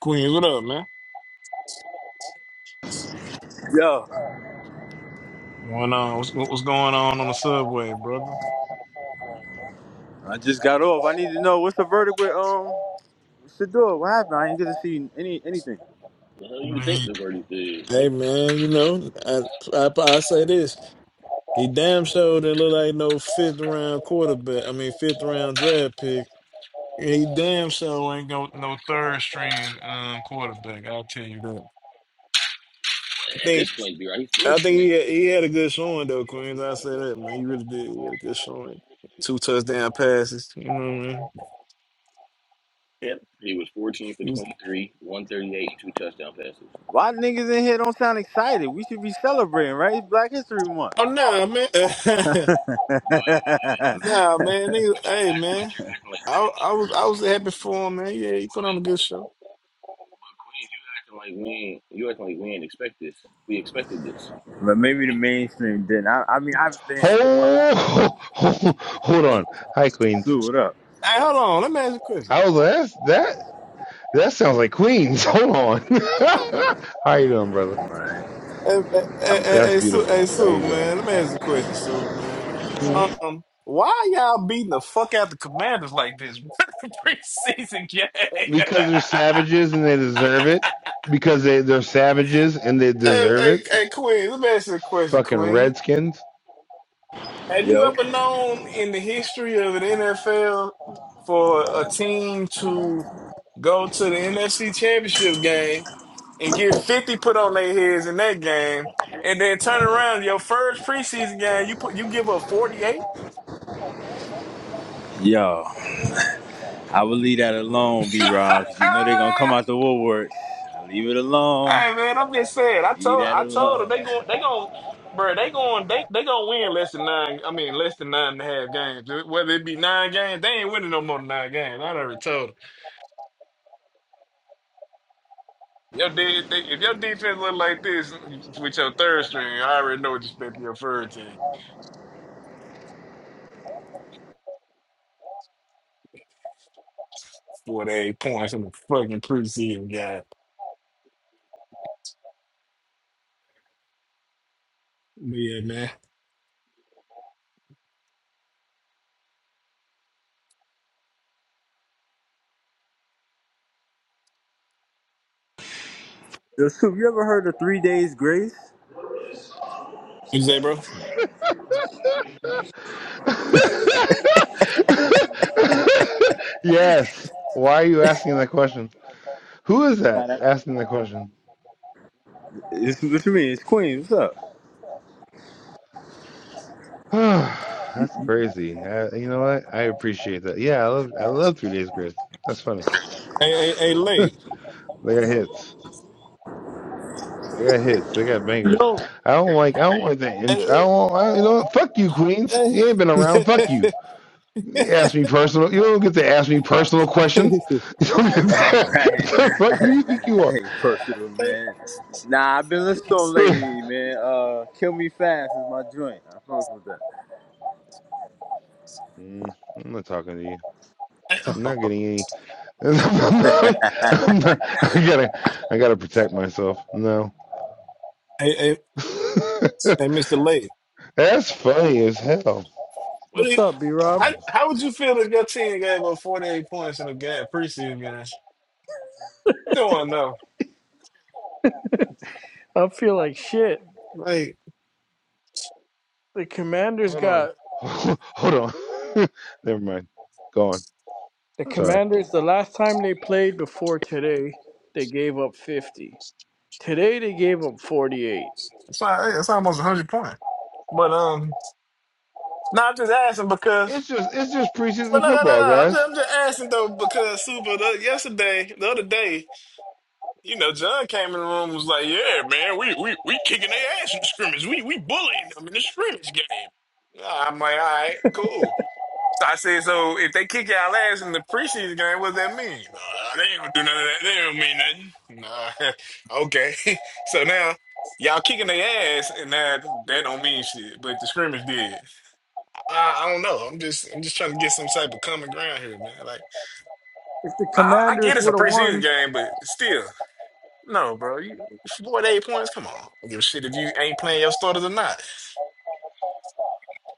S19: Queens, what up, man?
S30: Yo,
S19: What, on? what's, what's going on on the subway, brother?
S30: I just got off. I need to know what's the verdict with um Shador. What happened? I ain't get to see any anything.
S28: The hell
S19: I
S28: you think
S19: mean,
S28: the verdict is?
S19: hey,
S28: Like,
S19: man, you know, I, I, I say this. He damn sure didn't look like no fifth round quarterback. I mean, fifth round draft pick. He damn sure ain't go no third string um, quarterback. I'll tell you that. I
S28: at
S19: think.
S28: this point, be right, he's still
S19: I think
S28: straight.
S19: he had, he had a good showing though, Queens. I say that man, he really did. He had a good showing. Two touchdown passes. You know what I mean? Yeah.
S28: He was 14 for
S19: He was,
S28: 23, 138, two touchdown passes.
S30: Why niggas in here don't sound excited? We should be celebrating, right? It's Black History Month.
S19: Oh nah, man.
S30: but
S28: wait, wait, wait, wait, wait.
S19: nah, man.
S28: But
S19: Nigga,
S28: you
S19: hey
S28: act, but
S19: man.
S28: you're acting like we
S19: I
S28: didn't.
S19: I was I was happy for him, man. Yeah, he
S28: Wait,
S19: put on
S28: wait,
S19: a good show.
S28: but Queens, you acting like we ain't. You acting like we ain't expect this. We expected this.
S30: maybe the mainstream didn't. I, I mean, I have been here for a while.
S20: Oh, hold on. Hi, Queens.
S30: Sue, what up?
S19: Hey, hold on. Let me ask you a question.
S20: I was like, that's, that that sounds like Queens. Hold on.
S19: Uh,
S20: How you doing, brother?
S30: Alright.
S19: Hey, hey, hey, hey,
S20: That's
S19: hey,
S30: I'm-
S19: Sue,
S20: beautiful.
S19: hey,
S20: How
S19: Sue,
S20: you doing?
S19: man. Let me ask you a question, Sue, man.
S20: Hmm?
S19: Um, why y'all beating the fuck out the Commanders like this? Preseason game.
S20: Because they're savages and they deserve it. Because they, they're savages and they
S19: Hey,
S20: deserve it.
S19: hey, hey, Queen, let me ask you a question,
S20: Fucking
S19: Queen.
S20: redskins.
S19: Have you
S30: Yo,
S19: ever known in the history of an NFL for a team to go to the NFC Championship game and get 50 put on their heads in that game and then turn around your first preseason game, you put you give up 48?
S30: yo, I will leave that alone, B Rob, because you know they're gonna come out the woodwork. I leave it alone.
S19: Hey man, I'm just saying. I
S30: Leave
S19: told
S30: that
S19: I told them
S30: alone.
S19: they go they going bro, they going they they gonna win less than nine I mean less than nine and a half games. Whether it be nine games, they ain't winning no more than nine games. I already told them. Your de- they, if your defense look like this with your third string, I already know what you expect from your third team. Forty eight points in the fucking preseason guy. Yeah, man.
S30: Yo, Sue, you ever heard of Three Days Grace?
S19: What you say, bro?
S20: yes. Why are you asking that question? Who is that
S30: Nah, that.
S20: asking that question?
S30: It's, what you mean? It's Queens. What's up?
S20: That's crazy. I, you know what? I appreciate that. Yeah, I love I love Three Days Grace. That's funny.
S19: Hey, hey, hey,
S20: they
S19: late.
S20: got hits. They got hits. They got bangers.
S5: Yo,
S20: I don't like. I don't like that intro. I
S19: Uh,
S20: don't. I, you know.
S19: uh,
S20: what? Fuck you, Queens.
S19: hey,
S20: You ain't been around. Fuck you. You Ask me personal. You don't get to ask me personal questions. You don't get to,
S30: That ain't right. That ain't,
S20: the fuck who you think you are?
S30: that ain't personal,
S19: hey,
S30: man. Nah, I've been listening to 'em lately, man. Uh, Kill Me Fast is my joint. I fuck with
S20: Mm, I'm not talking to you. I'm not
S30: that.
S20: getting any. I'm not, I'm not, I gotta. I gotta protect myself. No.
S19: hey, Mr. Late.
S20: That's funny as hell.
S19: what?
S5: what's up, B Rob?
S19: How, how would you feel if your team gave up 48 points in a game, preseason game? You don't want to know.
S5: I feel like shit.
S19: Like,
S5: The Commanders
S20: Hold on.
S5: got
S20: Hold on. Never mind. Go on.
S5: The
S20: Sorry.
S5: Commanders, the last time they played before today, they gave up 50. Today they gave up 48.
S19: it's, not, it's almost 100 points. But, um, no, I'm just asking because,
S20: It's just it's just
S19: but
S20: preseason
S19: no, no, no,
S20: football,
S19: no. I'm just,
S20: guys.
S19: I'm just asking though because Super, the, yesterday, the other day, you know, John came in the room and was like, yeah, man, we, we, we kicking their ass in the scrimmage. We, we bullying them in the scrimmage game. Yeah, I'm like, all right, cool. So I said, so if they kick y'all ass in the preseason game, what does that mean? Uh, they ain't gonna do none of that. They don't mean nothing. Nah. okay. so now y'all kicking their ass, and that that don't mean shit. But the scrimmage did. I, I don't know. I'm just I'm just trying to get some type of common ground here, man. Like
S5: If the
S19: I, I I get
S5: Commanders
S19: it's a
S5: would have
S19: preseason
S5: won,
S19: game, but still, no, bro. You four to eight points. Come on. I don't give a shit if you ain't playing your starters or not.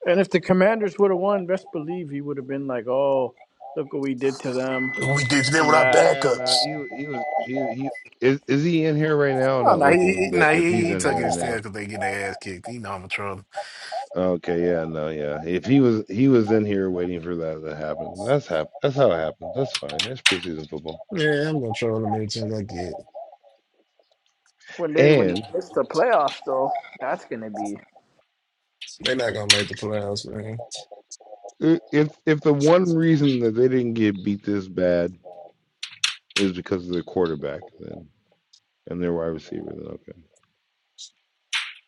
S5: and if the Commanders would have won, best believe he would have been like, "Oh, look what we did to them."
S19: We did them
S5: And
S19: with our
S5: that
S20: Yeah, no,
S19: backups.
S20: he he was he he is is he in here right now? I'm
S19: Oh
S20: not
S19: no, he,
S20: looking,
S19: he
S20: but
S19: no
S20: if
S19: he,
S20: he's
S19: he
S20: in
S19: took it
S20: here right now,
S19: instead because they get their ass kicked. You know I'm a troll.
S20: okay, yeah, no, yeah. If he was he was in here waiting for that to happen. That's hap- That's how it happens. That's fine. That's preseason football.
S19: Yeah, I'm gonna troll them any chance I get.
S5: when they when they
S20: And
S5: miss the playoffs, though, that's gonna be
S19: They're not gonna make the playoffs, man.
S20: i- if if the one reason that they didn't get beat this bad is because of their quarterback, then and their wide receiver, then okay.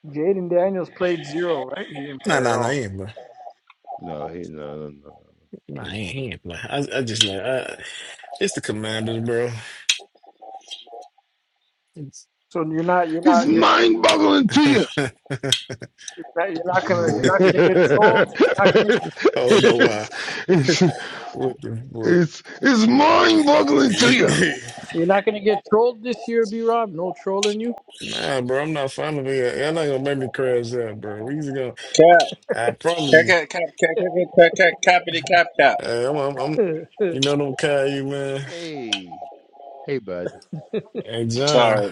S5: Jaden Daniels played zero, right? He didn't
S19: Nah,
S5: play at
S19: nah, nah, he
S5: all.
S19: ain't play.
S20: No, he no no no no. no. He
S19: Nah, he
S20: didn't
S19: ain't,
S20: play.
S19: he ain't play. I, I just like I, it's the Commanders, bro. It's-
S5: So you're not you're
S20: It's
S5: not you're
S20: mind boggling to you.
S5: not you're not gonna you're not gonna get trolled. You're not gonna get
S19: oh no, why?
S20: it's, it's,
S19: what the what?
S20: it's, it's mind boggling to you.
S5: you're not gonna get trolled this year, B Rob. No trolling
S19: nah, bro, I'm not fond of it. Y'all not gonna make me crash out, bro. We just gonna. I promise you. Hey, I'm, I'm, I'm.
S5: you.
S19: You know them Caillou, man.
S20: Hey, hey, bud.
S19: Hey, John.
S15: Sorry.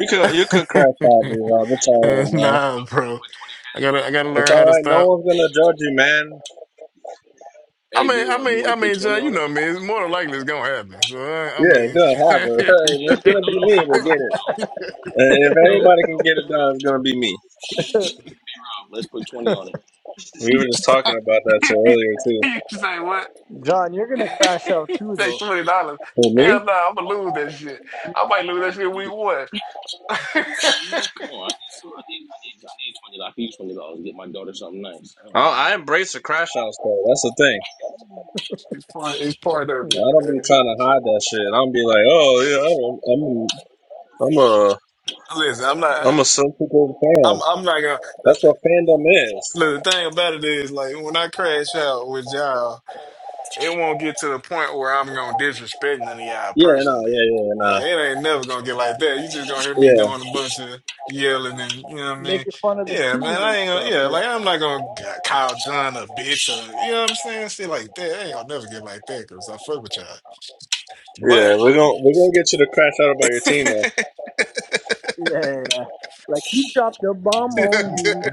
S15: You can you can crash out,
S28: Hey,
S15: B
S28: you
S15: Rob. It's all right, man.
S19: nah,
S28: want to
S19: bro.
S28: put twenty k?
S19: I gotta I gotta
S15: It's
S19: learn
S15: all
S19: how to
S15: right. No
S19: stop.
S15: one's gonna judge you, man.
S19: I
S28: Hey, B
S19: mean, I
S28: Rob, you
S19: mean,
S28: want
S19: I
S28: to put
S19: mean,
S28: twenty
S19: John, you
S28: on it?
S19: know me.
S28: No,
S19: It's more than likely it's gonna happen. So I, I
S15: Yeah, it's
S19: mean,
S15: gonna happen. It's gonna
S28: no,
S15: be
S28: no, B
S15: me to
S28: Rob.
S15: get it.
S28: No,
S15: And if
S28: no,
S15: anybody
S28: no,
S15: can get
S28: B
S15: it done,
S28: Rob.
S15: it's gonna be me.
S28: Let's put twenty on it.
S15: We were just
S19: she's like,
S15: talking about that shit earlier too.
S19: she's like, what?
S5: John, you're gonna crash out too,
S19: like
S5: though.
S19: twenty dollars?
S15: Who me?
S19: Hell no, I'm gonna lose that shit. I might lose that shit week one.
S28: Come on, I need some. I need, I need, I need twenty. dollars. I can use twenty dollars to get my daughter something nice.
S19: Oh,
S15: Oh, I
S19: wow,
S15: embrace the crash outs though. That's the thing.
S19: it's part, it's part of it,
S15: I don't be
S19: man.
S15: trying to hide that shit. I don't be like, oh yeah, I'm I'm I'm a
S19: Listen, I'm not.
S15: I'm a sensitive fan.
S19: I'm I'm not gonna.
S15: That's what fandom is.
S19: Look, the thing about it is, like, when I crash out with
S5: John.
S19: y'all, it won't get to the point where I'm gonna disrespect none of y'all
S15: Yeah, no,
S19: personally.
S15: yeah, yeah,
S19: Yeah,
S15: nah,
S19: it ain't never gonna get like that. You just gonna hear me
S15: yeah,
S19: doing a bunch of yelling and you know what I mean?
S5: Making fun of the
S19: Yeah,
S5: team
S19: man, I
S5: and
S19: ain't gonna,
S5: stuff.
S19: yeah,
S5: Yeah.
S19: like I'm not gonna g- call John a bitch or you know what I'm saying? Shit like that. I ain't gonna never get like that because I fuck with y'all.
S15: yeah.
S19: But
S15: We're gonna we're gonna get you to crash out about your team though.
S19: yeah,
S5: Yeah. yeah, yeah. Like he dropped a bomb
S20: No,
S5: on you.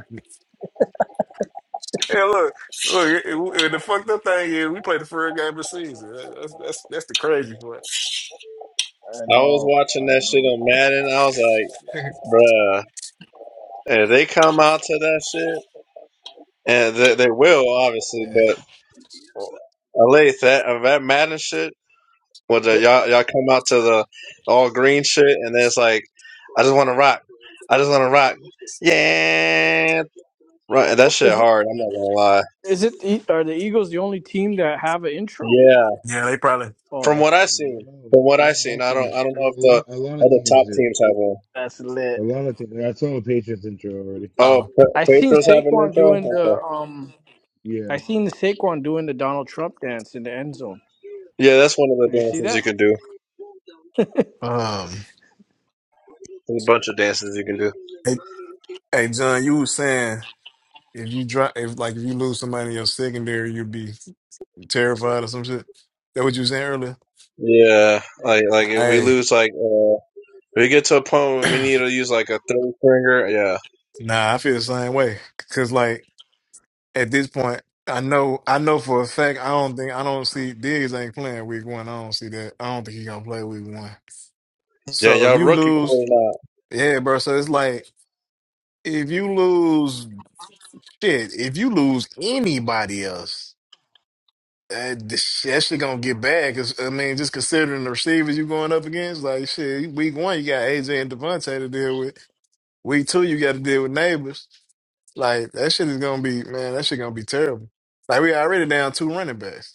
S19: look, look, it, it- the fucked up thing is we played the first game of the season. That- That's that's that's the crazy part.
S5: I
S15: I was
S5: know.
S15: watching
S5: I
S15: that shit
S5: know.
S15: on Madden. I was like, bruh, if they come out to that shit, and they, they will obviously,
S19: Yeah.
S15: but uh, I lay that uh, that Madden shit. What the, y'all y'all come out to the all green shit, and then it's like, I just want to rock. I just want to rock. Yeah, right. That shit
S5: Is it?
S15: hard. I'm not gonna lie.
S5: Is it? the- Are the Eagles the only team that have an intro?
S15: Yeah,
S19: Yeah, they probably.
S5: Oh,
S15: from what
S5: that's
S15: I seen, from what I
S20: no, all
S15: seen, I don't
S20: teams,
S15: I don't
S20: a
S15: know if the
S20: lot, a lot of
S15: other
S20: teams
S15: top
S20: do.
S15: teams have one.
S5: that's
S20: A
S5: lit.
S20: lot of teams. I saw the Patriots intro already.
S15: Oh,
S19: Oh,
S15: Pe-
S5: I seen
S15: Pedro's have an
S5: Saquon
S15: intro.
S5: doing the
S15: Okay.
S5: um.
S20: Yeah.
S5: I seen the Saquon doing the Donald Trump dance in the end zone.
S15: Yeah, that's one of the
S5: Did you see
S15: dances you
S5: that?
S15: can do.
S19: um,
S15: There's a bunch of dances you can do.
S19: hey, hey, John, you was saying if you drop, if like if you lose somebody in your secondary, you'd be terrified or some shit. That what you was saying earlier?
S15: Yeah, like like if we
S19: Hey,
S15: lose, like uh, if we get to a point where we need to use like a third finger. Yeah,
S19: nah, I feel the same way. Cause like at this point, I know, I know for a fact, I don't think, I don't see Diggs ain't playing week one. I don't see that. I don't think he gonna play week one.
S15: yeah,
S19: So if
S15: y'all
S19: you
S15: rookie
S19: lose,
S15: corner.
S19: yeah, bro. So it's like if you lose, shit. If you lose anybody else. Uh, this- shit, that shit gonna get bad. Cause I mean, just considering the receivers you going up against, like shit. Week one, you got AJ and Devontae to deal with. Week two, you got to deal with neighbors. Like that shit is gonna be man. That shit gonna be terrible. Like we already down two running backs.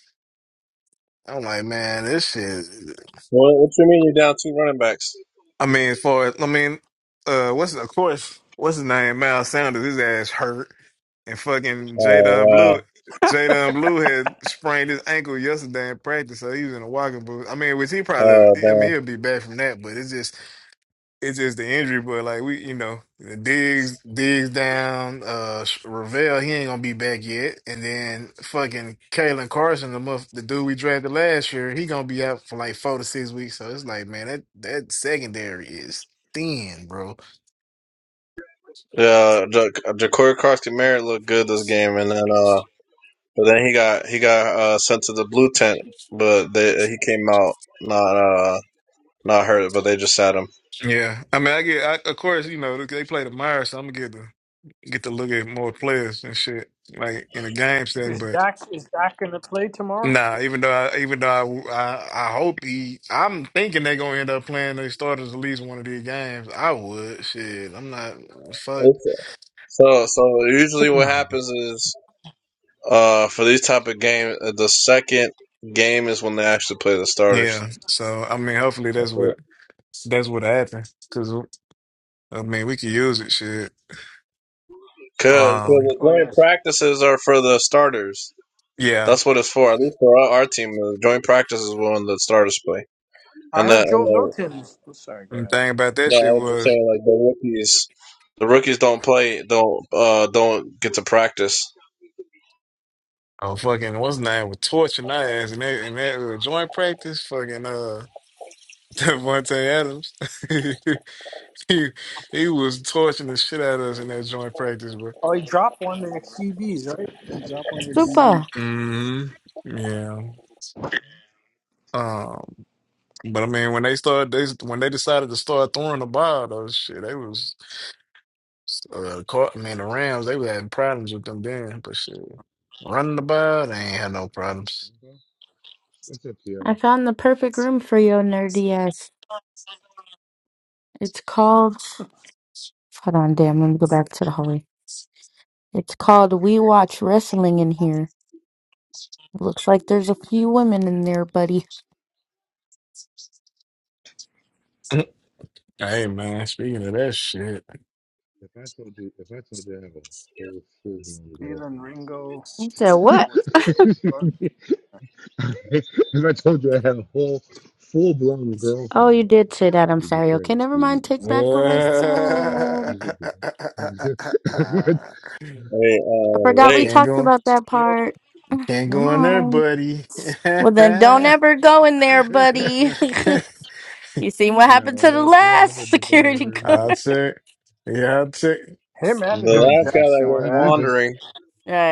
S19: I'm like, man, this shit.
S15: What, what you mean you're down two running backs?
S19: I mean, as far as I mean, uh, what's of course, what's his name? Miles Sanders, his ass hurt, and fucking
S15: Oh
S19: Jadon
S15: wow.
S19: Blue, Jadon Blue had sprained his ankle yesterday in practice, so he was in a walking boot. I mean, which he probably, I mean,
S15: Oh
S19: he'll be back from that, but it's just it's just the injury, but like we, you know, Diggs, Diggs down, uh, Ravel, he ain't gonna be back yet, and then fucking Kalen Carson, the muff, the dude we drafted last year, he gonna be out for like four to six weeks. So it's like, man, that that secondary is thin, bro.
S15: damn. Yeah, Ja- Ja'Cory Carson Merritt looked good this game, and then uh, but then he got he got uh sent to the blue tent, but they he came out not uh not hurt, but they just sat him.
S19: Yeah, I mean, I get, I, of course, you know, they play the Myers, so I'm gonna get the get to look at more players and shit like in a game setting,
S5: Is
S19: but.
S5: Dak is Dak gonna play tomorrow?
S19: Nah, even though I, even though I, I I hope he, I'm thinking they're gonna end up playing their starters at least one of these games. I would shit. I'm not fuck.
S15: It's, so so usually what happens is uh for these type of games, the second game is when they actually play the starters.
S19: Yeah. So I mean, hopefully that's what that's what happens. Cause I mean, we could use it. Shit.
S15: Because
S19: Um.
S15: the
S5: Oh
S15: joint
S5: yes.
S15: practices are for the starters.
S19: Yeah.
S15: That's what it's for. At least for our, our team, the joint practice is on the starters play,
S5: I
S15: and the
S5: heard
S15: and
S5: Joe
S15: the
S5: Milton's. Oh, Sorry, go
S19: And the
S5: ahead.
S19: thing about that
S15: no, I
S19: shit
S15: was just
S19: was,
S15: saying like the rookies, the rookies don't play, don't uh don't get to practice.
S19: oh fucking, what's his name was torching our ass and that and that uh, joint practice. Fucking uh, Devontae Adams. he he was torching the shit out of us in that joint practice, bro.
S5: Oh, he dropped one of the QBs, right? He dropped one of the DBs.
S10: Super.
S19: hmm Yeah. Um, but I mean, when they started, they when they decided to start throwing the ball, though, shit, they was uh, caught. I mean, the Rams, they was having problems with them then, but shit, running the ball, they ain't had no problems.
S20: Okay. What's up, PR?
S10: I found the perfect room for your nerdy ass. It's called. Hold on, damn. Let me go back to the hallway. It's called We Watch Wrestling in here. Looks like there's a few women in there, buddy.
S19: Hey man, speaking of that shit,
S20: If I told you, if I told you I have a whole full-blown
S5: Jalen Ringo
S10: I said, what?
S5: was
S20: girlfriend, As I told you, I had a whole full blown
S10: Oh, you
S20: girlfriend.
S10: did say that. I'm
S20: You'd be
S10: sorry. Okay, never
S20: crazy.
S10: mind. Take back what I said.
S20: Yeah.
S15: They
S10: I
S15: uh
S10: forgot
S19: you
S10: we
S15: they
S19: can't
S10: talked
S19: go,
S10: about that
S5: yo.
S10: part.
S19: you can't
S10: Never
S19: go in there,
S10: mind.
S19: buddy.
S10: Well, then don't ever go in there, buddy. you seen what happened
S20: no,
S10: to
S20: I
S10: the
S20: don't. I don't have a
S10: last
S20: desire
S10: security
S20: or
S10: guard.
S20: need.
S19: I'll take, yeah, I'll take.
S5: Him and
S15: the
S20: Not,
S5: Adoree
S15: last guy that
S5: Jackson were
S15: went
S20: not
S5: ass.
S20: Memphis.
S15: wandering,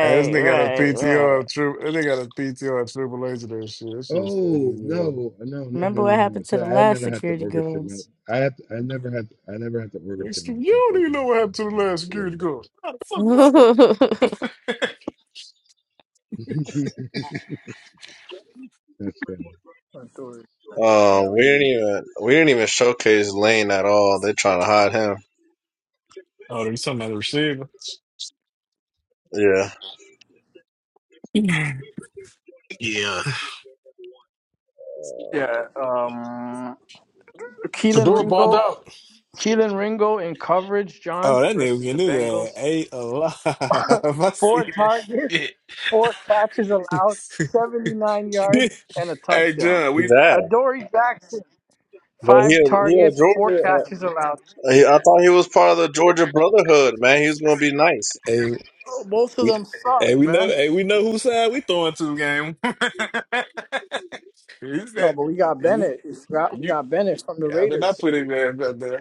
S19: Hey, this nigga got a
S10: right,
S19: PTO
S10: right.
S19: of true. This nigga got a PTO of Triple H and that shit. That shit's funny
S20: Oh
S19: as hell.
S20: no, no, no, no, no,
S10: Remember what
S20: no.
S10: happened to
S20: So
S10: the
S20: I
S10: last
S20: never had to
S10: security
S20: orchestrate
S10: guard.
S20: my. I have. To, I never had. To, I never had to orchestrate
S19: It's- You
S20: myself
S19: don't
S20: like
S19: even
S20: him.
S19: know what
S20: So
S19: happened to the
S20: I don't
S19: last
S20: have to worry
S19: security
S20: about that.
S19: guard. How the fuck am I supposed-
S20: That's funny.
S5: Adoree.
S15: uh
S5: Yeah, we
S15: we
S5: need
S15: didn't
S5: to get.
S15: even we didn't even showcase Lane at all. They trying to hide him.
S19: Oh, there's something about the receiver.
S15: Yeah,
S19: Yeah.
S5: Yeah, um, Keelan
S31: Fedor balled
S5: Ringo,
S31: out.
S5: Keelan Ringo in coverage,
S19: Oh,
S5: John
S19: that nigga
S5: versus
S19: can
S5: the
S19: do that.
S5: Bengals.
S19: Ain't alive. I see
S5: Four
S19: that
S5: targets,
S19: shit.
S5: four catches allowed, seventy-nine yards and a
S19: hey
S5: touchdown.
S19: John,
S15: he's
S19: we
S15: that.
S5: Adoree Jackson,
S15: But he
S5: five
S15: a- he a
S5: targets, four
S15: Georgia. Uh,
S5: catches allowed.
S15: he, I thought he was part of the Georgia Brotherhood. Man, he's gonna be nice.
S19: hey
S5: Oh, both of
S19: we
S5: them suck,
S19: hey we know
S5: man.
S19: hey we know whose side we throwing to game. you
S5: No,
S19: said
S5: but we got
S19: you,
S5: Bennett. We got, we
S19: you
S5: got Bennett from the
S19: Yeah, then I
S5: Raiders.
S19: put it there. But, uh,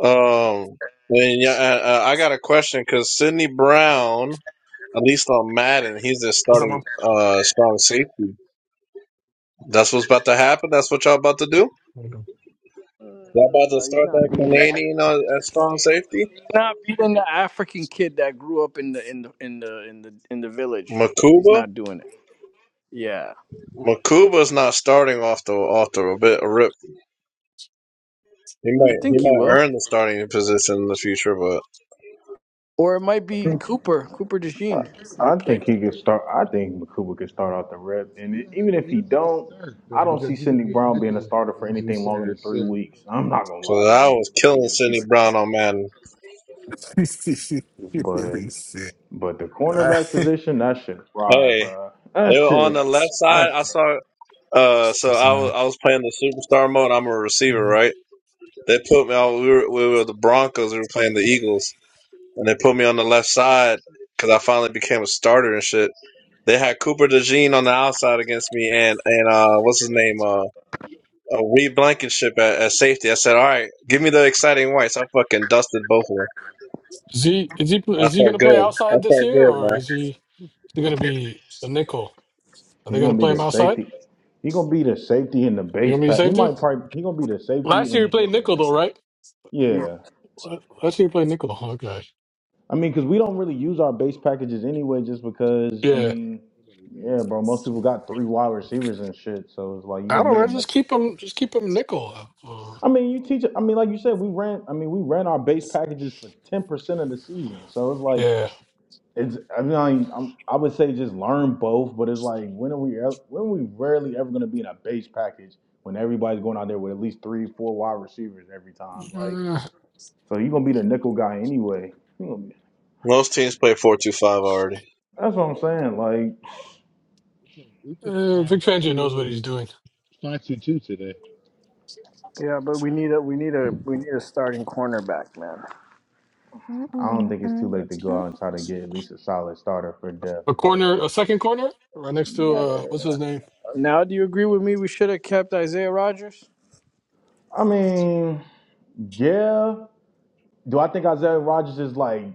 S15: Um, and yeah, uh, uh, I got a question because Sidney Brown, at least on Madden, he's the
S19: What's up,
S15: starting
S19: Mom?
S15: uh strong safety. That's what's about to happen. That's what y'all about to do.
S19: Where you go.
S5: Mm,
S15: Y'all about to
S5: No, he's
S15: start
S5: not
S15: that
S5: beating. that.
S15: Canadian uh, at strong
S5: He's
S15: safety.
S5: not beating the African kid that grew up in the in the in the in the in the village. He's
S15: Makuba,
S5: not doing it. Yeah,
S15: Makuba's not starting off the off the bit rip. He
S5: I
S15: might he
S5: think he
S15: might
S5: will.
S15: earn the starting position in the future, but
S5: Or it might be Cooper. Cooper DeJean
S3: I
S5: might play.
S3: think he could start. I think Cooper could start out the rep, and
S20: You
S3: it-
S20: don't have
S3: even
S20: to.
S3: if
S20: You
S3: he
S20: don't have to
S3: don't,
S20: start though,
S3: I don't see
S20: because you could
S3: Cindy
S20: be a
S3: Brown being a
S20: nickel
S3: starter for
S20: and be
S3: anything longer
S20: starter
S3: than three
S20: still.
S3: weeks. I'm not gonna lie
S15: because
S3: to
S15: I
S3: you
S15: was
S3: if we
S15: killing
S3: just keep
S15: Sidney
S3: it. that way.
S15: Brown on Madden.
S3: But
S19: really sick.
S3: but the
S19: All right.
S3: cornerback position, that shit fry,
S15: Hey,
S3: bro. That
S15: they were on
S3: shit,
S15: the left side.
S3: that's
S15: I saw. Uh, so
S19: What's up,
S15: I was
S19: man?
S15: I was playing the superstar mode. I'm a receiver,
S19: Mhm.
S15: right? They put me on. We were, we were the Broncos. We were playing the Eagles, and they put me on the left side because I finally became a starter and shit. They had Cooper DeJean on the outside against me, and and uh, what's his name? Uh, uh Reed Blankenship at, at safety. I said, all right, give me the exciting whites. I fucking dusted both of them.
S31: Is he is he
S15: I
S31: is he going
S15: felt
S31: to play
S15: good. I
S31: outside this
S15: felt
S31: year,
S15: good,
S31: or
S15: man.
S31: is he is he going to be a nickel? Are they
S3: he's
S31: going
S3: gonna
S31: to
S3: be
S31: play him
S3: the
S31: outside?
S3: safety. He gonna be the safety in the
S31: You
S3: base
S31: going to be
S3: pack. He
S31: safety?
S3: might probably he gonna be the
S31: Last
S3: safety, and
S31: year he
S3: then he
S31: played
S3: gonna be the
S31: nickel though,
S3: nickel.
S31: right?
S5: Yeah,
S3: Yeah,
S31: La- Last year he played nickel. huh? Okay,
S3: I mean, because we don't really use our base packages anyway, just because. I
S31: yeah.
S3: mean.
S20: Nobody does.
S3: Yeah, bro. Most people got three wide receivers and shit, so it's like you
S31: I
S3: gonna
S31: don't
S3: need a
S31: know. Just
S3: nickel.
S31: keep him. Just keep him nickel. Uh,
S3: I mean, you teach. I mean, like you said, we ran. I mean, we ran our base packages for ten percent of the season, so it's like
S31: yeah.
S3: it's. I mean, I, am I would say just learn both, but it's like when are we? el- When are we rarely ever gonna be in a base package when everybody's going out there with at least three, four wide receivers every time? Like,
S31: Uh,
S3: so you are gonna be the nickel guy anyway. You gonna be-
S15: Most teams play four two five already.
S3: That's what I'm saying. Like,
S20: We put we could have
S31: uh, Vic
S20: five
S31: Fangio knows what he's
S20: two
S31: doing.
S20: five two two today.
S5: yeah, but we need a we need a we need a starting cornerback, man.
S3: I don't think it's too late to go out and try to get at least a solid starter for depth,
S31: A
S3: but
S31: corner, a second corner, right next to uh,
S3: yeah.
S31: what's his name?
S5: Now, do you agree with me? We should have kept Isaiah Rogers.
S3: I mean, yeah. Do I think Isaiah Rodgers is like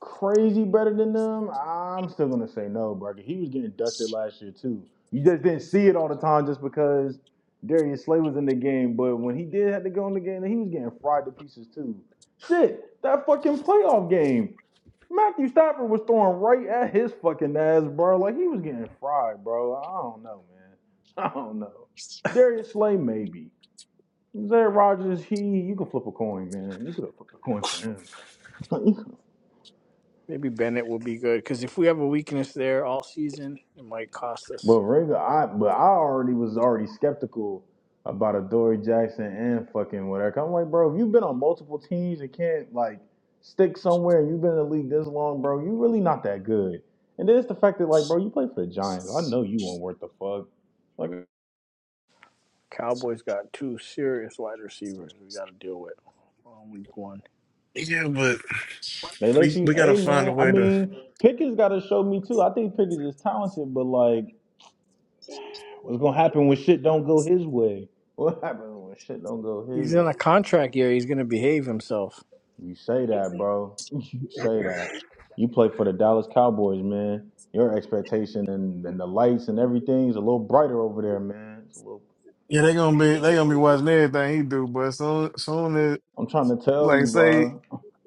S3: crazy better than them? I'm still gonna say no, bro. He was getting dusted last year too. You just didn't see it all the time just because Darius Slay was in the game. But when he did have to go in the game, he was getting fried to pieces too. Shit, that fucking playoff game. Matthew Stafford was throwing right at his fucking ass, bro. Like he was getting fried, bro. I don't know, man. I don't know. Darius Slay, maybe. Zay Rogers, he you could flip a coin, man. You could have flipped a coin for him. but
S5: Maybe Bennett will be good because if we have a weakness there all season, it might cost us.
S3: Ringo, I but I already was already skeptical about Adoree Jackson and fucking whatever. I'm like, bro, if you've been on multiple teams and can't like stick somewhere, and you've been in the league this long, bro, you really not that good. And then it's the fact that like, bro, you play for the Giants. I know you weren't worth the fuck. Like
S5: Cowboys got two serious wide receivers we got to deal with on week one.
S19: Yeah, but
S3: they let
S19: we
S3: you,
S19: we gotta
S3: hey
S19: find a
S3: man. I
S19: way to.
S3: mean, Pickens got to show me too. I think Pickens is talented, but like. What's gonna happen when shit don't go his way? What happens when shit don't go his
S5: He's in
S3: way,
S5: a
S3: bro?
S5: contract year. He's going to behave himself.
S3: You say that, bro. You say that. You play for the Dallas Cowboys, man. Your expectation and, and the lights and everything is a little brighter over there, man. It's a little.
S19: Yeah, they gonna be they gonna be watching everything he do, but soon soon as
S3: I'm trying to tell you,
S19: like say
S3: bro.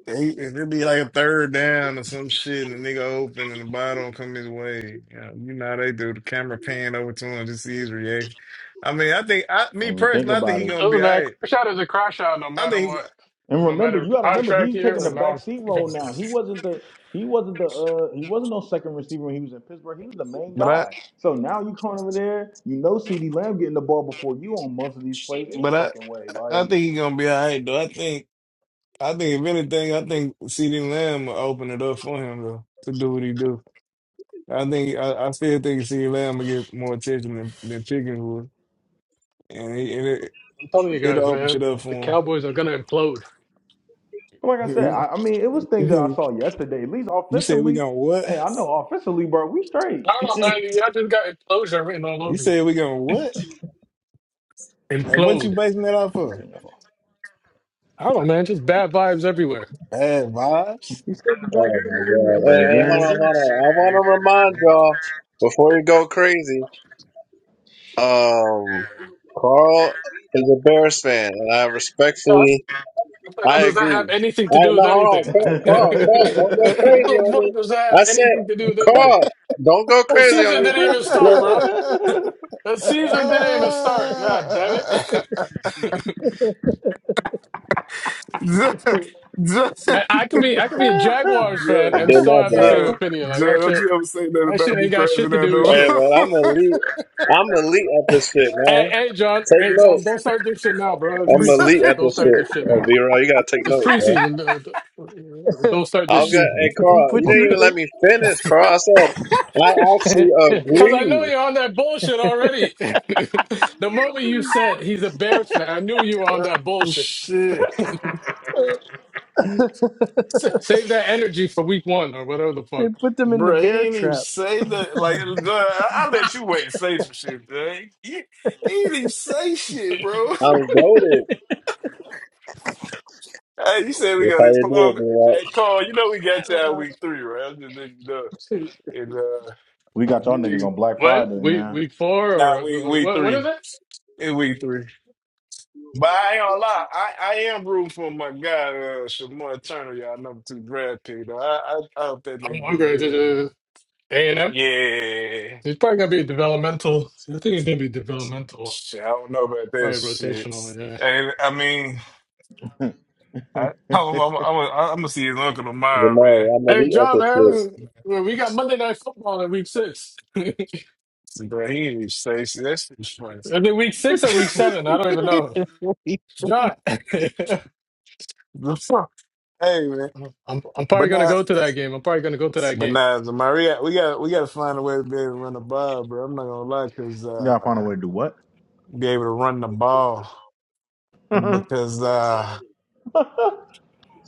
S19: he, if it be like a third down or some shit and the nigga open and the ball don't come his way, you know, you know how they do the camera pan over to him to see his reaction. I mean, I think I me
S3: And you think
S19: personally, I think
S3: about
S19: he
S3: it.
S19: gonna be
S31: Doesn't
S19: all
S31: matter.
S19: right.
S31: Crash out is a crash out, no
S19: I
S31: matter
S19: think he,
S31: what,
S3: And
S31: no
S3: remember,
S31: matter
S3: you got to remember,
S31: contract
S3: he's
S31: year
S3: taking the
S31: or
S3: backseat role
S31: non-contract year.
S3: now. He wasn't the he wasn't the uh he wasn't no second receiver when he was in Pittsburgh. He was the main
S19: but I
S3: guy. So now you come over there, you know, C.D. Lamb getting the ball before you on most of these plays any
S19: But I,
S3: fucking way.
S19: I
S3: Like,
S19: think he's gonna be all right though. I think, I think if anything, I think CeeDee Lamb will open it up for him though to do what he do. I think I, I still think CeeDee Lamb will get more attention than, than Pickens would, and, he, and it,
S31: I'm telling you guys,
S19: it'll open
S31: man,
S19: shit up
S31: the
S19: for
S31: Cowboys are gonna implode.
S3: but like I said,
S19: him.
S3: I, I mean, it was things that I
S19: you
S3: saw yesterday. At least
S19: said we
S3: offensively,
S19: gonna what?
S3: hey, I know offensively, bro, we straight.
S31: I don't know, man. Y'all just got implosion written all
S19: You
S31: over you.
S19: said we gonna what? And what you
S31: Implode.
S19: basing that off
S3: You
S19: of?
S3: seen that ball.
S31: I don't know, man. Just bad vibes everywhere.
S19: Bad vibes.
S5: He said you guys
S15: Oh
S5: are
S15: my
S5: going to lose.
S15: god!
S3: But
S5: He
S3: then
S15: Hey,
S5: said they
S15: hey,
S5: are
S15: hold
S5: going
S3: again,
S15: on,
S20: That's
S15: hold on.
S20: that's
S15: I want to
S20: Lake's older
S15: remind
S20: brother.
S15: y'all before you go crazy. Um, Carl is a Bears fan, and I
S31: Yeah,
S15: respectfully,
S31: What the hell
S15: I
S31: does that have
S15: agree.
S31: anything to
S15: All right,
S31: do with
S15: now hold on,
S31: anything?
S15: Carl,
S31: what
S15: Carl, Carl, don't go crazy
S31: the
S15: on me.
S31: fuck does that
S15: I
S31: have anything to
S15: said,
S31: do with anything?
S15: Carl, don't go
S31: The
S15: crazy on
S31: season
S15: me.
S31: didn't even start,
S15: Look,
S31: bro. The season didn't even start. God damn it.
S20: the
S19: Just,
S31: man, I could be I could be a Jaguars fan
S19: John,
S15: I
S31: and
S15: did
S31: still
S15: my
S31: have the
S15: job.
S31: same
S19: John,
S31: opinion. Like
S19: John,
S31: that
S19: don't
S31: shit
S19: you ever say that
S31: that
S19: about
S31: shit
S19: me
S31: ain't got shit
S19: crashing
S31: to
S19: out
S31: do with
S19: no
S15: Hey
S31: shit.
S15: man, I'm elite. I'm elite at this shit,
S31: Hey,
S15: man.
S31: hey, John.
S15: Take
S31: Hey, John. Don't
S15: notes.
S31: start this shit now, bro. It's
S15: I'm elite
S31: preseason.
S15: at
S31: Don't
S15: this shit.
S31: start this shit
S15: Uh,
S31: now.
S15: B roll you gotta take
S31: It's
S15: notes, man.
S31: preseason. Uh, Don't don't start
S15: I
S31: this
S15: was gonna,
S31: season.
S15: hey
S5: to lose. They
S15: Carl, you
S5: put you.
S15: didn't even let
S5: They,
S15: me finish, Carl. I said, I actually
S31: Because I know
S15: agree.
S31: you're on that bullshit already. the moment you
S19: more.
S31: said he's a Bears fan, I knew you were on that
S19: oh,
S31: bullshit.
S19: shit.
S31: S- Save that energy for week one or whatever the
S5: they
S31: fuck.
S5: put them in the
S19: Bro, he
S5: bear
S19: ain't even
S5: trap.
S19: say that. Like, John, I, I let you wait and say some shit, John. He, he ain't even say shit, bro.
S15: I'm goaded.
S19: hey, you said we
S15: That's
S19: got
S15: how
S19: it.
S15: you do it,
S19: Paloma.
S15: man.
S19: Hey, Carl, you know we got you out week three, right? I'm just letting you know. And, uh,
S3: we got y'all
S19: you
S3: niggas
S19: need,
S3: on Black
S31: When?
S3: Friday,
S31: Week,
S3: man.
S31: week four or
S19: nah, week,
S31: uh,
S19: week
S31: when, when is
S19: three.
S31: it?
S19: In week three. But I ain't gonna lie, I, I am rooting for my guy, uh, Shamar Turner, y'all number two draft pick. Though. I, I I hope that
S31: I'm
S19: nigga do good, man.
S31: hungry. A&M?
S19: Yeah,
S31: He's probably going to be developmental. I think he's going to be developmental.
S19: shit, I don't know about that
S31: Probably
S19: shit.
S31: rotational, yeah.
S19: And I mean,
S3: you
S19: I, I'm, I'm, I'm, I'm gonna see his uncle tomorrow,
S15: Jamari,
S19: man.
S15: I'm
S31: Hey,
S15: elite at
S31: John,
S15: this
S19: I'm
S15: shit.
S19: s-
S31: man,
S19: man.
S31: well, we got Monday Night Football in week six. I
S19: So, bro, he ain't Stacy. That shit's funny.
S31: mean, week six or week seven? I don't even know.
S19: What he say?
S31: John, I'm,
S19: hey man,
S31: I'm probably
S19: but
S31: going to
S19: nah.
S31: go to that game. I'm probably going to go to that
S19: But
S31: game.
S19: nah, the Maria, we got we got to find a way to be able to run the ball, bro. I'm not gonna lie, cause
S3: got find a
S19: uh,
S3: way to do what?
S19: be able to run the ball
S3: I'm
S19: because uh,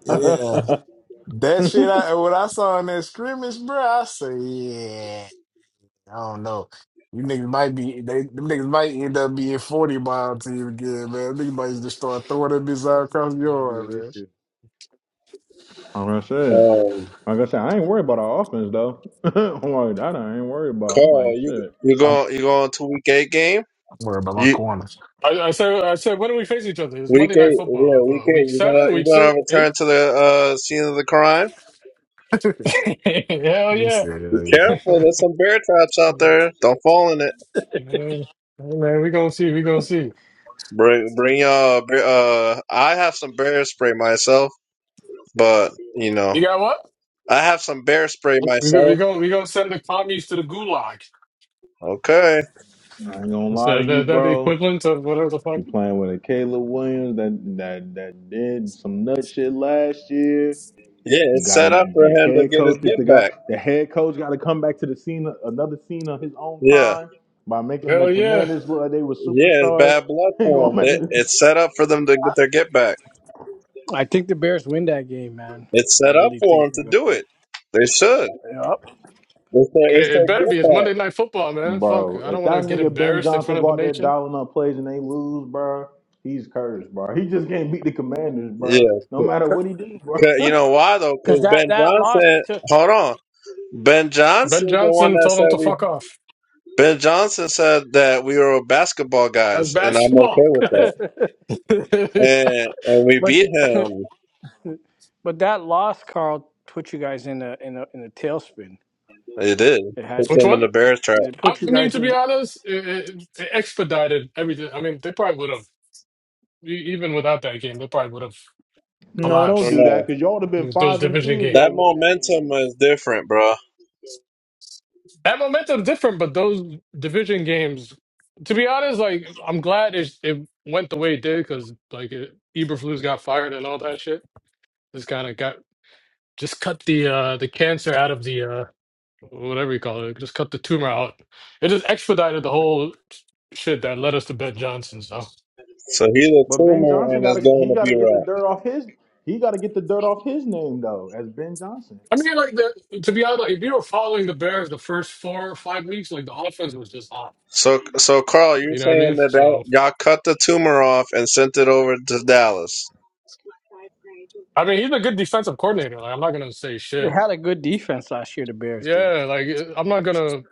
S19: yeah, that shit. I what I saw in that scrimmage, bro. I say, yeah, I don't know. You niggas might be they them niggas might end up being forty mile team again, man. Niggas might just start throwing them bitches all
S20: special
S19: across
S20: teams
S19: the
S20: is gonna be
S19: yard,
S20: an
S19: man.
S20: issue.
S3: gonna say it.
S15: Um,
S3: Like I said, I ain't worried about our offense though. I'm like that. I ain't worried about. I'm like
S15: Carl, you
S3: shit.
S15: you
S19: I'm,
S15: going you going to week eight game?
S19: I'm worried about my
S15: You
S19: corners.
S31: I, I said, I said, when do we face each other? It was
S15: week
S31: Monday Night
S15: eight, yeah,
S31: Football.
S15: week
S31: But week
S15: eight. You gonna
S31: seven,
S15: you
S31: week
S15: gonna
S31: six, eight?
S15: return to the uh scene of the crime?
S31: Hell
S19: He
S31: yeah.
S19: said,
S15: Be careful, there's some bear traps out there. Don't fall in it.
S31: Hey Man, we going to see. we going to see.
S15: Bring bring y'all. bear- Uh, I have some bear spray myself, but you know
S31: You got what?
S15: I have some bear spray
S31: We're we, we
S15: myself.
S31: going we gonna send the commies to the gulag.
S15: Okay,
S3: I ain't gonna
S31: Is
S3: lie to
S31: that,
S3: you,
S31: that, that the
S3: bro.
S31: equivalent of whatever the fuck?
S3: You playing with a Caleb Williams that that that did some nut shit last year.
S15: yeah,
S3: You
S15: it's set
S3: gotta
S15: up for
S3: your
S15: him to
S3: head
S15: get his
S3: coach is the
S15: get
S3: guy.
S15: back.
S3: The head coach got to come back to the scene, another scene of his own
S15: Yeah,
S3: crime by making the
S31: Hell yeah.
S3: Commanders look like they were
S15: yeah, it's
S3: superstars.
S15: bad blood
S3: Ain't
S15: for
S3: going
S15: him.
S3: back to
S15: They-
S3: this.
S15: It's set up for them to get their get back.
S5: I think the Bears win that game, man.
S15: It's
S5: I
S15: set up
S5: really
S15: for
S5: think
S15: them
S5: they're
S15: to
S5: going to
S15: do it. They should.
S5: win. Yep.
S15: It's their,
S31: It
S15: it's
S31: it
S15: their
S31: better be.
S15: get
S31: It's
S15: back.
S31: Monday Night Football, man. Fuck.
S3: Bro,
S31: I don't
S3: if
S31: want to
S3: that
S31: get
S3: nigga Ben
S31: embarrassed in
S3: Johnson
S31: front of
S3: go
S31: the
S3: out there
S31: nation.
S3: dialing up plays and they lose, bro, he's cursed, bro. He just can't beat the Commanders, bro. No
S15: Yeah.
S3: matter what he do, bro.
S15: 'Cause you know why though?
S5: Because
S15: Because
S5: that
S15: Ben
S5: that loss
S15: Johnson. Hold on. Ben
S31: Ben
S15: Johnson's the one
S31: Johnson
S15: that
S31: told him to
S15: said we.
S31: fuck off.
S15: Ben Johnson said that we were basketball
S31: That's
S15: guys, and I'm
S31: basketball,
S15: okay
S5: to,
S15: with that.
S31: guys.
S15: And and we
S5: but
S15: beat him.
S5: but that loss, Carl, put you guys in a in a in a tailspin.
S15: It did.
S5: It had
S15: Put
S5: you
S31: Which
S15: them in
S5: guys.
S31: one?
S15: the bear trap.
S5: It
S31: I
S5: put you
S31: mean,
S5: guys
S31: to
S5: in.
S31: be
S5: A,
S31: honest, it, it, it expedited everything. I mean, they probably would have, e, even without that game, they probably would have
S3: no,
S15: I
S3: don't
S15: don't
S31: collapsed.
S3: do that,
S15: know.
S3: cause y'all would have
S31: It
S3: been
S31: was Those
S3: five and
S31: division
S3: two if
S31: games.
S15: That
S3: y'all won that
S15: momentum
S3: game.
S15: is different, bro.
S31: That momentum's different, but those division games, to be honest, like, I'm glad it, it went the way it did because, like, it, Eberflus got fired and all that shit. This kind of got Just cut the uh the cancer out of the uh whatever you call it. Just cut the tumor out. It just expedited the whole shit that led us to Ben Johnson. So
S15: So he's a
S3: But Ben
S15: tumor
S3: Johnson
S15: and it's
S3: gotta
S15: going
S3: he
S15: to
S3: gotta
S15: be
S3: get
S15: rough.
S3: the dirt off his he gotta get the dirt off his name though, as Ben Johnson.
S31: I mean, like the, to be honest, like, if you were following the Bears the first four or five weeks, like the offense was just off.
S15: So, so Carl, you're
S31: You know what I
S15: saying
S31: mean?
S15: that, that
S31: So
S15: y'all cut the tumor off and sent it over to Dallas?
S31: I mean, he's a good defensive coordinator. Like I'm not gonna say
S5: they
S31: shit.
S5: had a good defense last year. The Bears did.
S31: Yeah, like eh, I'm not gonna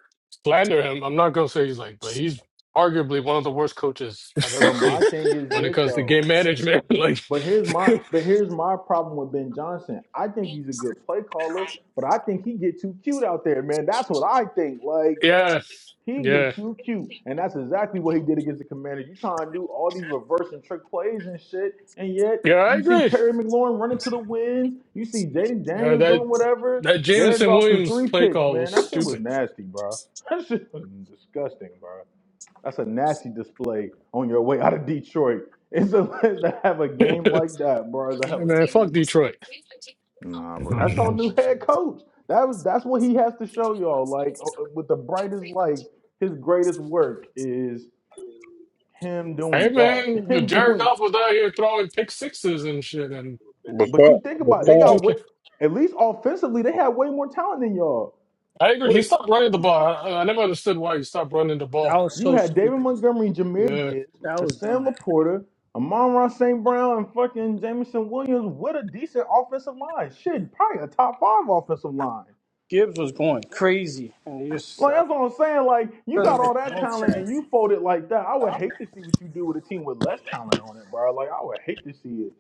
S31: slander him. I'm not gonna say he's like, but he's arguably one of the worst coaches I've ever
S3: But my
S31: seen
S3: thing is
S31: when it
S3: this
S31: comes to
S3: though.
S31: game management. like,
S3: But here's my but here's my problem with Ben Johnson. I think he's a good play caller, but I think he get too cute out there, man. That's what I think. Like
S31: yeah,
S3: He
S31: yeah.
S3: get too cute, and that's exactly what he did against the Commanders. You trying to do all these reverse and trick plays and shit, and yet
S31: Yeah, I
S3: you see
S31: agree.
S3: Terry McLaurin running to the winds. You see Jaden
S31: Yeah,
S3: Daniels
S31: that
S3: doing whatever.
S31: that
S3: Jared
S31: Jamison
S3: Goff threw
S31: Williams
S3: three
S31: play
S3: picks,
S31: call
S3: man.
S31: was
S3: That shit was
S31: stupid.
S3: nasty, bro. That shit was disgusting, bro. That's a nasty display on your way out of Detroit. It's a to have a game like that, bro. To have
S31: Hey, man,
S3: a
S31: fuck
S3: game. like
S31: Detroit.
S3: Nah, bro. That's
S19: yeah.
S3: your new head coach. That was that's what he has to show y'all. Like uh, uh, with the brightest lights, his greatest work is him
S31: Hey
S3: doing that.
S31: man,
S3: Him
S31: Jared
S3: doing.
S31: Goff was out here throwing pick sixes and shit, and
S15: But
S3: But you
S15: Carl,
S3: think
S15: but
S31: I
S3: about it, they
S31: mean, you
S15: Carl,
S3: got
S31: just
S3: way
S31: can't.
S3: at least offensively they had way more talent than y'all.
S31: I agree.
S3: What
S31: He
S3: a,
S31: stopped running the ball. I, I never understood why he stopped running the
S5: That
S31: ball.
S5: was
S3: you
S5: so
S3: had David
S5: stupid.
S3: Montgomery, Jameer
S31: Yeah,
S3: Gibbs,
S5: That was
S3: Hassan
S5: dumb.
S3: Laporta, Amon Ross St. Brown, and fucking Jamison Williams with a decent offensive line. Shit, probably a top five offensive line.
S5: Gibbs was going crazy, and they just
S3: Like
S5: uh,
S3: that's what I'm saying. Like you
S5: doesn't
S3: got
S5: make
S3: all that
S5: no
S3: talent and
S5: sense.
S3: you fold it like that. I would hate to see what you do with a team with less talent on it, bro. Like I would hate to see it.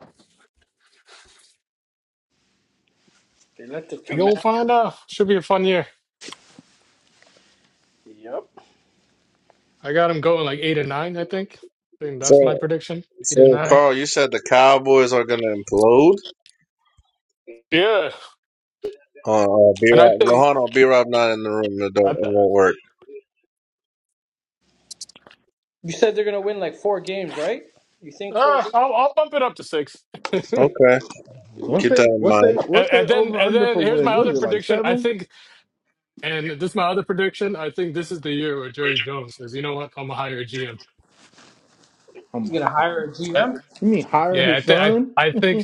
S5: They let the
S31: you will
S5: commander.
S31: find out. Should be a fun year.
S5: Yep.
S31: I got him going like eight and nine, I think. I think that's my
S15: so,
S31: prediction. Eight and
S15: so
S31: nine.
S15: Carl, you said the Cowboys are gonna implode.
S31: Yeah,
S15: Uh, uh, B
S31: and I
S15: Rob, well,
S31: think
S15: hold on, B Rob not in the room. It don't,
S31: I
S15: it
S31: th-
S15: won't work.
S5: You said they're gonna win like four games, right? You think four
S31: uh, I'll,
S5: games?
S31: I'll bump it up to six. and,
S15: Okay,
S3: What's
S15: keep
S3: they
S15: that in
S3: what's
S15: mind.
S3: they what's they
S31: and then
S3: over
S31: and
S3: under
S31: then
S3: for
S31: here's my
S3: wins? Was
S31: other
S3: it like
S31: prediction. I
S3: seven?
S31: think And this is my other prediction. I think this is the year where Jerry Jones says, "You know what? I'm a to hire a GM."
S3: Um,
S5: You're gonna hire a
S31: I,
S5: GM?
S3: you mean hire
S31: yeah, I
S3: his
S31: think I
S3: son?
S31: I think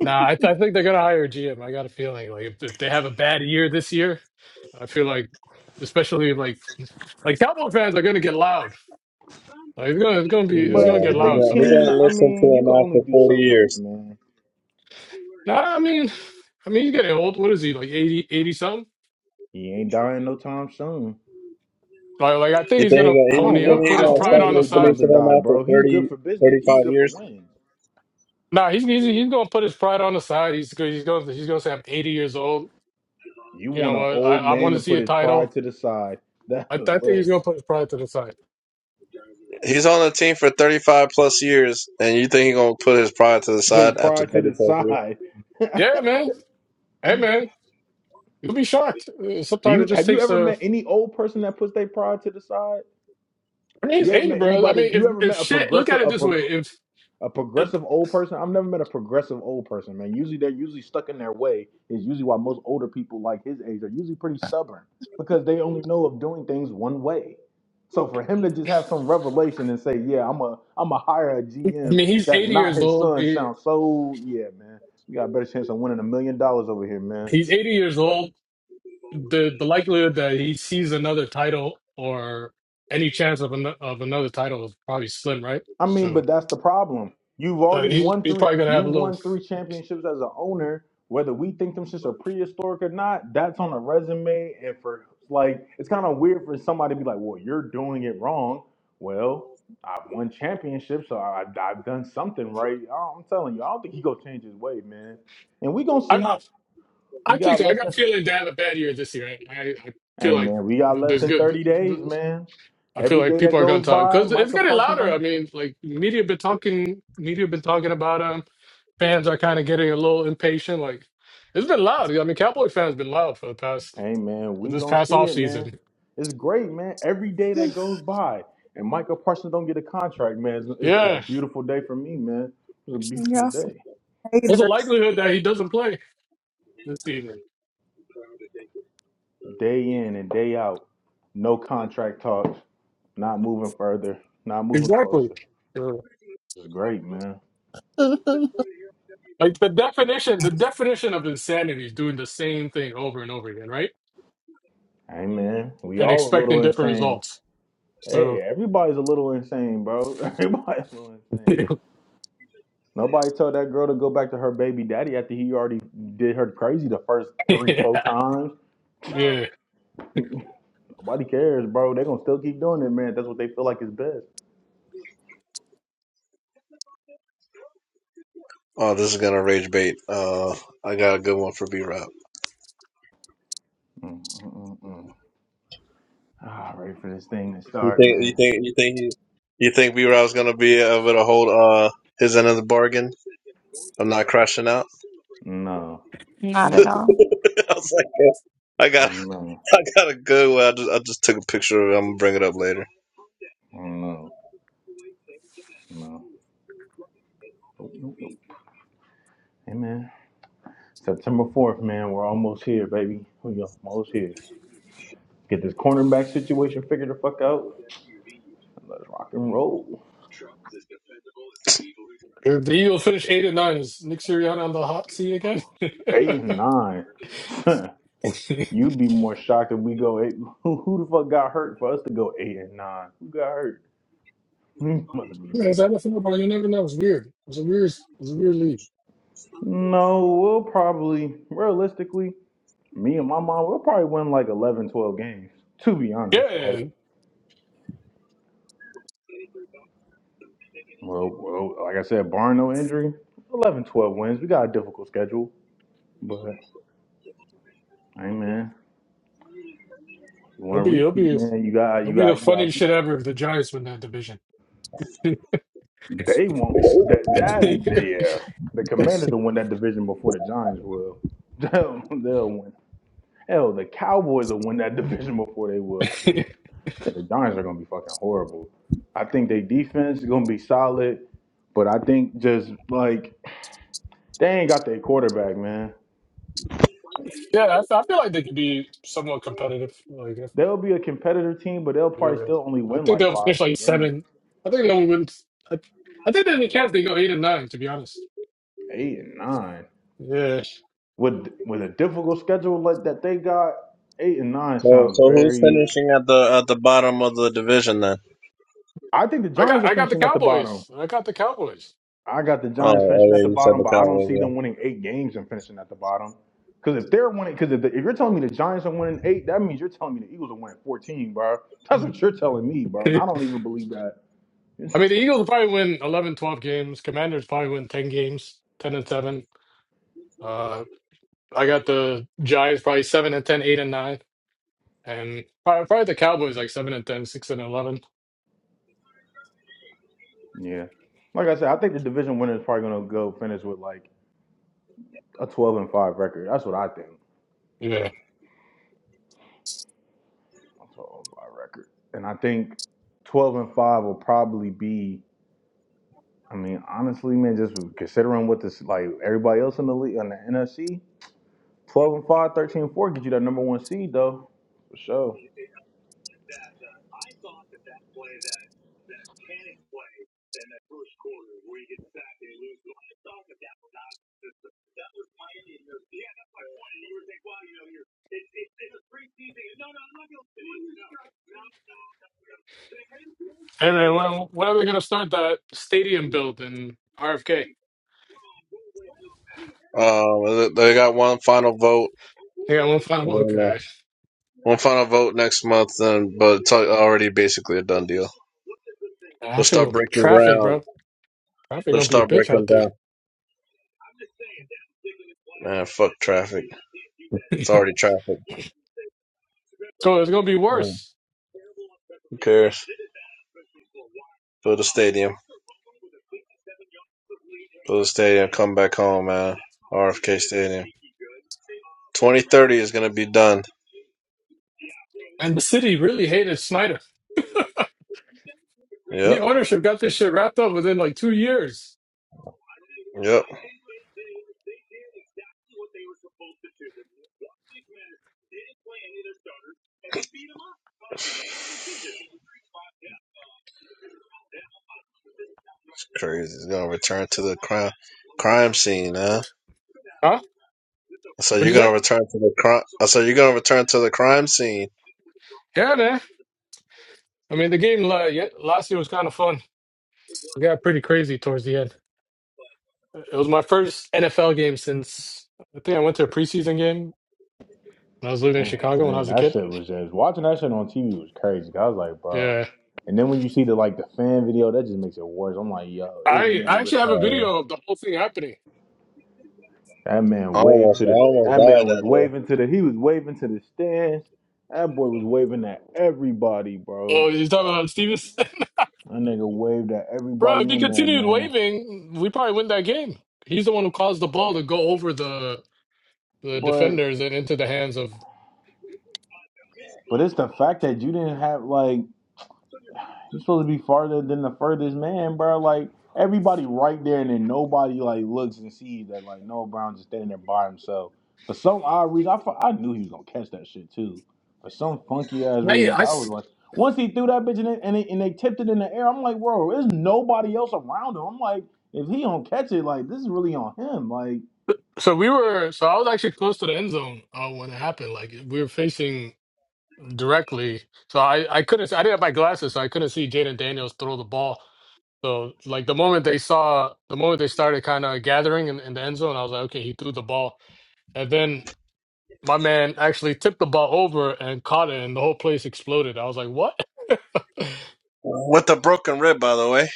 S31: nah, I, th- I think they're gonna hire a GM. I got a feeling like if, if they have a bad year this year, I feel like, especially like like Cowboy fans are gonna get loud. Like it's gonna it's gonna
S15: Yeah,
S31: be it's gonna
S3: But
S31: get
S3: if
S15: he
S3: they
S31: loud.
S15: gonna,
S31: So
S15: he
S3: team,
S15: gonna
S3: I
S15: listen to
S3: mean, you
S15: them
S3: can only
S15: after
S3: do
S15: forty
S3: so much,
S15: years.
S3: man.
S31: nah, I mean, I mean, he's getting old. What is he like 80, 80 something?
S3: He ain't dying no time soon.
S31: Like like I think
S15: You
S31: he's
S15: think he
S31: gonna
S3: I
S15: gonna, you
S3: don't
S31: pony
S15: think
S3: want
S31: up,
S15: he
S31: put
S3: I
S31: his
S15: gonna
S3: don't
S31: pride
S3: want
S15: start
S31: on the
S3: Jerry
S15: listening
S3: Jones
S31: side.
S3: to
S15: to them
S3: die,
S15: after
S3: bro. He's good
S15: 30,
S3: for business.
S15: 35
S3: He's good for
S15: years?
S3: wins.
S31: Nah, he's he's, he's gonna put his pride on the side. He's go- he's going to he's gonna say I'm 80 years old.
S3: You
S31: You know
S3: want an
S31: what? I,
S3: old
S31: I
S3: man
S31: want
S3: to
S31: to see
S3: put
S31: a
S3: his pride
S31: title.
S3: to the side. That's
S31: I, I
S3: a
S31: think
S3: look.
S31: he's gonna put his pride to the side.
S15: He's on the team for 35 plus years, and you think he's going to put his pride to the
S3: Put his
S15: side after 30
S3: pride to the
S15: plus years?
S3: side
S31: Yeah, man. Hey, man. You'll be shocked. Uh,
S3: Do
S31: Sometimes it
S3: you
S31: just
S3: have you
S31: takes
S3: ever
S31: a.
S3: met any old person that puts their pride to the side?
S31: I mean,
S3: You
S31: he's
S3: ever
S31: eighty,
S3: met
S31: bro. I
S3: anybody?
S31: mean, if
S3: You ever
S31: if
S3: met a
S31: shit, look
S3: progressive
S31: at it
S3: a
S31: this
S3: prog-
S31: way. If
S3: a
S31: I
S3: progressive old person? I've never met a progressive old person, man. Usually they're usually stuck in their way. Is usually why most older people like his age are usually pretty stubborn because they only know of doing things one way. So for him to just have some revelation and say, "Yeah, I'm a I'm a hire a GM
S31: mean, he's
S3: that's
S31: eighty
S3: not
S31: years
S3: his
S31: old.
S3: son,"
S31: He,
S3: sounds so yeah, man. We got a better chance of winning a million dollars over here, man.
S31: he's eighty years old. The the likelihood that he sees another title or any chance of an, of another title is probably slim, right?
S3: I mean,
S31: So
S3: but that's the problem. You've
S31: uh,
S3: already
S31: he's
S3: won
S31: he's
S3: three.
S31: probably gonna
S3: You've
S31: have a little.
S3: won three championships as an owner. Whether we think them shits are prehistoric or not, that's on a resume. And for like, it's kind of weird for somebody to be like, "Well, you're doing it wrong." Well, I've won championships, so I, I've done something right. I- I'm telling you, I don't think he gonna change his way, man. And we gonna
S31: I
S3: see.
S31: I I
S3: We
S31: think
S3: got
S31: so. I
S3: less
S31: got a
S3: than.
S31: feeling to have a bad year this year. I I, I feel
S3: Hey,
S31: like
S3: man, we got less
S31: there's
S3: than thirty days,
S31: good.
S3: man.
S31: I feel
S3: Every
S31: like
S3: day that
S31: people are going
S3: goes
S31: to talk
S3: by,
S31: because it's
S3: Micah
S31: getting
S3: Parsons
S31: louder.
S3: don't.
S31: I mean, like media been talking, media been talking about him. Fans are kind of getting a little impatient. Like it's been loud. I mean, Cowboy fans been loud for the past
S3: Hey man,
S31: for
S3: we
S31: this
S3: gonna
S31: past
S3: see
S31: off
S3: it, man.
S31: season.
S3: It's great, man. Every day that goes by and Michael Parsons don't get a contract, man, it's, it's, it's a
S31: Yeah,
S3: beautiful day for me, man. It's a beautiful
S11: Y'all some
S3: day,
S31: what's the
S11: haters.
S31: likelihood that he doesn't play this season?
S3: day in and day out. No contract talks, not moving further, not moving
S31: Exactly.
S3: closer.
S31: Yeah.
S3: It's great, man.
S31: Like the definition, the definition of insanity is doing the same thing over and over again, right?
S3: Hey man, we
S31: And
S3: all a
S31: expecting
S3: little
S31: different
S3: insane.
S31: results. So
S3: Hey, everybody's a little insane, bro. Everybody's a little insane. Nobody told that girl to go back to her baby daddy after he already did her crazy the first three,
S31: yeah,
S3: four times.
S31: yeah.
S3: Nobody cares, bro. They're gonna still keep doing it, man. That's what they feel like is best.
S15: Oh, this is going to rage bait. Uh, I got a good one for B-Rob.
S3: Mm, mm, mm, mm. Ah, ready for this thing to
S15: You
S3: start,
S15: think, you
S3: man.
S15: think, you think, he, you think B-Rob's going to be able to hold, uh, his end of the bargain? I'm not crashing out.
S3: No. Mm.
S15: I was like, I got,
S3: No.
S15: I got a good one. I just, I just took a picture of it. I'm going to bring it up later.
S3: No. No. Nope, nope, nope. Hey, man. September 4th, man. We're almost here, baby. We are almost here. Get this cornerback situation figured the fuck out. Let's rock and roll.
S31: If the Eagles finish eight and nine, is Nick Sirianni on the hot seat again? yeah,
S3: Eight and nine.
S31: it's
S3: You'd be more shocked if we go eight. Who, who the fuck got hurt for us to go eight and nine? Who got hurt? Mother be.
S31: NFL, bro. You never know. It's weird. It's a weird. It's a weird league.
S3: No, we'll probably, realistically, me and my mom, we'll probably win like 11, 12 games, to be honest. Like,
S31: Yeah,
S3: well, well like I said, barring no injury, 11, 12 wins. We got a difficult schedule, but hey, man, you want
S31: it'll
S3: to
S31: be. It'll
S3: repeat,
S31: be.
S3: man? You got,
S31: It'll
S3: you
S31: be
S3: got,
S31: the
S3: you
S31: funniest shit
S3: got.
S31: ever if the Giants win that division. yeah,
S3: They won't. That, that, yeah. The Commanders will win that division before the Giants will. They'll, they'll win. Hell, the Cowboys will win that division before they will. I think, I think the Giants are going to be fucking horrible. I think their defense is going to be solid, but I think just like they ain't got their quarterback, man.
S31: I, f- I feel like they could be somewhat competitive. Like, if-
S3: They'll be a competitive team, but they'll probably
S31: yeah,
S3: still only
S31: I
S3: win
S31: think
S3: like
S31: they'll
S3: five,
S31: finish
S3: six
S31: like
S3: games,
S31: seven. I think they'll win. I, I think they're the chance they go eight and nine. To be honest.
S3: eight and nine.
S31: Yeah,
S3: With with a difficult schedule like that they got, eight and nine
S15: So,
S3: sounds
S15: so who's
S3: very.
S15: finishing at the, at the bottom of the division then?
S3: I think the
S31: I got.
S3: Giants are
S31: I got the
S3: finishing at the bottom.
S31: Cowboys. I got the Cowboys.
S3: I got the
S15: Oh,
S3: Giants
S15: oh
S3: finishing at
S15: yeah,
S3: the
S15: you said
S3: bottom,
S15: the
S3: but I don't see
S15: Cowboys,
S3: them winning eight games and finishing at the bottom. Because if they're winning, because if, the- if you're telling me the Giants are winning eight, that means you're telling me the Eagles are winning 14, bro. That's what you're telling me, bro. And I
S31: I
S3: don't even believe that. It's-
S31: mean, the Eagles probably win 11, 12 games. Commanders probably win 10 games, 10 and 7. Uh, I got the Giants probably 7 and 10, 8 and 9. And probably, probably the Cowboys like 7 and 10, 6 and 11.
S3: yeah. Like I said, I think the division winner is probably going to go finish with like a 12 and 5 record. That's what I think.
S31: Yeah.
S3: A 12 and 5 record. And I think 12 and 5 will probably be, I mean, honestly, man, just considering what this, like everybody else in the league, on the NFC. 12 and 5, thirteen and 4 get you that number one seed, though. For sure.
S31: And then when, when are they going to start that stadium build in RFK?
S15: yeah. Um, they got one final vote.
S31: They got one final.
S15: And then, uh,
S31: Okay.
S15: one final vote next month, and but it's al- already basically a done deal. They'll
S31: Actually,
S15: start
S31: going to be
S15: breaking
S31: traffic,
S15: ground.
S31: bro. Traffic
S15: They'll
S31: going to be a
S15: start
S31: bitch
S15: breaking
S31: out there.
S15: down. Man, fuck traffic. It's already traffic.
S31: So it's going to be
S15: Mm.
S31: worse.
S15: Who cares? Build a stadium. Build a stadium. Come back home, man. RFK Stadium. 2030 is gonna be done.
S31: And the city really hated Snyder. New
S15: Yep.
S31: ownership got this shit wrapped up within like two years.
S15: Yep. It's crazy. It's gonna return to the crime crime scene, huh?
S31: Huh?
S15: So you're
S31: What'd you
S15: gonna
S31: say?
S15: return to the crime. So you're gonna return to the crime scene.
S31: Yeah, man. I mean, the game la- ye- last year was kind of fun. It got pretty crazy towards the end. It was my first NFL game since I think I went to a preseason game when I was living in
S3: I'm just
S31: Chicago when I
S3: saying
S31: was a
S3: that
S31: kid.
S3: shit was just watching that shit on TV was crazy. 'cause I was like, bro.
S31: Yeah,
S3: And then when you see the like the fan video, that just makes it worse. I'm like, yo, it was a
S31: I
S3: nigga.
S31: I
S3: with-
S31: actually have a
S15: Oh,
S31: video
S15: yeah.
S31: of the whole thing happening.
S3: That man
S15: I
S3: waved
S15: almost,
S3: to
S15: I
S3: the.
S15: almost
S3: That
S15: died
S3: man was
S15: that day.
S3: waving to the. He was waving to the stands. That boy was waving at everybody,
S31: Oh,
S3: bro.
S31: you talking about Stevens,
S3: That nigga waved at
S31: bro?
S3: everybody
S31: If he
S3: in there,
S31: continued
S3: man.
S31: waving, we probably win that game. He's the one who caused the ball to go over the the
S3: But
S31: defenders and into the hands of.
S3: but it's the fact that you didn't have like He's supposed to be farther than the furthest man, bro. Like everybody right there, and then nobody like looks and sees that like Noah Brown just standing there by himself. For some odd reason, I, fu- I knew he was gonna catch that shit too. For some funky ass
S31: I,
S3: reason,
S31: I
S3: I was
S31: s-
S3: like, once he threw that bitch in it, and they, and they tipped it in the air, I'm like, bro, there's nobody else around him. I'm like, if he don't catch it, like this is really on him. Like,
S31: so we were so I was actually close to the end zone uh, when it happened. Like we were facing directly. So I, I couldn't. I didn't have my glasses, so I couldn't see Jaden Daniels throw the ball. So like the moment they saw, the moment they started kind of gathering in, in the end zone, I was like, okay, he threw the ball, and then my man actually tipped the ball over and caught it, and the whole place exploded. I was like, what?
S15: With a broken rib, by the way.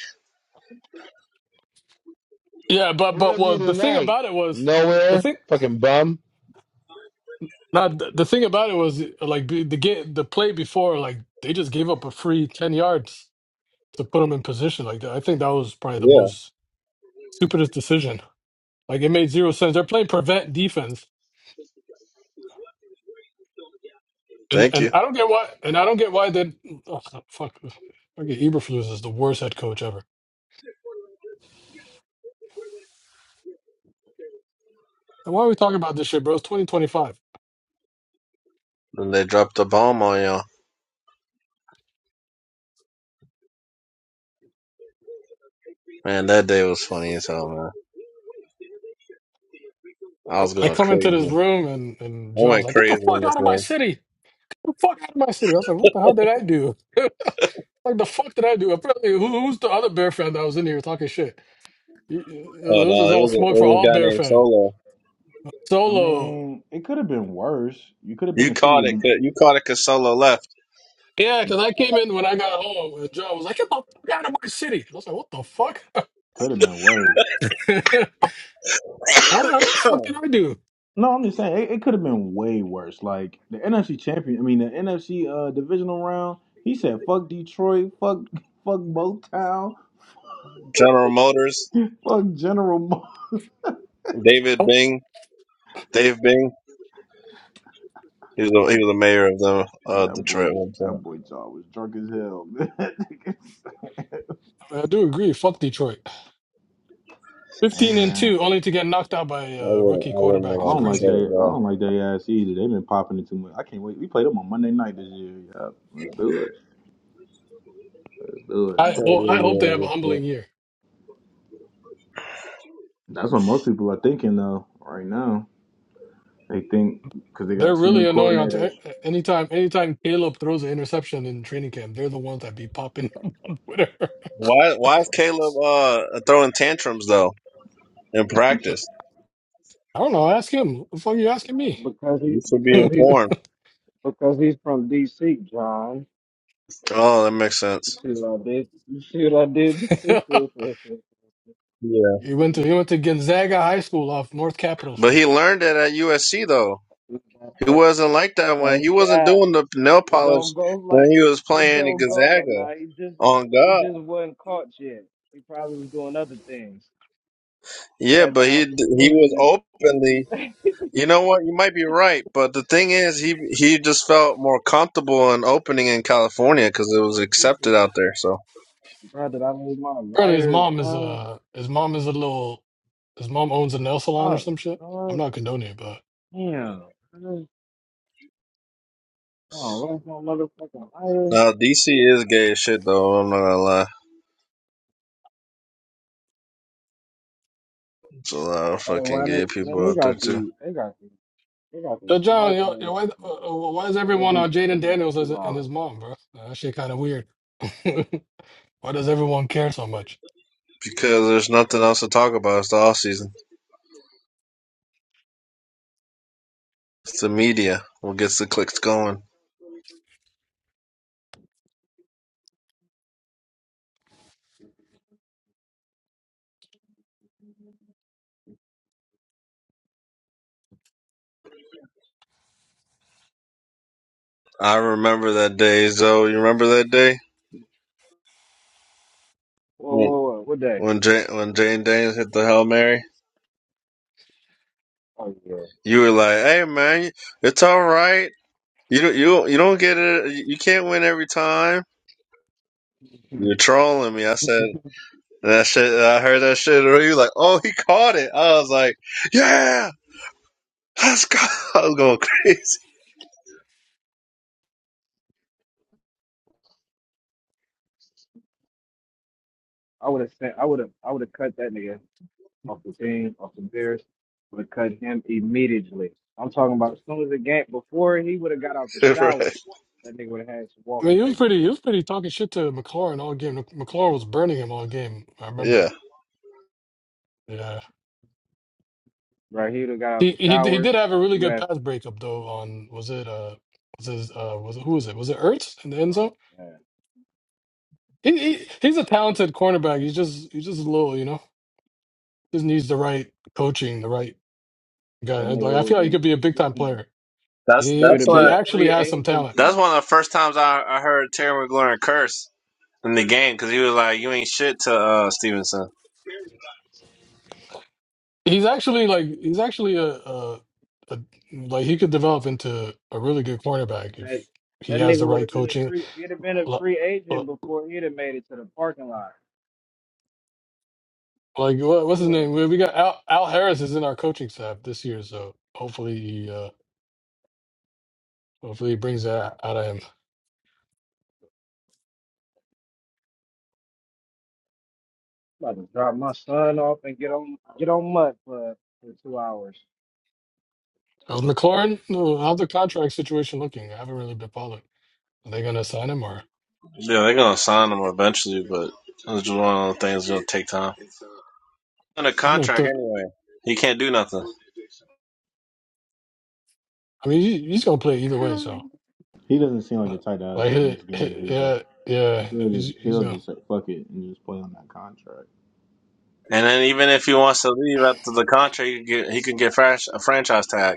S31: Yeah, but
S20: Where
S31: but
S20: was he
S31: well, the thing
S20: tonight?
S31: about it was the
S20: Nowhere.
S31: thing.
S20: Fucking bum.
S31: Now the, the thing about it was like the the, game, the play before, like they just gave up a free ten yards to put him in position. Like that. I think that was probably the
S15: Yeah.
S31: most stupidest decision Like it made zero sense. They're playing prevent defense, and
S15: Thank
S31: and
S15: you.
S31: I don't get why. And I don't get why they. Oh, fuck. Okay, Eberflus is the worst head coach ever. And why are we talking about this shit, bro? It's 2025.
S15: And they dropped the bomb on y'all. Man, that day was funny as hell, man. I
S31: I
S15: was going
S31: come into
S15: crazy.
S31: this
S15: I
S31: room and and John was
S15: went
S31: like, "Get the
S15: crazy
S31: fuck
S15: in this
S31: out of my
S15: room.
S31: city! Get the fuck out of my city!" I was like, "What the hell did I do? like the fuck did I do?" Apparently, who, who's the other Bear fan that was in here talking shit? You-
S15: Oh
S31: It was
S15: no,
S31: just
S15: it
S31: all
S15: was a, it
S31: smoke for
S15: was a
S31: all
S15: guy
S31: Bear
S15: named
S31: fans.
S15: Solo.
S3: I
S31: Solo.
S3: mean, it could have been worse. You could have been
S15: You
S3: the city
S15: caught
S3: of
S15: it.
S3: D.
S15: 'cause- You caught it because Solo left.
S31: Yeah, because I came in when I got home, and John was like, "Get the fuck out of my city!" I was like, "What the fuck?"
S3: could have been worse.
S31: Oh, how the fuck did I do?
S3: No, I'm just saying it, it could have been way worse. Like the NFC champion, I mean the NFC uh, divisional round. He said, "Fuck Detroit, fuck, fuck Motown,
S15: General Motors,
S3: fuck General." Mo-"
S15: David
S31: Oh,
S15: Bing, Dave Bing. He was the, he was the mayor of the uh,
S3: That boy,
S15: Detroit at one
S3: that
S15: point.
S3: boy jaw was drunk as hell.
S31: I do agree. Fuck Detroit.
S3: hey
S31: Fifteen and
S3: man,
S31: two, only to get knocked out by
S15: I
S31: a uh,
S15: went
S31: rookie
S15: I went in
S3: I
S31: quarterback is
S15: on
S3: don't like
S31: crazy.
S3: they,
S15: Detroit,
S3: I
S15: bro.
S3: don't like they ass either. They've been popping it too much. I can't wait. We played them on Monday night this year. Yeah, let's do it. Let's do it,
S31: I
S15: So
S31: well,
S3: man.
S31: I
S15: went in
S31: hope they have a
S15: on Detroit.
S31: humbling year.
S3: That's what most people are thinking though right now. They think because they got
S31: They're
S3: two new
S31: really annoying on t- eh,
S3: coordinators.
S31: eh, anytime. Anytime Caleb throws an interception in training camp, they're the ones that be popping up. Whatever.
S15: Why why is Caleb uh throwing tantrums though in practice?
S31: I don't know. Ask him. What the fuck are you asking me?
S32: Because he,
S15: You should be
S32: because he,
S15: informed.
S32: because he's from D.C., John.
S15: Oh, that makes
S32: You
S15: sense.
S32: see what I did? You see what I did?
S15: Yeah.
S31: he went to he went to Gonzaga High School off North Capitol
S15: But he
S31: Street.
S15: learned that at USC though.
S32: That-
S15: He
S32: that-
S15: wasn't like that when
S32: That's
S15: he wasn't
S32: cat.
S15: doing the nail
S32: It don't
S15: polish
S32: go
S15: when
S32: like
S15: he was
S32: it
S15: playing in
S32: don't go like.
S15: Gonzaga
S32: Nah, he just
S15: on
S32: he
S15: God.
S32: just wasn't caught yet. He probably was doing other things. He
S15: Yeah,
S32: had the
S15: but he he was
S32: opportunity.
S15: openly. You know what? You might be right, but the thing is, he he just felt more comfortable in opening in California because it was accepted out there. So
S32: Bro, did I lose my
S31: Apparently, his
S32: lighter?
S31: mom is
S32: Nah,
S31: a his mom is a little his mom owns a nail salon or
S32: fuck.
S31: some shit. I'm
S32: Lord,
S31: not condoning it,
S32: damn. Bro, Oh, lost my motherfucking lighter.
S15: uh, DC is gay as shit though. I'm not gonna lie. There's a lot of
S32: Oh,
S15: fucking
S32: why they
S15: gay
S32: man,
S15: people
S32: they
S15: out there
S32: got
S15: too
S32: the they got the they got these
S31: So John,
S32: smart
S31: yo, yo,
S32: glasses
S31: why, uh, uh, why
S32: for
S31: is everyone
S32: thirty
S31: on Jaden
S32: thirty
S31: Daniels
S32: two
S31: as- and his
S32: dollars.
S31: mom, bro? Nah, That shit kind of weird. Why does everyone care so much?
S15: because there's nothing else to talk about. It's the off season. It's the media what gets the clicks going. I remember that day, Zoe. You remember that day
S32: Whoa,
S15: when
S32: whoa, whoa, what day?
S15: when Jane when Jane Danes hit the hail mary?
S32: Oh
S15: You were like, "Hey, man, it's all right. You don't you don't- you don't get it. You can't win every time." You're
S32: yeah.
S15: trolling me. I said and that shit. and I heard that shit. And you were like, "Oh, he caught it." I was like, "Yeah, let's go." I was going crazy.
S32: I would have sent I would have I would have cut that nigga off the team, off the Bears, would have cut him immediately. I'm talking about as soon as the game before he would have got out the shower,
S15: right?
S32: that nigga would have had some
S31: I
S32: walking
S31: mean, he was
S32: paper.
S31: pretty, he was pretty talking shit to McLaurin all game. McLaurin was burning him all game. I remember.
S15: Yeah.
S31: Yeah,
S32: Right, he would have got out
S31: he
S32: the
S31: he he
S32: showers.
S31: did have a really
S32: You
S31: good
S32: have
S31: pass breakup though. On was it uh was his uh was it, who was it was it Ertz in the end
S32: well,
S31: zone?
S32: man,
S31: He, he he's a talented cornerback. He's just he's just a little you know just needs the right coaching, the right
S32: that
S31: guy.
S32: nigga
S31: Like I
S32: would
S31: feel like he
S32: be
S31: could be a
S32: he would
S31: big
S32: have
S31: time
S32: been
S31: player.
S15: That's
S32: he
S31: He
S32: would
S15: that's
S32: have been
S31: he
S15: why
S32: a
S31: actually
S32: free
S31: has some talent.
S32: agent.
S15: that's one of the first times I, I heard Terry McLaurin curse in the game because he was like, "You ain't shit to uh, Stevenson."
S31: He's actually like he's actually a, a, a like he could develop into a really good cornerback
S32: Like
S31: if he
S32: that
S31: has the
S32: nigga would
S31: right
S32: have been a
S31: coaching.
S32: free. He'd have been a
S31: Li-
S32: free
S31: li-
S32: agent before he'd have made it to the parking lot.
S31: Like what, what's his
S32: Sure.
S31: name? We we got Al, Al Harris is in our coaching staff this year, so hopefully he uh, hopefully he brings that out of him.
S32: About to drop my son off and get on get on mud for for two hours.
S31: How's McLaurin? No, How's the contract situation looking? I haven't really been following. Are they gonna sign him or
S15: Yeah, they're gonna sign him eventually, but it's just one of those things that's gonna take time. On a
S31: I don't know?
S15: contract
S31: The,
S15: anyway, he can't do nothing.
S31: I mean, he, he's gonna play either way, so
S3: He doesn't seem like
S31: uh,
S3: the type that'll
S31: like,
S3: just
S31: he-
S3: miss games
S31: he-
S3: either.
S31: yeah, yeah,
S3: He'll
S31: he's
S3: just
S31: he's
S3: he'll
S31: gonna.
S3: just say fuck it and just play on that contract.
S15: And then even if he wants to leave after the contract, he could get, he could get frash, a franchise tag.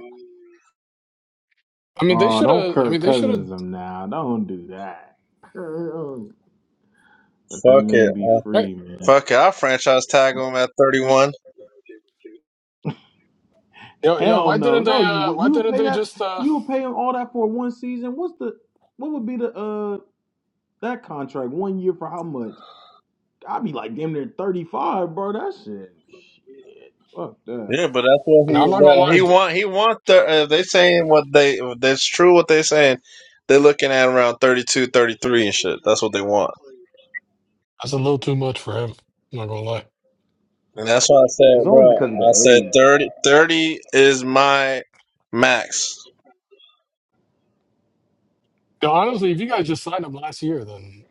S31: I mean, they
S3: Oh,
S31: should
S3: don't
S31: have. I mean,
S3: Kirk
S31: they should have.
S3: Cousins him now. Don't do that. Kirk- Let that
S15: Fuck
S3: man
S15: it,
S3: be
S15: uh,
S3: free, man.
S15: fuck it. I'll franchise tag him at thirty-one.
S31: Yo, yo,
S3: Hell
S31: why
S3: no,
S31: didn't
S3: no.
S31: they?
S3: You
S31: Uh,
S3: would
S31: why
S3: you would
S31: didn't
S3: pay
S31: they
S3: that?
S31: just? Uh,
S3: You would pay him all that for one season. What's the what would be the uh that contract one year for how much? I'd be like damn near thirty five, bro. That shit, shit. Fuck that.
S15: Yeah, but that's what
S31: no, I'm
S15: he
S31: not gonna
S15: the,
S31: lie.
S15: he want. He want the. Uh, they saying what they. That's true. What they saying. They're looking at around 32, 33, and shit. That's what they want.
S31: That's a little too much for him. I'm not gonna lie.
S15: And that's why I
S3: It's
S15: said,
S3: only
S15: bro.
S3: because of
S15: I
S3: the
S15: said
S3: age.
S15: 30, 30 is my max.
S31: Yo, honestly, if you guys just signed him last year, then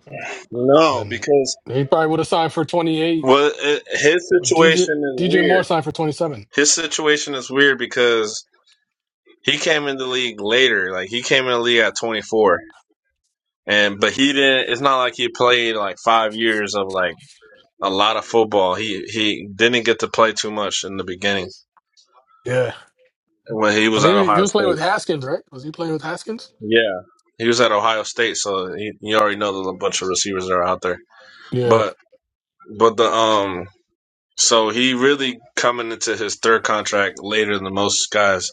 S15: No,
S31: then
S15: because
S31: he probably would have signed for 28.
S15: well, it, his
S31: DJ
S15: situation is
S31: DJ Moore
S15: weird.
S31: signed for 27.
S15: His situation is weird because he came in the league later. Like he came in the league at twenty four, and but he didn't. It's not like he played like five years of like a lot of football. He he didn't get to play too much in the beginning
S31: Yeah,
S15: when he
S31: I
S15: was
S31: mean,
S15: at
S31: he he
S15: Ohio
S31: was playing
S15: State.
S31: with Haskins, right? Was he playing with Haskins?
S15: Yeah, he was at Ohio State, so he, you already know there's a bunch of receivers that are out there.
S31: Yeah,
S15: But but the um, so he really coming into his third contract later than most guys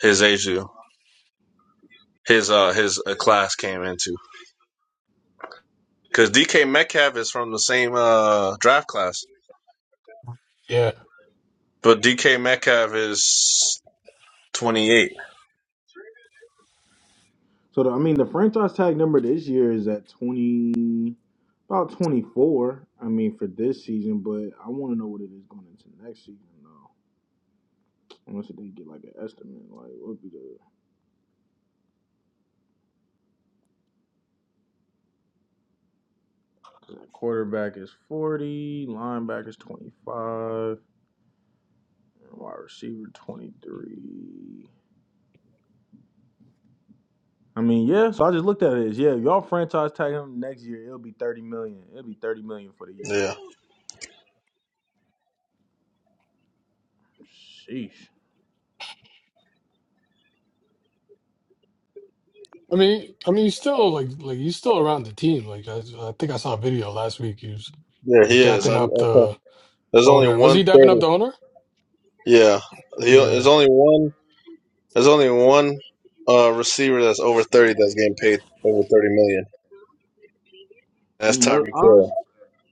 S15: his age do. His uh his uh, class came into because DK Metcalf is from the same uh draft class,
S31: yeah.
S15: but DK Metcalf is twenty eight.
S3: So the, I mean, the franchise tag number this year is at twenty, about twenty four. I mean, for this season, but I want to know what it is going into next season though. Unless they get like an estimate, like what be the quarterback is forty, linebacker is twenty five, and wide receiver twenty three. I mean, yeah. So I just looked at it. as, Yeah, y'all franchise tag him next year, it'll be thirty million. It'll be thirty million for the year.
S15: Yeah,
S3: Sheesh.
S31: I mean, I mean, he's still like like he's still around the team. Like I, I think I saw a video last week. He was
S15: yeah,
S31: he was
S15: he is.
S3: I,
S31: dapping
S15: I'm,
S31: up
S15: I'm
S31: the
S15: There's only
S31: owner. Was
S15: one
S31: he dapping up
S15: thirty.
S31: the owner?
S15: Yeah, he, there's
S31: Yeah,
S15: only one. There's only one uh, receiver that's
S20: I
S15: over
S20: agree,
S15: thirty that's
S20: Lace.
S15: getting paid over thirty million.
S3: you
S15: That's
S3: know,
S15: Tyreek
S3: honestly.
S15: Hill.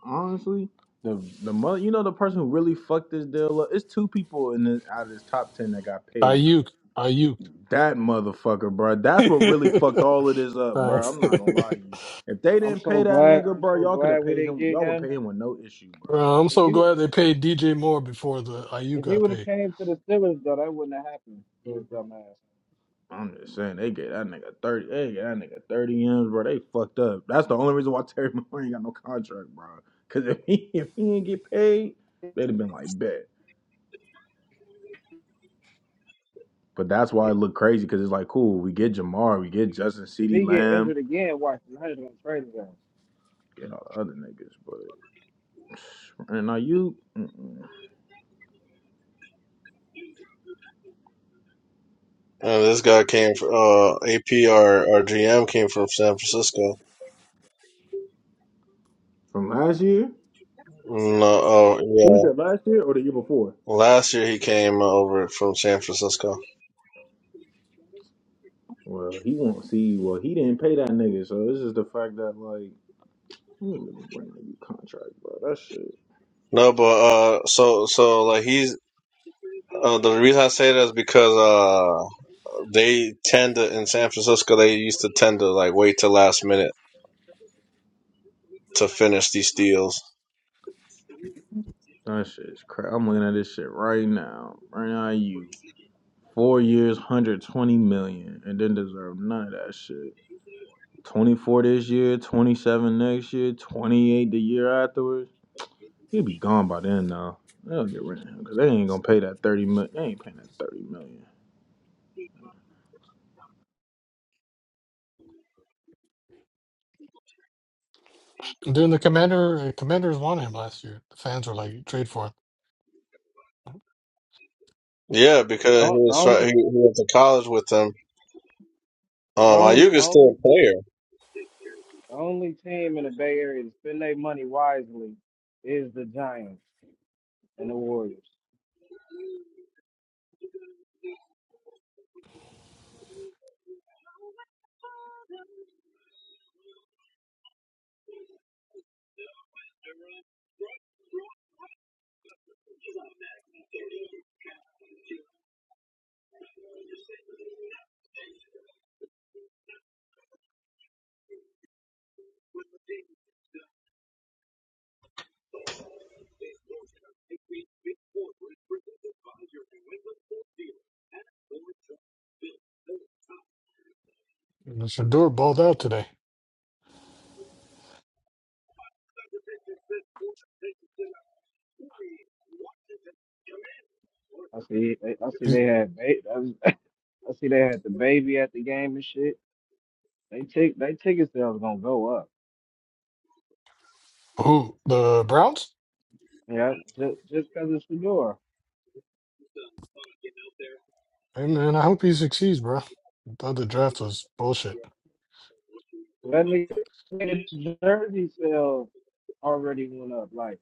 S3: honestly, the the mother, you know, the person who really fucked this deal up. It's two people in the, out of this top ten that got paid.
S31: Ayuk, Ayuk.
S3: That motherfucker, bro. That's what really fucked all of this up,
S31: Right.
S3: bro. I'm not gonna lie to you. If they
S32: I'm
S3: didn't
S32: so
S3: pay that
S32: glad.
S3: nigga,
S32: I'm
S3: bro,
S32: so
S3: y'all could have
S32: glad we
S3: paid
S32: didn't
S3: him.
S32: get
S3: Y'all would
S32: him.
S3: pay him with no issue, bro.
S31: well, I'm
S32: If
S31: so
S32: he
S31: glad they paid DJ Moore before the IU
S32: if he
S31: got
S32: would have
S31: paid.
S32: came to the Steelers though, that wouldn't have happened. His dumbass.
S3: I'm just saying they gave that nigga thirty. They gave that nigga thirty M's, bro. They fucked up. That's the only reason why Terry Moore ain't got no contract, bro. Cause if he if he didn't get paid, they'd have been like bet. But that's why it looked crazy because it's like, cool, we get Jamar, we get Justin
S32: If
S3: Ceedee
S32: he get
S3: Lamb,
S32: injured again, watch the Niners gonna trade his ass.
S3: get all the other niggas. But and now you mm-mm.
S15: Uh, this guy came from uh, AP. Our our GM came from San Francisco.
S3: from last year,
S15: No, oh
S3: he was there
S15: yeah.
S3: last year or the year before.
S15: Last year he came over from San Francisco.
S3: Well, he won't see. Well, he didn't pay that nigga, so this is the fact that like, I'm gonna just bring a new contract, bro. That shit,
S15: No, but uh, so so like he's uh, the reason I say that is because uh, they tend to in San Francisco they used to tend to like wait till last minute to finish these deals.
S3: that shit's crap. I'm looking at this shit right now. Right now, you four years, hundred twenty million, and didn't deserve none of that shit. 24 this year, 27 next year, 28 the year afterwards. He'll be gone by then, though. They'll get rid of him because they ain't gonna pay that 30 million. They ain't paying that 30 million.
S31: And then the commander, uh, commanders wanted him last year. The fans were like, trade for him.
S15: Yeah, because he
S32: Don't the
S15: was try-
S32: only
S15: he, he went to college with them.
S32: the
S15: Um,
S32: only the
S15: Ayuka's
S32: only
S15: still a player.
S32: the only team in the Bay Area to spend their money wisely is the Giants and the Warriors.
S31: And Shador balled out today.
S32: I see. They, I see
S31: He,
S32: they had. Ba- I was- I see they had the baby at the game and shit. They tick. They ticket sales gonna go up.
S31: who? The Browns?
S32: Yeah, just just cause it's Fedora.
S31: Hey, man, I hope he succeeds, bro. I thought the draft was bullshit.
S32: That nigga, nigga jersey sales already went up. Like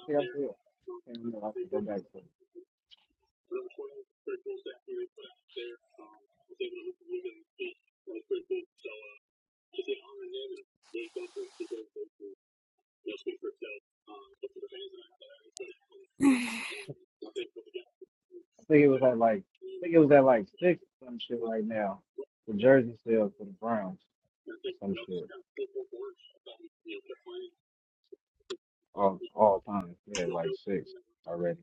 S32: I think I said. I can't remember. I have to go back to. It. I think it was at like. I think it was at like six or some shit right now. The jersey sales for the Browns or some shit. All all time. Yeah, like six already.